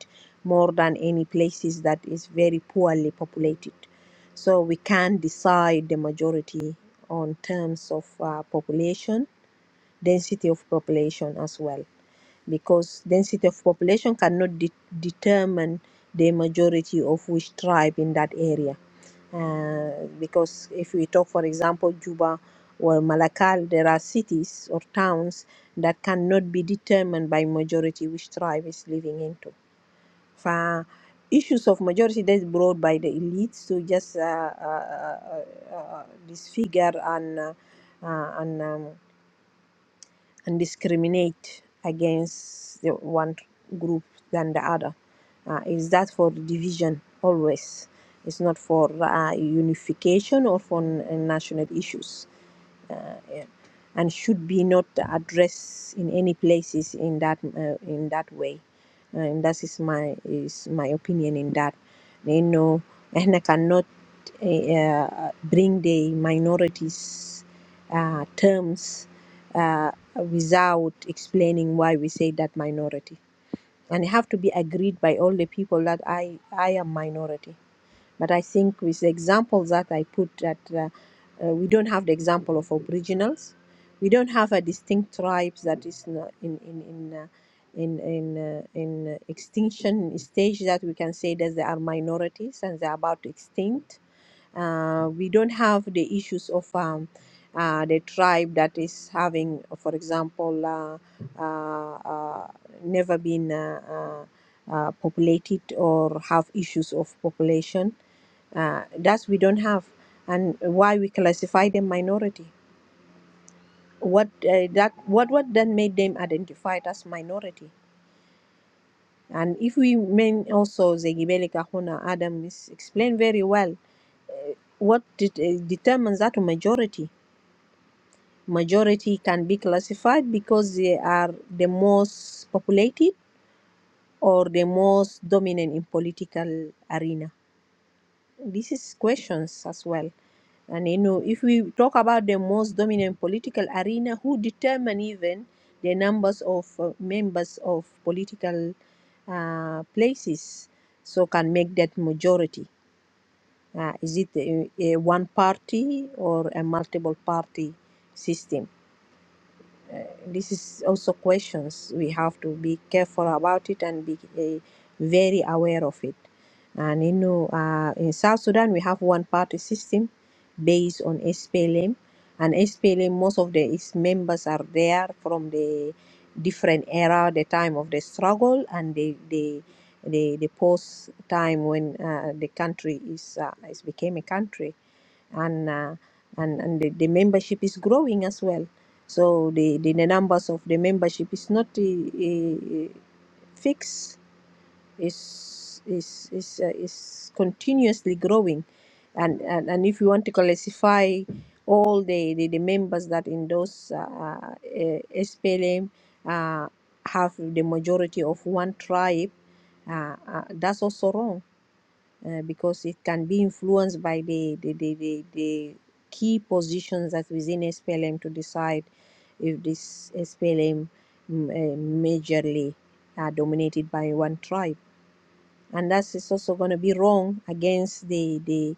S5: more than any places that is very poorly populated so we can decide the majority on terms of uh, population density of population as well because density of population cannot de- determine the majority of which tribe in that area uh, because if we talk, for example, Juba or Malakal, there are cities or towns that cannot be determined by majority which tribe is living into. For issues of majority that's brought by the elites to just uh, uh, uh, uh, uh, disfigure and uh, uh, and um, and discriminate against the one group than the other. Uh, is that for division always? It's not for uh, unification or for n- uh, national issues, uh, yeah. and should be not addressed in any places in that uh, in that way. Uh, And that is my is my opinion in that. You know, احنا كان uh, bring the minorities uh, terms uh, without explaining why we say that minority and it have to be agreed by all the people that i i am minority but i think with the examples that i put that uh, uh, we don't have the example of aboriginals we don't have a distinct tribes that is not in in in uh, in in, uh, in uh, extinction stage that we can say that they are minorities and they're about to extinct uh, we don't have the issues of um, uh, the tribe that is having, for example, uh, uh, uh, never been uh, uh, uh, populated or have issues of population. Uh, that we don't have, and why we classify them minority. What uh, that what what then made them identified as minority? And if we mean also the Gibeli Kahuna Adam is explained very well, uh, what det- uh, determines that majority majority can be classified because they are the most populated or the most dominant in political arena this is questions as well and you know if we talk about the most dominant political arena who determine even the numbers of uh, members of political uh, places so can make that majority uh, is it a, a one party or a multiple party system Uh, this is also questions we have to be careful about it and be uh, very aware of it and you know uh, in south sudan we have one party system based on splm and splm most of the its members are there from the different era the time of the struggle and the the the, the post time when uh, the country is uh, is became a country and uh, and and the, the membership is growing as well. So the the, the numbers of the membership is not uh, uh, fixed; is is is uh, is continuously growing, and, and and if you want to classify all the the, the members that endorse uh, uh, SPLM uh, have the majority of one tribe, uh, uh, that's also wrong uh, because it can be influenced by the the, the, the, the key positions that within SPLM to decide if this SPLM mm, uh, majorly are dominated by one tribe. And that is also going to be wrong against the, the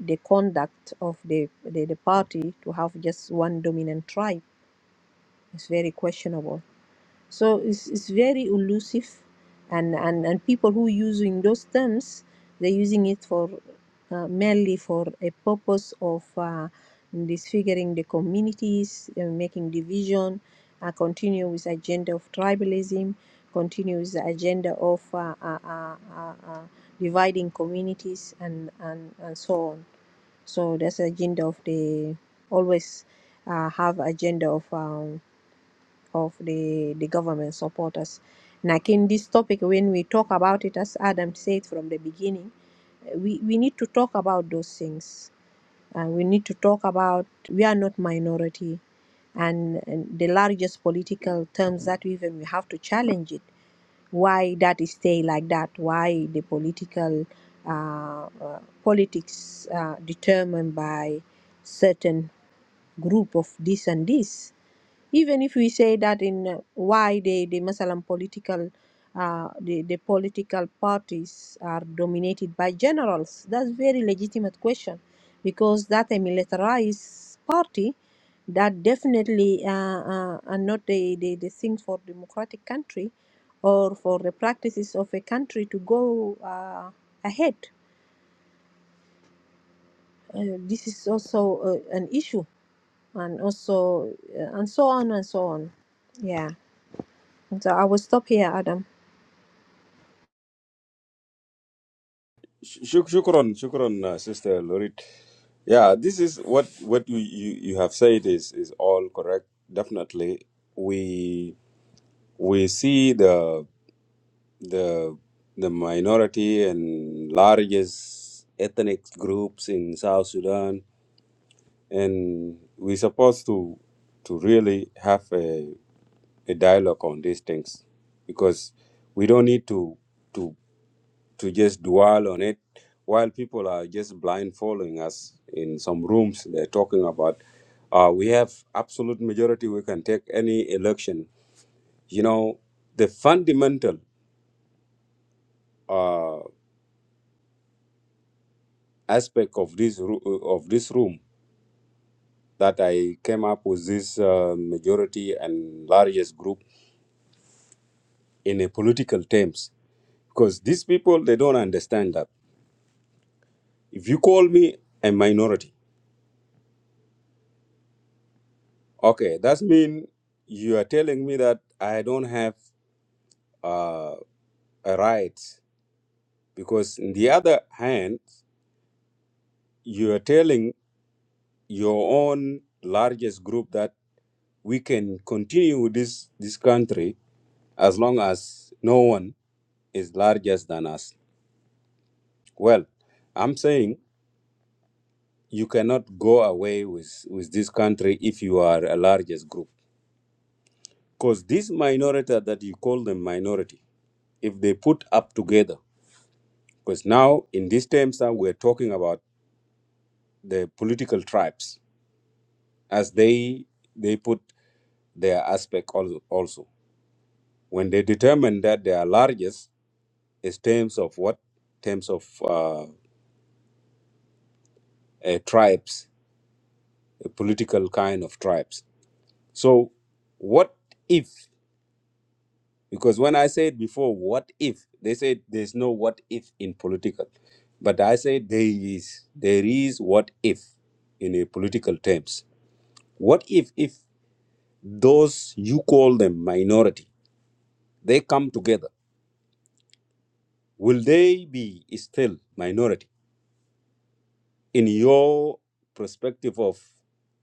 S5: the conduct of the, the the party to have just one dominant tribe. It's very questionable. So it's, it's very elusive, and, and, and people who using those terms, they're using it for uh, mainly for a purpose of uh, disfiguring the communities, uh, making division, uh, continue with agenda of tribalism, continue with the agenda of uh, uh, uh, uh, uh, dividing communities, and, and, and so on. So that's the agenda of the always uh, have agenda of. um, of the the government supporters. Like in this topic, when we talk about it, as Adam said from the beginning, we, we need to talk about those things. Uh, we need to talk about we are not minority, and, and the largest political terms that we even we have to challenge it. Why that is stay like that? Why the political uh, uh, politics uh, determined by certain group of this and this? even if we say that in uh, why the the Muslim political uh, the, the political parties are dominated by generals that's very legitimate question because that a militarized party that definitely uh, uh, are not the, the, the thing for democratic country or for the practices of a country to go uh, ahead uh, this is also uh, an issue and also uh, and so on and so on yeah So I will stop here, Adam.
S1: Shuk- Shukran, shukran, uh, Sister Lorit. Yeah, this is what what you, you, you have said is is all correct. Definitely, we we see the the the minority and largest ethnic groups in South Sudan, and we're supposed to to really have a, a dialogue on these things because we don't need to to to just dwell on it while people are just blind following us in some rooms they're talking about uh, we have absolute majority we can take any election you know the fundamental uh, aspect of this ru- of this room that i came up with this uh, majority and largest group in a political terms because these people they don't understand that if you call me a minority okay that's mean you are telling me that i don't have uh, a right because in the other hand you are telling your own largest group that we can continue with this this country as long as no one is larger than us well i'm saying you cannot go away with with this country if you are a largest group because this minority that you call them minority if they put up together because now in these terms that we're talking about the political tribes as they they put their aspect also, also when they determine that they are largest is terms of what terms of uh, uh, tribes a political kind of tribes so what if because when i said before what if they said there's no what if in political but i say there is there is what if in a political terms what if if those you call them minority they come together will they be still minority in your perspective of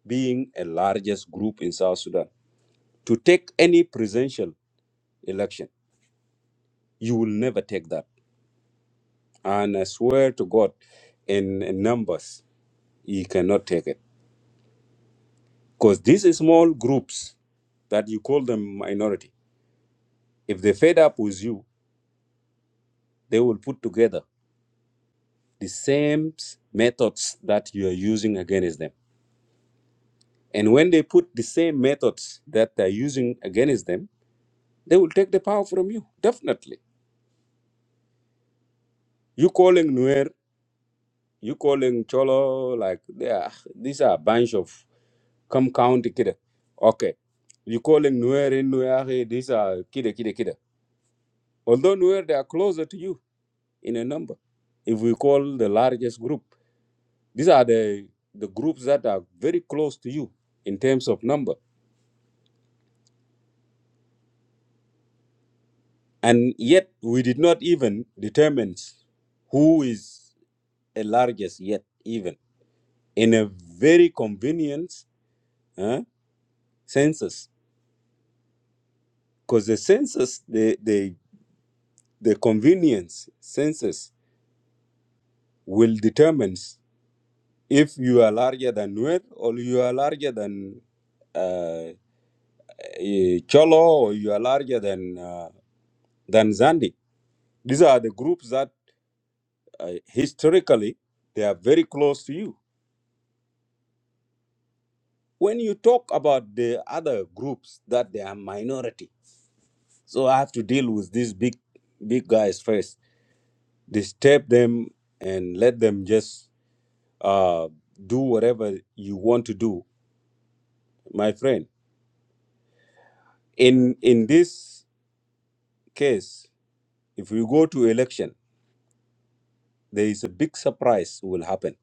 S1: being a largest group in South Sudan? To take any presidential election, you will never take that. And I swear to God, in, in numbers, you cannot take it. Because these small groups that you call them minority, if they fed up with you, they will put together the same methods that you are using against them And when they put the same methods that they're using against them, they will take the power from you. Definitely. You calling Nuer, you calling Cholo, like they are, these are a bunch of come county kid. Okay. You calling Nuer in Nuer, these are kid, kid, kid. Although Nuer, they are closer to you in a number. If we call the largest group, these are the, the groups that are very close to you in terms of number. And yet we did not even determine who is a largest yet even in a very convenient uh, census because the census the, the the convenience census will determine if you are larger than Nuer or you are larger than uh, eh, Cholo or you are larger than uh, than Zandi. These are the groups that uh, historically they are very close to you. When you talk about the other groups that they are minority, So I have to deal with these big, big guys first. Disturb them and let them just uh, do whatever you want to do, my friend. In in this case, if we go to election, there is a big surprise will happen.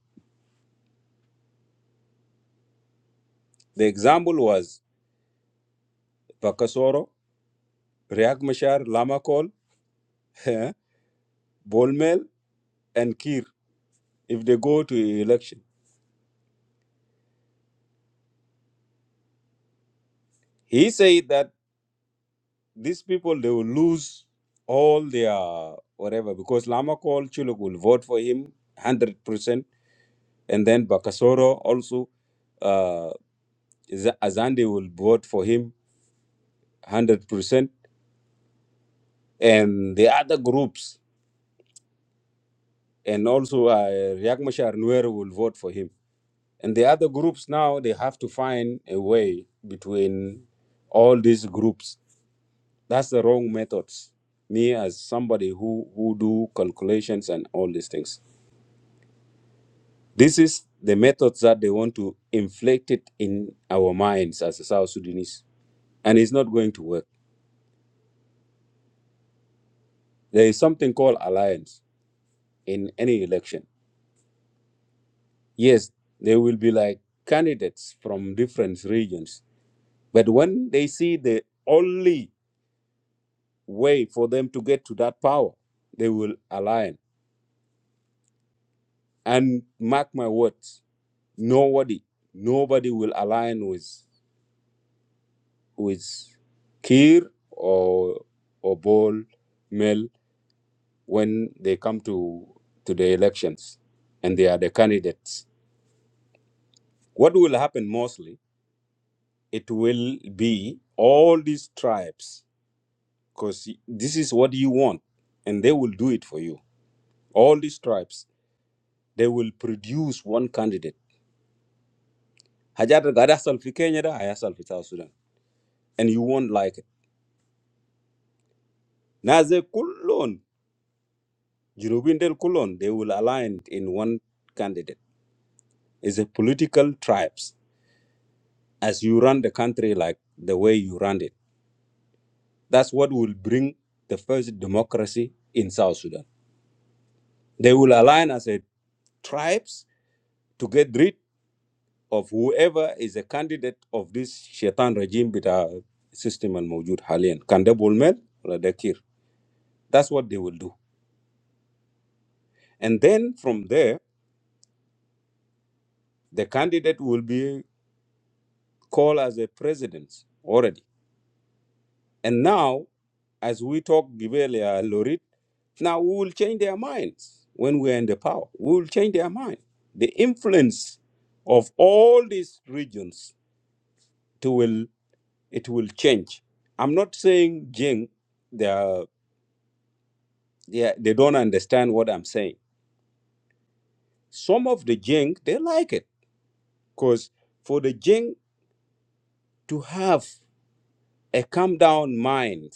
S1: The example was Bakasoro, Riak Machar, Lamakol, [laughs] Bolmel, and Kir. If they go to election, he said that. these people they will lose all their whatever because Lama Call Chuluk will vote for him one hundred percent, and then Bakasoro also uh, Z- Azande will vote for him one hundred percent, and the other groups and also uh, Riek Machar Nuer will vote for him, and the other groups now they have to find a way between all these groups. That's the wrong methods. Me as somebody who who do calculations and all these things. This is the methods that they want to inflict it in our minds as a South Sudanese. And it's not going to work. There is something called alliance in any election. Yes, there will be like candidates from different regions. But when they see the only way for them to get to that power, they will align. And mark my words, nobody, nobody will align with with Kir or or Bol Mel when they come to to the elections and they are the candidates what will happen mostly it will be all these tribes because this is what you want and they will do it for you all these tribes they will produce one candidate حاجات اللي قاعد يحصل في كينيا ده هيحصل في South Sudan. and you won't like it ناس دي كلهم جنوبين ديل they will align in one candidate It's a political tribes as you run the country like the way you run it That's what will bring the first democracy in South Sudan. They will align as a tribes to get rid of whoever is a candidate of this shaitan regime with our system and Mawjud Halian. Kande Bulmel or Dakir. That's what they will do. And then from there, the candidate will be called as a president already. And now, as we talk, Gibelia, Lorit, now we will change their minds when we are in the power. We will change their mind. The influence of all these regions to will it will change. I'm not saying Jing, they are, they, are- they don't understand what I'm saying. Some of the Jing they like it because for the Jing to have a calm down mind,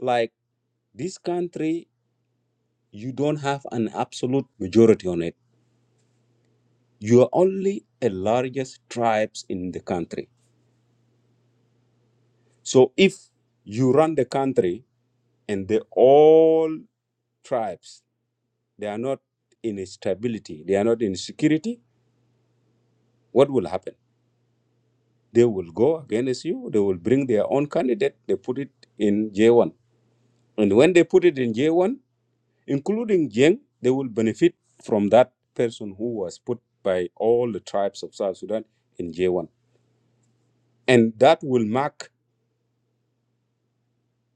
S1: like this country, you don't have an absolute majority on it you are only the largest tribes in the country. So if you run the country and the all tribes they are not in stability, they are not in security, what will happen? They will go against you, they will bring their own candidate, they put it in J1. And when they put it in J1, including Jeng, they will benefit from that person who was put by all the tribes of South Sudan in J1. And that will mark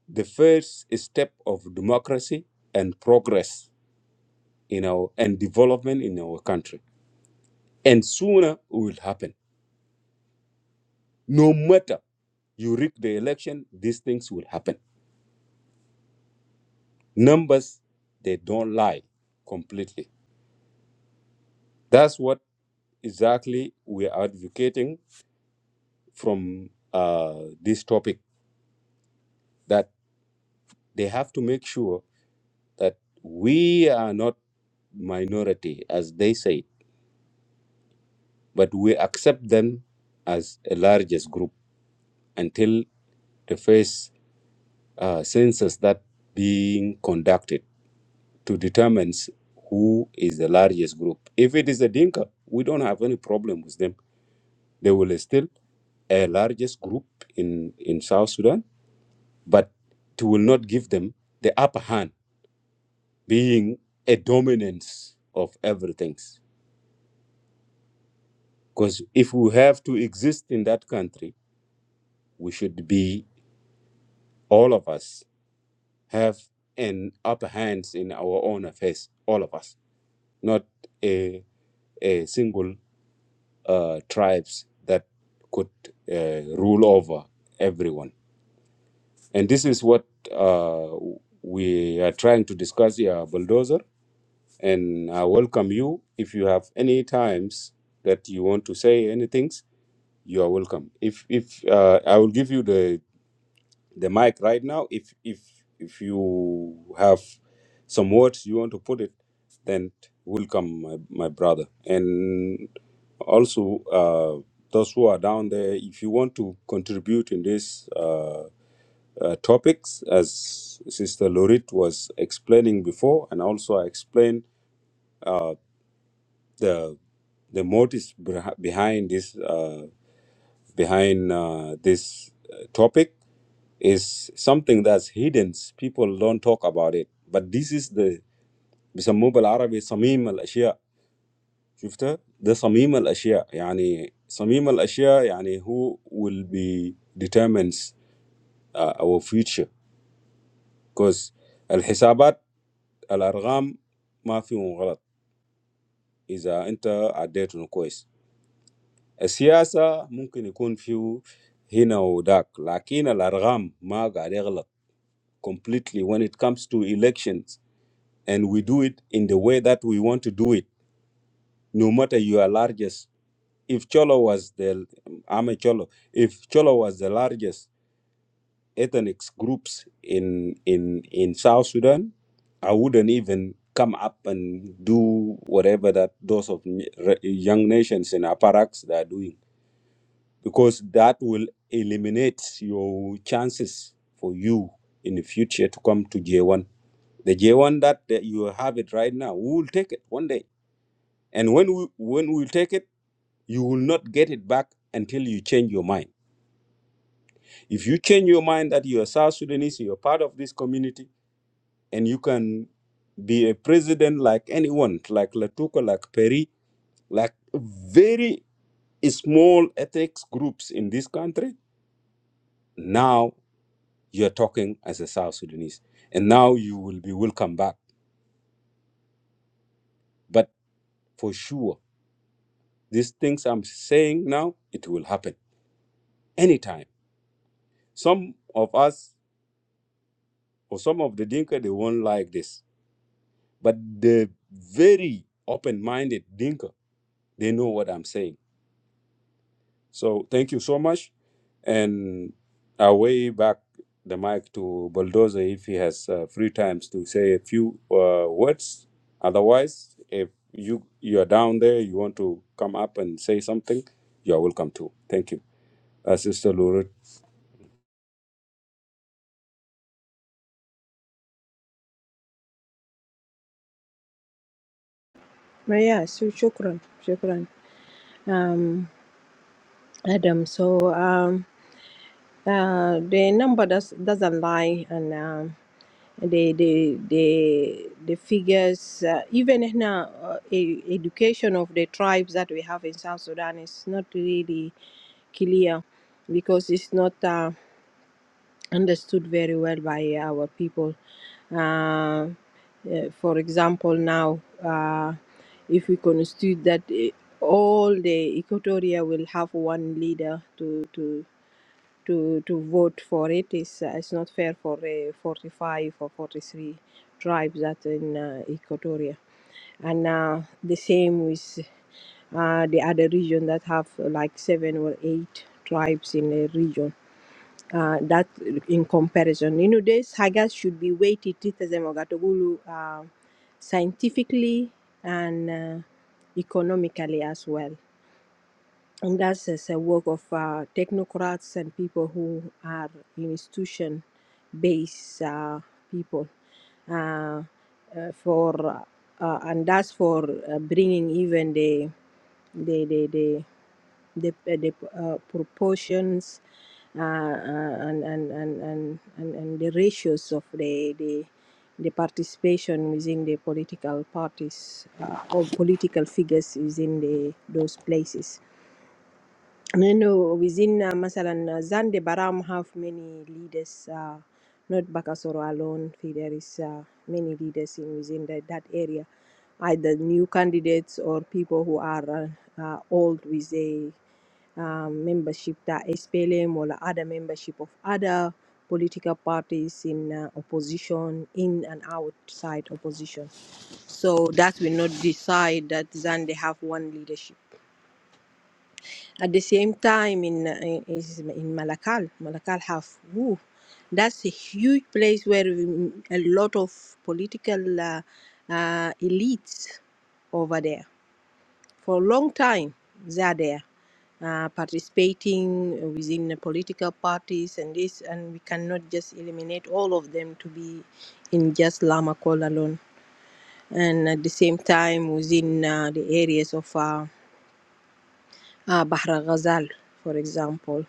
S1: the first step of democracy and progress in our and development in our country. And sooner it will happen. No matter you rig the election, these things will happen. Numbers they don't lie completely. That's what exactly we are advocating from uh, this topic that they have to make sure that we are not minority, as they say but we accept them as a largest group until the first uh, census that being conducted to determine who is the largest group. If it is a Dinka, we don't have any problem with them. They will still a largest group in, in South Sudan, but it will not give them the upper hand, being a dominance of everything. Because if we have to exist in that country, we should be all of us have an upper hand in our own affairs, all of us, not a, a single uh, tribes that could uh, rule over everyone. And this is what uh, we are trying to discuss here, Bulldozer. And I welcome you. If you have any times that you want to say anything, you are welcome. If if uh, I will give you the the mic right now. If if if you have some words you want to put it, then welcome my, my brother. And also uh, those who are down there, if you want to contribute in these uh, uh, topics, as Sister Lorit was explaining before, and also I explained uh, the the motives beh- behind this uh, behind uh, this uh, topic is something that's hidden. People don't talk about it. But this is the some mobile Arabic, some email, some things. You've heard the some email, some things. I mean, some email, some things. I mean, who will be determines uh, our future? Because the calculations, the numbers, there's no mistake if you're accurate. The politics can be here or there. But the numbers are completely wrong when it comes to elections. and we do it in the way that we want to do it, no matter your largest. If Cholo was the, I'm a Cholo. If Cholo was the largest ethnic groups in in in South Sudan, I wouldn't even come up and do whatever that those of n- re- young nations in apparatus they are doing, because that will eliminate your chances for you in the future to come to J1. The J1 that, that you have it right now, we will take it one day And when we when we take it, you will not get it back until you change your mind. If you change your mind that you are South Sudanese, you are part of this community, and you can be a president like anyone, like Latuka, like Perry, like very small ethnic groups in this country, now you're talking as a South Sudanese. And now you will be welcome back. But for sure, these things I'm saying now, it will happen anytime. Some of us Or some of the Dinka, they won't like this. But the very open minded Dinka, they know what I'm saying. So thank you so much. And I way back the mic to Bulldozer if he has uh, free times to say a few uh, words. Otherwise, if you you are down there, you want to come up and say something, you are welcome to. Thank you, uh, Sister Lure.
S5: But yeah, so shukran, shukran, um, Adam. So um, Uh, the number does, doesn't lie, and um, the the the the figures, uh, even in uh, uh, e- education of the tribes that we have in South Sudan, is not really clear because it's not uh, understood very well by our people. Uh, uh, for example, now uh, if we constitute that. uh, all the Equatoria will have one leader to to to to vote for it. It's, uh, it's not fair for uh, 45 or 43 tribes that in uh, Equatoria, and uh, the same with uh, the other region that have uh, like seven or eight tribes in a region. Uh, that in comparison, you know, this Haggard should be weighted it as a Mogatogulu, uh, scientifically and. uh, economically as well and that's as a work of uh, technocrats and people who are institution based uh, people uh, uh, for uh, uh, and that's for uh, bringing even the the the the the, uh, the uh, proportions uh, uh, and, and, and, and, and, and the ratios of the, the, the participation within the political parties uh, or political figures within the, those places. لأنه within uh, مثلا Zande Baram have many leaders uh, not Bakasoro alone Fi- there is uh, many leaders in within that that area either new candidates or people who are uh, uh, old with a um, membership that SPLM or the other membership of other political parties in uh, opposition in and outside opposition so that will not decide that Zande have one leadership at the same time, in uh, in, is in Malakal, Malakal have woo, that's a huge place where we- a lot of political uh, uh, elites over there for a long time. They are there uh, participating within the political parties and this, and we cannot just eliminate all of them to be in just Lama Call alone. And at the same time, within uh, the areas of uh, Bahar Ghazal, for example,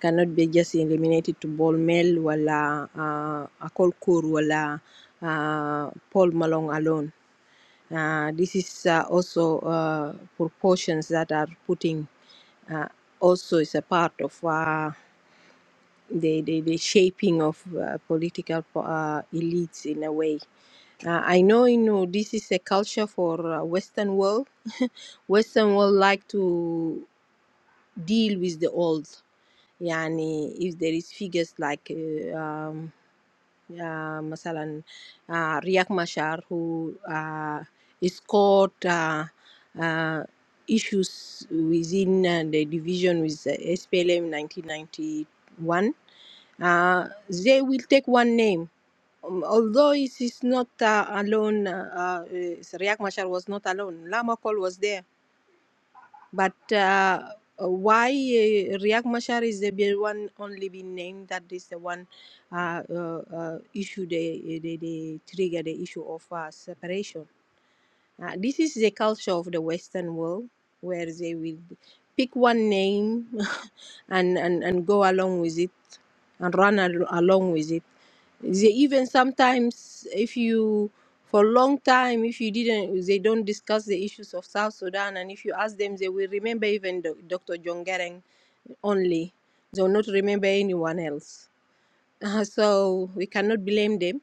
S5: cannot be just eliminated to Ball Mel wala uh, Akol Kor wala uh, Paul Malong alone. Uh, this is uh, also uh, proportions that are putting uh, also is a part of uh, the, the, the shaping of uh, political uh, elites in a way. Uh, I know, you know, this is a culture for uh, Western world, [laughs] Western world like to deal with the old. Yani, if there is figures like uh, um, uh, مثلا uh, Riek Machar who uh, is caught uh, uh, issues within uh, the division with the SPLM 1991 uh, they will take one name Um, although it is not uh, alone uh, uh, Riek Machar was not alone Lamakol was there but uh, why uh, Riek Machar is the be- one only been named that is the one uh, uh, uh, issue the, the, the trigger the issue of uh, separation. Uh, this is the culture of the Western world where they will pick one name [laughs] and, and, and go along with it and run al- along with it. They even sometimes, if you for a long time if you didn't they don't discuss the issues of south sudan and if you ask them they will remember even Do- dr john Garang only they will not remember anyone else Uh, so we cannot blame them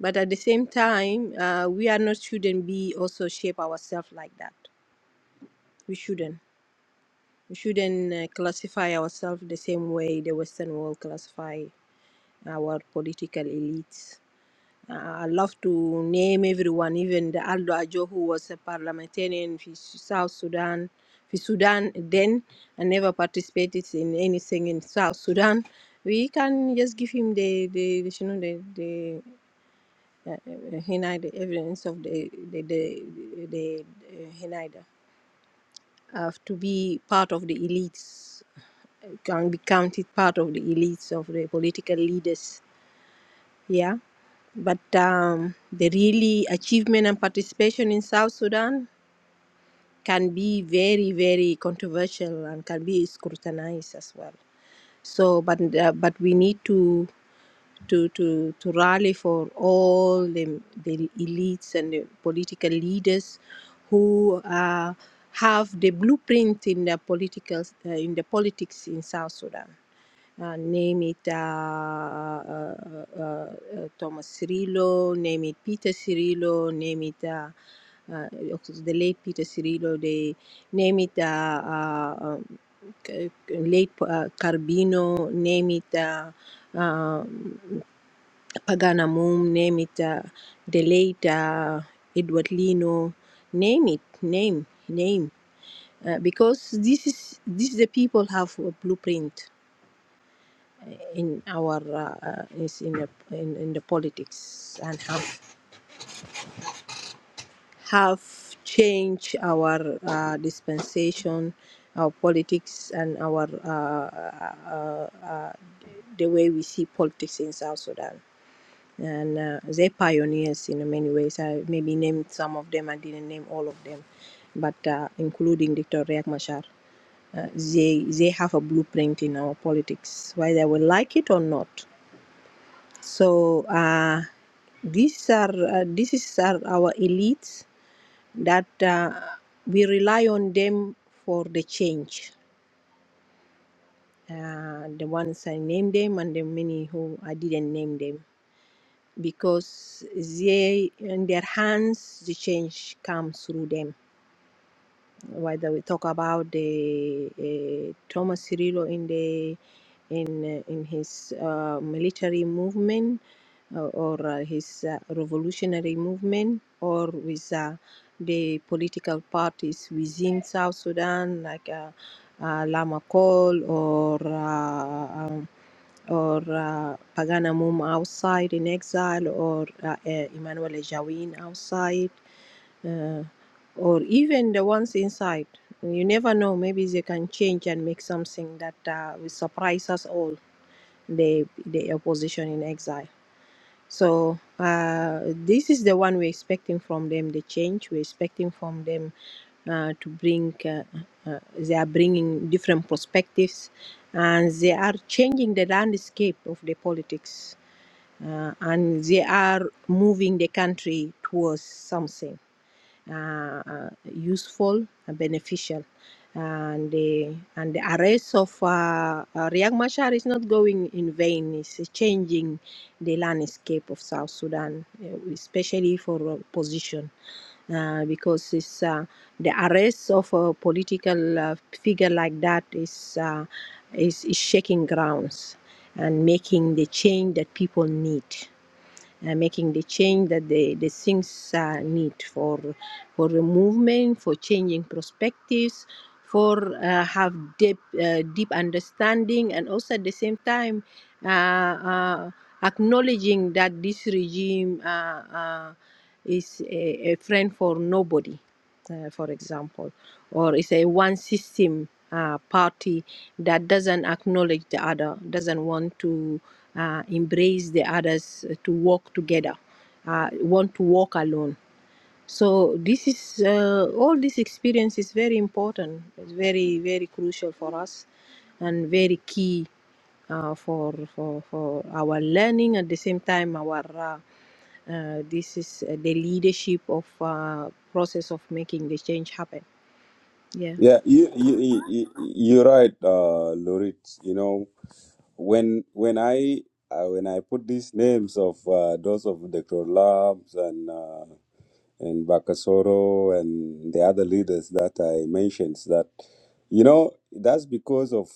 S5: but at the same time uh, we are not shouldn't be also shape ourselves like that we shouldn't we shouldn't uh, classify ourselves the same way the Western world classify our political elites. Uh, I love to name everyone, even the Aldo Ajo, who was a parliamentarian in South Sudan, for Sudan then, and never participated in anything in South Sudan. We can just give him the the, the you know the the uh, uh, Hinaida evidence of the the the, the, the uh, Hinaida have to be part of the elites, can be counted part of the elites of the political leaders. Yeah. But um, the really achievement and participation in South Sudan can be very very controversial and can be scrutinized as well so but uh, but we need to to to to rally for all the, the elites and the political leaders who uh, have the blueprint in the political uh, in the politics in South Sudan uh, name it uh, uh, uh, uh, Thomas Cirillo, name it Peter Cirillo, name it uh, uh, the late Peter Cirillo, they name it uh, uh, um, c- c- late uh, Carbino, name it uh, um, Pagana Moom, name it uh, the late uh, Edward Lino, name it, name, name. Uh, because this is this the people have a blueprint in our uh, uh, is in the in, in the politics and have have changed our uh, dispensation, our politics, and our uh, uh, uh, uh, the way we see politics in South Sudan. And uh, they're pioneers in many ways. I maybe named some of them. I didn't name all of them, but uh, including Dr. Riek Machar uh, they they have a blueprint in our politics, whether we like it or not. So uh, these are uh, these are our elites that uh, we rely on them for the change. Uh, the ones I named them and the many who I didn't name them because they in their hands the change comes through them. whether we talk about the uh, Thomas Cirillo in the in uh, in his uh, military movement uh, or uh, his uh, revolutionary movement or with uh, the political parties within South Sudan like uh, uh, Lama Col or uh, um, or uh, Pagana Mum outside in exile, or uh, uh, Emmanuel Ejawin outside, uh, or even the ones inside. You never know. Maybe they can change and make something that uh, will surprise us all the the opposition in exile. So uh, this is the one we're expecting from them. The change we're expecting from them uh, to bring. Uh, uh, they are bringing different perspectives, and they are changing the landscape of the politics, uh, and they are moving the country towards something uh, uh, useful and beneficial and the and the arrest of uh, uh, Riek Machar is not going in vain. It's changing the landscape of South Sudan, eh, especially for opposition, uh, because it's uh, the arrest of a political uh, figure like that is uh, is, is shaking grounds and making the change that people need uh, making the change that the, the things uh, need for for movement, for changing perspectives, for uh, have deep uh, deep understanding, and also at the same time uh, uh, acknowledging that this regime uh, uh, is a, a friend for nobody, uh, for example, or is a one system. Uh, party that doesn't acknowledge the other, doesn't want to uh, embrace the others uh, to walk together, uh, want to walk alone. So this is uh, all this experience is very important. It's very very crucial for us, and very key uh, for for for our learning. At the same time, our uh, uh, this is uh, the leadership of uh, process of making the change happen. Yeah.
S1: Yeah, you, you, you, you- you're right, uh, Lorit. You know, when when I uh, when I put these names of uh, those of Dr. Labs and uh, and Bakasoro and the other leaders that I mentioned, that you know that's because of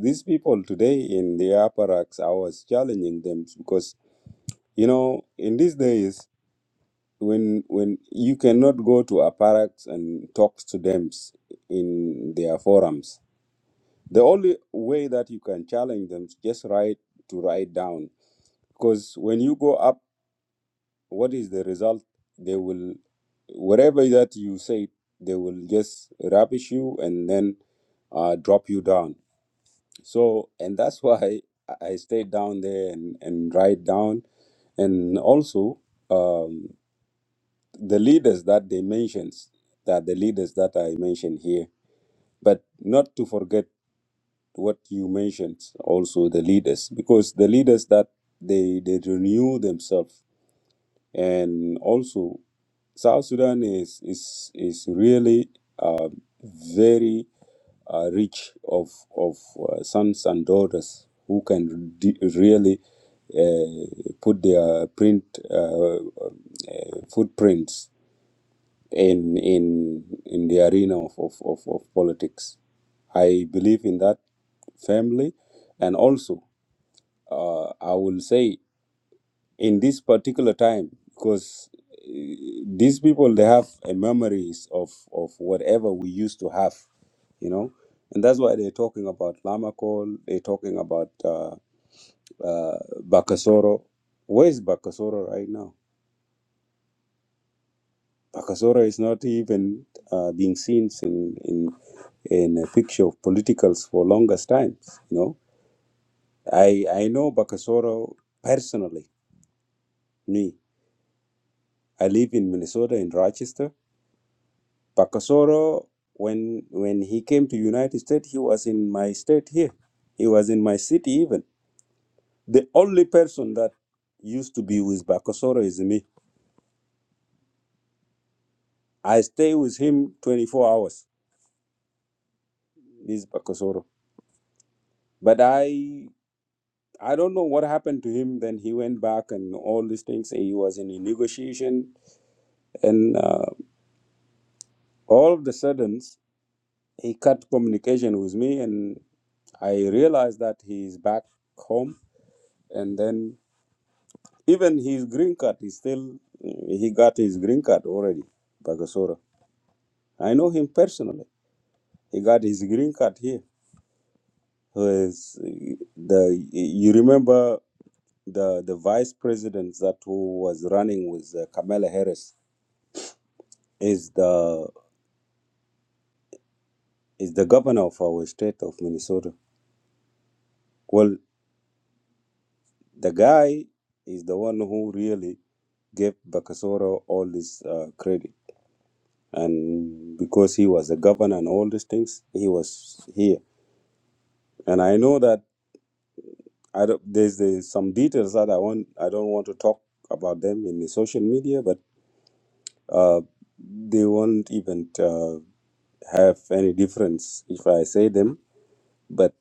S1: these people today in the apparatus. I was challenging them because you know in these days when when you cannot go to apparatus and talk to them in their forums the only way that you can challenge them is just write to write down. Because when you go up, what is the result? They will, whatever that you say, they will just rubbish you and then uh, drop you down. So, and that's [laughs] why I I stay down there and, and write down. And also, um, the leaders that they mentions, that the leaders that I mentioned here, but not to forget what you mentioned also the leaders because the leaders that they they renew themselves and also south sudan is is is really uh, very uh, rich of of uh, sons and daughters who can d- really uh, put their print uh, uh, footprints in in in the arena of, of, of, of politics. I believe in that family, and also uh, I will say in this particular time because eh, these people they have a memories of of whatever we used to have, you know, and that's why they're talking about Lamakol, they're talking about uh, uh, Bakasoro. Where is Bakasoro right now? Bakasora is not even uh, being seen in, in in a picture of politicals for longest times. You know, I I know Bakasoro personally. Me, I live in Minnesota in Rochester. Bakasoro, when when he came to United States, he was in my state here. He was in my city even. The only person that used to be with Bakasoro is me. I stay with him 24 hours. This Bakasoro, but I I don't know what happened to him. Then he went back and all these things. He was in a negotiation, and uh, all of the sudden he cut communication with me, and I realized that he is back home. And then even his green card, he still he got his green card already, Bagasora. I know him personally. He got his green card here. Who is the? You remember the the vice president that who was running with uh, Kamala Harris is the is the governor of our state of Minnesota. Well, the guy is the one who really gave Bakasoro all this uh, credit, and because he was the governor and all these things, he was here. And I know that I don't, there's, there's some details that I want I don't want to talk about them in the social media, but uh, they won't even uh, have any difference if I say them But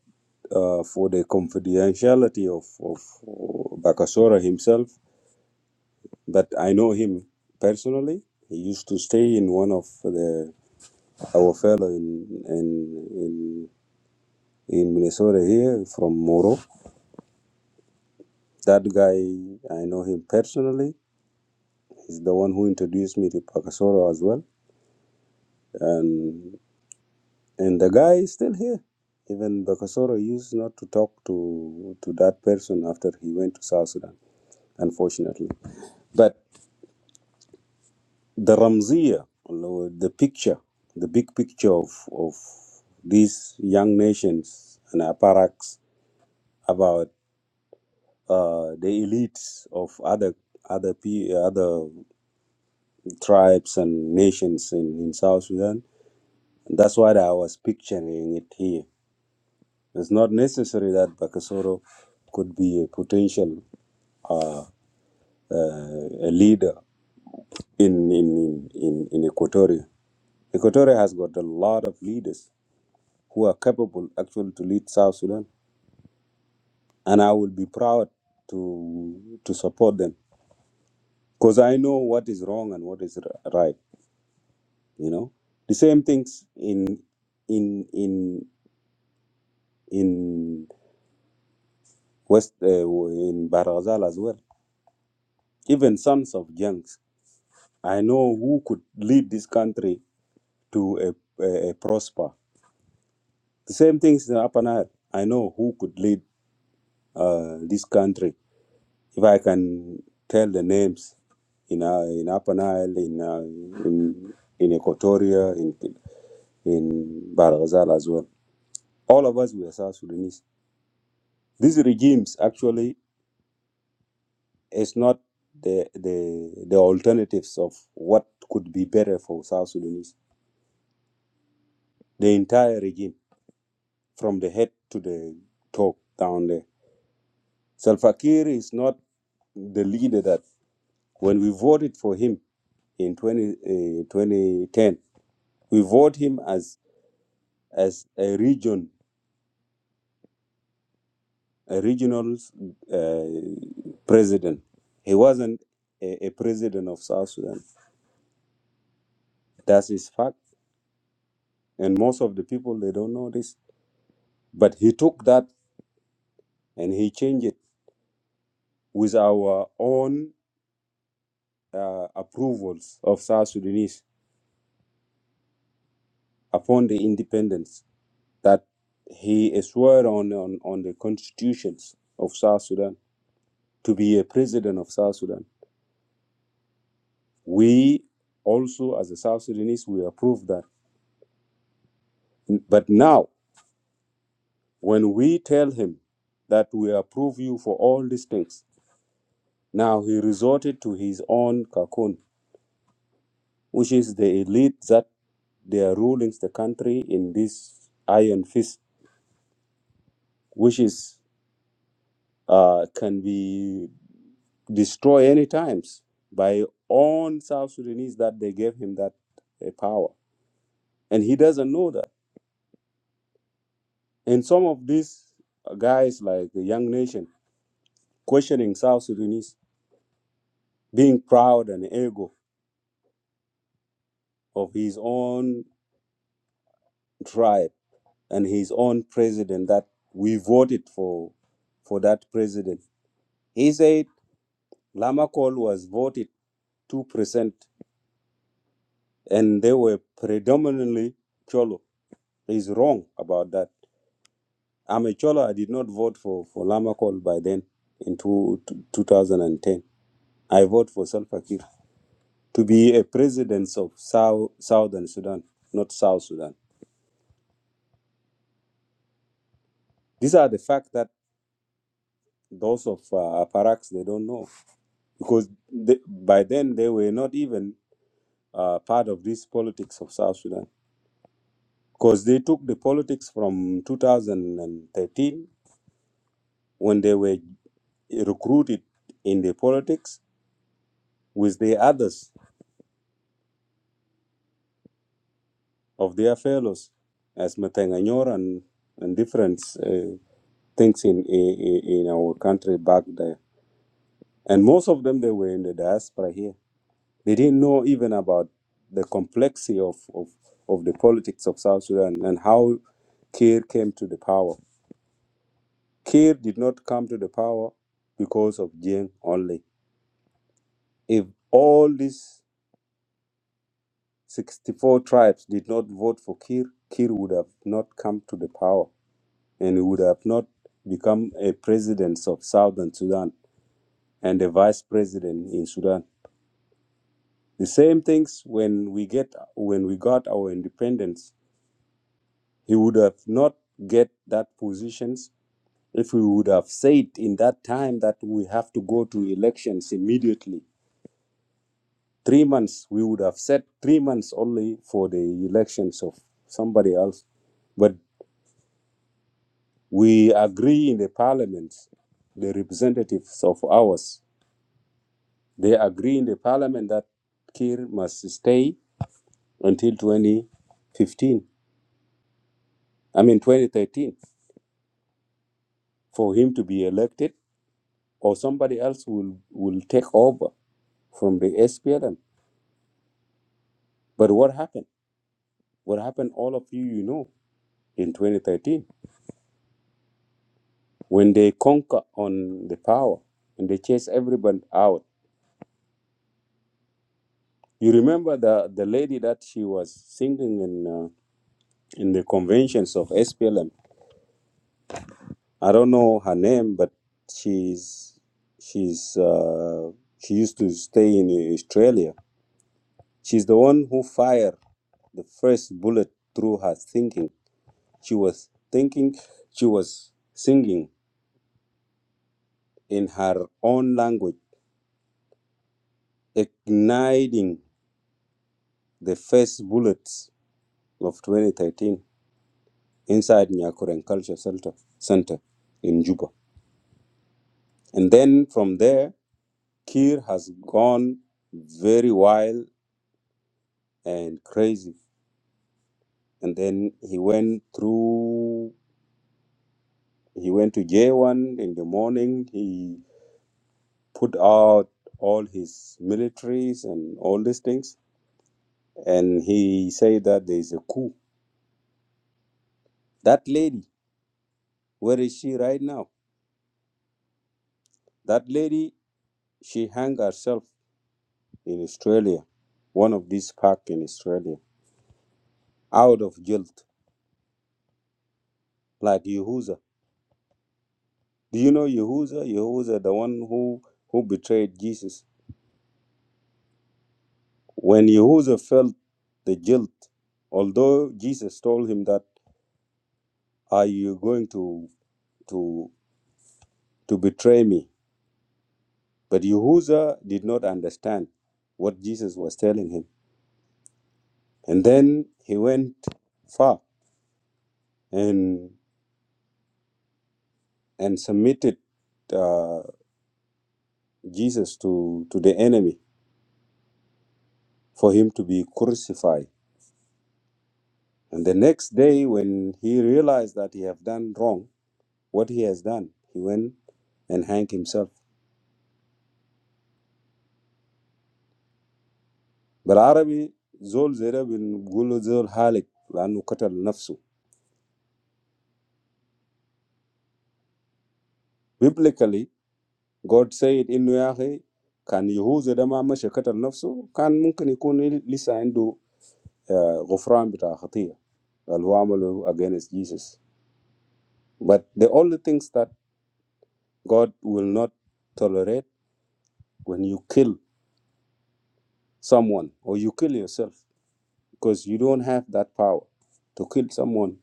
S1: uh, for the confidentiality of, of Bakasora himself, but I know him personally. He used to stay in one of the our fellow in in in, in Minnesota here from Moro. That guy I know him personally. He's the one who introduced me to Bakasoro as well, and and the guy is still here. Even Bakasoro used not to talk to to that person after he went to South Sudan, unfortunately. but. the Ramziya, or the picture, the big picture of, of these young nations and apparats about uh, the elites of other other pe- other tribes and nations in, in South Sudan. that's what I was picturing it here. It's not necessary that Bakasoro could be a potential uh, a leader in in, in, in in Equatoria. Equatoria has got a lot of leaders who are capable actually to lead South Sudan, and I will be proud to to support them because I know what is wrong and what is r- right. You know, the same things in in in in West uh, in Barazal as well. Even sons of junks, I know who could lead this country to a, a, a prosper. The same things in Upper Nile. I know who could lead uh, this country If I can tell the names in uh, in Upper Nile, in uh, in in Equatoria, in in Barghazal as well. All of us we are South Sudanese. These regimes actually is not the the the alternatives of what could be better for South Sudanese. The entire regime, from the head to the top down there. Salva Kiir is not the leader that when we voted for him in 20, uh, 2010, we voted him as as a region, a regional uh, president. He wasn't a, a president of South Sudan. That's his fact. And most of the people, they don't know this. But he took that and he changed it with our own uh, approvals of South Sudanese upon the independence that he swore on, on, on the constitutions of South Sudan to be a president of South Sudan. We also, as a South Sudanese, we approve that But now, when we tell him that we approve you for all these things, now he resorted to his own cocoon, which is the elite that they are ruling the country in this iron fist, which is uh, can be destroyed any times by own South Sudanese that they gave him that uh, power, and he doesn't know that. And some of these guys, like the Young Nation, questioning South Sudanese, being proud and ego, of his own tribe and his own president that we voted for for that president. He said Lamakol was voted two percent and they were predominantly Cholo. He's wrong about that. I'm a Cholo. I did not vote for for Lamakol by then in two, 2010. I voted for Salva Kiir to be a president of South Southern Sudan, not South Sudan. These are the facts that those of uh, Aparax they don't know. because the by then they were not even uh, part of this politics of South Sudan because they took the politics from 2013 when they were recruited in the politics with the others of their fellows as Matanganyor and, and different uh, things in, in in our country back there and most of them they were in the diaspora here They didn't know even about the complexity of, of, of the politics of South Sudan and how Kir came to the power. Kir did not come to the power because of Jing only. If all these 64 tribes did not vote for Kir, Kir would have not come to the power and he would have not become a president of Southern Sudan and a vice president in Sudan. The same things when we get when we got our independence He would have not get that positions if we would have said in that time that we have to go to elections immediately. Three months, we would have set three months only for the elections of somebody else. But we agree in the parliament, the representatives of ours, they agree in the parliament that Kir must stay until 2015, I mean 2013, for him to be elected or somebody else will, will take over. from the SPLM. But what happened? What happened, all of you, you know, in 2013, when they conquer on the power and they chase everybody out. You remember the, the lady that she was singing in, uh, in the conventions of SPLM? I don't know her name, but she's, she's, uh, she used to stay in Australia. She's the one who fired the first bullet through her thinking. She was thinking, she was singing in her own language, igniting the first bullets of 2013 inside Nyakuren Culture Center, Center in Juba. And then from there, Kir has gone very wild and crazy. And then he went through, he went to J1 in the morning. He put out all his militaries and all these things. And he said that there is a coup. That lady, where is she right now? That lady, she hung herself in Australia, one of these park in Australia, out of guilt, like Yehuza. Do you know Yehuza? Yehuza, the one who, who betrayed Jesus. When Yehuza felt the guilt, although Jesus told him that, are you going to, to, to betray me? But Yehuza did not understand what Jesus was telling him. And then he went far and, and submitted uh, Jesus to, to the enemy for him to be crucified. And the next day, when he realized that he have done wrong, what he has done, he went and hanged himself. But Arabi Zol Zera bin Gulu Zol Halik Lanu Katal Nafsu. Biblically, God said in Nuyahi, كان يهوذا ده ما مشى قتل نفسه كان ممكن يكون لسه عنده آه، غفران بتاع خطية اللي against Jesus. But the only things that God will not tolerate when you kill someone or you kill yourself because you don't have that power to kill someone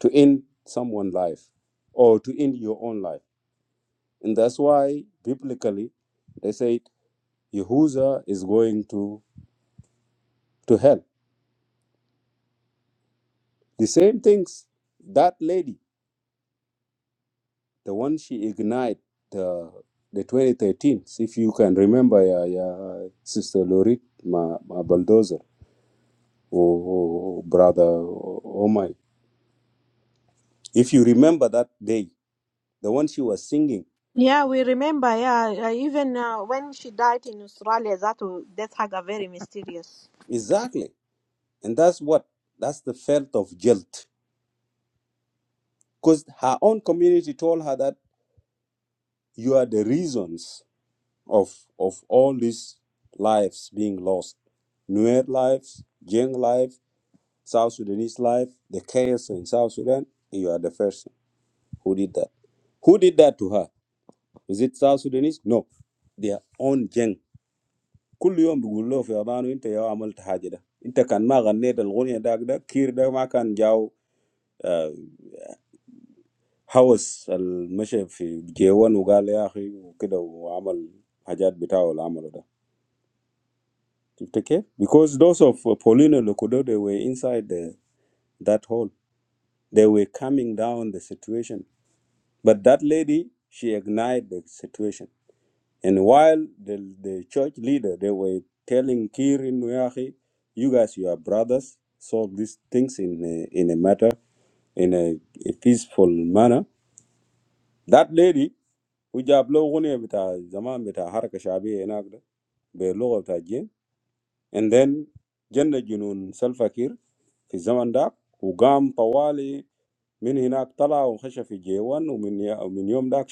S1: to end someone's life or to end your own life and that's why biblically they say yehuza is going to to hell the same things that lady the one she ignited the the 2013 if you can remember yeah, yeah, sister lorit my, my bulldozer or, or brother oh oh my! if you remember that day the one she was singing.
S5: Yeah, we remember. Yeah, uh, even uh, when she died in Australia, that w- that had a very mysterious.
S1: Exactly. And that's what, that's the felt of guilt. Because her own community told her that you are the reasons of, of all these lives being lost. Nuer lives, Jeng life, South Sudanese life, the chaos in South Sudan. You are the person who did that. Who did that to her? Is it South Sudanese? No. Their own Jeng. كل يوم بيقول له في أذانه أنت يا عملت حاجة ده أنت كان ما غنيت الغنية داك ده كير ده ما كان جاو آه، هوس المشي في جيوان وقال يا اخي وكده وعمل حاجات بتاعه اللي عمله ده شفت كيف؟ because those of Paulino Lokodo, they were inside the, that hole they were calming down the situation but that lady she ignited the situation and while the, the church leader they were telling Kirin Nuyahi you guys you are brothers solve these things in a, in a matter in a, a peaceful manner that lady We just love who they are. The time they are, every society, who they are, with local things. And then, generation un self-aware, in the time that, who came for a long time from there, came out and was in the animal, and from there,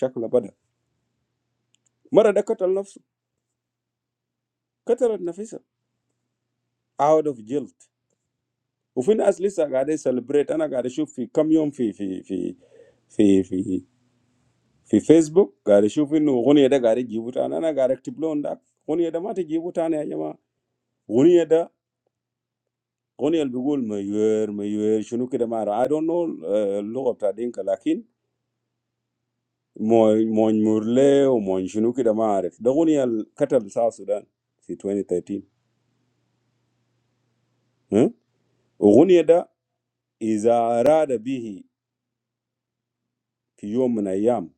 S1: from that day, the shape was born. Once the repetition, repetition of the self, out of guilt. And in the past, I was celebrating. I was watching in how many days in in in in in Facebook. I was watching that who they are. I was giving them. I was giving them. Who they are. Goneyal be gole mayuer mayuer shunuki damara I don't know uh look after them, but man man murle or man shunuki damara. The Ghanial cattle South Sudan in 2013. Hmm. The Ghania da is a rather big, few men I am.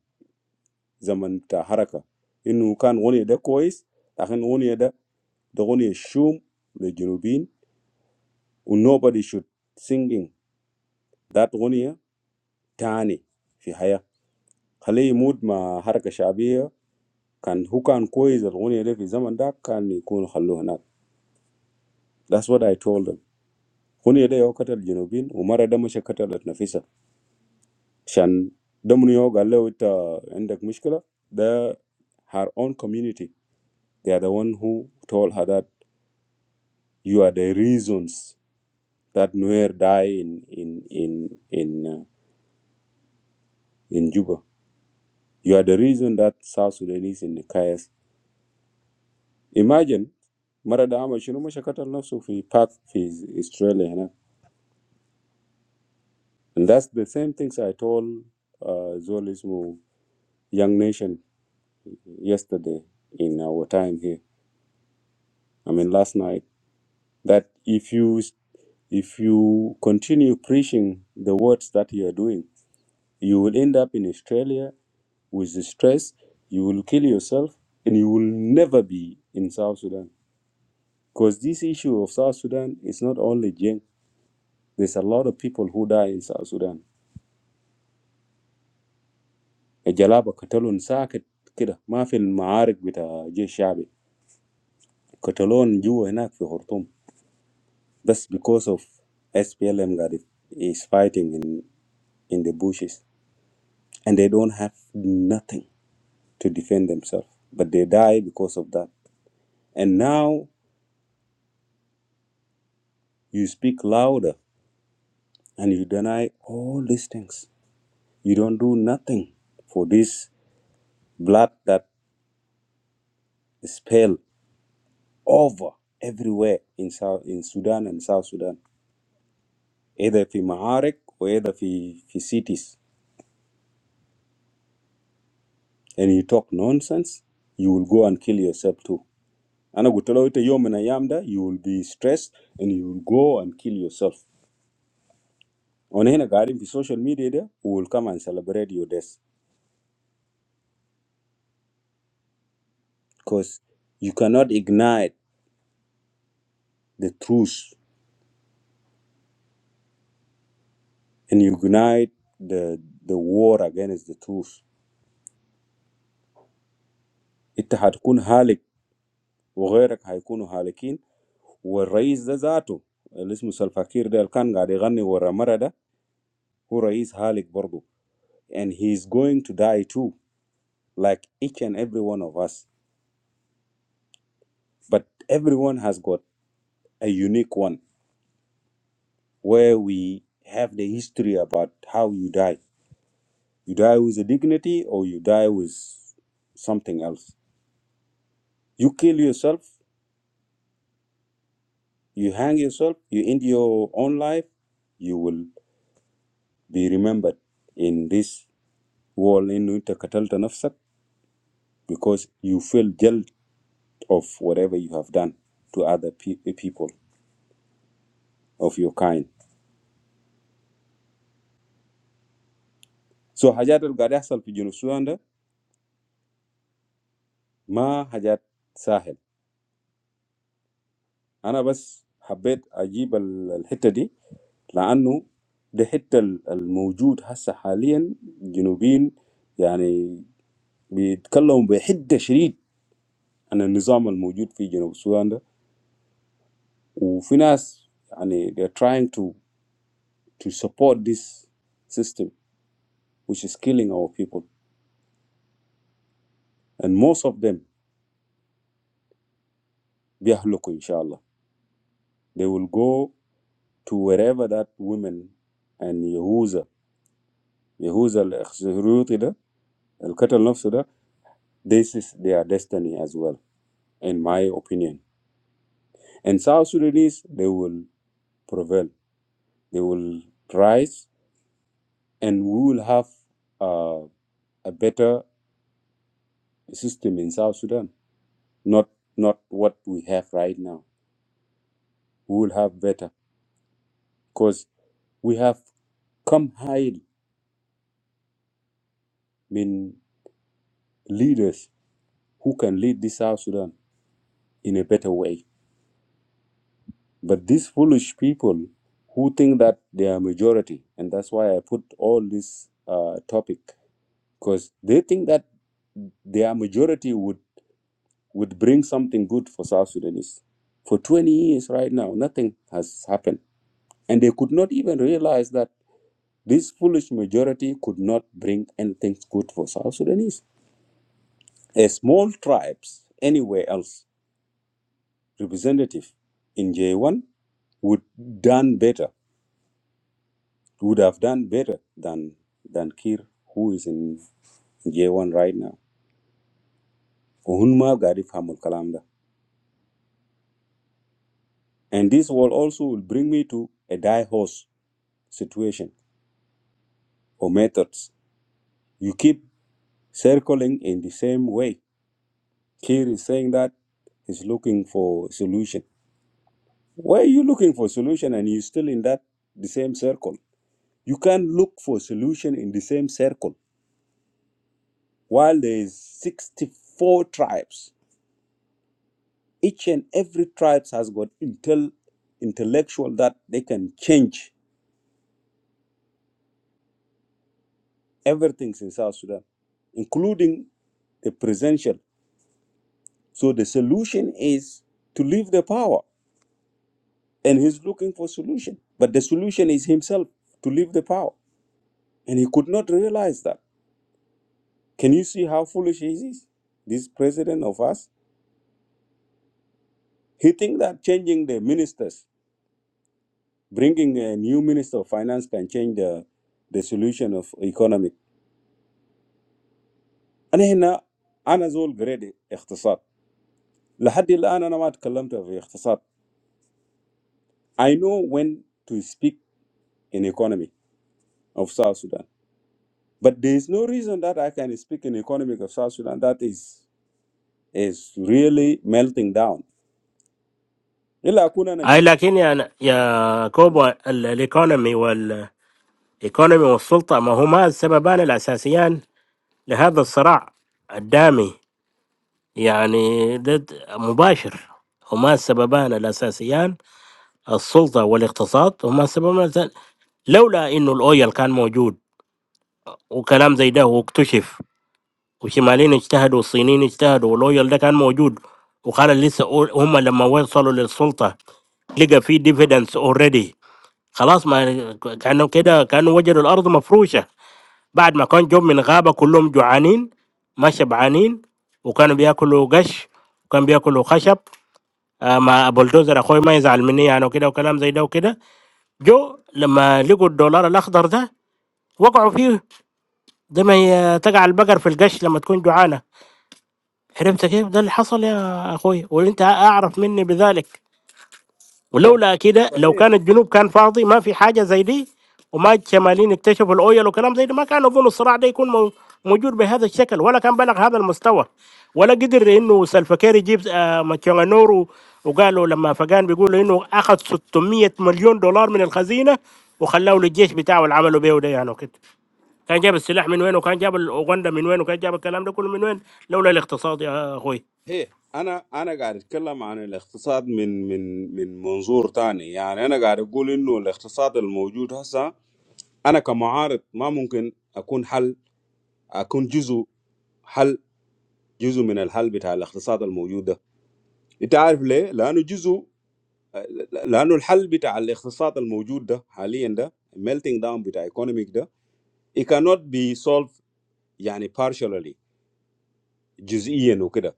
S1: Zaman ta haraka inu kan Ghania da kois. Ta kan Ghania da. The Ghania shum the girubin. Nobody should singing that Ghania tani. In haya. Khalay mood ma hara kashabi. كان هو كان كويس الغنية ده في الزمن ده كان يكون خلوه هناك that's what I told them غنية ده هو قتل الجنوبيين ومرة ده مش قتلت نفسها عشان ده من يوم قال له انت عندك مشكلة ده her own community they are the one who told her that you are the reasons that Nuer die in in in in uh, in Juba you are the reason that South Sudanese in the chaos imagine مرة ده عمل شنو مش قتل نفسه في باك في Australia, هناك And that's the same things I told uh, Zolismo Young Nation yesterday in our time here. I mean, last night, that if you if you continue preaching the words that you are doing, you will end up in Australia with the stress, you will kill yourself, and you will never be in South Sudan. Because this issue of South Sudan is not only Jeng. There's a lot of people who die in South Sudan. الجلابة قتلهم ساكت كده ما في المعارك بتاع جيش شعبي كتالون جوا هناك في خرطوم بس because of SPLM قاعد is is fighting in in the bushes and they don't have nothing to defend themselves but they die because of that and now you speak louder and you deny all these things you don't do nothing for this blood that spill over everywhere in South in Sudan and South Sudan either في معارك or either في في cities and you talk nonsense, you will go and kill yourself too. Ana gutalo ite yom na yamda, you will be stressed and you will go and kill yourself. On hena garden the social media there, we will come and celebrate your death because you cannot ignite the truth and you ignite the the war against the truth. It هتكون هالك وغيرك هيكونوا هالكين والرئيس ده ذاته اللي اسمه سلفاكير ده اللي كان قاعد يغني ورا مرة ده هو رئيس هالك برضه and he is going to die too like each and every one of us. But everyone has got a unique one where we have the history about how you die. You die with a dignity or you die with something else. You kill yourself, you hang yourself, you end your own life, you will be remembered in this world in Utakatalta Nafsak because you feel guilt of whatever you have done to other pe- people of your kind. So Hajat al Gadasal Ma hajat sahel. Ana bas habet aji bal al hittadi la anu dehett al al mujud hasa haliaan jinubin. يعني بيتكلمون بيحد شديد عن النظام الموجود في جنوب سويسرا ده. و في ناس يعني they are trying to to support this system which is killing our people. And most of them bihloko inshaAllah. They will go to wherever that women and Yehuze Yehuze al khruutila. Al-Qatar of Sudan, this is their destiny as well, in my opinion. And South Sudanese, they will prevail. They will rise, and we will have uh, a better system in South Sudan. Not not what we have right now. We will have better because we have come high in leaders who can lead this South Sudan in a better way. But these foolish people who think that they are majority, and that's why I put all this uh, topic, because they think that their majority would, would bring something good for South Sudanese. For 20 years right now, nothing has happened. And they could not even realize that this foolish majority could not bring anything good for South Sudanese. A small tribes anywhere else representative in J1 would done better would have done better than than Kir, who is in J1 right now. Uhunma Garif Hamul Kalamda. And this will also will bring me to a die horse situation or methods. You keep circling in the same way. Kir is saying that he's looking for solution. Why are you looking for solution and you're still in that the same circle? You can't look for solution in the same circle while there is 64 tribes Each and every tribes has got intel, intellectual that they can change everything in South Sudan, including the presidential. So the solution is to leave the power, and he's looking for solution. But the solution is himself to leave the power, and he could not realize that. Can you see how foolish he is? This president of us, he think that changing the ministers, bringing a new minister of finance, can change the the solution of economic. انا هنا انا زول جريدي اقتصاد لحد الان انا ما تكلمت في اقتصاد I know when to speak in economy of South Sudan but there is no reason that I can speak in economy of South Sudan that is is really melting down الا اكون انا
S4: اي
S1: جيت
S4: لكن يا يا كوبا ال- الايكونومي والايكونومي والسلطه ما هما السببان الاساسيان لهذا الصراع الدامي يعني ضد مباشر هما السببان الأساسيان السلطة والاقتصاد هما السببان الأساسيان لولا إنه الأويل كان موجود وكلام زي ده واكتشف وشمالين اجتهدوا والصينيين اجتهدوا والأويل ده كان موجود وقال لسه أو- هم لما وصلوا للسلطة لقى في ديفيدنس اوريدي خلاص ما كانوا كده كانوا وجدوا الأرض مفروشة بعد ما كان جم من غابة كلهم جوعانين ما شبعانين وكانوا بياكلوا قش وكانوا بياكلوا خشب آه، مع بولدوزر اخوي ما يزعل مني يعني وكده وكلام زي ده وكده جو لما لقوا الدولار الاخضر ده وقعوا فيه زي ما هي تقع البقر في القش لما تكون جوعانه عرفت كيف ده اللي حصل يا اخوي وانت اعرف مني بذلك ولولا كده لو
S1: صحيح
S4: كان الجنوب كان فاضي ما في حاجه زي دي وما الشماليين اكتشفوا الاويل وكلام زي ده ما كان اظن الصراع ده يكون مو- موجود بهذا الشكل ولا كان بلغ هذا المستوى ولا قدر انه سلفكير يجيب آه، ماتشونغانور و- وقالوا لما فقان بيقولوا انه اخذ 600 مليون دولار من الخزينه وخلوه للجيش بتاعه اللي عملوا بيه ده يعني وكده كان جاب السلاح من وين وكان جاب الاوغندا من وين وكان جاب الكلام ده كله من وين لولا الاقتصاد يا اخوي
S1: هي انا انا قاعد اتكلم عن الاقتصاد من من من منظور تاني يعني انا قاعد اقول انه الاقتصاد الموجود هسه انا كمعارض ما ممكن اكون حل اكون جزء حل جزء من الحل بتاع الاقتصاد الموجود ده انت عارف ليه لانه جزء لانه الحل بتاع الاقتصاد الموجود ده حاليا ده melting down بتاع economic ده it cannot be solved يعني partially جزئيا وكده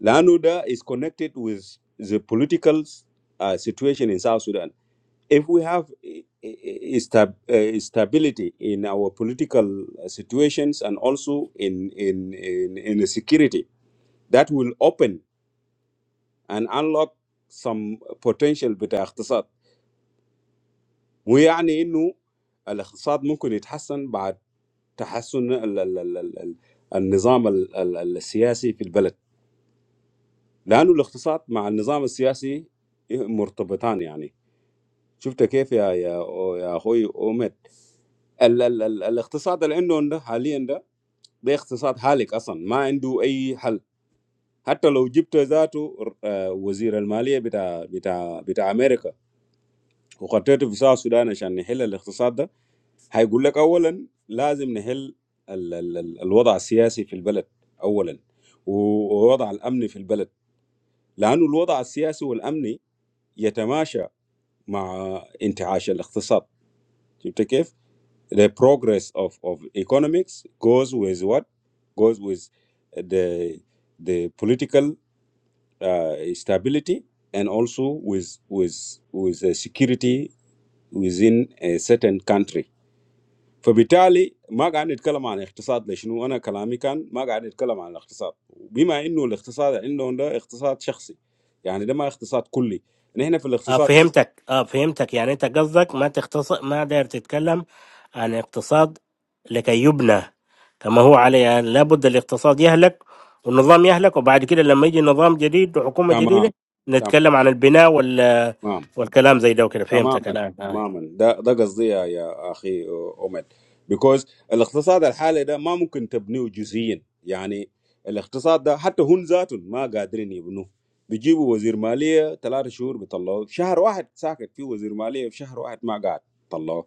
S1: لانه ده is connected with the political uh, situation in South Sudan if we have eh, eh, sta- eh, stability in our political situations and also in in in, in security that will open And unlock some potential with the economy. We mean that the economy can improve after improving the the the the the political system in the country because the economy is intertwined. I mean, you saw how, how, how, how, how Ahmed, the the the the economy that he has is in a state of bankruptcy. He has no solution. Even if Egypt brought its finance minister to America. وخطيته في ساعة السودان عشان نحل الاقتصاد ده هيقول لك اولا لازم نحل ال ال ال الوضع السياسي في البلد اولا و- والوضع الامني في البلد لانه الوضع السياسي والامني يتماشى مع انتعاش الاقتصاد شفت كيف؟ The progress of, of economics goes with what? Goes with the the political uh, stability and also with with with the security within a certain country. فبالتالي ما قاعد نتكلم عن اقتصاد لشنو انا كلامي كان ما قاعد نتكلم عن الاقتصاد بما انه الاقتصاد عندهم ده اقتصاد شخصي يعني ده ما اقتصاد كلي نحن في
S4: آه
S1: الاقتصاد
S4: فهمتك آه فهمتك يعني انت قصدك ما تختص ما داير تتكلم عن اقتصاد لكي يبنى كما هو عليه يعني لابد الاقتصاد يهلك والنظام يهلك وبعد كده لما يجي نظام جديد وحكومة جديدة
S1: تمام تمام
S4: نتكلم عن البناء وال
S1: تمام
S4: والكلام زي ده وكده فهمتك
S1: تماما
S4: الآن آه.
S1: تماما ده ده قصدي يا يا اخي اومد بيكوز الاقتصاد الحالي ده ما ممكن تبنيه جزئيا يعني الاقتصاد ده حتى هم ذاتهم ما قادرين يبنوه بيجيبوا وزير ماليه ثلاثة شهور بيطلعوه شهر واحد ساكت فيه وزير ماليه في شهر واحد ما قاعد طلعوه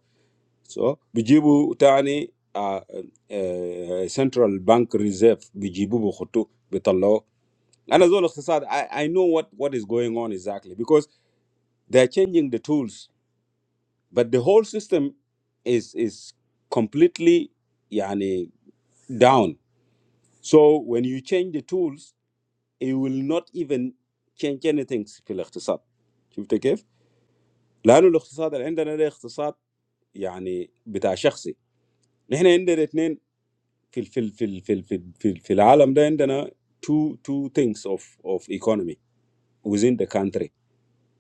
S1: so bijibu tani uh, uh, central bank reserve bijibu bukhutu bitallo انا زول اقتصاد I, I know what what is going on exactly because they are changing the tools but the whole system is is completely yani down so when you change the tools it will not even change anything في الاقتصاد شفت كيف؟ لانه الاقتصاد اللي عندنا ده اقتصاد يعني بتاع شخصي نحن عندنا في ال- في ال- في ال- في ال- في ال- في ال- في العالم ده عندنا two two things of of economy within the country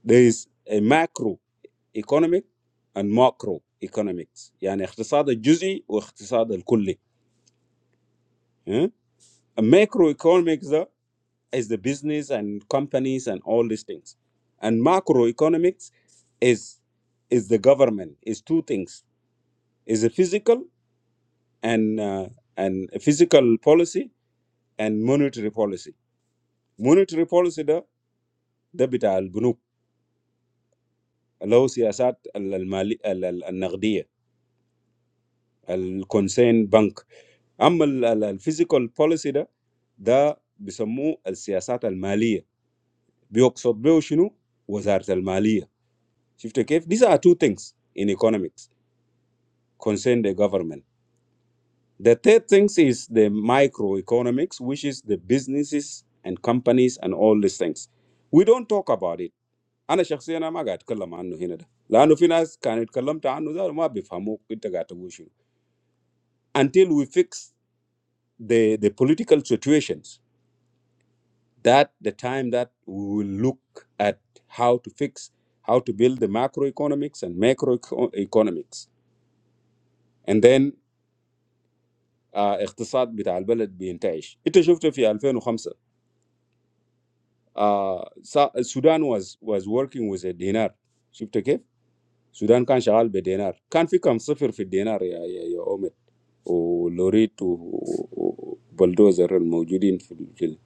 S1: there is a macro economic and macro economics يعني اقتصاد الجزئي واقتصاد الكلي ها؟ macro economics ده is the business and companies and all these things and macro economics is is the government is two things is a physical and uh, and a physical policy and monetary policy monetary policy ده بتاع البنوك اللي هو سياسات ال- المالي ال- ال- النقديه الكونسين بنك اما الفيزيكال بوليسي ده ده بيسموه السياسات الماليه بيقصد به شنو وزاره الماليه شفت كيف these are two things in economics concern the government the third things is the microeconomics which is the businesses and companies and all these things we don't talk about it انا شخصيا أنا ما قاعد اتكلم عنه هنا ده لانه في ناس كان اتكلمت عنه ده ما بيفهموك انت قاعد تقول شنو. Until we fix the the political situations, that the time that we will look at how to fix, how to build the macroeconomics and macroeconomics, and then uh, اقتصاد بتاع البلد بيتعش. It is shown that in two thousand and five, Sudan was was working with the dinar. Shukri Sudan كان شغال بالدينار. كان في كام سنة فير في الدينار يا يا يا اومي. ولوريت وبلدوزر الموجودين في الفيلم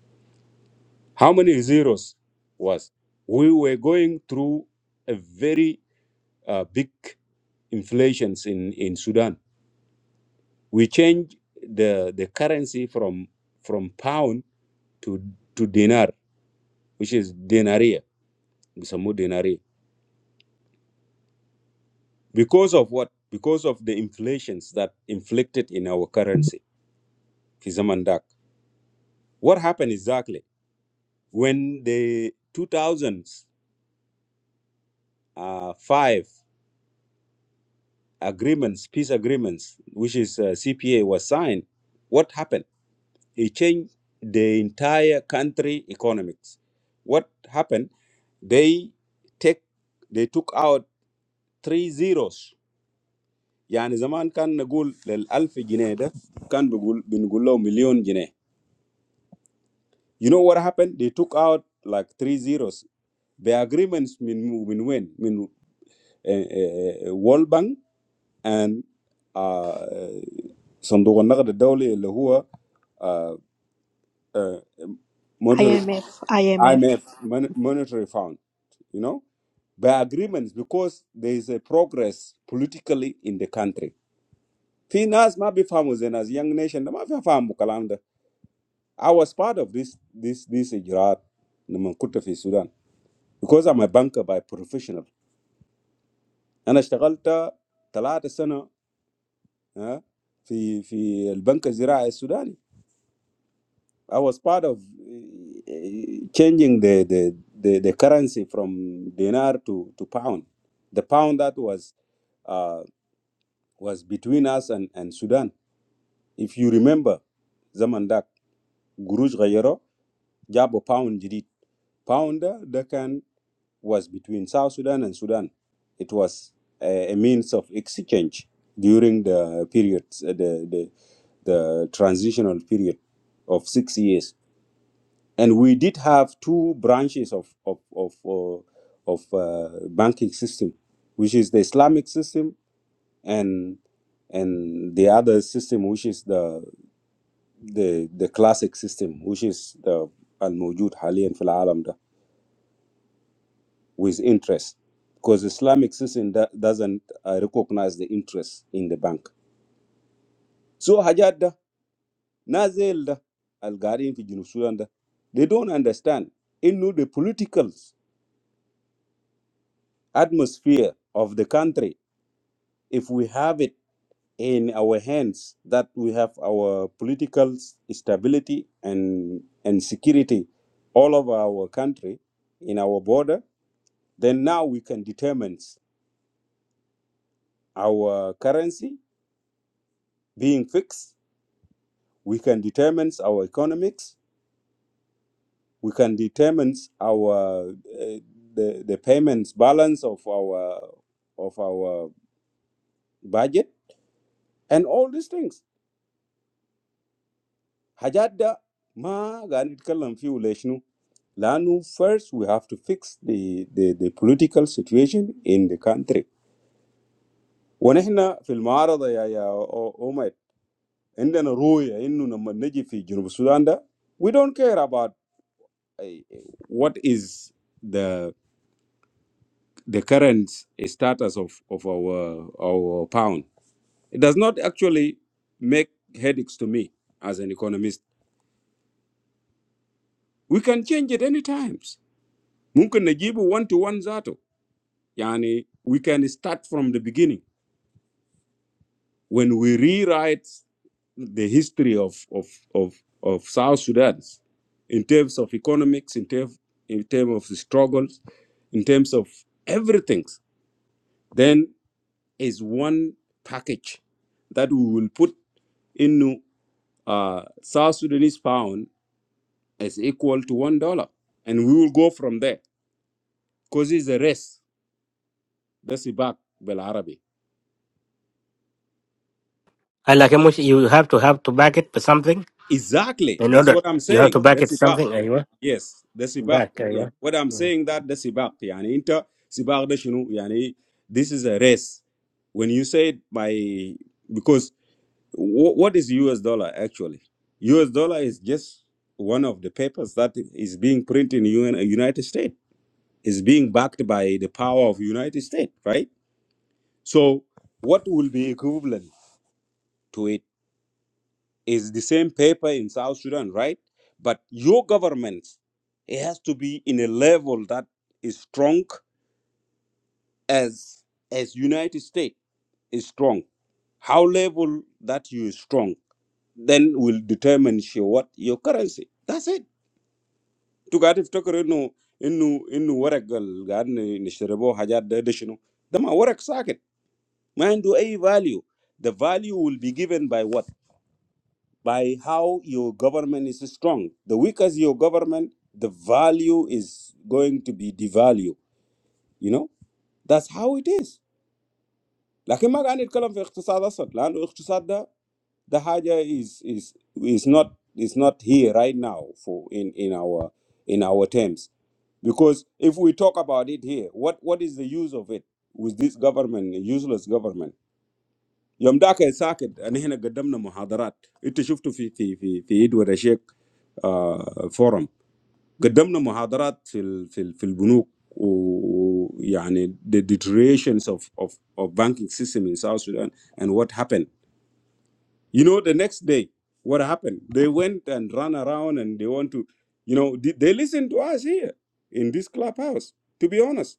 S1: how many zeros was we were going through a very uh, big inflations in, in Sudan we changed the the currency from from pound to to dinar which is denaria بيسموه denaria because of what because of the inflations that inflicted in our currency في زمن داك. what happened exactly when the 2000s uh, five agreements, peace agreements, which is uh, CPA, was signed, what happened? It changed the entire country economics. What happened? They take they took out three zeros. يعني زمان كان نقول للألف جنيه ده كان بقول بنقول له مليون جنيه. You know what happened? They took out like three zeros. The agreements من من وين؟ من uh, uh, uh, World Bank and uh, صندوق النقد الدولي اللي هو uh, uh, monetary-
S5: IMF, IMF.
S1: IMF mon- monetary fund you know by agreements because there is a progress politically in the country في ناس ما بيفهموا زي ناس young nation ده ما بيفهموا الكلام ده I was part of this this this إجراءات لما كنت في السودان because I'm a banker by professional أنا اشتغلت ثلاثة سنة ها، في في البنك الزراعي السوداني I was part of eh, changing the, the, the, the currency from dinar to, to pound. The pound that was uh, was between us and, and Sudan. If you remember, Zamandak, Guruj Gayero, Jabo Pound Jidit. Pound that can was between South Sudan and Sudan. It was a, a means of exchange during the period, eh, the, the, the transitional period of six years and we did have two branches of of of uh, of uh, banking system, which is the Islamic system and and the other system, which is the the the classic system, which is the al mujud haliyan fil alam da, with interest, because the Islamic system da, doesn't uh, recognize the interest in the bank. So hajat da nazel da al garin fi Junub Sudan da, they don't understand. Into the politicals atmosphere of the country if we have it in our hands that we have our political stability and and security all over our country in our border then now we can determine our currency being fixed we can determine our economics we can determine our uh, the, the payments balance of our of our budget and all these things حاجات ده ما قاعد نتكلم فيه ولا شنو first we have to fix the the the political situation in the country ونحن في المعارضه يا يا اومد عندنا رؤيه انه لما نجي في جنوب السودان ده we don't care about uh, what is the the current status of of our our pound it does not actually make headaches to me as an economist we can change it any times ممكن نجيبه one to one ذاته Yani, we can start from the beginning. When we rewrite the history of, of, of, of South Sudan in terms of economics, in, term, in terms of the struggles, in terms of everything, then is one package that we will put in uh, South Sudanese pound as equal to one dollar. And we will go from there. Because it's a race. That's the back, Bel Arabi.
S4: هلا لكن مش you have to have to back it with something
S1: Exactly.
S4: in
S1: That's
S4: order
S1: what I'm
S4: you have
S1: saying.
S4: to back it
S1: That's about.
S4: something أيوه
S1: Yes, that's about.
S4: back
S1: Yeah.
S4: أيوه
S1: What I'm
S4: مم.
S1: saying that that's about. Yani inter sibaq da shinu, yani this is a race. When you say it by because wh- what is US dollar actually? US dollar is just one of the papers that is being printed in UN, United States. It's being backed by the power of United States, right? So what will be equivalent to it? It's the same paper in South Sudan, right? But your government, it has to be in a level that is strong as as United States is strong. How level that you is strong, then will determine your what your currency. That's it. To get if talker no inu inu warak gal gan nishterebo hajat da deshino. Dama warak socket. Mind do a value. The value will be given by what? by how your government is strong. The weaker your government, the value is going to be devalued. You know, that's how it is. لكن ما قاعد نتكلم في اقتصاد اصلا لانه الاقتصاد ده ده حاجه is is is not is not here right now for in in our in our terms because if we talk about it here what what is the use of it with this government a useless government يوم ذاك ساكت انا هنا قدمنا محاضرات انت شفته في في في في ادوار الشيخ آه فورم قدمنا محاضرات في ال- في ال- في البنوك ويعني the deteriorations of of of banking system in South Sudan and what happened you know the next day what happened they went and ran around and they want to you know they, they listen to us here in this clubhouse to be honest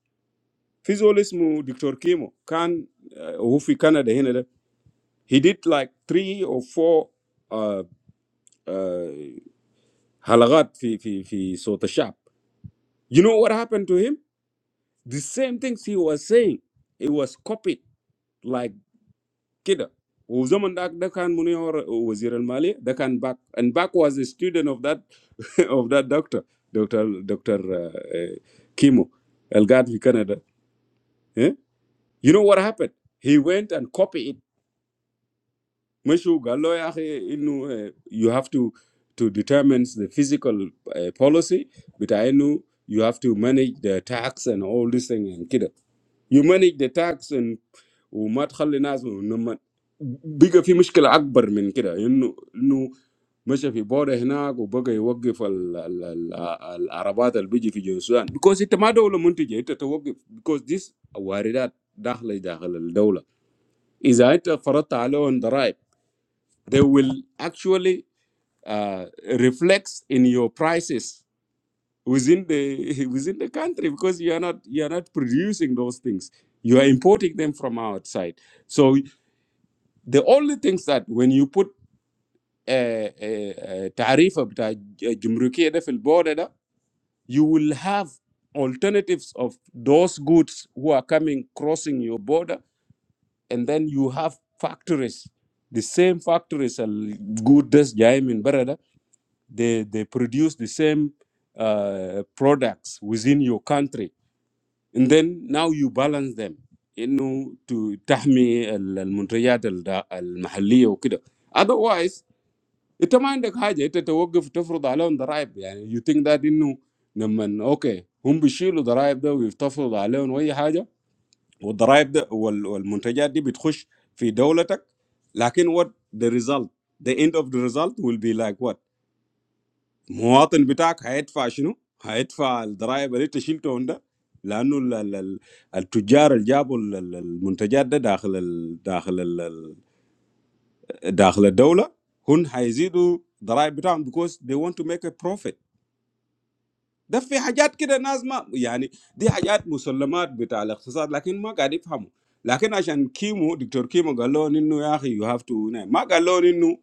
S1: في زول اسمه دكتور كيمو كان آه، هو في كندا هنا ده he did like three or four uh uh halagat fi fi fi sota shab. you know what happened to him the same things he was saying it was copied like kida وزمن ده ده كان منير وزير المالية ده كان back and back was a student of that [laughs] of that doctor doctor doctor uh, uh, Kimo القاعد في Canada. Eh? you know what happened he went and copied it Maybe you have to to determine the physical uh, policy, but I know you have to manage the tax and all these things and kind of. You manage the tax and we might have to ask for no matter. Because if you have a problem, you have to because this worried that inside the country. If you have a problem, you have to they will actually uh, reflect in your prices within the [laughs] within the country because you are not you are not producing those things you are importing them from outside so the only things that when you put a tariff of jumrukiya fil border ده, you will have alternatives of those goods who are coming crossing your border and then you have factories the same factories and good that's They they produce the same uh, products within your country, and then now you balance them, you know, to touch me the the products the the local, otherwise it's a matter of how you you think that you know, man, okay, they're going to drive that we're going to drive that and the products that will the products that will the products that will be in your country. But what the result? The end of the result will be like what? مواطن بتاعك هيدفع شنو؟ هيدفع الضرائب اللي انت شلتهم ده لانه ال- ال- ال- التجار اللي جابوا ال- ال- المنتجات ده داخل ال داخل ال ال- داخل الدوله هم هيزيدوا الضرائب بتاعهم because they want to make a profit ده في حاجات كده ناس ما يعني دي حاجات مسلمات بتاع الاقتصاد لكن ما قاعد يفهموا لكن عشان كيمو دكتور كيمو قال لهم انه يا اخي يو هاف تو ما قال لهم انه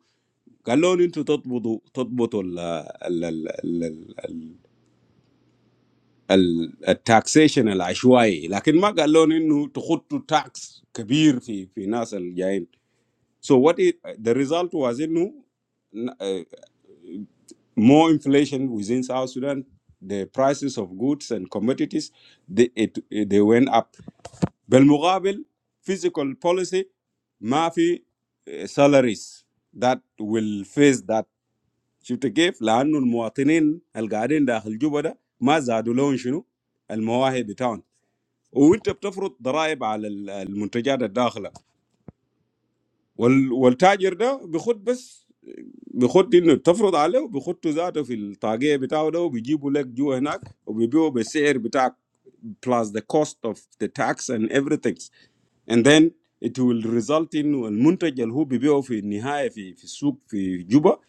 S1: قال لهم انتوا تضبطوا تضبطوا ال ال ال The taxation, the issues. But Magaloni nu to cut to tax big in financial giant. So what is the result was it nu more inflation within South Sudan? The prices of goods and commodities, the it they went up. Belmugglebel physical policy, ma fi salaries that will face that should give. Like nun, the citizens al garden da hel jubada ma zado long shunu al muawe betan. وانت بتفرض ضرائب على ال- المنتجات الداخله وال- والتاجر ده بيخد بس بيخد انه تفرض عليه وبيخده ذاته في الطاقيه بتاعه ده وبيجيبوا لك جوا هناك وبيبيعوا بالسعر بتاعك plus the cost of the tax and everything and then it will result in المنتج اللي هو بيبيعه في النهايه في في السوق في جوبا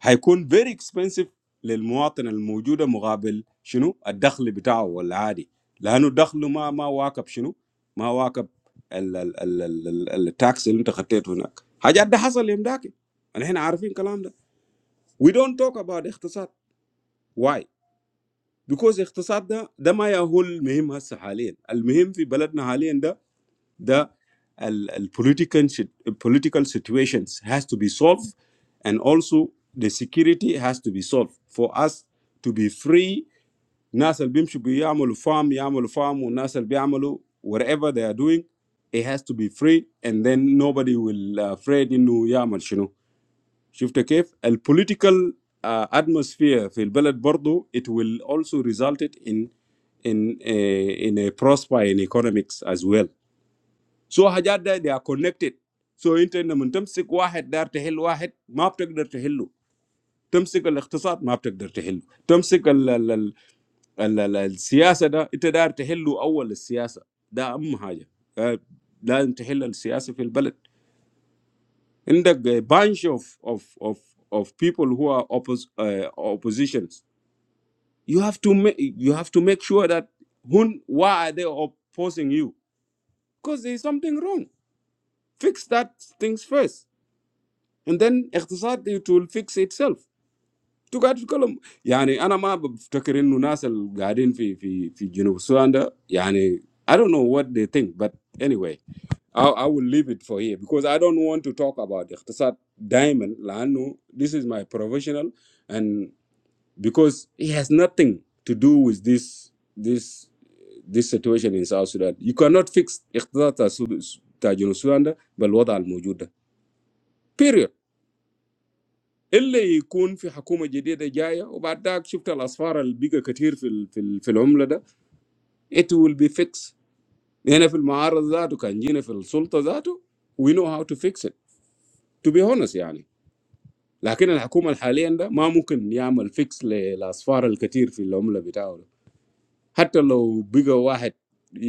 S1: هيكون very expensive للمواطن الموجودة مقابل شنو الدخل بتاعه والعادي لأنه دخله ما ما واكب شنو ما واكب ال- ال- ال- ال- ال- التاكس اللي انت خطيته هناك حاجات ده حصل يوم داك نحن عارفين الكلام ده we don't talk about اقتصاد why because اقتصاد ده ده ما يهول مهم هسه حاليا المهم في بلدنا حاليا ده the ال- ال- political sit- political situations has to be solved and also the security has to be solved for us to be free ناس اللي بيمشوا بيعملوا farm يعملوا farm والناس اللي بيعملوا whatever they are doing it has to be free and then nobody will uh, afraid انه يعمل شنو شفت كيف ال political uh, atmosphere في البلد برضو it will also result it in in a, in a prosper in economics as well so حاجات ده they are connected. So انت لما تمسك واحد دار تحل واحد ما بتقدر تحله. تمسك الاقتصاد ما بتقدر تحله. تمسك ال ال ال ال ال السياسة ده انت دار تحله اول السياسة. ده اهم حاجة. آه، لازم تحل السياسة في البلد. عندك a bunch of of of of people who are oppos uh, oppositions. You have to make you have to make sure that who why are they opposing you? Because there's something wrong. Fix that things first. and then اقتصاد it will fix itself انتوا قاعد تتكلم يعني انا ما بفتكر انه ناس اللي قاعدين في في في جنوب السودان ده يعني I don't know what they think but anyway I, I will leave it for here because I don't want to talk about اقتصاد دائما لانه this is my professional and because it has nothing to do with this this this situation in South Sudan you cannot fix اقتصاد تاع السود- تاع جنوب السودان ده بالوضع الموجود ده period الا يكون في حكومه جديده جايه وبعد ذاك شفت الاسفار اللي بقى كثير في ال- في ال- في العمله ده It will be fixed. Here in the market, and here in the government. We know how to fix it. To be honest, I mean. But the current government can't fix the many flaws in the currency. Even if one person fixes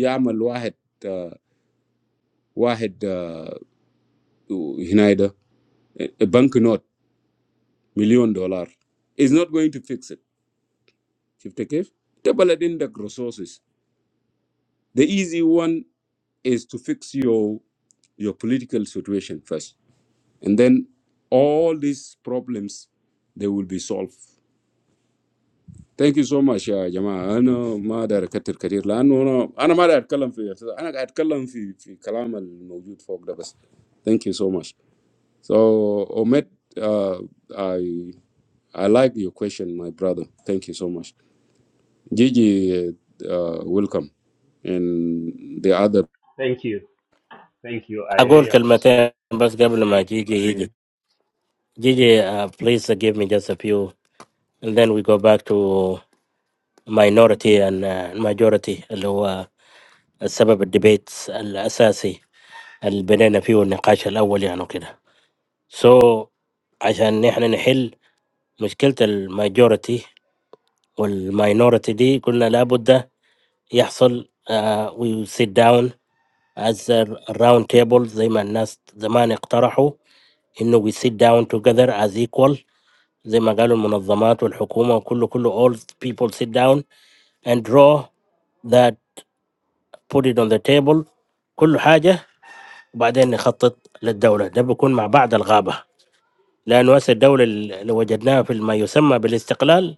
S1: one banknote of a million dollars, it's not going to fix it. You see how? You need more resources. The easy one. is to fix your your political situation first and then all these problems they will be solved thank you so much يا جماعة أنا ما أقدر أكتر كتير لأنه أنا أنا ما أقدر أتكلم في أنا قاعد أتكلم في في كلام الموجود فوق ده بس thank you so much so Omet uh, I I like your question my brother thank you so much Gigi uh, welcome and the other
S7: Thank you. Thank you. I
S4: أقول
S7: really appreciate
S4: كلمتين بس قبل ما جيجي يجي جيجي uh, please give me just a few and then we go back to minority and uh, majority اللي هو السبب الديبيت الأساسي اللي بدينا فيه النقاش الأول يعني وكده سو so عشان نحن نحل مشكلة الماجورتي والماينورتي دي قلنا لابد يحصل uh, we sit down as a round table زي ما الناس زمان اقترحوا انه we sit down together as equal زي ما قالوا المنظمات والحكومة وكله كله all people sit down and draw that put it on the table كل حاجة وبعدين نخطط للدولة ده بيكون مع بعض الغابة لأنه هسه الدولة اللي وجدناها في ما يسمى بالاستقلال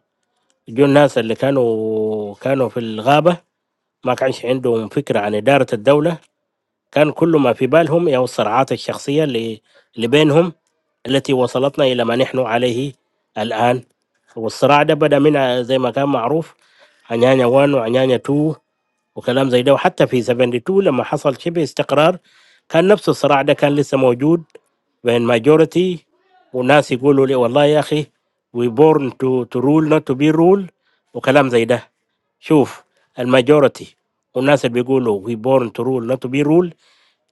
S4: جو الناس اللي كانوا كانوا في الغابة ما كانش عندهم فكرة عن إدارة الدولة كان كل ما في بالهم أو الصراعات الشخصية اللي اللي بينهم التي وصلتنا إلى ما نحن عليه الآن والصراع ده بدأ من زي ما كان معروف عنانيا 1 وعنانيا 2 وكلام زي ده وحتى في 72 لما حصل شبه استقرار كان نفس الصراع ده كان لسه موجود بين ماجورتي وناس يقولوا لي والله يا اخي وي بورن تو تو رول نوت تو بي رول وكلام زي ده شوف الماجورتي والناس اللي بيقولوا وي بورن تو رول نوت تو بي رول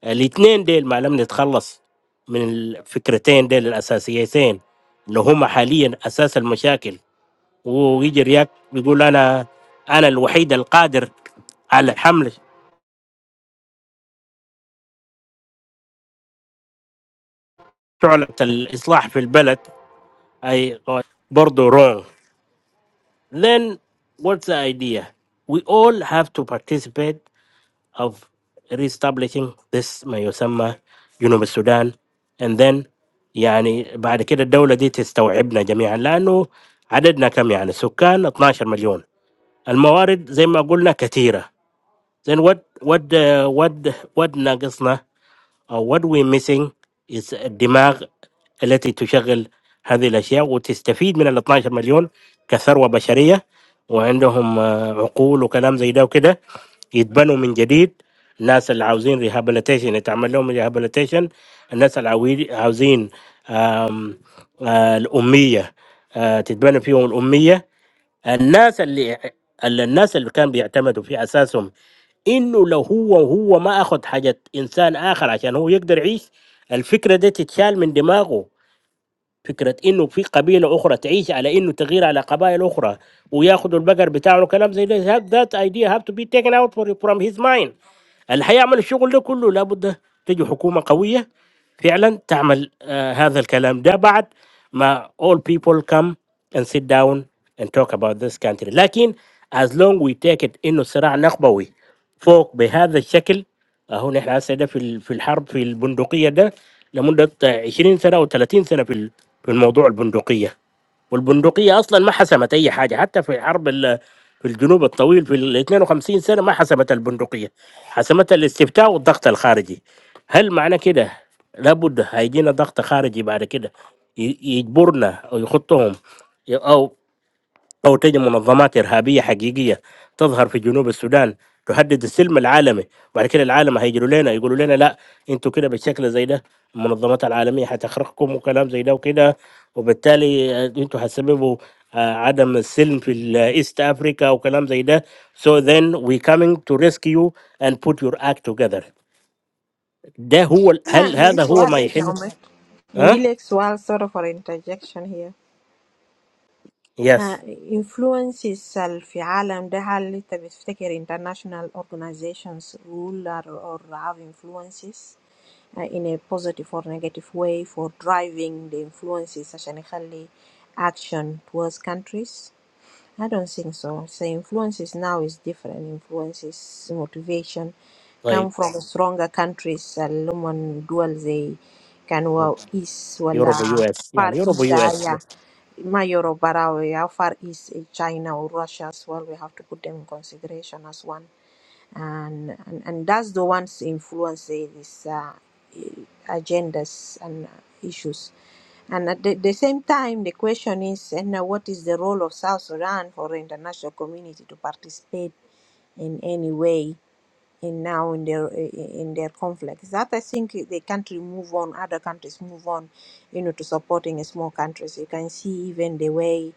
S4: الاثنين ديل ما لم نتخلص من الفكرتين ديل الاساسيتين اللي هم حاليا اساس المشاكل ويجي رياك بيقول انا انا الوحيد القادر على الحمل شعلة الإصلاح في البلد أي برضو wrong then what's the idea we all have to participate of reestablishing this ما يسمى جنوب السودان and then يعني بعد كده الدولة دي تستوعبنا جميعا لأنه عددنا كم يعني سكان 12 مليون الموارد زي ما قلنا كثيرة then what what uh, what what ناقصنا أو what we're missing is الدماغ التي تشغل هذه الأشياء وتستفيد من ال 12 مليون كثروة بشرية وعندهم آه، عقول وكلام زي ده وكده يتبنوا من جديد الناس اللي عاوزين ريهابيليتيشن يتعمل لهم ريهابيليتيشن الناس اللي عاوي- عاوزين آم، آه، الأمية آه، تتبنى فيهم الأمية الناس اللي اللي- الناس اللي كان بيعتمدوا في أساسهم انه لو هو هو ما اخذ حاجه انسان اخر عشان هو يقدر يعيش الفكره دي تتشال من دماغه فكره انه في قبيله اخرى تعيش على انه تغير على قبائل اخرى وياخذوا البقر بتاعه وكلام زي ده ذات ايديا هاف تو بي تيكن اوت فروم هيز مايند اللي هيعمل الشغل ده كله لابد تجي حكومه قويه فعلا تعمل آه، هذا الكلام ده بعد ما all people come and sit down and talk about this country لكن as long we take it انه صراع نخبوي فوق بهذا الشكل اهو نحن هسه ده في ال- في الحرب في البندقيه ده لمده 20 سنه او 30 سنه في ال- في الموضوع البندقيه والبندقيه اصلا ما حسمت اي حاجه حتى في حرب ال- في الجنوب الطويل في ال 52 سنه ما حسمت البندقيه حسمت الاستفتاء والضغط الخارجي هل معنى كده لابد هيجينا ضغط خارجي بعد كده ي- يجبرنا او يخطهم ي- او أو تجد منظمات إرهابية حقيقية تظهر في جنوب السودان تهدد السلم العالمي وبعد كده العالم هيجروا لنا يقولوا لنا لا انتوا كده بالشكل زي ده المنظمات العالمية هتخرقكم وكلام زي ده وكده وبالتالي آه، انتوا هتسببوا آه، عدم السلم في الايست افريكا وكلام زي ده so then we coming to rescue and put your act together ده هو ال-
S5: Nah,
S4: هل
S5: in
S4: هذا
S5: this
S4: هو
S5: world,
S4: ما
S5: like,
S4: يحل
S5: now, man. in
S4: ها
S5: this world, sorry for interjection here. Uh,
S4: يس
S5: influences uh, في عالم ده هل انت بتفتكر international organizations rule or, or have influences uh, in a positive or negative way for driving the influences عشان يخلي action towards countries I don't think so. So influences now is different. Influences motivation
S4: طيب
S5: come from stronger countries. Alumon dual they can well east
S4: يوروب يو
S5: wala
S4: اس
S5: far
S4: يعني يوروب
S5: east
S4: يو اس
S5: yeah.
S4: بس
S5: My Europe barawe, how far east eh, China or Russia as well. We have to put them in consideration as one. and and, and that's the ones influence eh, this uh, eh, agendas and uh, issues. And at the, the same time, the question is, and now what is the role of South Sudan for the international community to participate in any way in now in their eh, eh, in their conflicts? That I think eh, the country move on, other countries move on, you know, to supporting small countries. You can see even the way,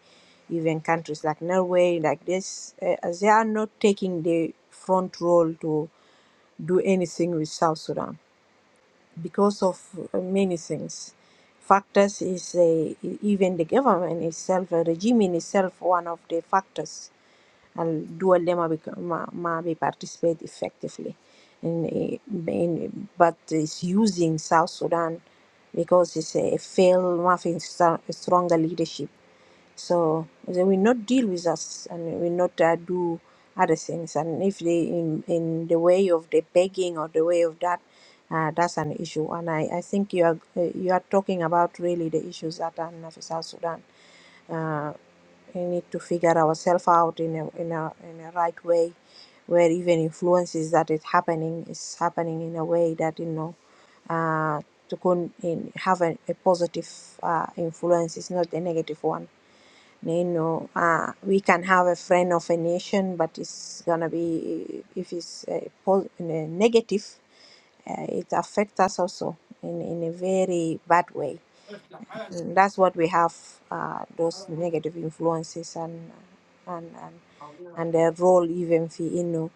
S5: even countries like Norway, like this, uh, they are not taking the front role to do anything with South Sudan because of uh, many things. Factors is a, even the government itself, a regime in itself, one of the factors and do a ma be participate effectively in, in but it's using South Sudan because it's a failed mafi strong leadership so they will not deal with us and will not uh, do other things. And if they in, in the way of the begging or the way of that, uh, that's an issue. And I, I think you are uh, you are talking about really the issues that are in South Sudan. Uh, we need to figure ourselves out in a, in a in a right way, where even influences that is happening is happening in a way that you know uh, to con- in, have a, a positive uh, influence. It's not a negative one you know, uh, we can have a friend of a nation, but it's gonna be if it's uh, pos- in a negative, uh, it affects us also in, in a very bad way. And that's what we have uh, those negative influences and, and, and and their role even في إنه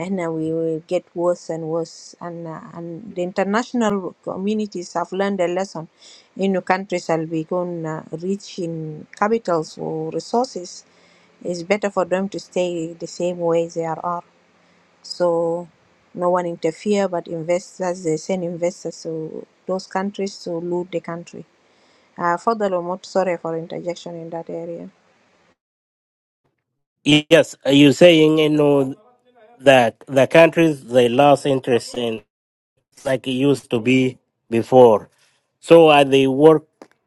S5: إحنا we will get worse and worse and uh, and the international communities have learned a lesson إنه countries اللي بيكون uh, rich in capitals or resources it's better for them to stay the same way they are are. so no one interfere but investors they send investors to those countries to loot the country uh, further Lomot, sorry for interjection in that area
S4: Yes, are you saying you know the the countries they lost interest in like it used to be before so uh, they work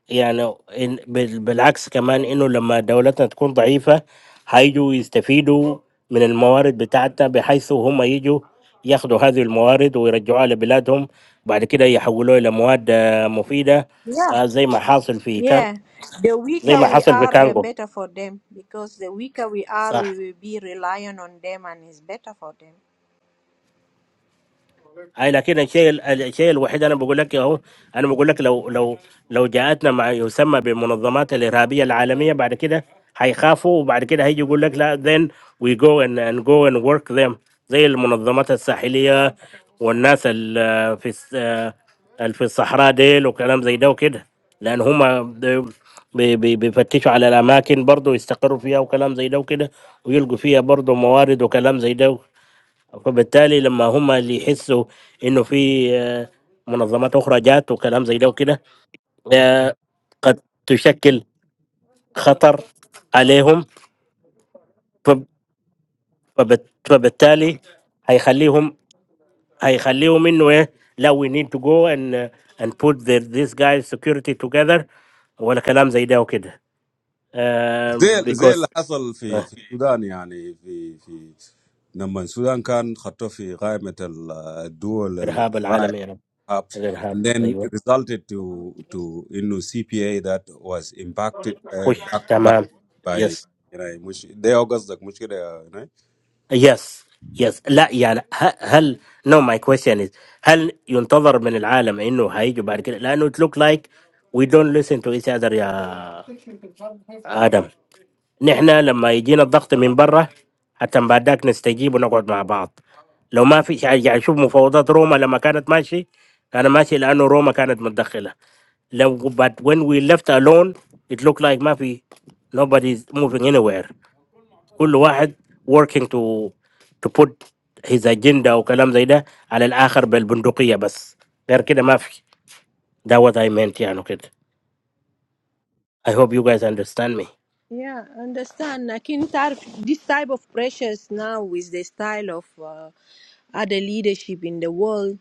S4: يعني in, بال- بالعكس كمان انه لما دولتنا تكون ضعيفة هيجوا يستفيدوا من الموارد بتاعتنا بحيث هم يجوا ياخدوا هذه الموارد ويرجعوها لبلادهم بعد كده يحولوها إلى مواد آه، مفيدة
S5: Yeah.
S4: آه، زي ما حاصل في كان
S5: Yeah, the
S4: زي
S5: weaker
S4: ما
S5: we
S4: حصل في
S5: are, the
S4: كانغو
S5: better for them because the weaker we are,
S4: صح
S5: we will be relying on them and it's better for them.
S4: اي لكن الشيء الشيء الوحيد انا بقول لك اهو انا بقول لك لو لو لو جاءتنا ما يسمى بالمنظمات الارهابيه العالميه بعد كده هيخافوا وبعد كده هيجي يقول لك لا then we go and, and go and work them زي المنظمات الساحليه والناس ال- في الس- ال- في الصحراء ديل وكلام زي ده وكده لان هم بيفتشوا على الاماكن برضه يستقروا فيها وكلام زي ده وكده ويلقوا فيها برضه موارد وكلام زي ده فبالتالي لما هم اللي يحسوا انه في آه، منظمات اخرى جات وكلام زي ده وكده آه، قد تشكل خطر عليهم فب- فبت- فبالتالي هيخليهم هيخليهم انه ايه لا we need to go and and put the, this guys security together ولا كلام زي ده وكده آه،
S1: زي زي
S4: because
S1: اللي حصل في
S4: آه،
S1: في السودان يعني في في لما السودان كان خطوه في قائمه ال- الدول
S4: ارهاب
S1: الرائعه
S4: العالمي يا رب
S1: and
S4: الارهاب
S1: then it
S4: ايوه
S1: resulted to to you know CPA that was impacted uh,
S4: خش
S1: backed by
S4: تمام
S1: by
S4: يس
S1: you know مش ده قصدك مشكله you know
S4: Yes, yes. لا يعني ه- هل no my question is هل ينتظر من العالم انه هيجوا بعد كده لانه it look like we don't listen to each other يا ادم نحن لما يجينا الضغط من برا حتى بعد ذاك نستجيب ونقعد مع بعض لو ما في شيء يعني يعني شوف مفاوضات روما لما كانت ماشي كان ماشي لانه روما كانت متدخله لو but when we left alone it looked like ما في nobody is moving anywhere كل واحد working to to put his agenda وكلام زي ده على الآخر بالبندقية بس غير كده ما في ده what I meant يعني كده I hope you guys understand me
S5: Yeah, understand. I can tell this type of pressures now with the style of uh, other leadership in the world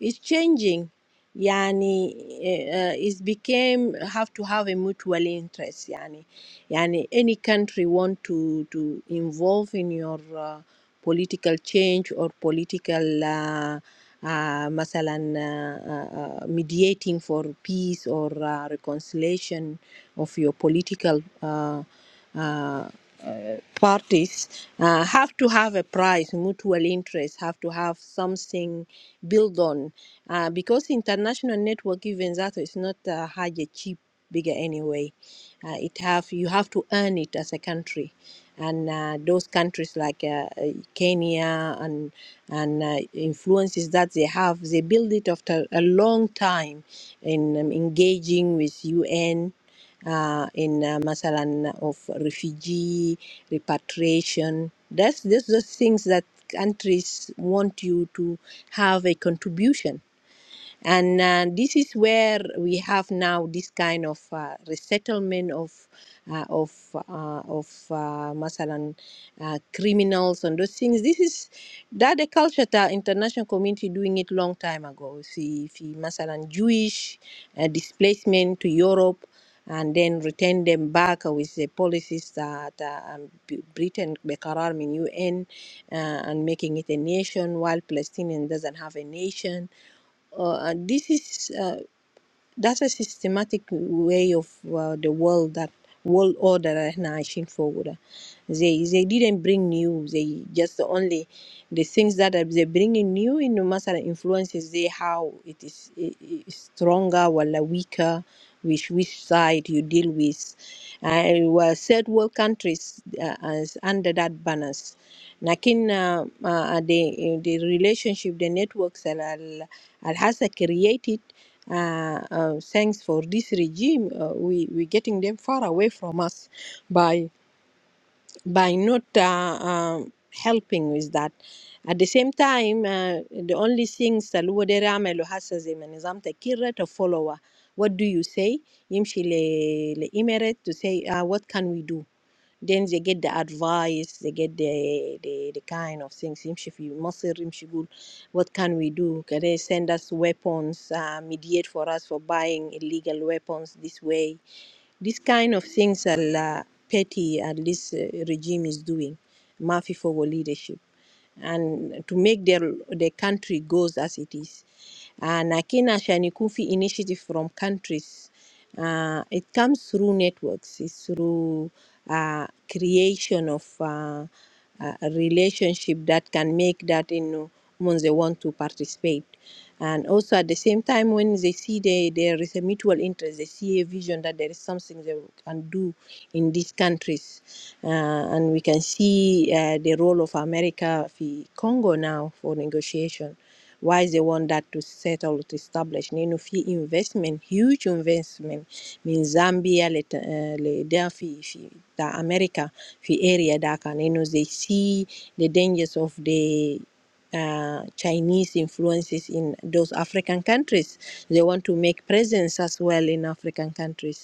S5: is changing. Yani, uh, it's became have to have a mutual interest. Yani, yani any country want to to involve in your uh, political change or political. Uh, uh, مثلا uh, uh, mediating for peace or uh, reconciliation of your political uh, uh, uh, parties uh, have to have a price mutual interests have to have something built on uh, because international network even that is not uh, hardly cheap bigger anyway uh, it have you have to earn it as a country and uh, those countries like uh, uh, Kenya and and uh, influences that they have. They build it after a long time in um, engaging with UN uh, in uh, masalan of refugee repatriation. That's those are things that countries want you to have a contribution and uh, this is where we have now this kind of uh, resettlement of uh, of uh, of uh, masalan uh, criminals and those things this is that the culture that international community doing it long time ago see if you masalan jewish uh, displacement to europe and then return them back with the policies that uh, um, B- Britain, Bekarar, in UN, uh, and making it a nation, while Palestinian doesn't have a nation uh, and this is uh, that's a systematic way of uh, the world that world order that احنا عايشين فوقه ده. They they didn't bring new. They just only the things that are- they bring in new in مثلا influences they how it is i- i- stronger ولا weaker which which side you deal with. I was third world countries uh, as under that banners. لكن uh, uh, the the relationship the networks al al has created uh, uh, thanks for this regime, uh, we we getting them far away from us by by not uh, um, helping with that. At the same time, uh, the only things that Salwa Dere عمله هسه زي ما نظام تكير to follow. What do you say? يمشي ل- لإمارات to say uh, what can we do? then they get the advice they get the the, the kind of things يمشي في مصر يمشي يقول what can we do can they send us weapons uh, mediate for us for buying illegal weapons this way this kind of things are uh, petty at this uh, regime is doing Murphy for leadership and to make their the country goes as it is uh, lakini عشان يكون في initiative from countries uh, it comes through networks it's through uh, creation of uh, a relationship that can make that you know when they want to participate and also at the same time when they see they, there is a mutual interest they see a vision that there is something they can do in these countries uh, and we can see uh, the role of america for congo now for negotiation why they want that to settle to establish you know في investment huge investment من Zambia lit- uh, لده في في بتاع أمريكا في area ده كان إنه they see the dangers of the uh, Chinese influences in those African countries. They want to make presence as well in African countries.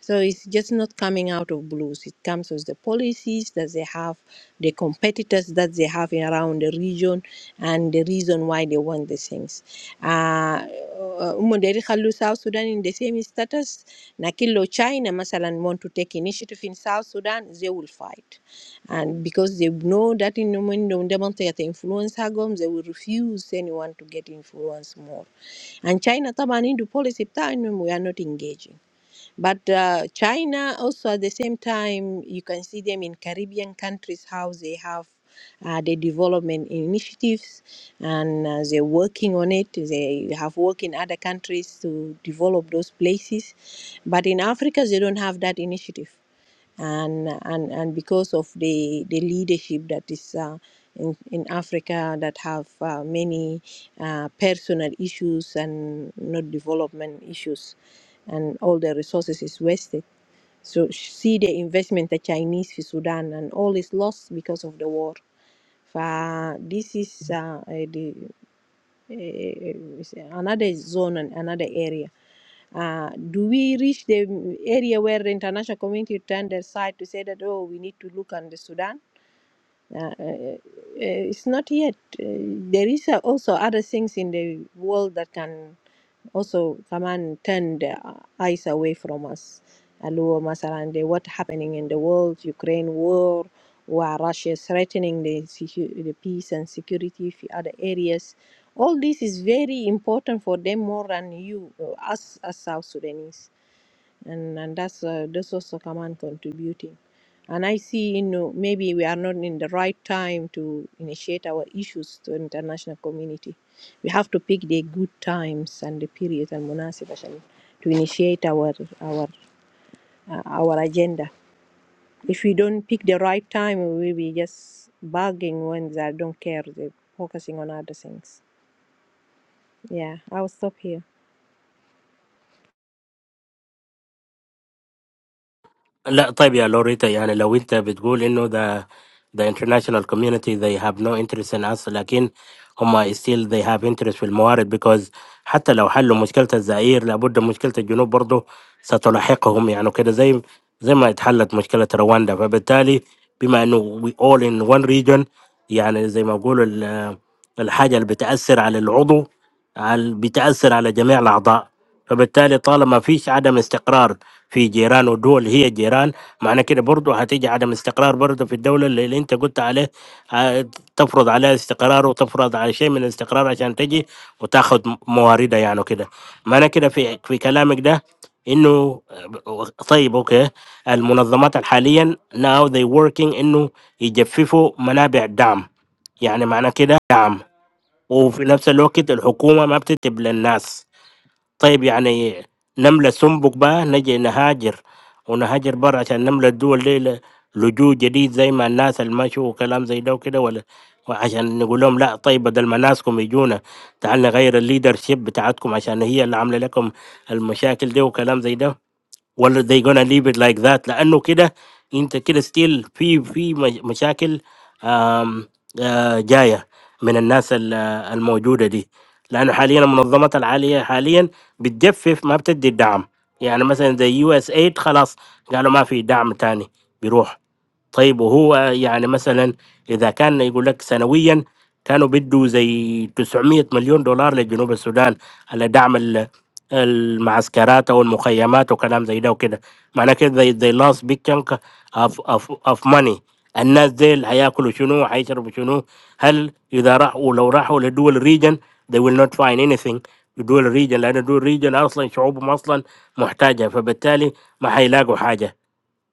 S5: So it's just not coming out of blues. It comes with the policies that they have, the competitors that they have around the region, and the reason why they want these things. Uh, Umoderi Khalu South Sudan in the same status. Nakilo China, Masalan, want to take initiative in South Sudan, they will fight. And because they know that in the moment they want to influence Hagom, they will refuse anyone to get influence more. And China, Tabanindu policy, بتاعها إنهم we are not engaging. But uh, China also at the same time, you can see them in Caribbean countries how they have uh, the development initiatives and uh, they're working on it. They have worked in other countries to develop those places. But in Africa, they don't have that initiative and and and because of the the leadership that is uh, in in Africa that have uh, many uh, personal issues and not development issues, and all the resources is wasted. So see the investment the Chinese في Sudan and all is lost because of the war. For this is uh, uh, another zone and another area. Uh, do we reach the area where the international community turned their side to say that, oh, we need to look on the Sudan? Uh, uh, uh, it's not yet. Uh, there is uh, also other things in the world that can also Kaman turned their eyes away from us. Aluo Masalan, the what happening in the world, Ukraine war, where Russia is threatening the, secu- the peace and security of other areas. All this is very important for them more than you, uh, us as South Sudanese and and that's uh, that's also command contributing and i see you know maybe we are not in the right time to initiate our issues to international community we have to pick the good times and the periods and munasib عشان to initiate our our uh, our agenda if we don't pick the right time we will be just bugging when they don't care they're focusing on other things yeah i will stop here
S4: لا طيب يا لوريتا يعني لو انت بتقول انه ده the international community they have no interest in us لكن هم still they have interest في الموارد because حتى لو حلوا مشكلة الزائر لابد مشكلة الجنوب برضه ستلاحقهم يعني كده زي زي ما اتحلت مشكلة رواندا فبالتالي بما انه we all in one region يعني زي ما بقولوا ال- الحاجة اللي بتأثر على العضو عال- بتأثر على جميع الأعضاء فبالتالي طالما فيش عدم استقرار في جيران ودول هي جيران معنى كده برضه هتيجي عدم استقرار برضه في الدولة اللي اللي انت قلت عليه ه- تفرض عليها استقرار وتفرض على شيء من الاستقرار عشان تجي وتاخد م- مواردها يعني كده معنى كده في في كلامك ده انه آه، طيب اوكي المنظمات حاليا now they working انه يجففوا منابع الدعم يعني معنى كده وفي نفس الوقت الحكومة ما بتكتب للناس طيب يعني نملة سنبك بقى نجي نهاجر ونهاجر برا عشان نملة الدول دي ل- لجوء جديد زي ما الناس المشوا وكلام زي ده وكده ولا وعشان نقول لهم لا طيب بدل ما ناسكم يجونا تعال نغير الليدر شيب بتاعتكم عشان هي اللي عامله لكم المشاكل دي وكلام زي ده ولا they gonna leave it like that لأنه كده أنت كده still في في مش- مشاكل آم، آه، جاية من الناس ال- آه، الموجودة دي لأنه حاليا المنظمات العالية حاليا بتجفف ما بتدي الدعم يعني مثلا زي يو اس ايد خلاص قالوا ما في دعم تاني بيروح طيب وهو يعني مثلا اذا كان يقول لك سنويا كانوا بيدوا زي 900 مليون دولار لجنوب السودان على دعم ال- المعسكرات او المخيمات وكلام زي ده وكده معناه كده they, they lost big chunk of, of, of money الناس ديل هياكلوا شنو هيشربوا شنو هل اذا راحوا لو راحوا لدول الريجن they will not find anything لدول الريجن لان دول الريجن اصلا شعوبهم اصلا محتاجه فبالتالي ما هيلاقوا حاجه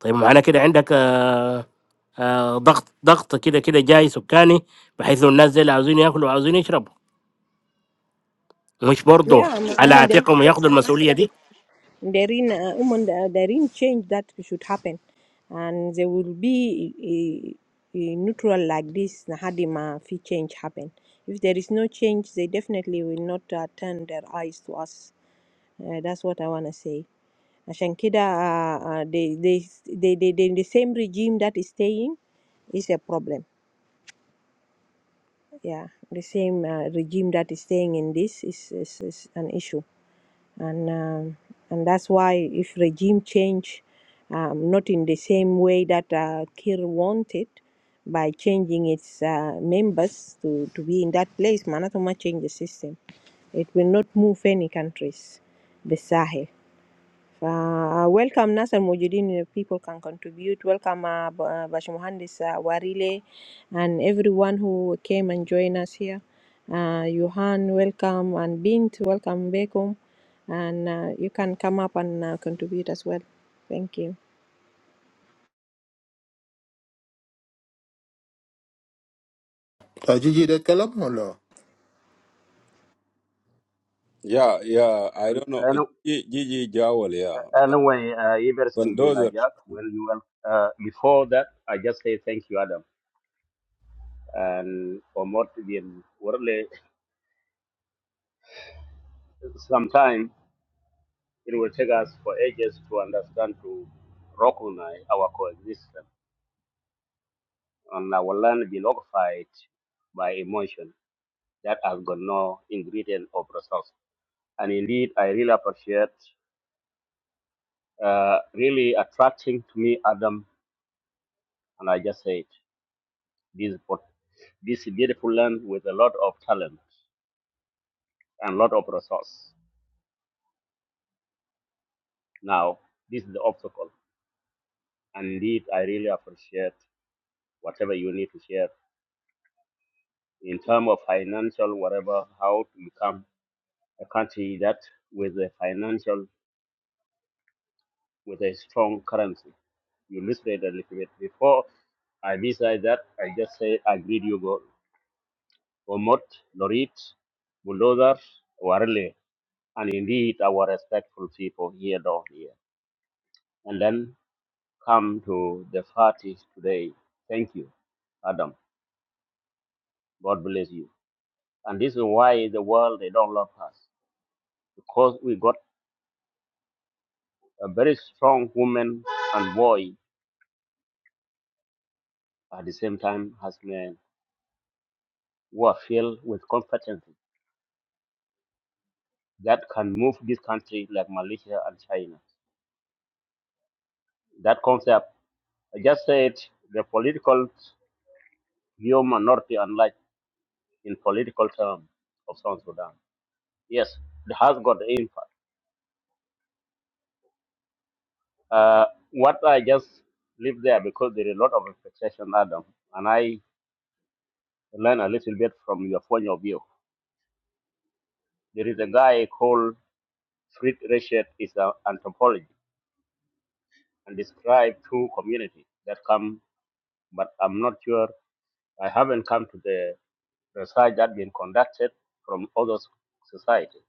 S4: طيب معناه كده عندك آه، آه، ضغط ضغط كده كده جاي سكاني بحيث إنه الناس دي اللي عاوزين ياكلوا وعاوزين يشربوا مش
S5: yeah
S4: برضه
S5: i'm,
S4: على
S5: I'm on
S4: عاتقهم ياخدوا المسؤوليه
S5: the
S4: دي
S5: Darin, uh, women, uh, Darin change that should happen, and there will be a, a neutral like this. Nahadima, if change happen, if there is no change, they definitely will not uh, turn their eyes to us. Uh, that's what I wanna say. Ashankida, uh, uh, they, they, they, they, they, the same regime that is staying is a problem. Yeah, the same uh, regime that is staying in this is, is, is an issue. and um, and that's why if regime change um, not in the same way that uh, Kir wanted by changing its uh, members to, to be in that place, Manatoma change the system. It will not move any countries, the Sahel. Uh, welcome ناس الموجودين people can contribute welcome uh, ب- uh, باشمهندس uh, Warile and everyone who came and joined us here uh, Johan welcome and Bint welcome بكم and uh, you can come up and uh, contribute as well thank you
S8: Ajiji de Kalamolo.
S1: yeah yeah I
S7: it. And,
S1: don't know
S7: and
S1: G- Gigi Jawal yeah
S7: uh, anyway, uh,
S1: but
S7: everything been
S1: those
S7: a
S1: are
S7: jack. Well, you well. Uh, before that, I just say thank you, Adam. And for more to be in worldly, sometime it will take us for ages to understand to recognize our coexistence and our land be occupied by emotion that has got no ingredient of resource. And indeed, I really appreciate, uh, really attracting to me, Adam. And I just say it. this this beautiful land with a lot of talent and a lot of resource. Now, this is the obstacle. And indeed, I really appreciate whatever you need to share in terms of financial, whatever, how to become a country that with a financial, with a strong currency. You listed a little bit before. I besides that, I just say I greet you, God. Omot, Lorit, Bulldozer, Warle, and indeed our respectful people here down here. And then come to the party today. Thank you, Adam. God bless you. And this is why the world they don't love us because we got a very strong woman and boy at the same time as men who are filled with competence that can move this country like Malaysia and China. That concept, I just said the political view minority unlike in political terms of South Sudan. Yes, it has got impact Uh, what I just leave there because there is a lot of expectation, Adam, and I learn a little bit from your point of view. There is a guy called Fritz Richard is an anthropologist and describe two communities that come, but I'm not sure. I haven't come to the research that been conducted from other societies.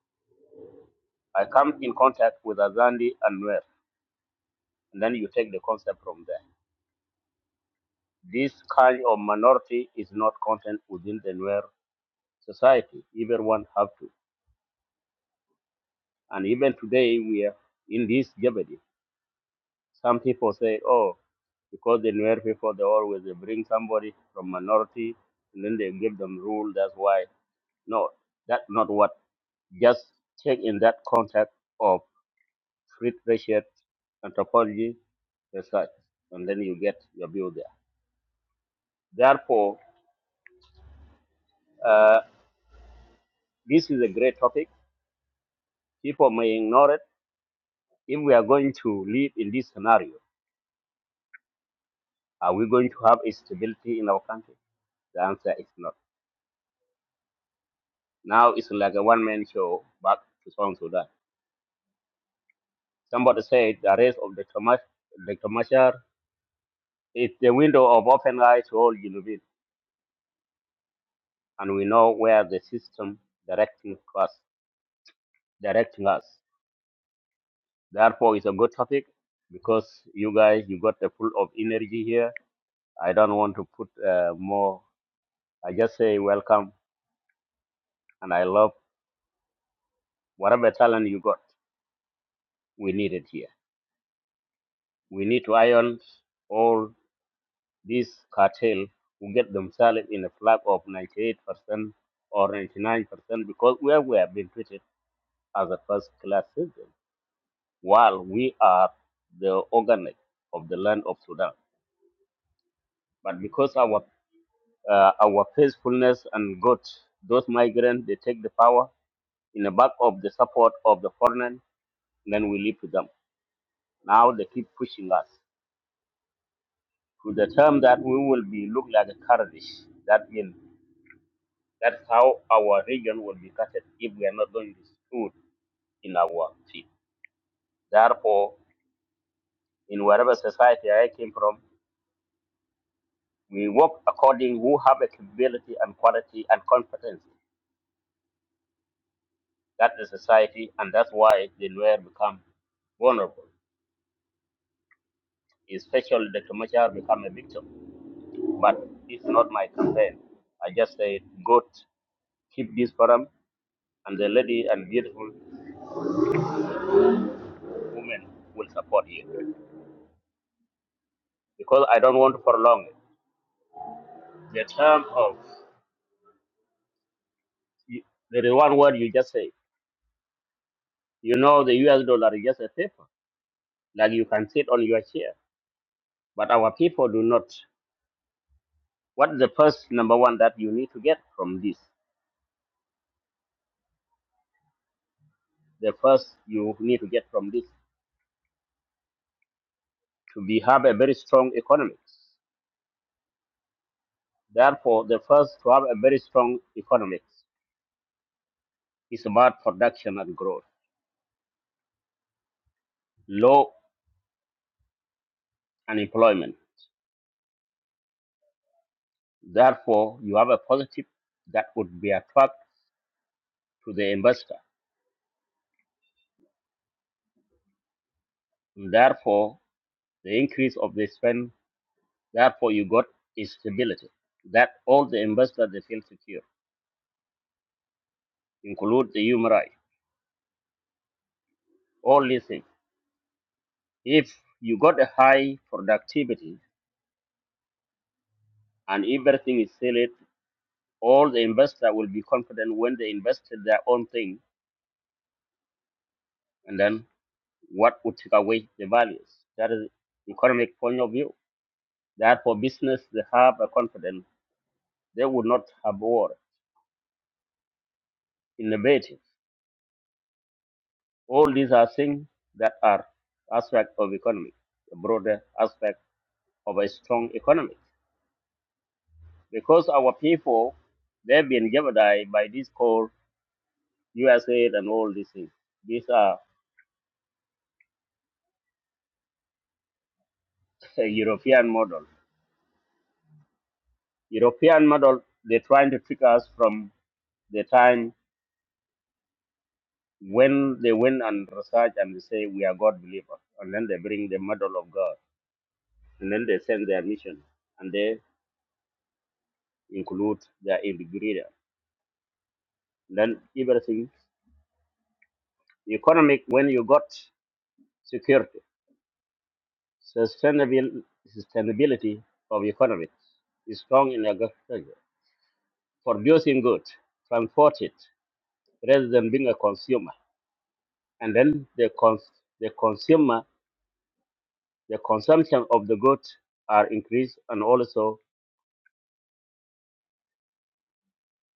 S7: I come in contact with Azandi and Nuer, and then you take the concept from there. This kind of minority is not content within the Nuer society. Everyone have to. And even today we are in this jeopardy. Some people say, oh, because the Nuer people, they always they bring somebody from minority and then they give them rule. That's why. No, that's not what. Just check in that context of free trade anthropology research, and then you get your view there. Therefore, uh, this is a great topic. People may ignore it. If we are going to live in this scenario, Are we going to have a stability in our country? The answer is not. Now it's like a one man show back to South Sudan. Somebody said the arrest of Dr. Mash, Dr. Mashar is the window of open eyes to all Genovese, and we know where the system directing us, directing us. Therefore, it's a good topic because you guys, you got the full of energy here. I don't want to put uh, more. I just say welcome, and I love whatever talent you got. We need it here. We need to iron all these cartel who get themselves in a flag of 98% or 99% because where we have been treated as a first class citizen while we are the organic of the land of Sudan. But because our uh, our peacefulness and good, those migrants, they take the power in the back of the support of the foreign, then we leave to them. Now they keep pushing us to the term that we will be look like a Kurdish. That means That's how our region will be cut if we are not doing this food in our field. Therefore, in whatever society I came from, we work according who have a capability and quality and competence. That's society, and that's why the lawyer become vulnerable. Especially the commercial become a victim. But it's not my campaign. I just say, go t- keep this forum, and the lady and beautiful woman will support you. Because I don't want to prolong it. The term of you, there is one word you just say. You know, the US dollar is just a paper, like you can sit on your chair. But our people do not. What is the first number one that you need to get from this? The first you need to get from this to be have a very strong economy. Therefore, the first to have a very strong economy is about production and growth, low unemployment. Therefore, you have a positive that would be attract to the investor. Therefore, the increase of the spend Therefore, you got is stability. That all the investors they feel secure, include the human right, all these things. If you got a high productivity and everything is solid, all the investor will be confident when they invested their own thing, and then what would take away the values? That is economic point of view. Therefore, business they have a confidence they would not have war, innovative. All these are things that are aspect of economy, the broader aspect of a strong economy because our people they've been jeopardized by this called USA and all these things. These are [laughs] a European model. European model they're trying to trick us from the time when they went and research and they say we are God believers and then they bring the model of God and then they send their mission and they include their ingredient. Then everything economic when you got security Sustainable, sustainability of economics is strong in agriculture. Producing goods, transport it, rather than being a consumer. And then the, cons- the consumer, the consumption of the goods are increased and also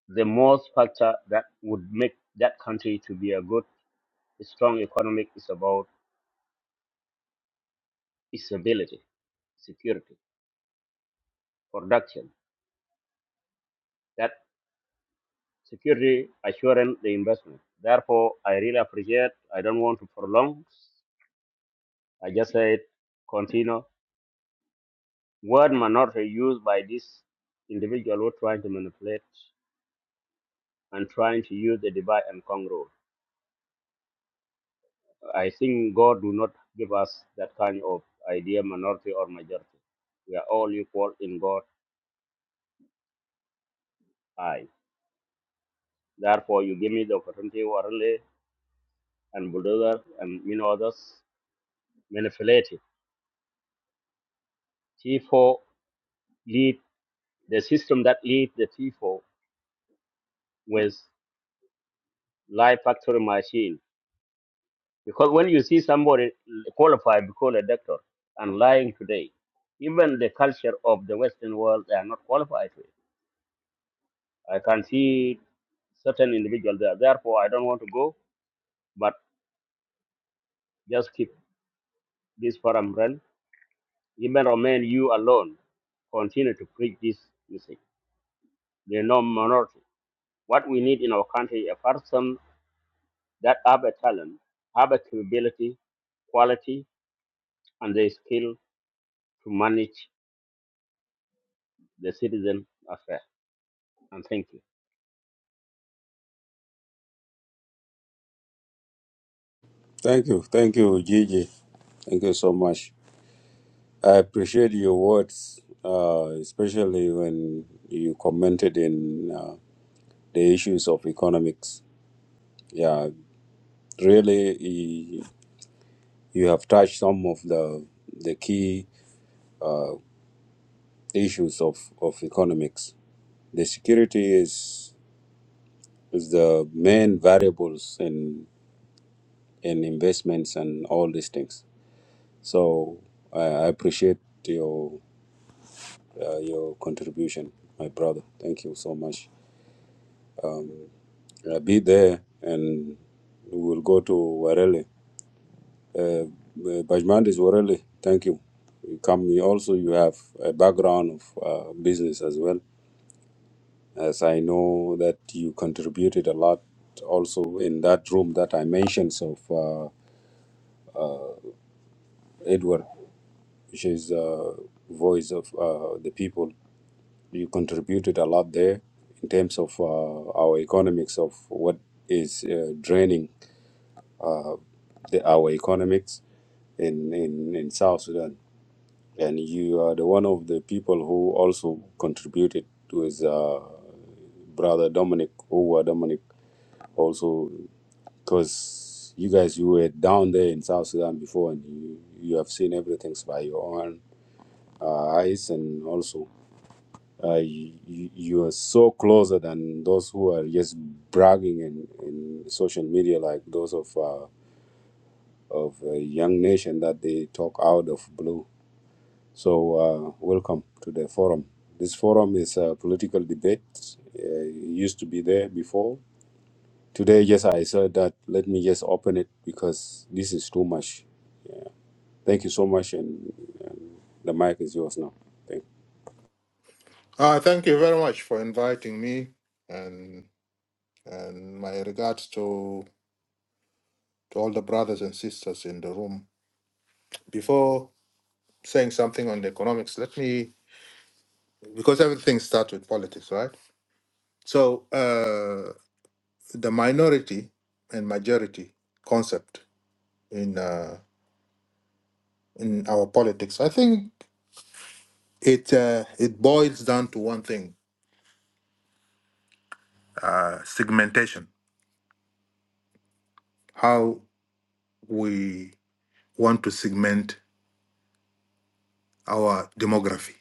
S7: the most factor that would make that country to be a good, strong economic is about stability, security, production. That security assurance the investment. Therefore, I really appreciate. I don't want to prolong. I just said, continue. Word minority used by this individual who trying to manipulate and trying to use the divide and conquer I think God do not give us that kind of idea, minority or majority. We are all equal in God's eye. Therefore, you give me the opportunity, Warale and Bulldozer and many others, manipulate it. T4 lead the system that lead the T4 with live factory machine Because when you see somebody qualified to call a doctor and lying today, even the culture of the Western world, they are not qualified to it. I can see certain individuals there. Therefore, I don't want to go, but just keep this forum run. Even remain you alone, continue to preach this message. There are no minority. What we need in our country, a person that have a talent, have a capability, quality, and the skill to manage the citizen affair. And thank you.
S1: thank you thank you Gigi thank you so much I appreciate your words, uh, especially when you commented in uh, the issues of economics. Yeah, really, you you have touched some of the the key issues of, of economics. The security is is the main variables in in investments and all these things. So I I appreciate your uh, your contribution, my brother. Thank you so much. Uh, be there and we'll go to Warele. Uh, Bajmandis Warele, thank you. You come you also, you have a background of uh, business as well. As I know that you contributed a lot also in that room that I mentioned of uh, Edward, which is uh, voice of uh, the people. You contributed a lot there in terms of uh, our economics of what is uh, draining the, our economics in, in, in South Sudan. And you are the one of the people who also contributed with uh, brother Dominic, who Dominic also, because you guys, you were down there in South Sudan before and you, you have seen everything by your own uh, eyes and also uh, you, you you are so closer than those who are just bragging in, in social media like those of uh, of a young nation that they talk out of blue. So, uh, welcome to the forum. This forum is a political debate. Uh, it used to be there before. Today, yes, I said that. Let me just open it because this is too much. Thank you so much, and the mic is yours now. Thank.
S8: Ah, thank you very much for inviting me, and and my regards to to all the brothers and sisters in the room. Before saying something on the economics, let me because everything starts with politics, right? So uh, the minority and majority concept in uh, in our politics, I think it uh, it boils down to one thing: uh, segmentation. How we want to segment our demography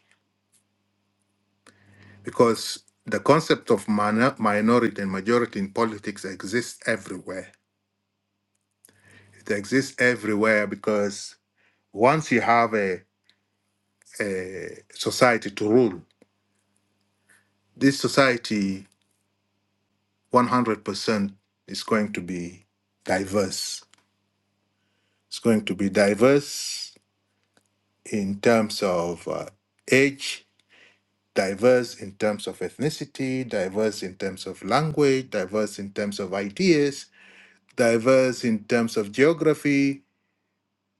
S8: because the concept of minor- minority and majority in politics exists everywhere. It exists everywhere because once you have a, a society to rule, this society 100% is going to be diverse. It's going to be diverse in terms of uh, age, diverse in terms of ethnicity, diverse in terms of language, diverse in terms of ideas, diverse in terms of geography,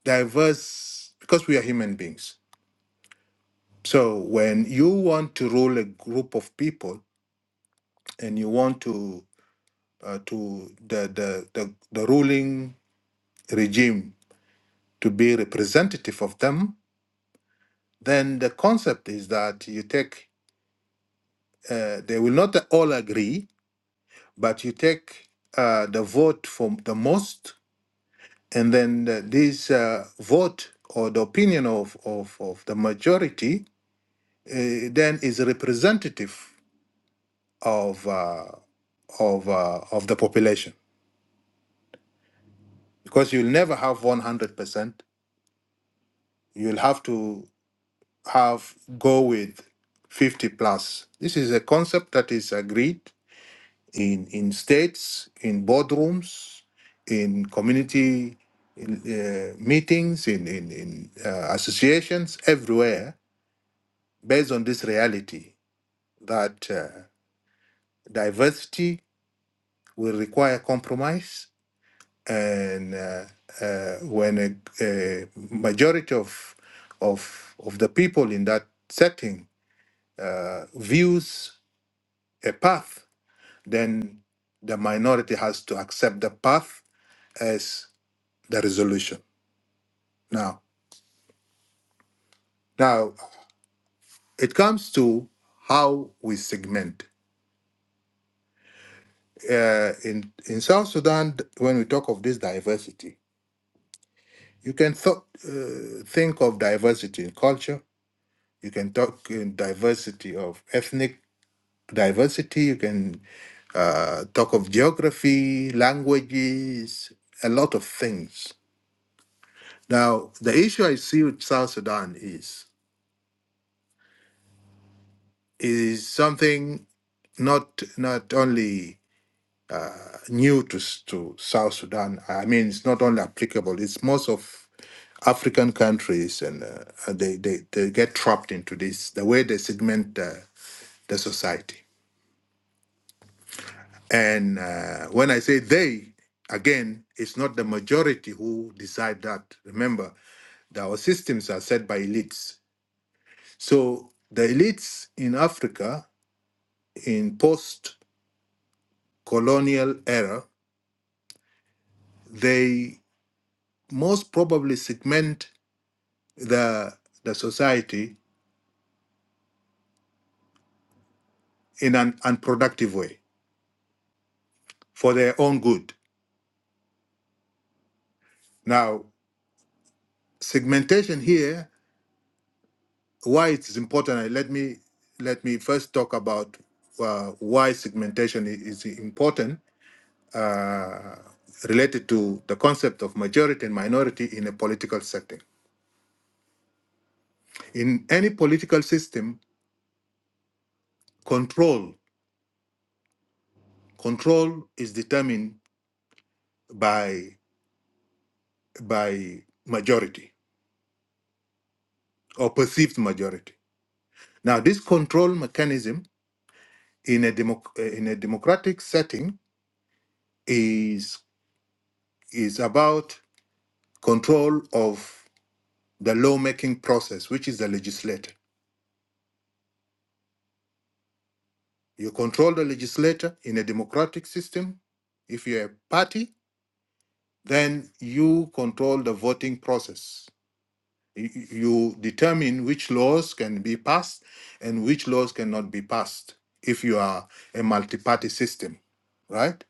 S8: diverse because we are human beings. So when you want to rule a group of people and you want to uh, to the, the the the ruling regime to be representative of them, then the concept is that you take uh, they will not all agree, but you take uh, the vote from the most, and then the, this uh, vote or the opinion of, of, of the majority uh, then is representative of uh, of uh, of the population because you'll never have 100% you'll have to have go with 50 plus this is a concept that is agreed in in states in boardrooms in community uh, meetings in in, in uh, associations everywhere based on this reality that uh, diversity will require compromise and uh, uh, when a, a majority of of of the people in that setting uh, views a path, then the minority has to accept the path as the resolution. Now, now it comes to how we segment. Uh, in in South Sudan, when we talk of this diversity, you can thought uh, think of diversity in culture. You can talk in diversity of ethnic diversity. You can uh, talk of geography, languages, a lot of things. Now, the issue I see with South Sudan is is something not not only new to s- to South Sudan. I mean, it's not only applicable. It's most of African countries, and uh, they, they they get trapped into this the way they segment uh, the society. And uh, when I say they, again, it's not the majority who decide that. Remember, that our systems are set by elites. So the elites in Africa in post colonial era, they most probably segment the, the society in an unproductive way for their own good. Now, segmentation here why it is important. and Let me let me first talk about uh, why segmentation i- is important uh, related to the concept of majority and minority in a political setting. In any political system, control control is determined by by majority or perceived majority. Now, this control mechanism in a democ- uh, in a democratic setting is is about control of the lawmaking process, which is the legislator. You control the legislator in a democratic system. If you're a party, then you control the voting process. You you determine which laws can be passed and which laws cannot be passed if you are a multi party system, right?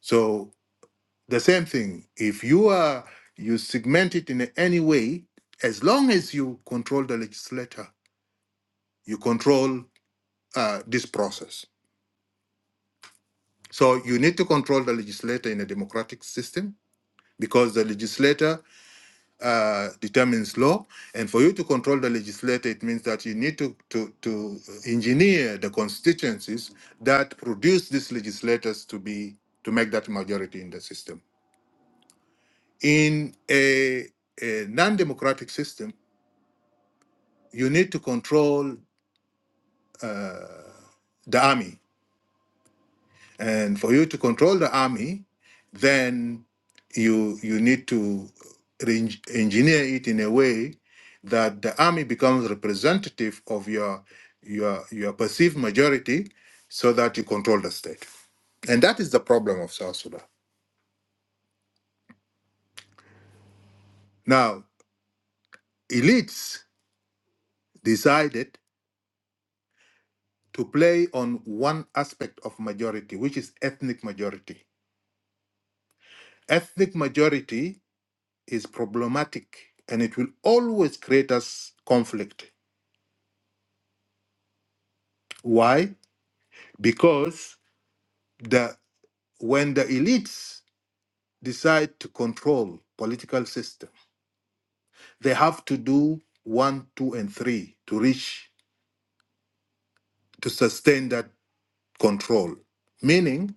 S8: So, the same thing, if you are you segment it in any way, as long as you control the legislator, you control uh, this process So you need to control the legislator in a democratic system because the legislator uh, determines law. And for you to control the legislator, it means that you need to, to, to engineer the constituencies that produce these legislators to be to make that majority in the system. In a, a non-democratic system, you need to control the army and for you to control the army, then you you need to re- engineer it in a way that the army becomes representative of your your your perceived majority, so that you control the state. And that is the problem of South Sudan. Now, elites decided to play on one aspect of majority, which is ethnic majority. Ethnic majority is problematic, and it will always create us conflict Why? Because the when the elites decide to control political system, they have to do one, two, and three to reach to sustain that control. Meaning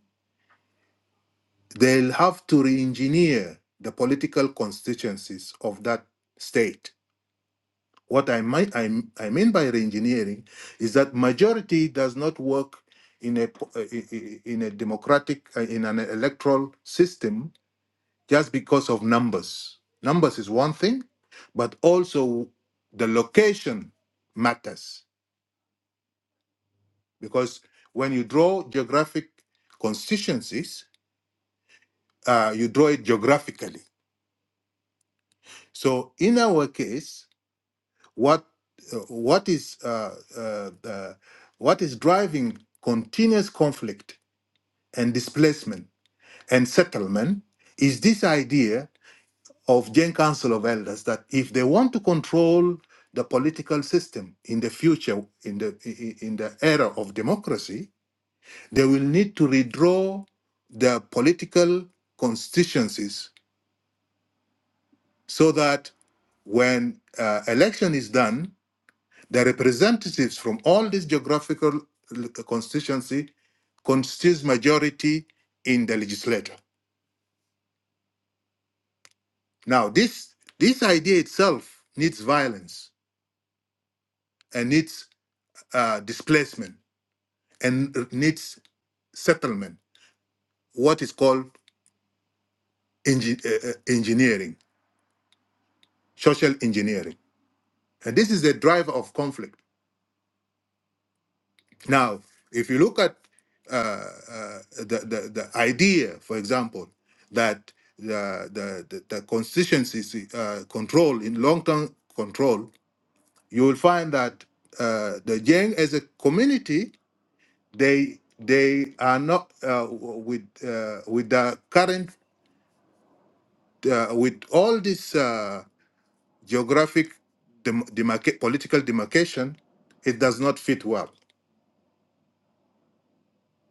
S8: they'll have to re-engineer the political constituencies of that state. What I might I, I mean by re-engineering is that majority does not work in a po- uh, i- i- in a democratic uh, in an electoral system just because of numbers. Numbers is one thing, but also the location matters because when you draw geographic constituencies, uh, you draw it geographically. So in our case, what uh, what is uh, uh, uh, what is driving continuous conflict and displacement and settlement is this idea of Gen Council of Elders that if they want to control the political system in the future, in the i- i- in the era of democracy, they will need to redraw their political constituencies so that when uh, election is done, the representatives from all this geographical l- constituency constitutes majority in the legislature. Now, this this idea itself needs violence and needs. uh, displacement and needs settlement, what is called engi- uh, uh, engineering, social engineering. And this is the driver of conflict. Now, if you look at uh, uh, the, the, the idea, for example, that the, the, the, the constituency uh, control, in long term control, you will find that uh, the Yang as a community, they they are not uh, w- with uh, with the current uh, with all this uh, geographic dem- demarca- political demarcation, it does not fit well.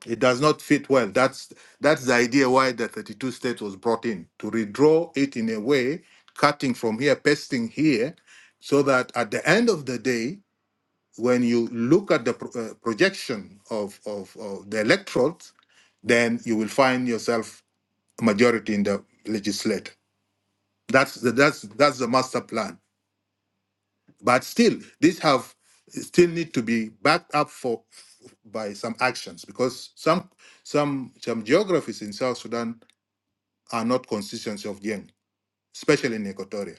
S8: It does not fit well. That's that's the idea why the 32 states was brought in to redraw it in a way, cutting from here, pasting here, so that at the end of the day, when you look at the pro- uh, projection of, of, of the electorates, then you will find yourself a majority in the legislature. That's the that's that's the master plan But still, these have still need to be backed up for by some actions because some some some geographies in South Sudan are not constituency of Jeng, especially in Equatoria.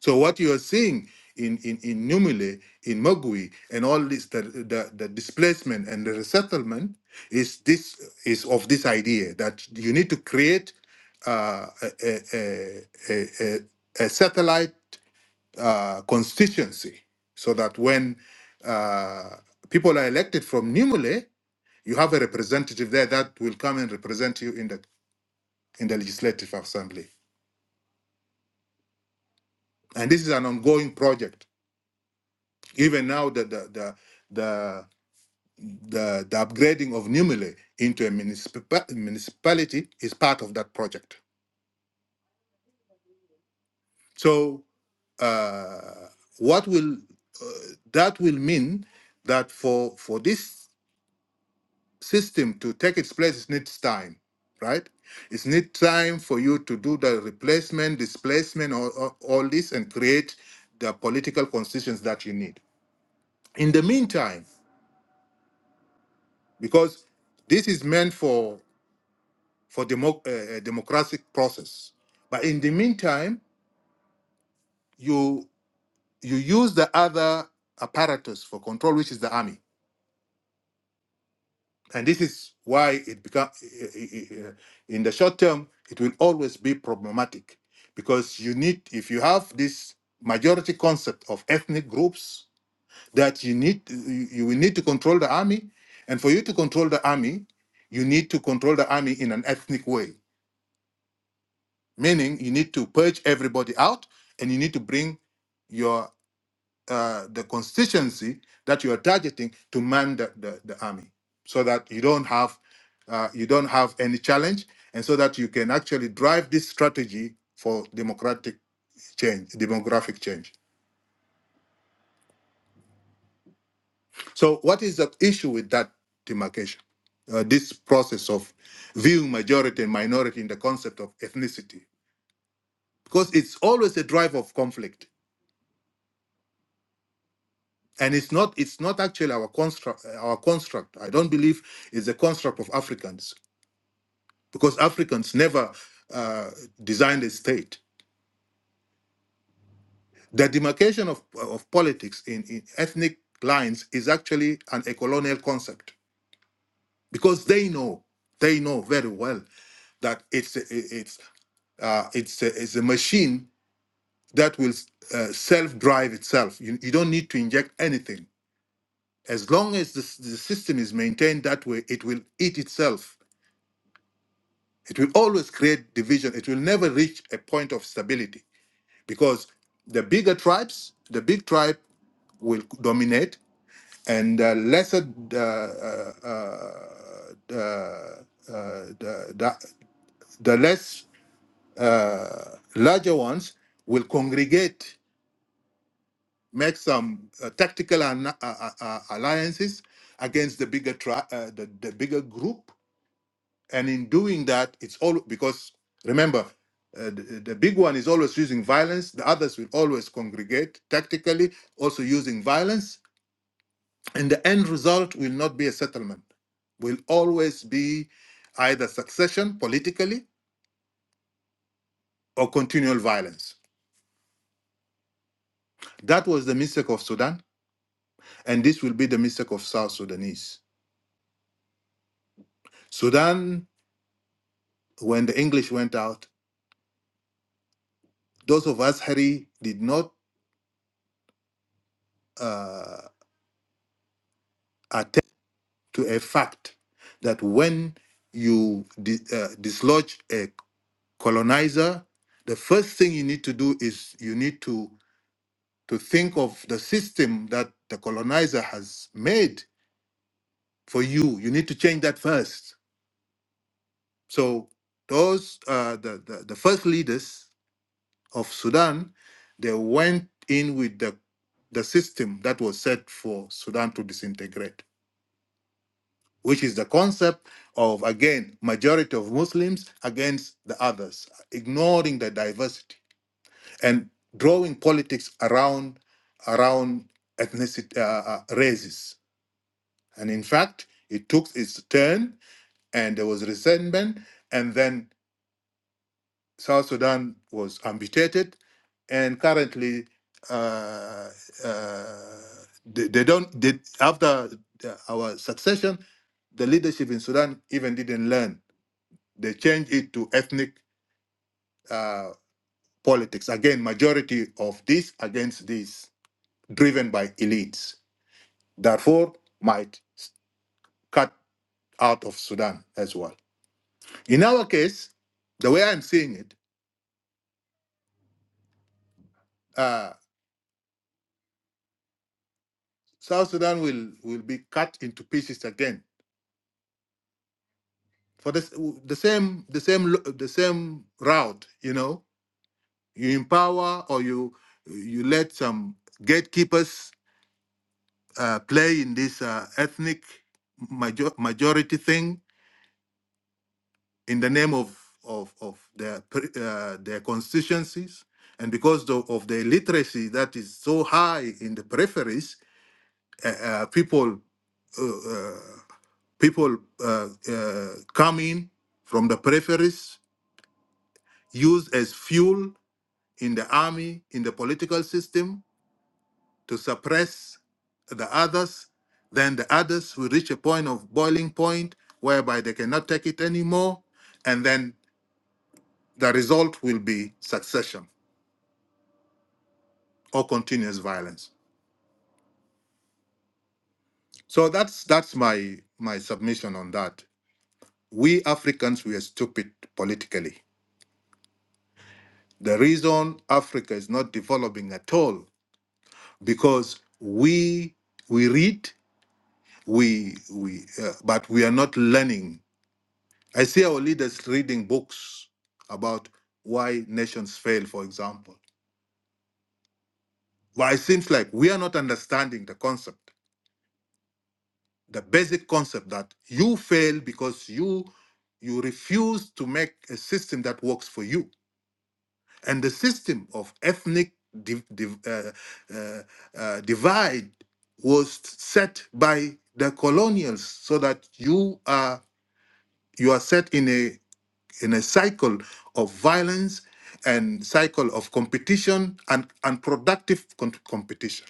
S8: So what you are seeing in in in Numile, in Mogui, and all this the, the the displacement and the resettlement is this is of this idea that you need to create uh, a, a, a, a, a a satellite uh, constituency so that when uh, people are elected from Nimule, you have a representative there that will come and represent you in the in the legislative assembly. And this is an ongoing project. Even now, the the the the, the, the upgrading of Nimule into a municipa- municipality is part of that project. So, uh, what will uh, that will mean that for for this system to take its place it needs time right it needs time for you to do the replacement displacement or all, all this and create the political constitutions that you need in the meantime because this is meant for for democ- uh, uh, democratic process but in the meantime you you use the other apparatus for control which is the army and this is why it become in the short term it will always be problematic because you need if you have this majority concept of ethnic groups that you need you you will need to control the army and for you to control the army you need to control the army in an ethnic way meaning you need to purge everybody out and you need to bring your uh, the constituency that you are targeting to man the, the, the army so that you don't have uh, you don't have any challenge and so that you can actually drive this strategy for democratic change demographic change so what is the issue with that demarcation uh, this process of viewing majority and minority in the concept of ethnicity because it's always a drive of conflict and it's not it's not actually our construct our construct i don't believe it's a construct of africans because Africans never uh, designed a state. The demarcation of, of politics in, in ethnic lines is actually an a colonial concept because they know they know very well that it's a, it's uh, it's a, it's a machine that will uh, self-drive itself. You, you don't need to inject anything. As long as the, s- the system is maintained that way, it will eat itself. It will always create division. It will never reach a point of stability because the bigger tribes, the big tribe will dominate, and the lesser, uh, uh, uh, the, the, the less uh, larger ones will congregate, make some uh, tactical an- uh, uh, uh, alliances against the bigger tri- uh, the, the bigger group, and in doing that, it's all because remember. Uh, the, the big one is always using violence. The others will always congregate tactically, also using violence And the end result will not be a settlement, will always be either succession politically or continual violence. That was the mistake of Sudan, and this will be the mistake of South Sudanese. Sudan, when the English went out, those of us, Harry, did not uh, attend to a fact that when you di- uh, dislodge a colonizer, the first thing you need to do is you need to to think of the system that the colonizer has made for you. You need to change that first. So those uh, the, the the first leaders of Sudan, they went in with the the system that was set for Sudan to disintegrate, which is the concept of again majority of Muslims against the others, ignoring the diversity and drawing politics around around ethnicity uh, uh, races And in fact, it took its turn and there was resentment. And then South Sudan was amputated. And currently, uh, uh, they, they don't, they, after uh, our succession, the leadership in Sudan even didn't learn. They changed it to ethnic uh, politics. Again, majority of this against this, driven by elites. Therefore, might cut out of Sudan as well. In our case, the way I'm seeing it, uh, South Sudan will, will be cut into pieces again for the, s- w- the same the same lo- the same route. You know, you empower or you you let some gatekeepers uh, play in this uh, ethnic major- majority thing in the name of of, of their pre- uh, their constituencies, and because the, of the illiteracy that is so high in the peripheries, uh, uh, people. Uh, uh, People uh, uh, come in from the peripheries, used as fuel in the army, in the political system to suppress the others. Then the others will reach a point of boiling point whereby they cannot take it anymore. And then the result will be succession or continuous violence. So that's that's my my submission on that. We Africans we are stupid politically. The reason Africa is not developing at all because we we read we we uh, but we are not learning i see our leaders reading books about why nations fail for example why it seems like we are not understanding the concept the basic concept that you fail because you you refuse to make a system that works for you and the system of ethnic div- div- uh, uh, uh, divide was set by the colonials so that you are you are set in a in a cycle of violence and cycle of competition and unproductive con- competition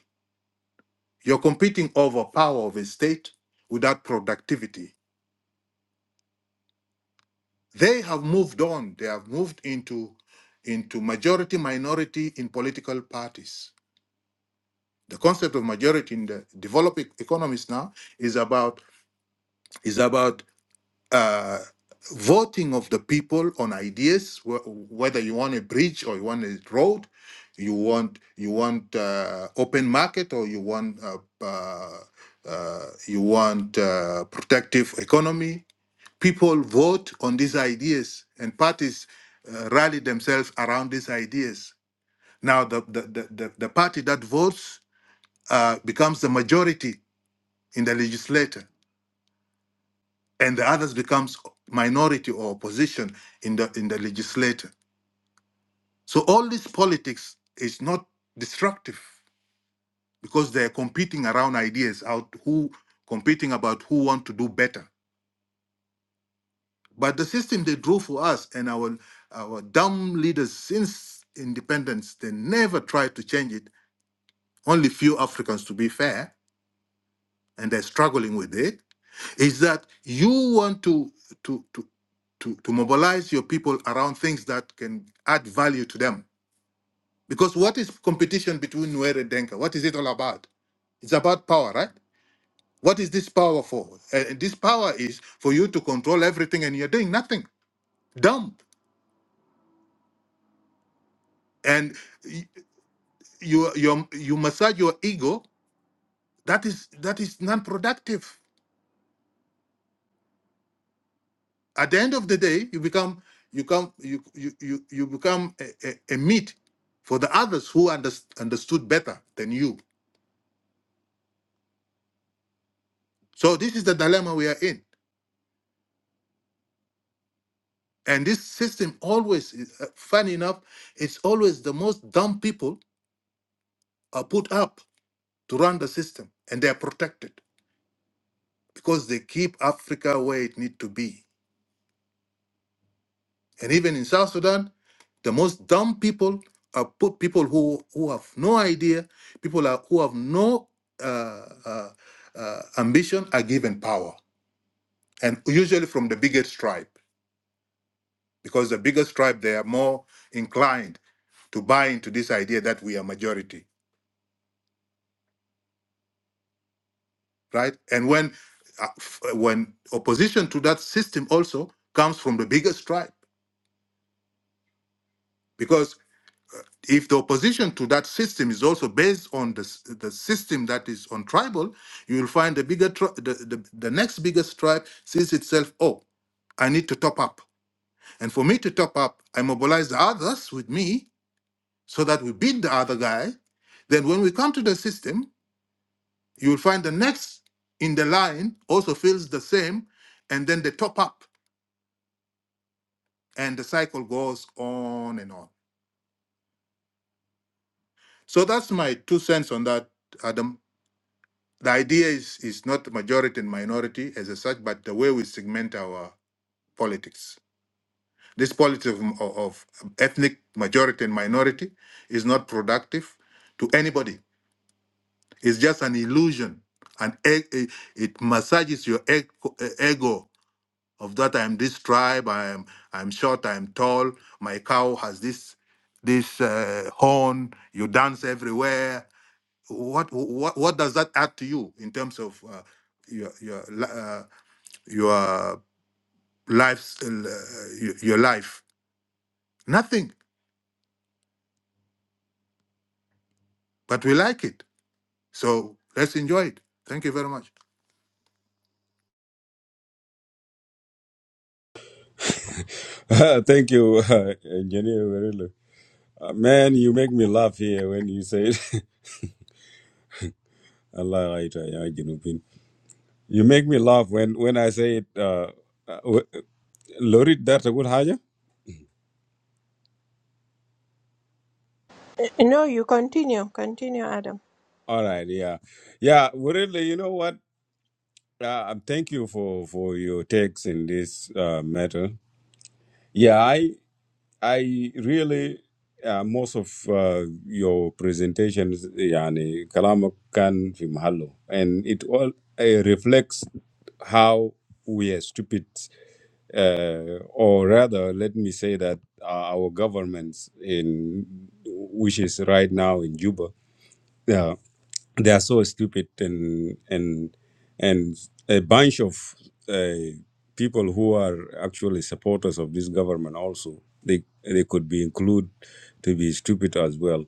S8: you're competing over power of a state without productivity they have moved on they have moved into into majority minority in political parties The concept of majority in the developing economies now is about is about uh, voting of the people on ideas, wh- whether you want a bridge or you want a road, you want you want uh, open market or you want uh, uh, uh, you want uh, protective economy. People vote on these ideas, and parties uh, rally themselves around these ideas. Now, the the, the, the, the party that votes uh, becomes the majority in the legislature, and the others becomes minority or opposition in the in the legislature. So all this politics is not destructive because they're competing around ideas out who competing about who want to do better. But the system they drew for us and our our dumb leaders since independence, they never tried to change it. Only few Africans to be fair, and they're struggling with it, is that you want to to to to, to mobilize your people around things that can add value to them. Because what is competition between Nuer and Denka? What is it all about? It's about power, right? What is this power for? And this power is for you to control everything and you're doing nothing. Dumb. And y- you you you massage your ego. That is that is non-productive. At the end of the day, you become you come you you you, you become a, a, a meat for the others who unders understood better than you So this is the dilemma we are in. And this system always, is- uh, funny enough, it's always the most dumb people are put up to run the system and they are protected because they keep Africa where it need to be. And even in South Sudan, the most dumb people are put people who, who have no idea, people are, who have no uh, uh, uh, ambition are given power. And usually from the biggest tribe. because the biggest tribe they are more inclined to buy into this idea that we are majority, right? And when uh, f- when opposition to that system also comes from the biggest tribe, because if the opposition to that system is also based on the, s- the system that is on tribal, you will find the bigger tri- the, the, the next biggest tribe sees itself, oh, I need to top up. And for me to top up, I mobilize the others with me so that we beat the other guy. Then when we come to the system, You will find the next in the line also feels the same, and then they top up, and the cycle goes on and on. So that's my two cents on that, Adam. The idea is is not majority and minority as such, but the way we segment our politics. This politics of, of of ethnic majority and minority is not productive to anybody. It's just an illusion, and it, it massages your eg- ego of that I am this tribe, I am I'm short, I am tall, my cow has this this uh, horn, you dance everywhere. What what what does that add to you in terms of uh, your your li- uh, your life's uh, your your life? Nothing, but we like it. So let's enjoy it. Thank you very much.
S1: [laughs] Thank you, uh, Engineer Werele. Uh, man, you make me laugh here when you say it. [laughs] Allah right, uh, yeah, Junubin. You make me laugh when, when I say it. Uh, uh, w- Lorit Darta Gul Haja?
S5: No, you continue, continue, Adam.
S1: All right, yeah, yeah. Really, you know what? Uh, um, thank you for for your takes in this uh, matter. Yeah, I I really uh, most of uh, your presentations, yani kalamak kan fi mahallo, and it all uh, reflects how we are stupid, uh, or rather, let me say that uh, our governments in which is right now in Juba. yeah, they are so stupid and and and a bunch of uh, people who are actually supporters of this government also they they could be included to be stupid as well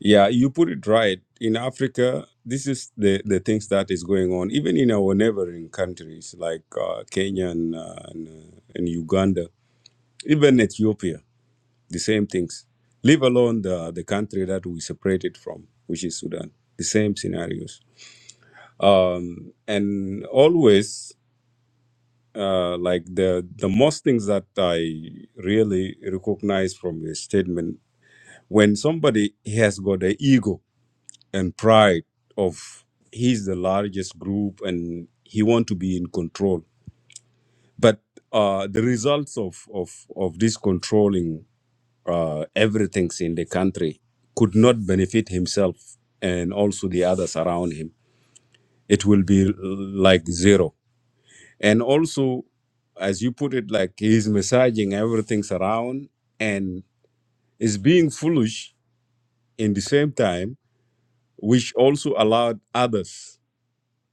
S1: yeah you put it right in africa this is the the things that is going on even in our neighboring countries like uh, kenya and, uh, and, uh, and uganda even ethiopia the same things leave alone the the country that we separated from which is sudan the same scenarios um, and always uh, like the the most things that I really recognize from your statement when somebody has got the ego and pride of he's the largest group and he want to be in control, but uh, the results of of of this controlling uh, everything's in the country could not benefit himself and also the others around him. It will be like zero and also as you put it like he's massaging everything's around and is being foolish in the same time which also allowed others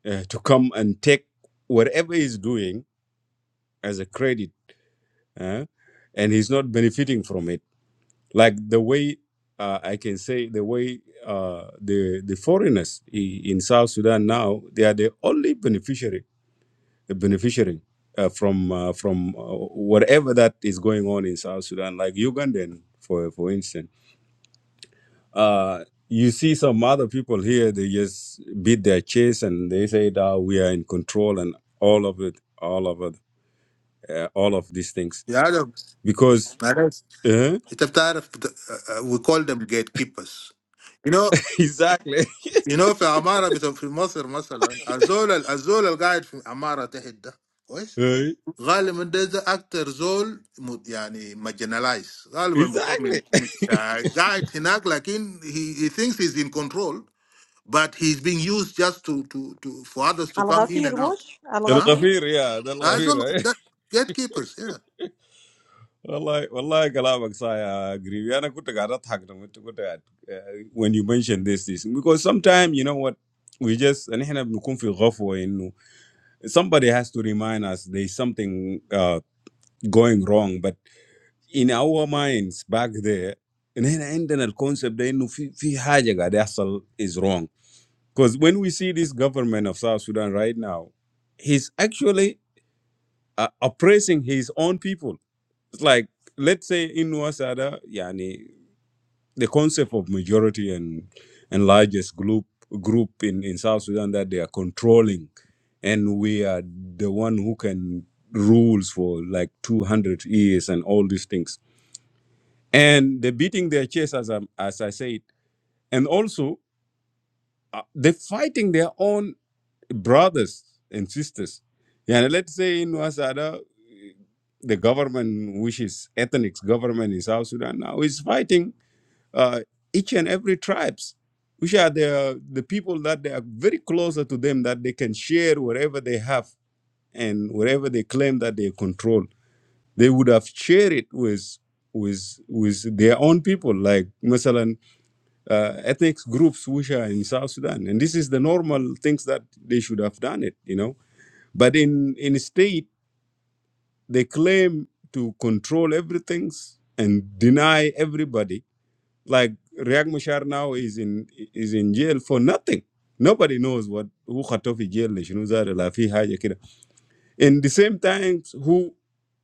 S1: uh, to come and take whatever he's doing as a credit uh, and he's not benefiting from it like the way uh, i can say the way uh, the the foreigners i- in south sudan now they are the only beneficiary beneficiary uh, from uh, from uh, whatever that is going on in South Sudan, like Ugandan, for for instance. Uh, you see some other people here; they just beat their chest and they say that we are in control and all of it, all of it, uh, all of these things
S8: Yeah, I know.
S1: because
S8: I know.
S1: uh,
S8: It's a matter of- uh, uh, we call them gatekeepers. You know.
S1: [laughs] exactly,
S8: You know, for Amara, for in Egypt, for example, Azol, Azol, the guy in Amara, he did. What? He said that actor Azol, I mean, marginalized.
S1: [laughs] exactly. [laughs]
S8: He said that guy. He said that guy. He said that guy. He said that guy. He said that guy. He said that
S5: Al
S8: guy.
S5: Ghafir
S1: Al
S5: Mush,
S1: Ghafir, yeah, Al
S8: He
S1: Ghafir. right?
S8: said that guy. He said that
S1: Wallahi, wallahi, Galabak, I agree. We are not good to gather tag them, it's good to go to uh, when you mention this, this because sometimes you know what we just and احنا بنكون في غفوة إنه somebody has to remind us there's something uh, going wrong but in our minds back there and هنا عندنا the concept ده إنه في في حاجة قاعد يحصل is wrong because when we see this government of South Sudan right now he's actually uh, oppressing his own people it's like let's say in Wasada, the concept of majority and and largest group group in, in South Sudan that they are controlling, and we are the one who can rules for like 200 years and all these things. And they're beating their chest as I, as I said, and also uh, they're fighting their own brothers and sisters. Yeah, and let's say in Wasada, the government, which is ethnic government in South Sudan now, is fighting uh, each and every tribes, which are the the people that they are very closer to them that they can share whatever they have and whatever they claim that they control. They would have shared it with with with their own people, like Masalan uh, ethnic groups which are in South Sudan, and this is the normal things that they should have done it, you know. But in in state, they claim to control everything and deny everybody Like Riek Machar now is in is in jail for nothing. Nobody knows what who Khatofi jail is. You know that lafi haja kida. In the same time, who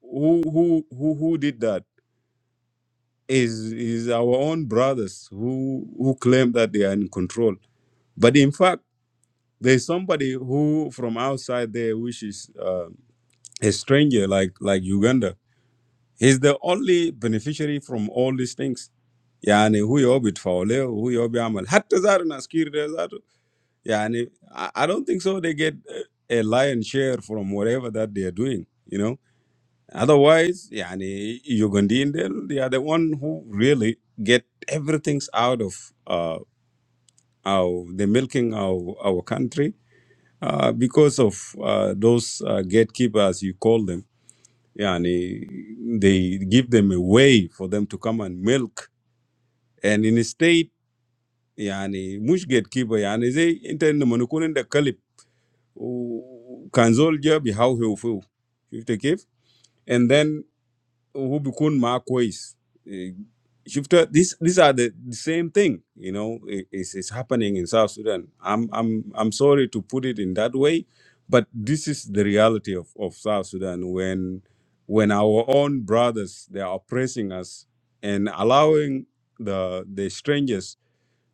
S1: who who who who did that is is our own brothers who who claim that they are in control. But in fact, there's somebody who from outside there, which is uh, a stranger like like Uganda, is the only beneficiary from all these things. يعني هو يوبي يتفاوليه وهو يوبي يعمل حتى زار ناس كير Yeah, and I, I don't think so. They get a a lion share from whatever that they're doing, you know. Otherwise, yeah, and Ugandan, they they are the one who really get everything's out of uh, our the milking our our country uh, because of uh, those uh, gatekeepers you call them. Yeah, and they give them a way for them to come and milk, and in a state. يعني مش gatekeeper يعني زي انت انه منكون عندك وكان زول جا بيهوهو فيه شفت كيف؟ and then هو بيكون معاه كويس إيه، شفت this these are the, the same thing you know i- is is happening in South Sudan I'm I'm I'm sorry to put it in that way but this is the reality of, of South Sudan when when our own brothers they are oppressing us and allowing the the strangers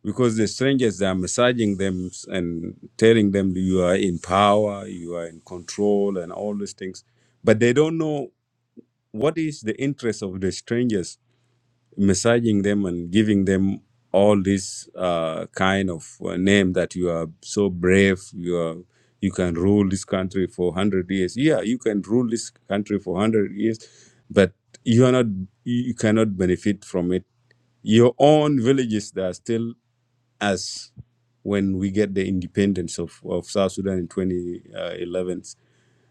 S1: because the strangers they are massaging them and telling them you are in power, you are in control, and all these things. But they don't know what is the interest of the strangers massaging them and giving them all this uh, kind of uh, name that you are so brave, you are you can rule this country for one hundred years. Yeah, you can rule this country for one hundred years, but you are not you you cannot benefit from it. Your own villages that are still us when we get the independence of, of South Sudan in 2011.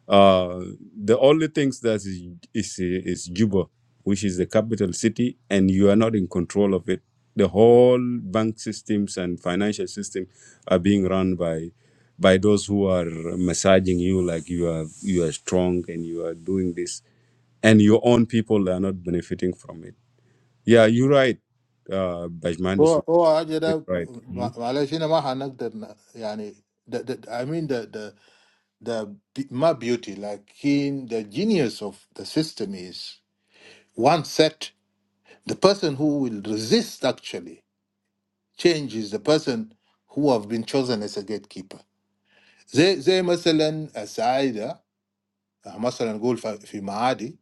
S1: Uh, the only things that is, is is Juba, which is the capital city, and you are not in control of it. The whole bank systems and financial system are being run by by those who are massaging you like you are you are strong and you are doing this, and your own people are not benefiting from it. Yeah, you're right, uh, Bajmandis. you're Right. Mhm.
S8: guy. He said that guy. the be- my beauty, like in the genius of the system is one set. The person who will resist actually change is the person who have been chosen as a gatekeeper. زي زي مثلا السعايدة آه، مثلا نقول ف- في معادي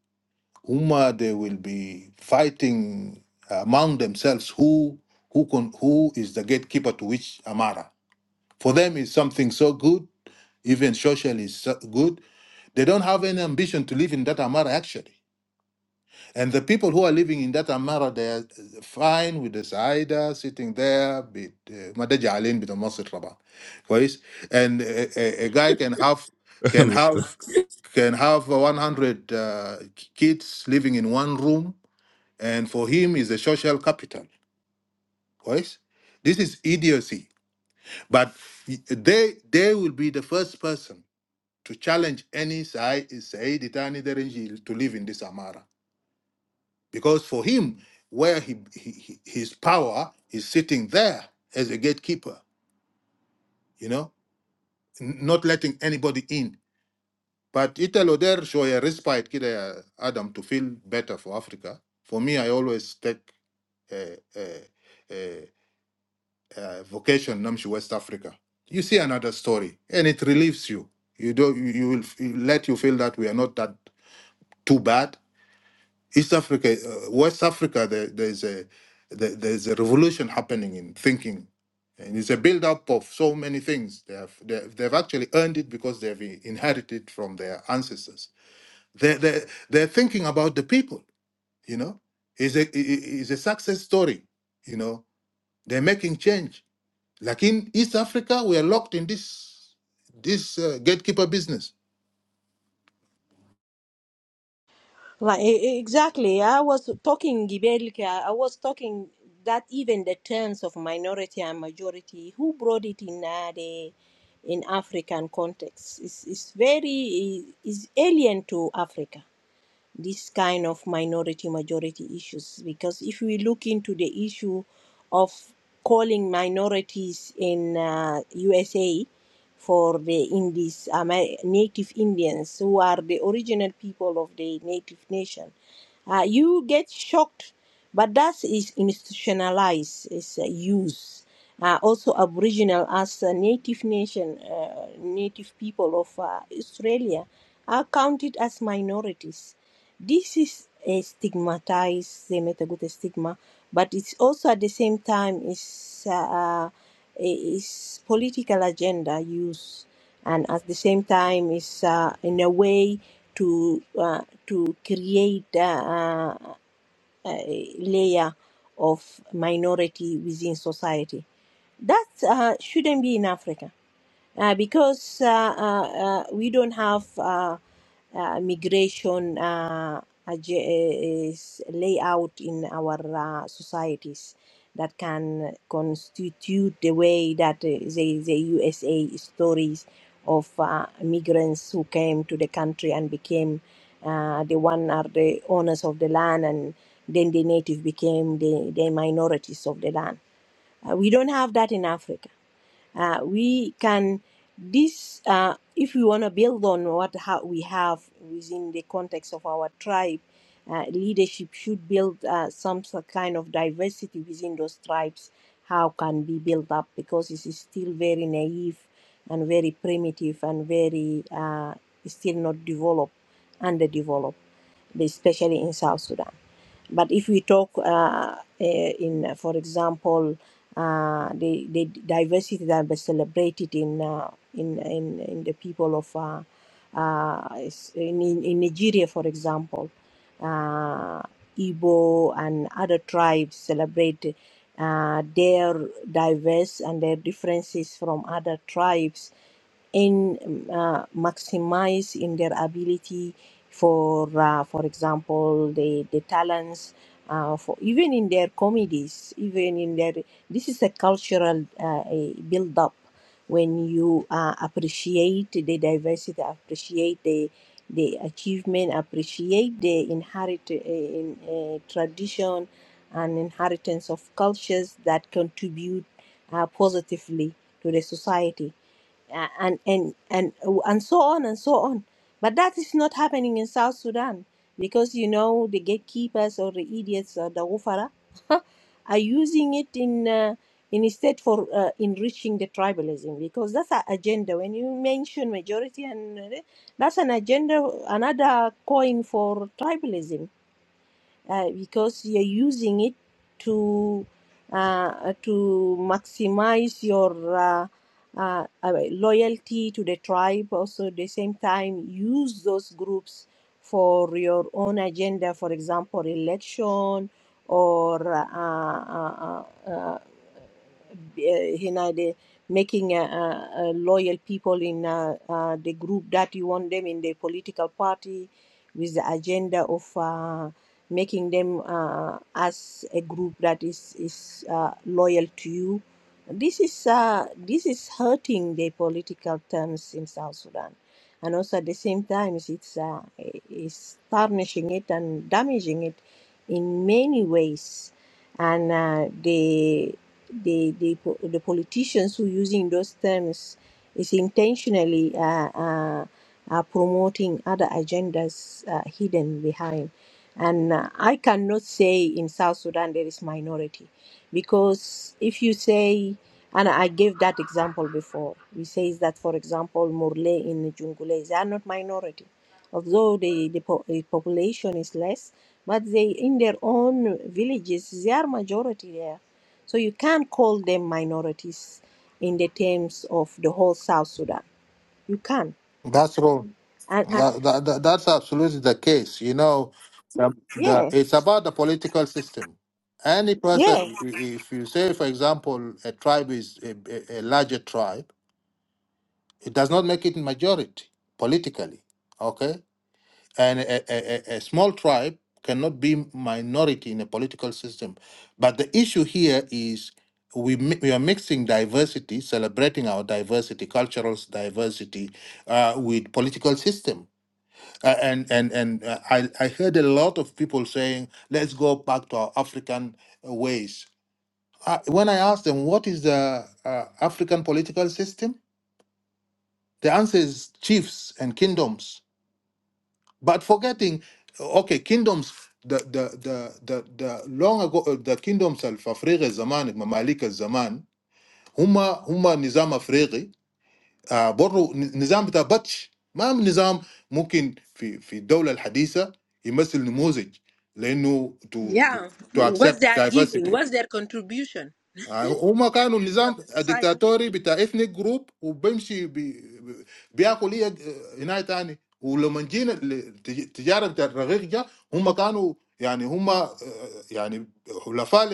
S8: هما they will be fighting uh, among themselves who who con, who is the gatekeeper to which Amara. For them is something so good even socially is so- good. They don't have any ambition to live in that Amara actually. And the people who are living in that Amara, they are uh, fine with the Saida sitting there, bit Madajalin, bit Raba. Kwais? And a, a, a guy can have can
S1: [laughs]
S8: have can have 100 uh, kids living in one room, and for him is a social capital. Kwais? This is idiocy. But y- they they will be the first person to challenge any Sai Said Itani Derenji to live in this Amara. Because for him, where he, he he- his power is sitting there as a gatekeeper, you know, n- not letting anybody in. But Italo there show a respite, kid, uh, Adam, to feel better for Africa. For me, I always take a, a, a, a vocation, Namshi West Africa. You see another story, and it relieves you. You don't. You you will f- let you feel that we are not that too bad East Africa, uh, West Africa, there, there's a there, there's a revolution happening in thinking, and it's a build up of so many things. They have they, have- they've actually earned it because they've i- inherited from their ancestors. They they they're thinking about the people. You know, is a i- i- is a success story. You know, they're making change. Like in East Africa, we are locked in this this uh, gatekeeper business
S5: Like e- e- exactly, I was talking Gibelke. I was talking that even the terms of minority and majority, who brought it in uh, the in African context, is is very is alien to Africa this kind of minority majority issues because if we look into the issue of calling minorities in uh, USA for the Indies, Amer- native Indians who are the original people of the native nation, uh, you get shocked but that is institutionalized is uh, use uh, also aboriginal as a native nation uh, native people of uh, australia are counted as minorities this is a stigmatized, they met a good stigma, but it's also at the same time is uh, is political agenda use, and at the same time is uh, in a way to uh, to create uh, uh, a layer of minority within society. That uh, shouldn't be in Africa uh, because uh, uh, uh, we don't have uh, uh, migration uh, ag- is layout in our uh, societies that can constitute the way that uh, the, the USA stories of uh, migrants who came to the country and became uh, the one are the owners of the land and then the native became the, the minorities of the land. Uh, we don't have that in Africa uh, we can this uh, if we want to build on what ha- we have within the context of our tribe uh, leadership should build uh, some sort kind of diversity within those tribes how can be built up because it is still very naive and very primitive and very uh, still not developed underdeveloped especially in south sudan but if we talk uh, eh, in, uh, for example, uh, the, the diversity that was celebrated in uh, in, in in the people of uh, uh, in, in in Nigeria, for example, uh, Igbo and other tribes celebrate uh, their diverse and their differences from other tribes in mm, uh, maximize in their ability for uh, for example the the talents uh, for even in their comedies even in their this is a cultural uh, a build up when you uh, appreciate the diversity appreciate the the achievement appreciate the inherit uh, in, uh, tradition and inheritance of cultures that contribute uh, positively to the society uh, and and and and so on and so on. But that is not happening in South Sudan because you know the gatekeepers or the idiots or the woofera are using it in uh, in instead for uh, enriching the tribalism because that's an agenda. When you mention majority and uh, that's an agenda, another coin for tribalism uh, because you're using it to uh, to maximize your uh, uh, uh, loyalty to the tribe. Also, at the same time, use those groups for your own agenda. For example, election or uh, uh, uh, uh, eh, the making a uh, uh, loyal people in uh, uh, the group that you want them in the political party with the agenda of uh, making them uh, as a group that is is uh, loyal to you. This is uh, this is hurting the political terms in South Sudan, and also at the same time, it's uh, it's tarnishing it and damaging it in many ways and uh, the the the the politicians who are using those terms is intentionally uh, uh, uh, promoting other agendas uh, hidden behind. And uh, I cannot say in South Sudan there is minority, because if you say, and I gave that example before, we say that for example Murle in Jungule they are not minority, although the the, po- the population is less, but they in their own villages they are majority there so you can't call them minorities in the terms of the whole South Sudan. You can.
S8: That's wrong.
S5: And, and
S8: That, that, that- that's absolutely the case. You know, the, the,
S5: yeah,
S8: it's about the political system. Any person,
S5: yeah.
S8: i- i- if you say, for example, a tribe is a, a a larger tribe, it does not make it majority politically. Okay, and a, a, a a small tribe cannot be minority in a political system. But the issue here is we mi- we are mixing diversity, celebrating our diversity, cultural diversity, uh, with political system uh, and and and uh, I I heard a lot of people saying, "Let's go back to our African uh, ways." Uh, when I asked them what is the uh, African political system, the answer is chiefs and kingdoms. But forgetting, okay, kingdoms. The the the the, the long ago uh, the kingdoms of Africa Zaman, Mamalik Zaman, Huma Huma Nizam Afriqi آه برضو نظام بتاع بطش ما من نظام ممكن في في الدولة الحديثة يمثل نموذج، لأنه to to
S5: Yeah.
S8: to
S5: What's
S8: accept
S5: their giving?
S8: diversity.
S5: What's their contribution?
S8: They were
S5: Their leader of the society.
S8: dictatorial, they formed a group, and they went to another group. And if we talk about the slave trade, they were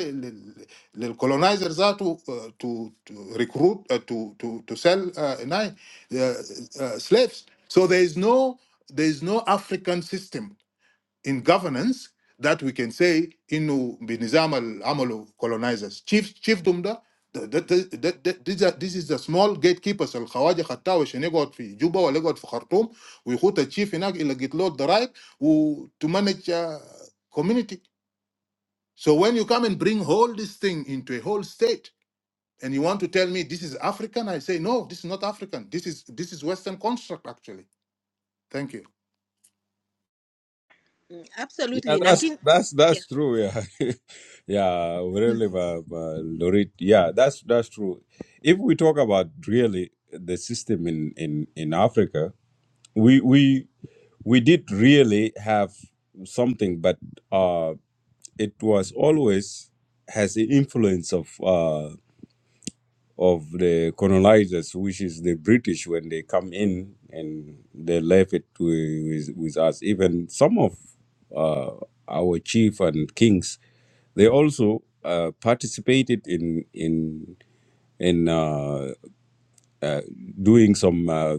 S8: the colonizers who recruited, who sold slaves. So there is no there is no African system in governance that we can say inu binizam al amalu colonizers chief chiefdom da the, these are, this is the small gatekeepers الخواجة خطاوش اللي يقعد في جوبا ولا يقعد في خرطوم ويخوت الشيف هناك اللي قلت له الضرائب و- to manage uh, community so when you come and bring all this thing into a whole state and you want to tell me this is African I say no this is not African this is this is Western construct actually thank you
S1: Yeah,
S5: Absolutely.
S1: that's
S5: Nakin.
S1: that's
S5: Yeah.
S1: that's true. Yeah, [laughs] yeah. Really, uh, uh, Lorit. Yeah, that's that's true. If we talk about really the system in in in Africa, we we we did really have something, but uh, it was always has the influence of uh, of the colonizers, which is the British, when they come in and they left it wi- with, with us. Even some of uh, our chief and kings, they also uh, participated in in in uh, doing some uh,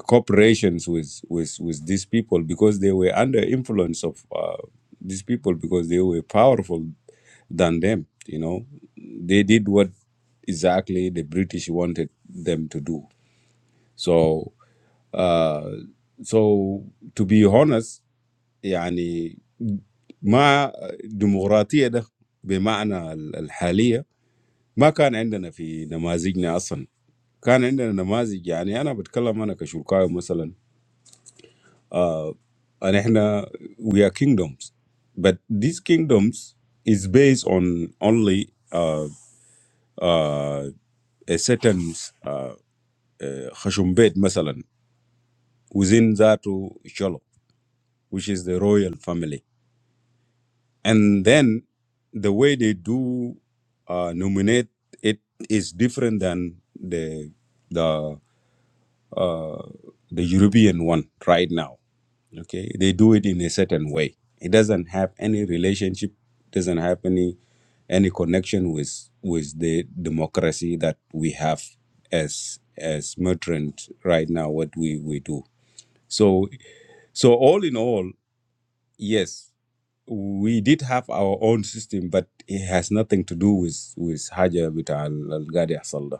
S1: cooperations with with with these people because they were under influence of uh, these people because they were powerful than them you know they did what exactly the british wanted them to do so uh so to be honest يعني ما ديمقراطية ده بمعنى ال- الحالية ما كان عندنا في نماذجنا أصلا كان عندنا نماذج يعني أنا بتكلم أنا كشركاوي مثلا and احنا we are kingdoms but these kingdoms is based on only uh, uh, a certain uh, خشومبيت مثلا within that Cholo which is the royal family and then the way they do uh, nominate it is different than the the the European one right now okay they do it in a certain way it doesn't have any relationship doesn't have any any connection with with the democracy that we have as as merchant right now what we we do so so all in all yes we did have our own system but it has nothing to do with with haja with al gadi salda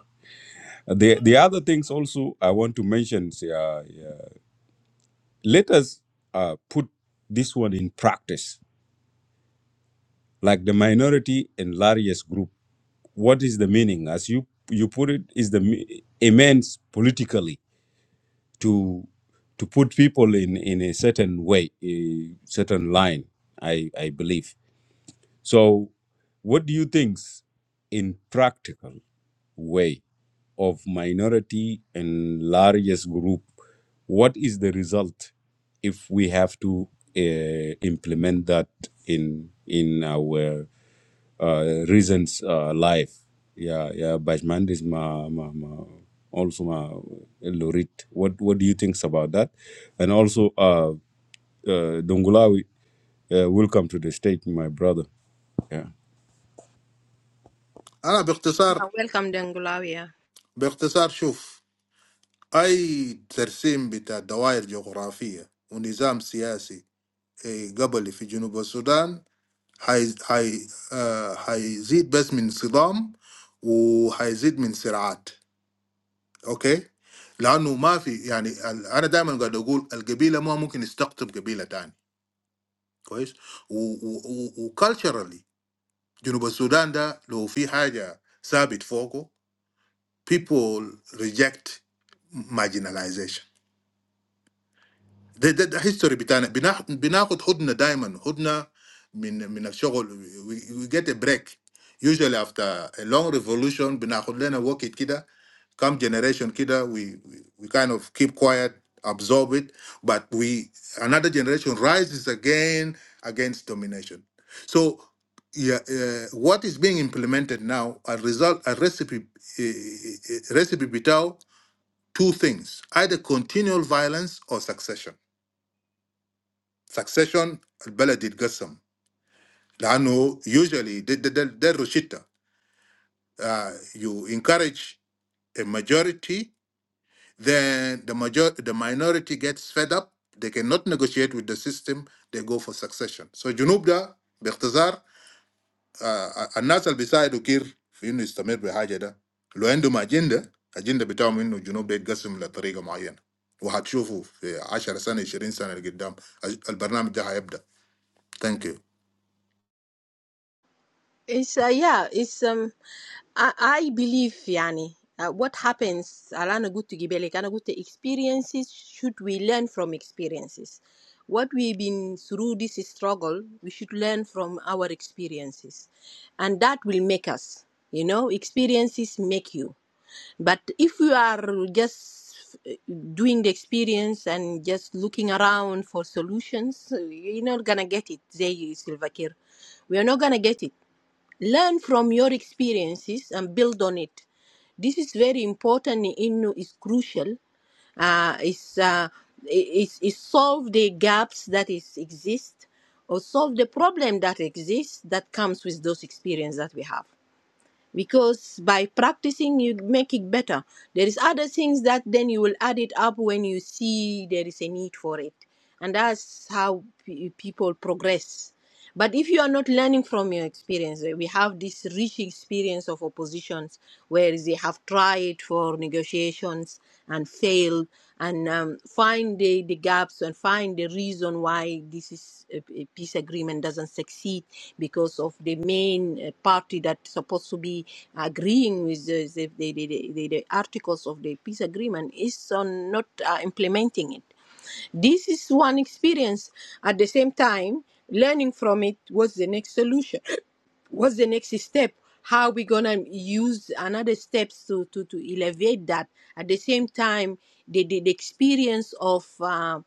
S1: the the other things also i want to mention uh, yeah, let us uh, put this one in practice like the minority and largest group. What is the meaning? As you you put it, is the me- immense politically to to put people in in a certain way, a certain line. I I believe. So, what do you think in practical way of minority and largest group? What is the result if we have to uh, implement that in in our uh, reasons uh, life yeah yeah Bajman is my, my, my, also my Lorit what what do you think about that and also uh, uh, Dongulawi uh, welcome to the state my brother yeah
S8: أنا
S5: yeah.
S8: باختصار
S5: Welcome, Dengulawi.
S8: باختصار شوف I assume that the way geography, the system, politics, the Gabonese in South Sudan, will increase from the system and will increase from the speed. Okay, because there is no, I mean, I always say that the tribe cannot be conquered by another tribe. And culturally, South Sudan, if there is something above them, people reject marginalization. ده ده, ده history بتاعنا بناخ- بناخد هدنه دايما هدنه من من الشغل we, we get a break usually after a long revolution بناخد لنا وقت كده come generation كده we, we we kind of keep quiet absorb it but we another generation rises again against domination so yeah, uh, what is being implemented now a result a recipe uh, recipe بتاع two things either continual violence or succession Succession at Beladid Gasm. Now, usually, in that situation, you encourage a majority. Then the majority, the minority, gets fed up. They cannot negotiate with the system. They go for succession. So, Junuba, Berksar, and Nasal beside Okiir, we know is to meet with Hajeda. Lo endo magenda agenda betawmino Junuba id Gasm la tariga maian. We have to show you in 10, 15, 20 years. The program is going to start. Thank you.
S5: It's uh, yeah, it's um I, I believe yani uh, what happens alana good to gibele kana good experiences should we learn from experiences what we've been through this struggle we should learn from our experiences and that will make us you know experiences make you but if you are just uh, doing the experience and just looking around for solutions eh, you're not gonna get it zay silvakir we are not gonna get it Learn from your experiences and build on it. This is very important. In is crucial. Uh, it's, uh, it's, it's solve the gaps that is exist or solve the problem that exists that comes with those experience that we have. Because by practicing, you make it better. There is other things that then you will add it up when you see there is a need for it, and that's how pe- people progress but if you are not learning from your experience, eh, we have this rich experience of oppositions where they have tried for negotiations and failed and um, find the, the gaps and find the reason why this is a, a peace agreement doesn't succeed because of the main uh, party that's supposed to be agreeing with the, the, the, the, the, the articles of the peace agreement is on not uh, implementing it this is one experience. At the same time, learning from it was the next solution what's the next step how we gonna use another steps to to to elevate that at the same time the the, the experience of uh,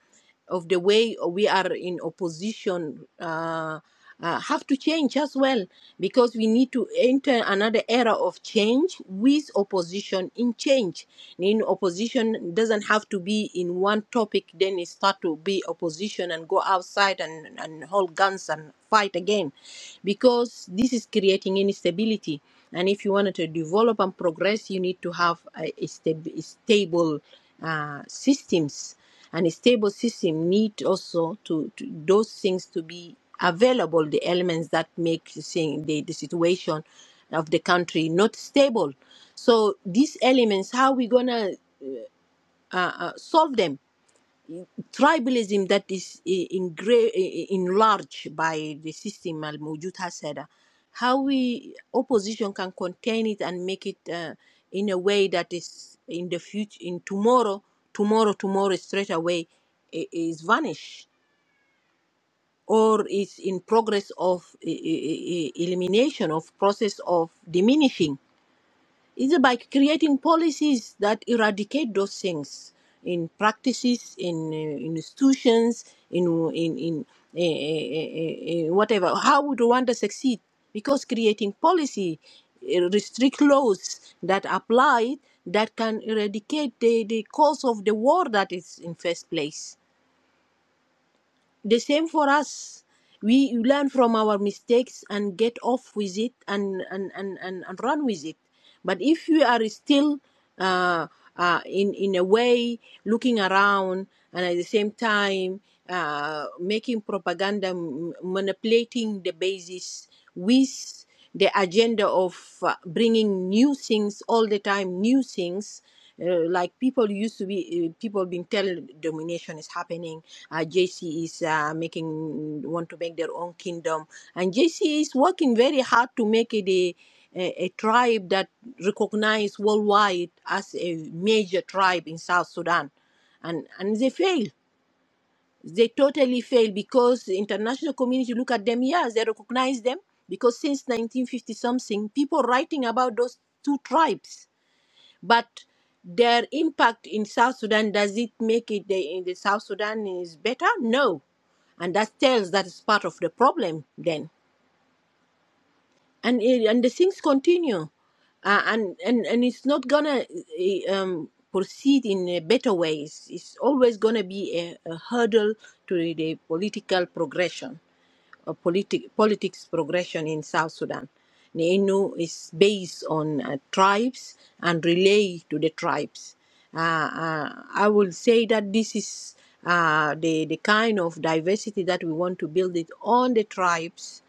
S5: of the way we are in opposition uh, uh, have to change as well because we need to enter another era of change with opposition in change. In opposition doesn't have to be in one topic, then it start to be opposition and go outside and, and hold guns and fight again because this is creating instability and if you wanted to develop and progress you need to have a, a stab- stable uh, systems and a stable system need also to, to those things to be available the elements that make the, thing- the, the situation of the country not stable so these elements how we gonna uh, uh, solve them tribalism that is eh, engra- eh, enlarged by the system al mujud hasada how we opposition can contain it and make it uh, in a way that is in the future in tomorrow tomorrow tomorrow straight away i- is vanished or is in progress of eh, eh, eh, elimination of process of diminishing it's about creating policies that eradicate those things in practices, in, uh, in institutions, in, in, in eh, eh, eh, eh, whatever. How would Rwanda succeed? Because creating policy eh, restrict laws that apply that can eradicate the, the cause of the war that is in first place the same for us we learn from our mistakes and get off with it and and and, and, and run with it but if we are still uh, uh, in in a way looking around and at the same time uh, making propaganda manipulating the basis with the agenda of uh, bringing new things all the time, new things. Uh, like people used to be, uh, people being tell domination is happening. Uh, JC is uh, making want to make their own kingdom, and JC is working very hard to make it a, a, a tribe that recognized worldwide as a major tribe in South Sudan, and and they fail they totally fail because the international community look at them yes they recognize them because since 1950 something people writing about those two tribes but their impact in south sudan does it make it the, in the south sudan is better no and that tells that is part of the problem then and it, and the things continue uh, and and and it's not gonna uh, um proceed in a better ways it's always gonna be a, a hurdle to the political progression uh, politi- politics progression in South Sudan. Neinu is based on uh, tribes and relay to the tribes. Uh, uh, I will say that this is uh, the, the kind of diversity that we want to build it on the tribes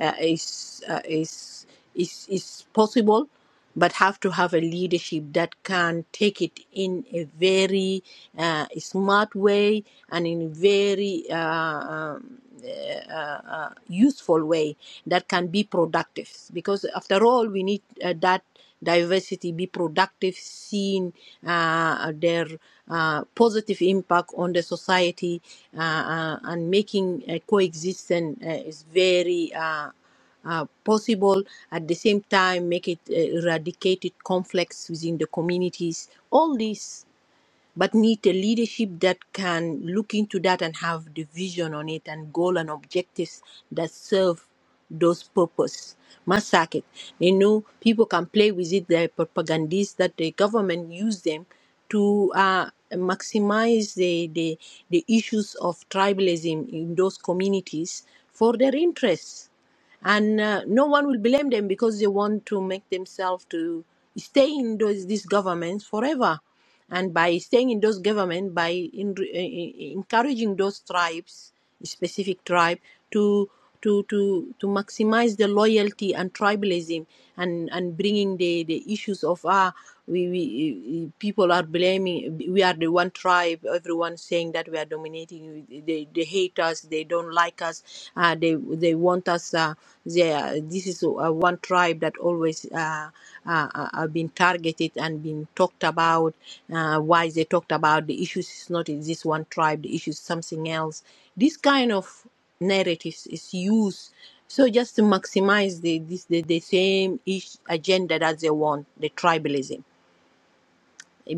S5: uh, is, uh, is, is, is possible but have to have a leadership that can take it in a very uh, smart way and in a very uh, um, uh, uh, useful way that can be productive. Because after all, we need uh, that diversity be productive, seeing uh, their uh, positive impact on the society uh, uh, and making uh, coexistence uh, is very. Uh, uh, possible at the same time make it uh, eradicated conflicts within the communities all this but need a leadership that can look into that and have the vision on it and goal and objectives that serve those purpose massacre it. you know people can play with it the propagandists that the government use them to uh, maximize the, the the issues of tribalism in those communities for their interests and uh, no one will blame them because they want to make themselves to stay in those these governments forever and by staying in those government by in, eh, eh, encouraging those tribes specific tribe to to to to maximize the loyalty and tribalism and and bringing the the issues of ah we, we people are blaming we are the one tribe everyone saying that we are dominating they, they hate us they don't like us uh, they they want us uh, they are, this is uh, one tribe that always uh, uh, uh, uh, been targeted and been talked about uh, why they talked about the issues is not in this one tribe the issue is something else this kind of narratives is used so just to maximize the this the, the same ish agenda that they want the tribalism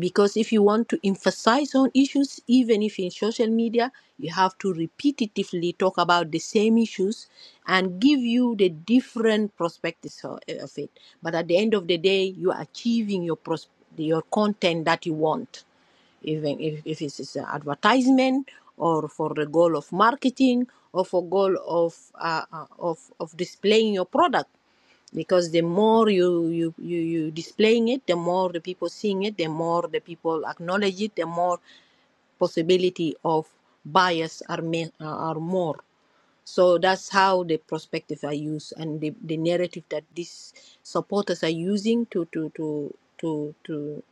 S5: because if you want to emphasize on issues even if in social media you have to repetitively talk about the same issues and give you the different perspectives o- eh, of it but at the end of the day you are achieving your pros- your content that you want even if, if it's it's an advertisement or for the goal of marketing or for goal of uh, uh, of of displaying your product because the more you you you you displaying it the more the people seeing it the more the people acknowledge it the more possibility of bias are ma- uh, are more so that's how the perspective i use and the, the narrative that these supporters are using to to to to to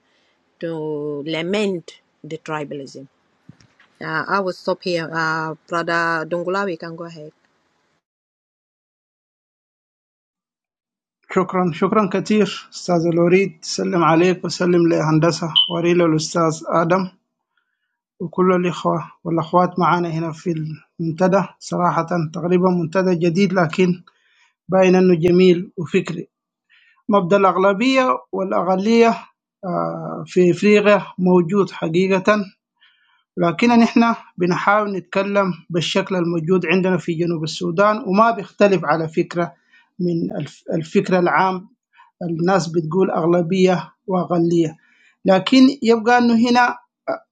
S5: to lament the tribalism uh, i will stop here uh brother dongulawi you can go ahead
S9: شكرا شكرا كثير أستاذة لوريد سلم عليك وسلم لهندسة وريلة الأستاذ آدم وكل الإخوة والأخوات معانا هنا في المنتدى صراحة تقريبا منتدى جديد لكن باين أنه جميل وفكري مبدأ الأغلبية والأغلية آه، في إفريقيا موجود حقيقة لكن نحن بنحاول نتكلم بالشكل الموجود عندنا في جنوب السودان وما بيختلف على فكرة من الف- الفكرة العام الناس بتقول أغلبية وأقلية لكن يبقى أنه هنا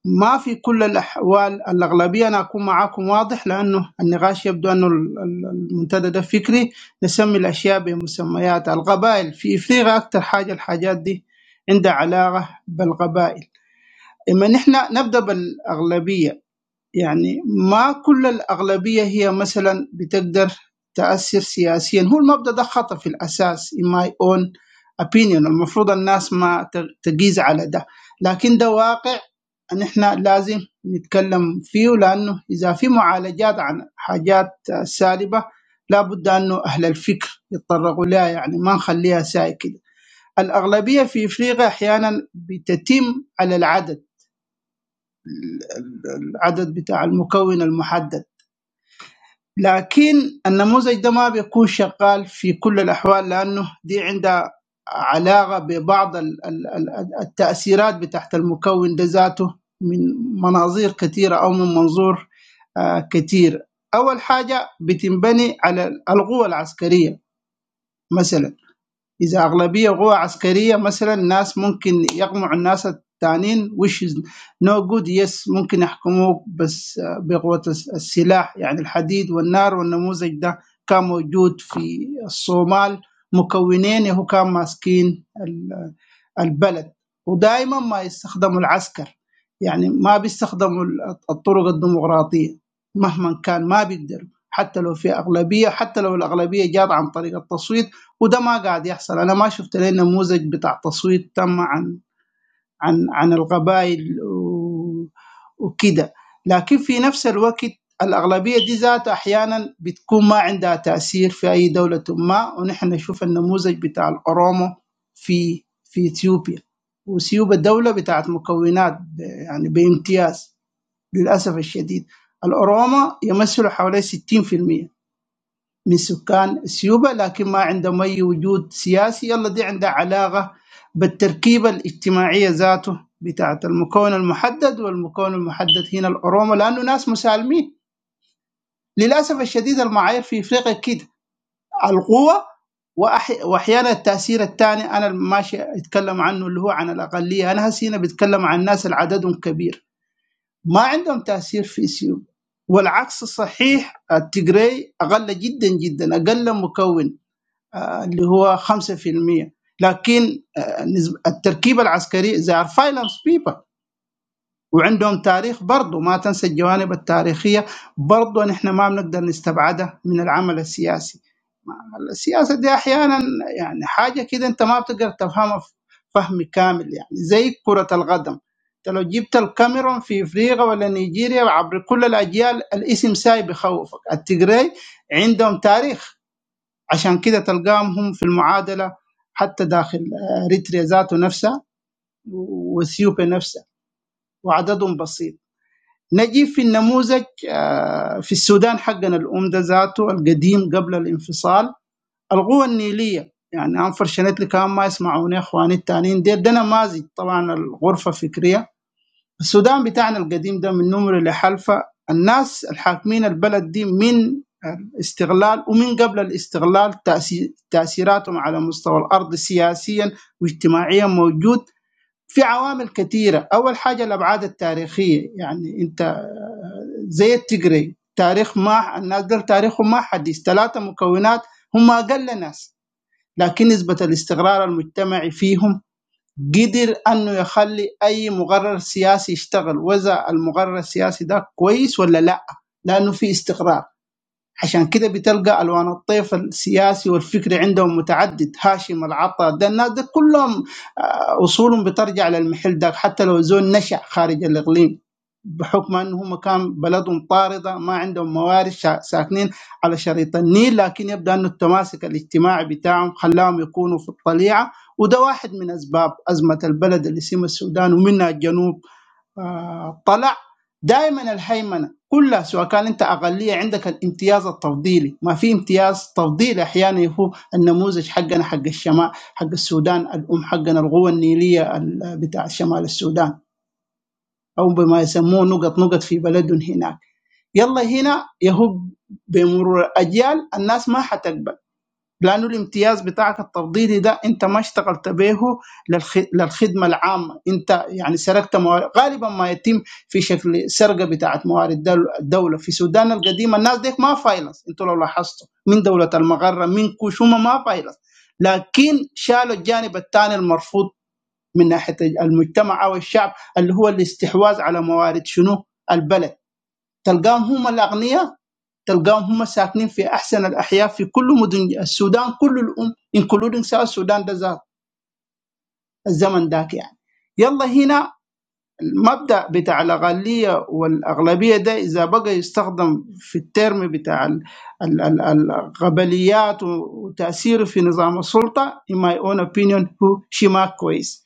S9: ما في كل الأحوال الأغلبية أنا أكون معاكم واضح لأنه النقاش يبدو أنه ال- ال- المنتدى ده فكري نسمي الأشياء بمسميات القبائل في إفريقيا أكثر حاجة الحاجات دي عندها علاقة بالقبائل إما نحن نبدأ بالأغلبية يعني ما كل الأغلبية هي مثلا بتقدر تأثر سياسيا هو المبدأ ده خطأ في الأساس in my own opinion المفروض الناس ما ت- تقيس على ده لكن ده واقع أن إحنا لازم نتكلم فيه لأنه إذا في معالجات عن حاجات سالبة لابد أنه أهل الفكر يتطرقوا لها يعني ما نخليها ساي كده الأغلبية في إفريقيا أحيانا بتتم على العدد ال- ال- العدد بتاع المكون المحدد لكن النموذج ده ما بيكون شغال في كل الأحوال لأنه دي عندها علاقة ببعض ال- ال- ال- التأثيرات بتاعت المكون ده ذاته من مناظير كثيرة أو من منظور آه، كثير أول حاجة بتنبني على القوة العسكرية مثلا إذا أغلبية قوى عسكرية مثلا الناس ممكن يقمعوا الناس التانيين which is no good yes ممكن يحكموك بس آه، بقوة الس- السلاح يعني الحديد والنار والنموذج ده كان موجود في الصومال مكونين هو كان ماسكين ال- البلد ودائما ما يستخدموا العسكر يعني ما بيستخدموا ال- الطرق الديمقراطية مهما كان ما بيقدروا حتى لو في أغلبية حتى لو الأغلبية جات عن طريق التصويت وده ما قاعد يحصل انا ما شفت لي نموذج بتاع تصويت تم عن عن عن القبائل و- وكده لكن في نفس الوقت الأغلبية دي ذاتها أحيانا بتكون ما عندها تأثير في أي دولة ما ونحن نشوف النموذج بتاع الأورومو في في إثيوبيا وإثيوبيا دولة بتاعت مكونات ب- يعني بامتياز للأسف الشديد الأوروما يمثلوا حوالي 60% من سكان اثيوبيا لكن ما عندهم اي وجود سياسي يلا دي عندها علاقه بالتركيبه الاجتماعيه ذاته بتاعت المكون المحدد والمكون المحدد هنا الأورومة لأنه ناس مسالمين للأسف الشديد المعايير في إفريقيا كده القوة وأح- وأحيانا التأثير الثاني أنا ماشي أتكلم عنه اللي هو عن الأقلية أنا هسي هنا بتكلم عن ناس اللي عددهم كبير ما عندهم تأثير في اثيوبيا والعكس صحيح التجري أقل جدا جدا أقل مكون اللي هو 5% لكن آه، نسب- التركيبة العسكرية they are finance people وعندهم تاريخ برضه ما تنسى الجوانب التاريخية برضه نحن ما بنقدر نستبعدها من العمل السياسي السياسة دي أحيانا يعني حاجة كده أنت ما بتقدر تفهمها ف- فهم كامل يعني زي كرة القدم انت لو جبت الكاميرون في افريقيا ولا نيجيريا عبر كل الاجيال الاسم ساي بخوفك التجري عندهم تاريخ عشان كده تلقاهم هم في المعادله حتى داخل اريتريا ذاته نفسها واثيوبيا نفسها وعددهم بسيط نجي في النموذج آه، في السودان حقنا الأم ده ذاته القديم قبل الانفصال القوى النيلية يعني أنفرشنتلي كان ما يسمعوني إخواني التانيين دي ده نماذج طبعا الغرفة فكرية السودان بتاعنا القديم ده من نمر لحلفة الناس الحاكمين البلد دي من استغلال ومن قبل الاستغلال تأسي- تأثيراتهم على مستوى الأرض سياسيا واجتماعيا موجود في عوامل كثيرة أول حاجة الأبعاد التاريخية يعني أنت زي التجري تاريخ ما الناس دول تاريخهم ما حديث ثلاثة مكونات هم أقل ناس لكن نسبة الاستقرار المجتمعي فيهم قدر أنه يخلي أي مقرر سياسي يشتغل وإذا المقرر السياسي ده كويس ولا لا لأنه في استقرار عشان كده بتلقى الوان الطيف السياسي والفكري عندهم متعدد هاشم العطا ده الناس ده كلهم آه، اصولهم بترجع للمحل ده حتى لو زول نشا خارج الاقليم بحكم انه هم كان بلدهم طارده ما عندهم موارد شا- ساكنين على شريط النيل لكن يبدو انه التماسك الاجتماعي بتاعهم خلاهم يكونوا في الطليعه وده واحد من اسباب ازمه البلد اللي اسمها السودان ومنها الجنوب آه، طلع دائما الهيمنه كلها سواء كان انت اقليه عندك الامتياز التفضيلي ما في امتياز تفضيلي احيانا هو النموذج حقنا حق الشمال حق السودان الام حقنا القوه النيليه ال- بتاع شمال السودان او بما يسموه نقط نقط في بلدهم هناك يلا هنا يهو بمرور الاجيال الناس ما حتق لانه الامتياز بتاعك التفضيلي ده انت ما اشتغلت به للخ- للخدمه العامه انت يعني سرقت موارد غالبا ما يتم في شكل سرقه بتاعت موارد دول- الدوله في السودان القديمه الناس ديك ما فايلس انتوا لو لاحظتوا من دوله المغره من كوشوما ما فايلس لكن شالوا الجانب الثاني المرفوض من ناحيه المجتمع او الشعب اللي هو الاستحواذ على موارد شنو البلد تلقاهم هم الاغنياء تلقاهم هم ساكنين في احسن الاحياء في كل مدن السودان كل الام انكلودنج ساوث السودان ده ذات- الزمن ذاك يعني يلا هنا المبدأ بتاع الأقلية والأغلبية ده إذا بقى يستخدم في الترم بتاع ال- ال- ال- القبليات وتأثيره في نظام السلطة in my own opinion هو شيء ما كويس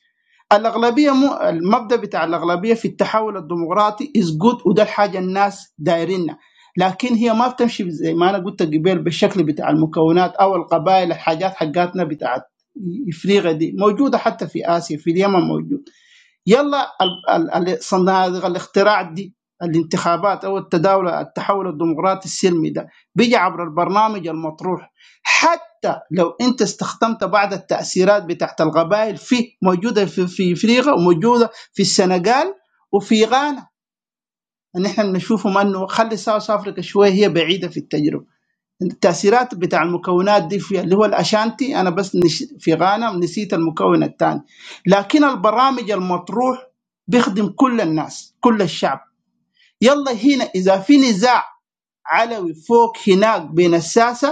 S9: الأغلبية مو المبدأ بتاع الأغلبية في التحول الديمقراطي is good وده الحاجة الناس دايرينها لكن هي ما بتمشي زي ما أنا قلت قبل بالشكل بتاع المكونات أو القبائل الحاجات حقاتنا بتاعت إفريقيا دي موجودة حتى في آسيا في اليمن موجودة يلا ال- ال- ال- صناديق الاختراع دي الانتخابات او التداول التحول الديمقراطي السلمي ده بيجي عبر البرنامج المطروح حتى لو انت استخدمت بعض التاثيرات بتاعت القبائل في موجوده في في افريقيا وموجوده في السنغال وفي غانا ان احنا بنشوفهم انه خلي ساوث افريقيا شويه هي بعيده في التجربه التأثيرات بتاع المكونات دي في اللي هو الأشانتي أنا بس نش... في غانا نسيت المكون الثاني لكن البرامج المطروح بيخدم كل الناس كل الشعب يلا هنا إذا في نزاع علوي فوق هناك بين الساسة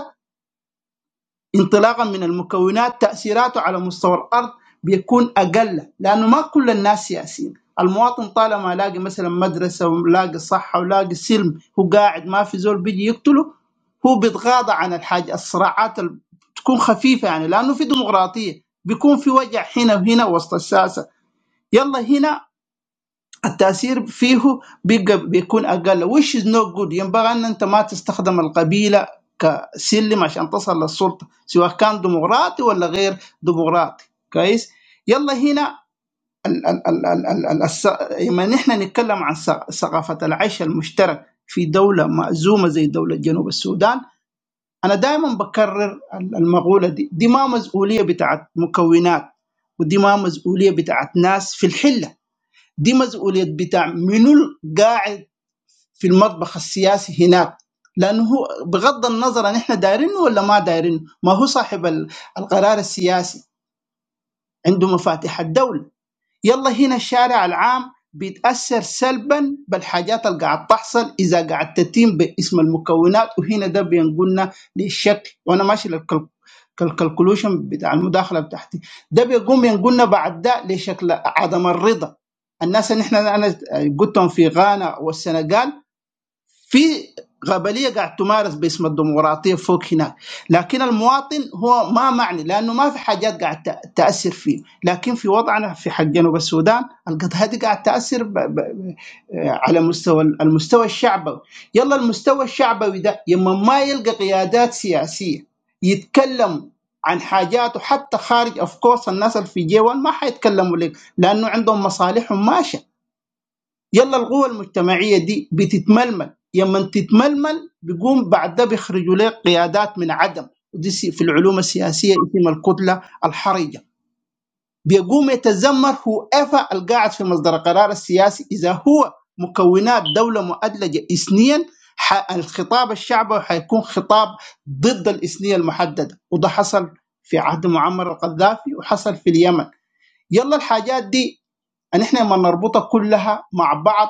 S9: انطلاقا من المكونات تاثيراته على مستوى الارض بيكون اقل لانه ما كل الناس سياسيين المواطن طالما لاقي مثلا مدرسه ولاقي صحه ولاقي سلم هو قاعد ما في زول بيجي يقتله هو بيتغاضى عن الحاجه الصراعات ال- تكون خفيفه يعني لانه في ديمقراطيه بيكون في وجع هنا وهنا وسط الساسه يلا هنا التأثير فيه بيبقى بيكون أقل which is not good ينبغي أن أنت ما تستخدم القبيلة كسلم عشان تصل للسلطة سواء كان ديمقراطي ولا غير ديمقراطي كويس يلا هنا ال ال ال ال ال ال الس... لما نحن نتكلم عن ث- ثقافة العيش المشترك في دولة مأزومة زي دولة جنوب السودان أنا دائما بكرر ال- المقولة دي دي ما مسؤولية بتاعت مكونات ودي ما مسؤولية بتاعت ناس في الحلة دي مسؤوليه بتاع منو القاعد في المطبخ السياسي هناك لانه هو بغض النظر ان احنا دايرينه ولا ما دايرينه ما هو صاحب ال- القرار السياسي عنده مفاتيح الدوله يلا هنا الشارع العام بيتاثر سلبا بالحاجات اللي قاعد تحصل اذا قاعد تتم باسم المكونات وهنا ده بينقلنا للشكل وانا ماشي للكل- كالكالكولوشن بتاع المداخله بتاعتي ده بيقوم ينقلنا بعد ده لشكل عدم الرضا الناس اللي احنا انا قلتهم في غانا والسنغال في غبليه قاعد تمارس باسم الديمقراطيه فوق هناك، لكن المواطن هو ما معني لانه ما في حاجات قاعد تأ- تاثر فيه، لكن في وضعنا في حق جنوب السودان القضاء دي قاعد تاثر ب... ب... ب- على مستوى المستوى الشعبوي، يلا المستوى الشعبوي ده يما ما يلقى قيادات سياسيه يتكلم عن حاجاته حتى خارج اوف كورس الناس اللي في جي 1 ما حيتكلموا لك لانه عندهم مصالحهم ماشيه. يلا القوى المجتمعيه دي بتتململ لما تتململ بيقوم بعد ده بيخرجوا لك قيادات من عدم ودي سي- في العلوم السياسيه اسم الكتله الحرجه بيقوم يتذمر هو ايفا القاعد في مصدر القرار السياسي اذا هو مكونات دوله مؤدلجه اثنيا ح- الخطاب الشعبي حيكون خطاب ضد الاثنيه المحدده وده حصل في عهد معمر القذافي وحصل في اليمن يلا الحاجات دي ان احنا لما نربطها كلها مع بعض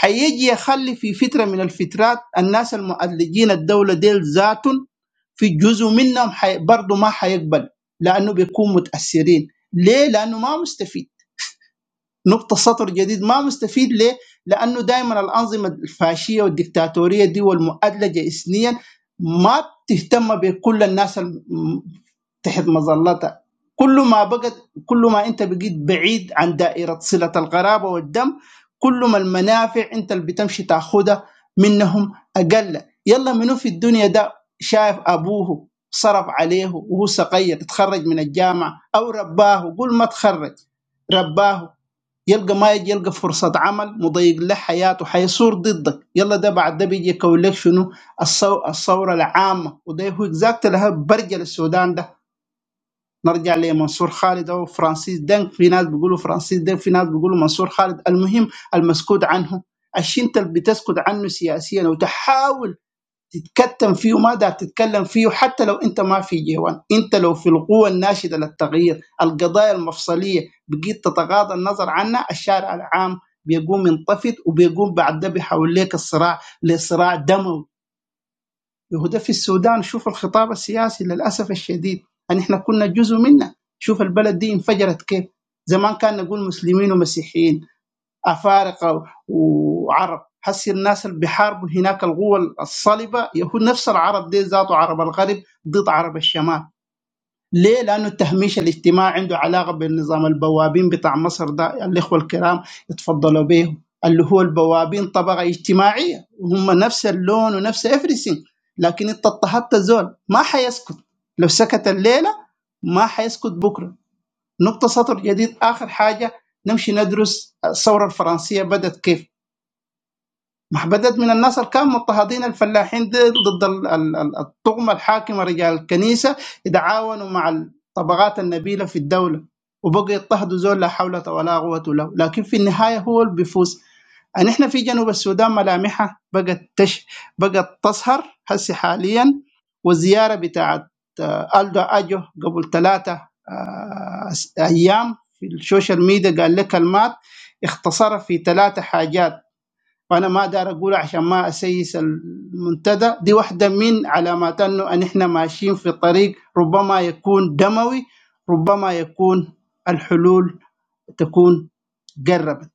S9: هيجي يخلي في فتره من الفترات الناس المؤلجين الدوله ديل ذاتهم في جزء منهم حي... برضه ما حيقبل لانه بيكون متاثرين ليه؟ لانه ما مستفيد نقطه سطر جديد ما مستفيد ليه؟ لانه دائما الانظمه الفاشيه والدكتاتوريه دي والمؤدلجه اثنيا ما تهتم بكل الناس تحت مظلتك كل ما بقت كل ما انت بقيت بعيد عن دائره صله القرابه والدم كل ما المنافع انت اللي بتمشي تاخدها منهم اقل يلا منو في الدنيا ده شايف ابوه صرف عليه وهو صغير تخرج من الجامعه او رباه قول ما تخرج رباه يلقى ما يجي يلقى فرصة عمل مضيق له حياته حيصور ضدك يلا ده بعد ده بيجي يكون لك شنو الصو- الثورة العامة وده هو اكزاكت لها برجل السودان ده نرجع لمنصور خالد او فرانسيس دنك في ناس بيقولوا فرانسيس دنك في ناس بيقولوا منصور خالد المهم المسكوت عنه الشيء اللي بتسكت عنه سياسيا وتحاول تتكتم فيه وما دار تتكلم فيه حتى لو انت ما في جيوان انت لو في القوة الناشدة للتغيير القضايا المفصلية بقيت تتغاضى النظر عنها الشارع العام بيقوم ينطفت وبيقوم بعد ده بيحول لك الصراع لصراع دموي يهدف في السودان شوف الخطاب السياسي للأسف الشديد أن إحنا كنا جزء منه شوف البلد دي انفجرت كيف زمان كان نقول مسلمين ومسيحيين أفارقة وعرب هسي الناس اللي بيحاربوا هناك القوة الصلبة يهود نفس العرب دي ذاته عرب الغرب ضد عرب الشمال ليه؟ لأنه التهميش الاجتماعي عنده علاقة بالنظام البوابين بتاع مصر ده الإخوة الكرام اتفضلوا به اللي هو البوابين طبقة اجتماعية وهم نفس اللون ونفس افريسين لكن انت اضطهدت الزول ما حيسكت لو سكت الليلة ما حيسكت بكرة نقطة سطر جديد آخر حاجة نمشي ندرس الثورة الفرنسية بدأت كيف محبدات من الناصر كانوا مضطهدين الفلاحين دي ضد ال- ال- ال- الطغمة الحاكمة رجال الكنيسة يتعاونوا مع الطبقات النبيلة في الدولة وبقوا يضطهدوا زول لا حول ولا قوة له لكن في النهاية هو اللي بيفوز أن إحنا في جنوب السودان ملامحها بقت تش بقت تسهر هسي حاليا والزيارة بتاعت آه، ألدو أجو قبل ثلاثة أيام في السوشيال ميديا قال لك كلمات اختصرها في ثلاثة حاجات وانا ما دار اقول عشان ما اسيس المنتدى دي واحده من علامات انه ان احنا ماشيين في طريق ربما يكون دموي ربما يكون الحلول تكون قربت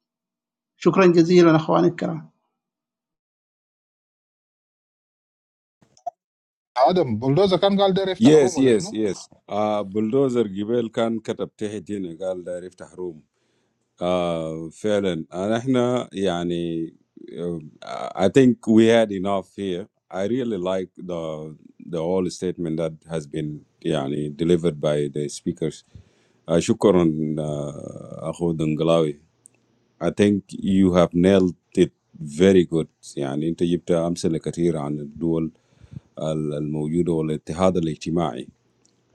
S9: شكرا جزيلا اخواني الكرام
S8: Adam, bulldozer can't go there. Open
S1: Yes,
S8: Rome,
S1: yes,
S8: listen.
S1: yes. Uh, bulldozer Gibel can cut up Tehitine Gal Riftah آه فعلا أنا احنا يعني uh, I think we had enough here. I really like the the whole statement that has been يعني delivered by the speakers. Uh, شكرا uh, أخو دنقلاوي. I think you have nailed it very good يعني أنت جبت أمثلة كثيرة عن الدول ال- الموجودة والاتحاد الاجتماعي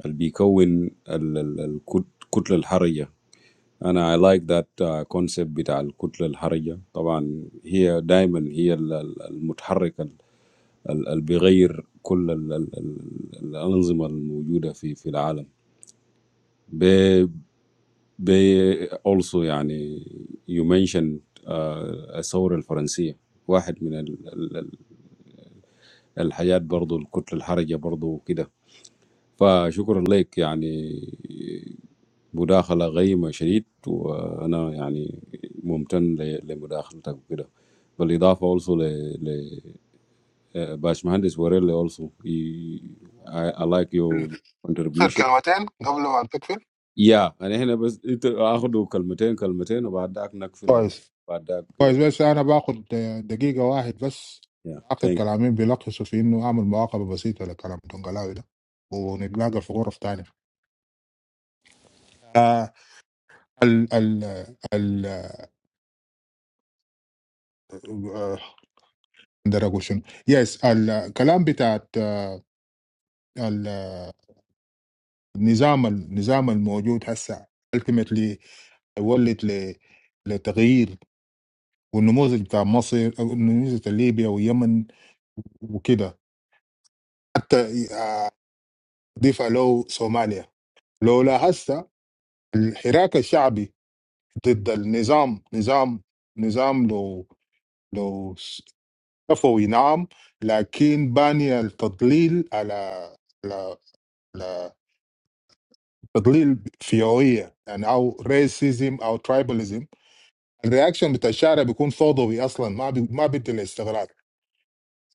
S1: اللي بيكون ال- ال- الكت- الكتلة الحرجة and I like that uh, concept about the kinetic energy. Of course, it's diamond. It's the the the moving, the the the that changes all the the the the systems that are in the in the world. By by also, I mean you mentioned the French film. One of the the the the life is also the kinetic energy, also and so on. Budahla ghi ma shirid, waana yani mumtahn le le budahla taqo kira. Bal idafah also le le baaj Mohamed Sorella also. he, I I like
S8: No,
S1: your
S8: last
S1: contribution.
S8: two words. Before I lock it.
S1: Yeah, anehena bas ita aakhudo kalmeteen kalmeteen baadak nakfil aru
S8: Yes.
S1: baadak yeah.
S8: Yes. But
S1: yeah.
S8: I take
S1: Thank.
S8: a minute. But after the conversation, I will tell you that I make a simple conversation. We will meet in another room. Yes. The conversation. Yes. The conversation. The system. The system. The existence. Ultimately, the result for change. The model of Egypt. The model of Libya and Yemen. وكده حتى اضيف له صوماليا لو لاحظت الحراك الشعبي ضد النظام نظام نظام لو لو صفوي نعم لكن باني التضليل على على على تضليل فئوية يعني او ريسيزم او ترايباليزم الرياكشن بتاع الشارع بيكون فوضوي اصلا ما بي ما بيدي الاستغراق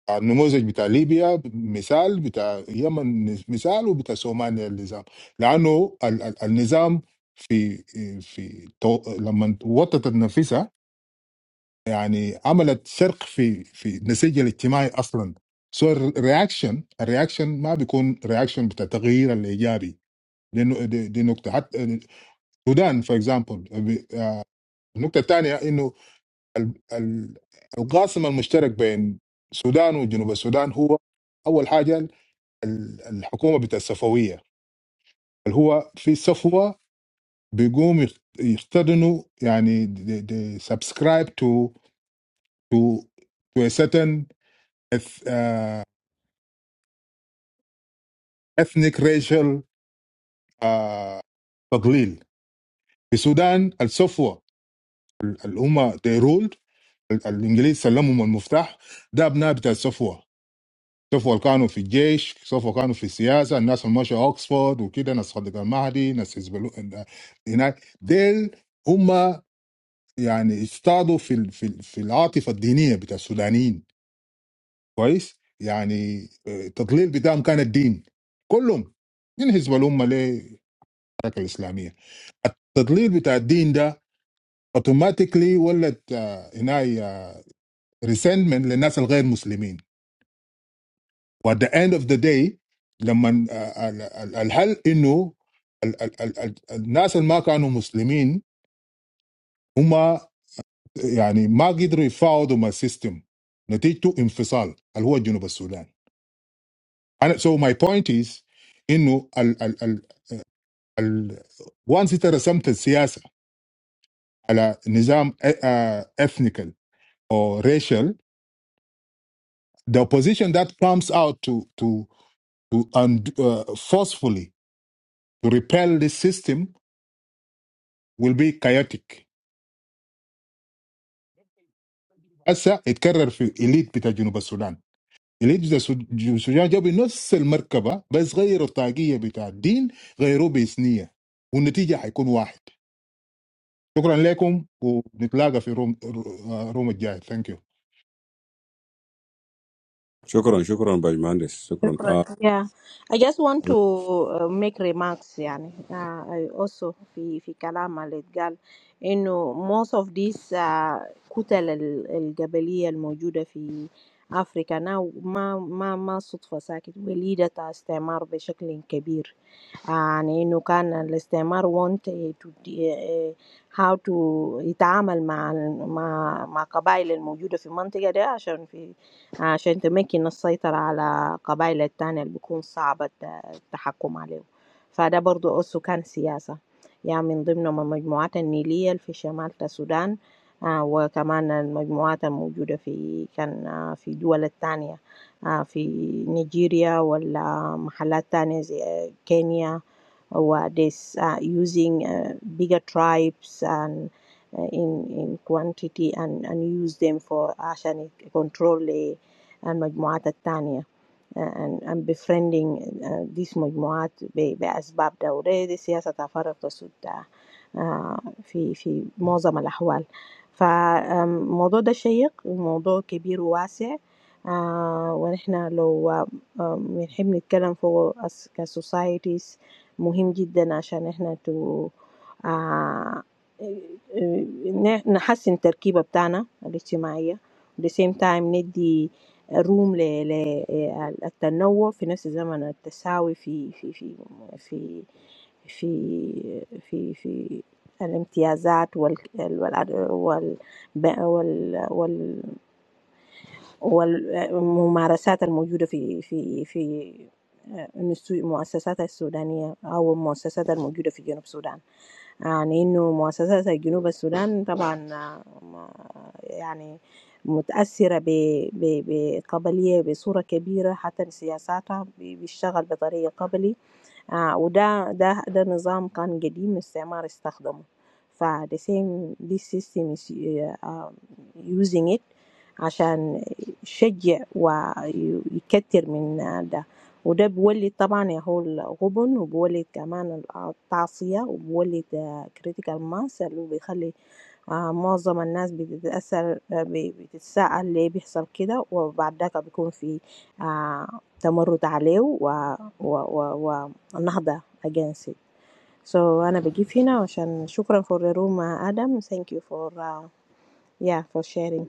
S8: النموذج بتاع ليبيا مثال بتاع اليمن مثال وبتاع صوماليا النظام لانه ال- ال- النظام في في تو- لما وطت نفسها يعني عملت شرق في في النسيج الاجتماعي اصلا سو الرياكشن الرياكشن ما بيكون رياكشن بتاع تغيير الايجابي لانه دي, دي نقطه حتى السودان فور اكزامبل النقطه الثانيه انه ال- ال- القاسم المشترك بين السودان وجنوب السودان هو اول حاجه the government is ethnocentric. Who is in ethnocentrism? They are subscribing to to to a certain eth- uh, ethnic racial sublimation. In Sudan, the ethnocentrism. The English are the rulers. The English are the key. The English are the key. The English are the key. The English are the key. The English are the key. The English are the key. The English are the key. The English are the key. يعني اجتهدوا في ال- في ال- في العاطفه الدينيه بتاع السودانيين كويس يعني آه، التضليل بتاعهم كان الدين كلهم من حزب الامه للحركه الاسلاميه التضليل بتاع الدين ده اوتوماتيكلي ولد آه، هناي ريسنتمنت للناس الغير مسلمين وات ذا اند اوف ذا داي لما الحل انه ال- ال- ال- ال- الناس اللي ما كانوا مسلمين هم يعني ما قدروا يفاوضوا مع السيستم، نتيجته انفصال اللي هو الجنوب السودان. أنا So my point is, you know, once it becomes something, siyasa, ala nizam ethnical or racial, the opposition that pumps out to to to and uh, forcefully to repel this system will be chaotic. Asa it carry the elite bata dunia Sudan. اللي السجان جابوا نفس المركبه بس غيروا الطاقيه بتاع الدين غيروه بإثنية والنتيجه حيكون واحد شكرا لكم ونتلاقى في روم روم الجاي ثانك يو
S1: Shukron shukron baaj Mohamed
S5: شكرا.
S1: Sorella.
S5: Yeah, I just want to uh, make remarks. Yeah, I also fi fi kalamalit gal. You know, most of these kuta lel el gabaliy el موجودة في أفريقيا نه ما ما ما صدفة ساكت بليدات استثمار بشكل كبير and you can understand want to how to deal with the tribes that are present in that area, so that you can control the tribes that are difficult to control. So that's also a political issue. From the Nillia group in South Sudan, and also the groups that are present in other countries, like Nigeria or other places like Kenya were this uh, using uh, bigger tribes and uh, in in quantity and and use them for عشان يك- control ل- المجموعات الثانية and I'm befriending this majority, for reasons of course, there's a lot of difference in some cases. So this is a big and a wide issue. And we're talking about societies. It's important for us to have a Turkish identity. At the same time, ندي روم ل- ل- التنوع في نفس زمن التساوي في في في في في في في الامتيازات وال وال وال وال وال والممارسات الموجودة في في في المؤسسات السودانية أو المؤسسات الموجودة في جنوب السودان I mean, that the South Sudanese government is very much affected by its tribal background, even in its policies. They use tribal power, and this system is uh, using it to shift and many other things. So I'm giving now. So thank you for the room, Adam. Thank you for uh, yeah for sharing.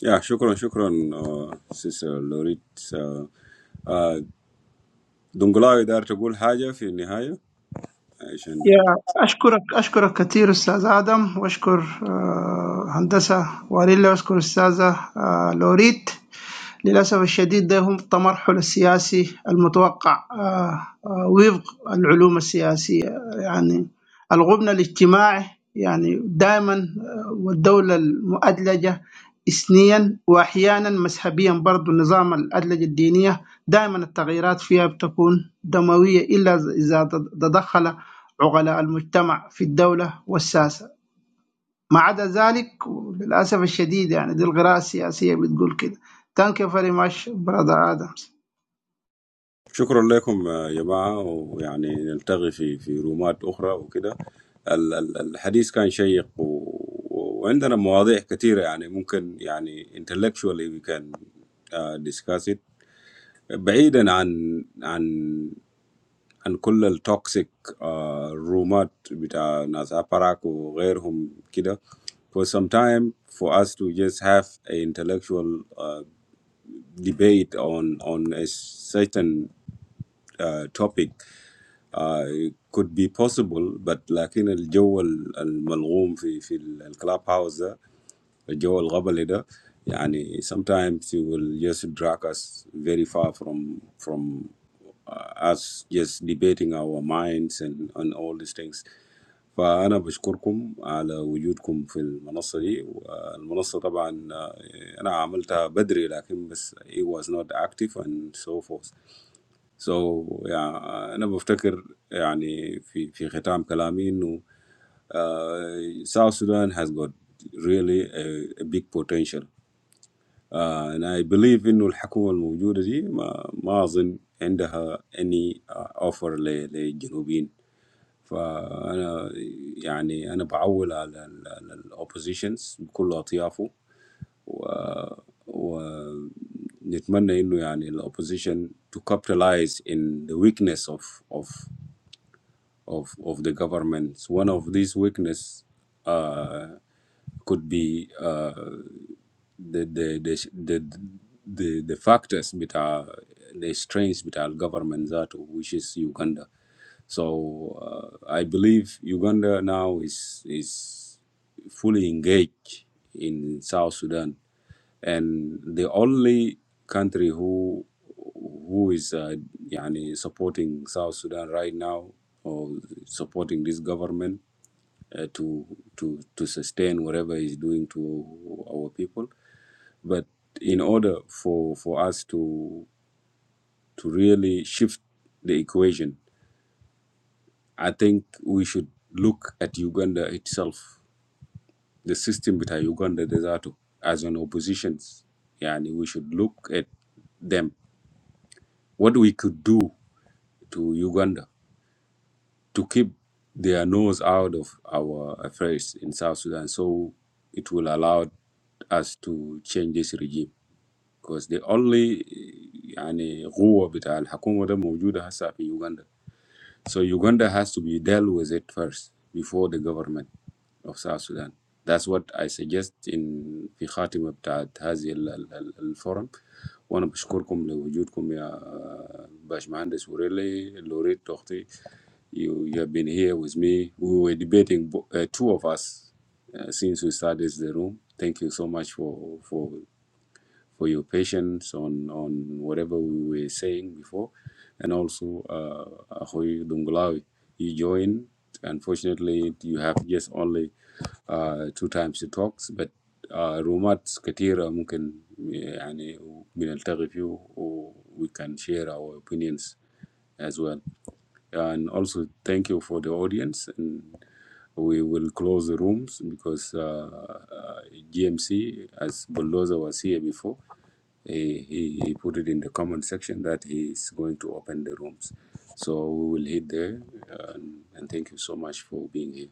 S1: Yeah, shukron shukron sister Lourid. Don't go away. Dar tequl haja fi nihaya. Aishan.
S9: يا أشكرك أشكرك كثير أستاذ آدم وأشكر آه، هندسة واريلا وأشكر أستاذة آه، لوريت للأسف الشديد ده هم التمرحل السياسي المتوقع آه، آه، وفق العلوم السياسية يعني الغبن الاجتماعي يعني دائما آه، والدولة المؤدلجة إثنياً وأحياناً مذهبياً برضو نظام الأدلة الدينية دائما التغييرات فيها بتكون دموية إلا إذا تدخل عقلاء المجتمع في الدولة والسياسة ما عدا ذلك للأسف الشديد يعني دي القراءة السياسية بتقول كده Thank you very much brother Adams
S1: شكرا لكم يا جماعة ويعني نلتقي في في رومات أخرى وكده ال- ال- الحديث كان شيق و... وعندنا مواضيع كثيرة يعني ممكن يعني intellectually we can uh, discuss it بعيدا عن عن عن كل التوكسيك رومات بتاع ناس أباراك وغيرهم كده for some time for us to just have an intellectual uh, debate on on a certain uh, topic Uh, it could be possible but لكن الجو ال- الملغوم في في الكلاب هاوس ده الجو الغبلي ده يعني sometimes you will just drag us very far from from uh, us just debating our minds and and all these things فأنا بشكركم على وجودكم في المنصة دي المنصة طبعا آه، أنا عملتها بدري لكن بس it was not active and so forth سو So yeah, I'm af thinker. I mean, in in the end of my talk, South Sudan has got really a a big potential, Uh, and I believe that the government that is there doesn't have any uh, offer for the South Sudanese. So I mean, I'm leaning on the oppositions, all factions, and I think that the oppositions need to capitalize on the weakness of of of, of the governments. One of these weakness uh, could be uh, the the the the the, the factors bita the strengths bita government that which is Uganda. So uh, I believe Uganda now is is fully engaged in South Sudan, and the only country who who is uh, yani supporting South Sudan right now or supporting this government uh, to to to sustain whatever is doing to our people but in order for, for us to to really shift the equation, I think we should look at Uganda itself, the system with Uganda Desato as an opposition. Yani we should look at them, what we could do to Uganda to keep their nose out of our affairs in South Sudan so it will allow us to change this regime. because the only يعني قوة بتاع الحكومة ده موجودة هسه في Uganda. So Uganda has to be dealt with it first before the government of South Sudan. That's what I suggest in في خاتمة بتاعت هذه ال- ال- ال- الفورم وأنا بشكركم لوجودكم يا باشمهندس وريلي لوريت أختي you, you have been here with me. We were debating bo- uh, two of us uh, since we started the room. Thank you so much for for for your patience on, on whatever we were saying before. And also, uh, Ahoy Dungulawi, you joined. Unfortunately, you have just only uh, two times to talk, but uh, رومات كثيرة ممكن يعني بنلتقي فيه و we can share our opinions as well and also thank you for the audience and we will close the rooms because uh, uh, gmc as bulldozer was here before he, he, he put it in the comment section that he is going to open the rooms so we will hit there and, and thank you so much for being here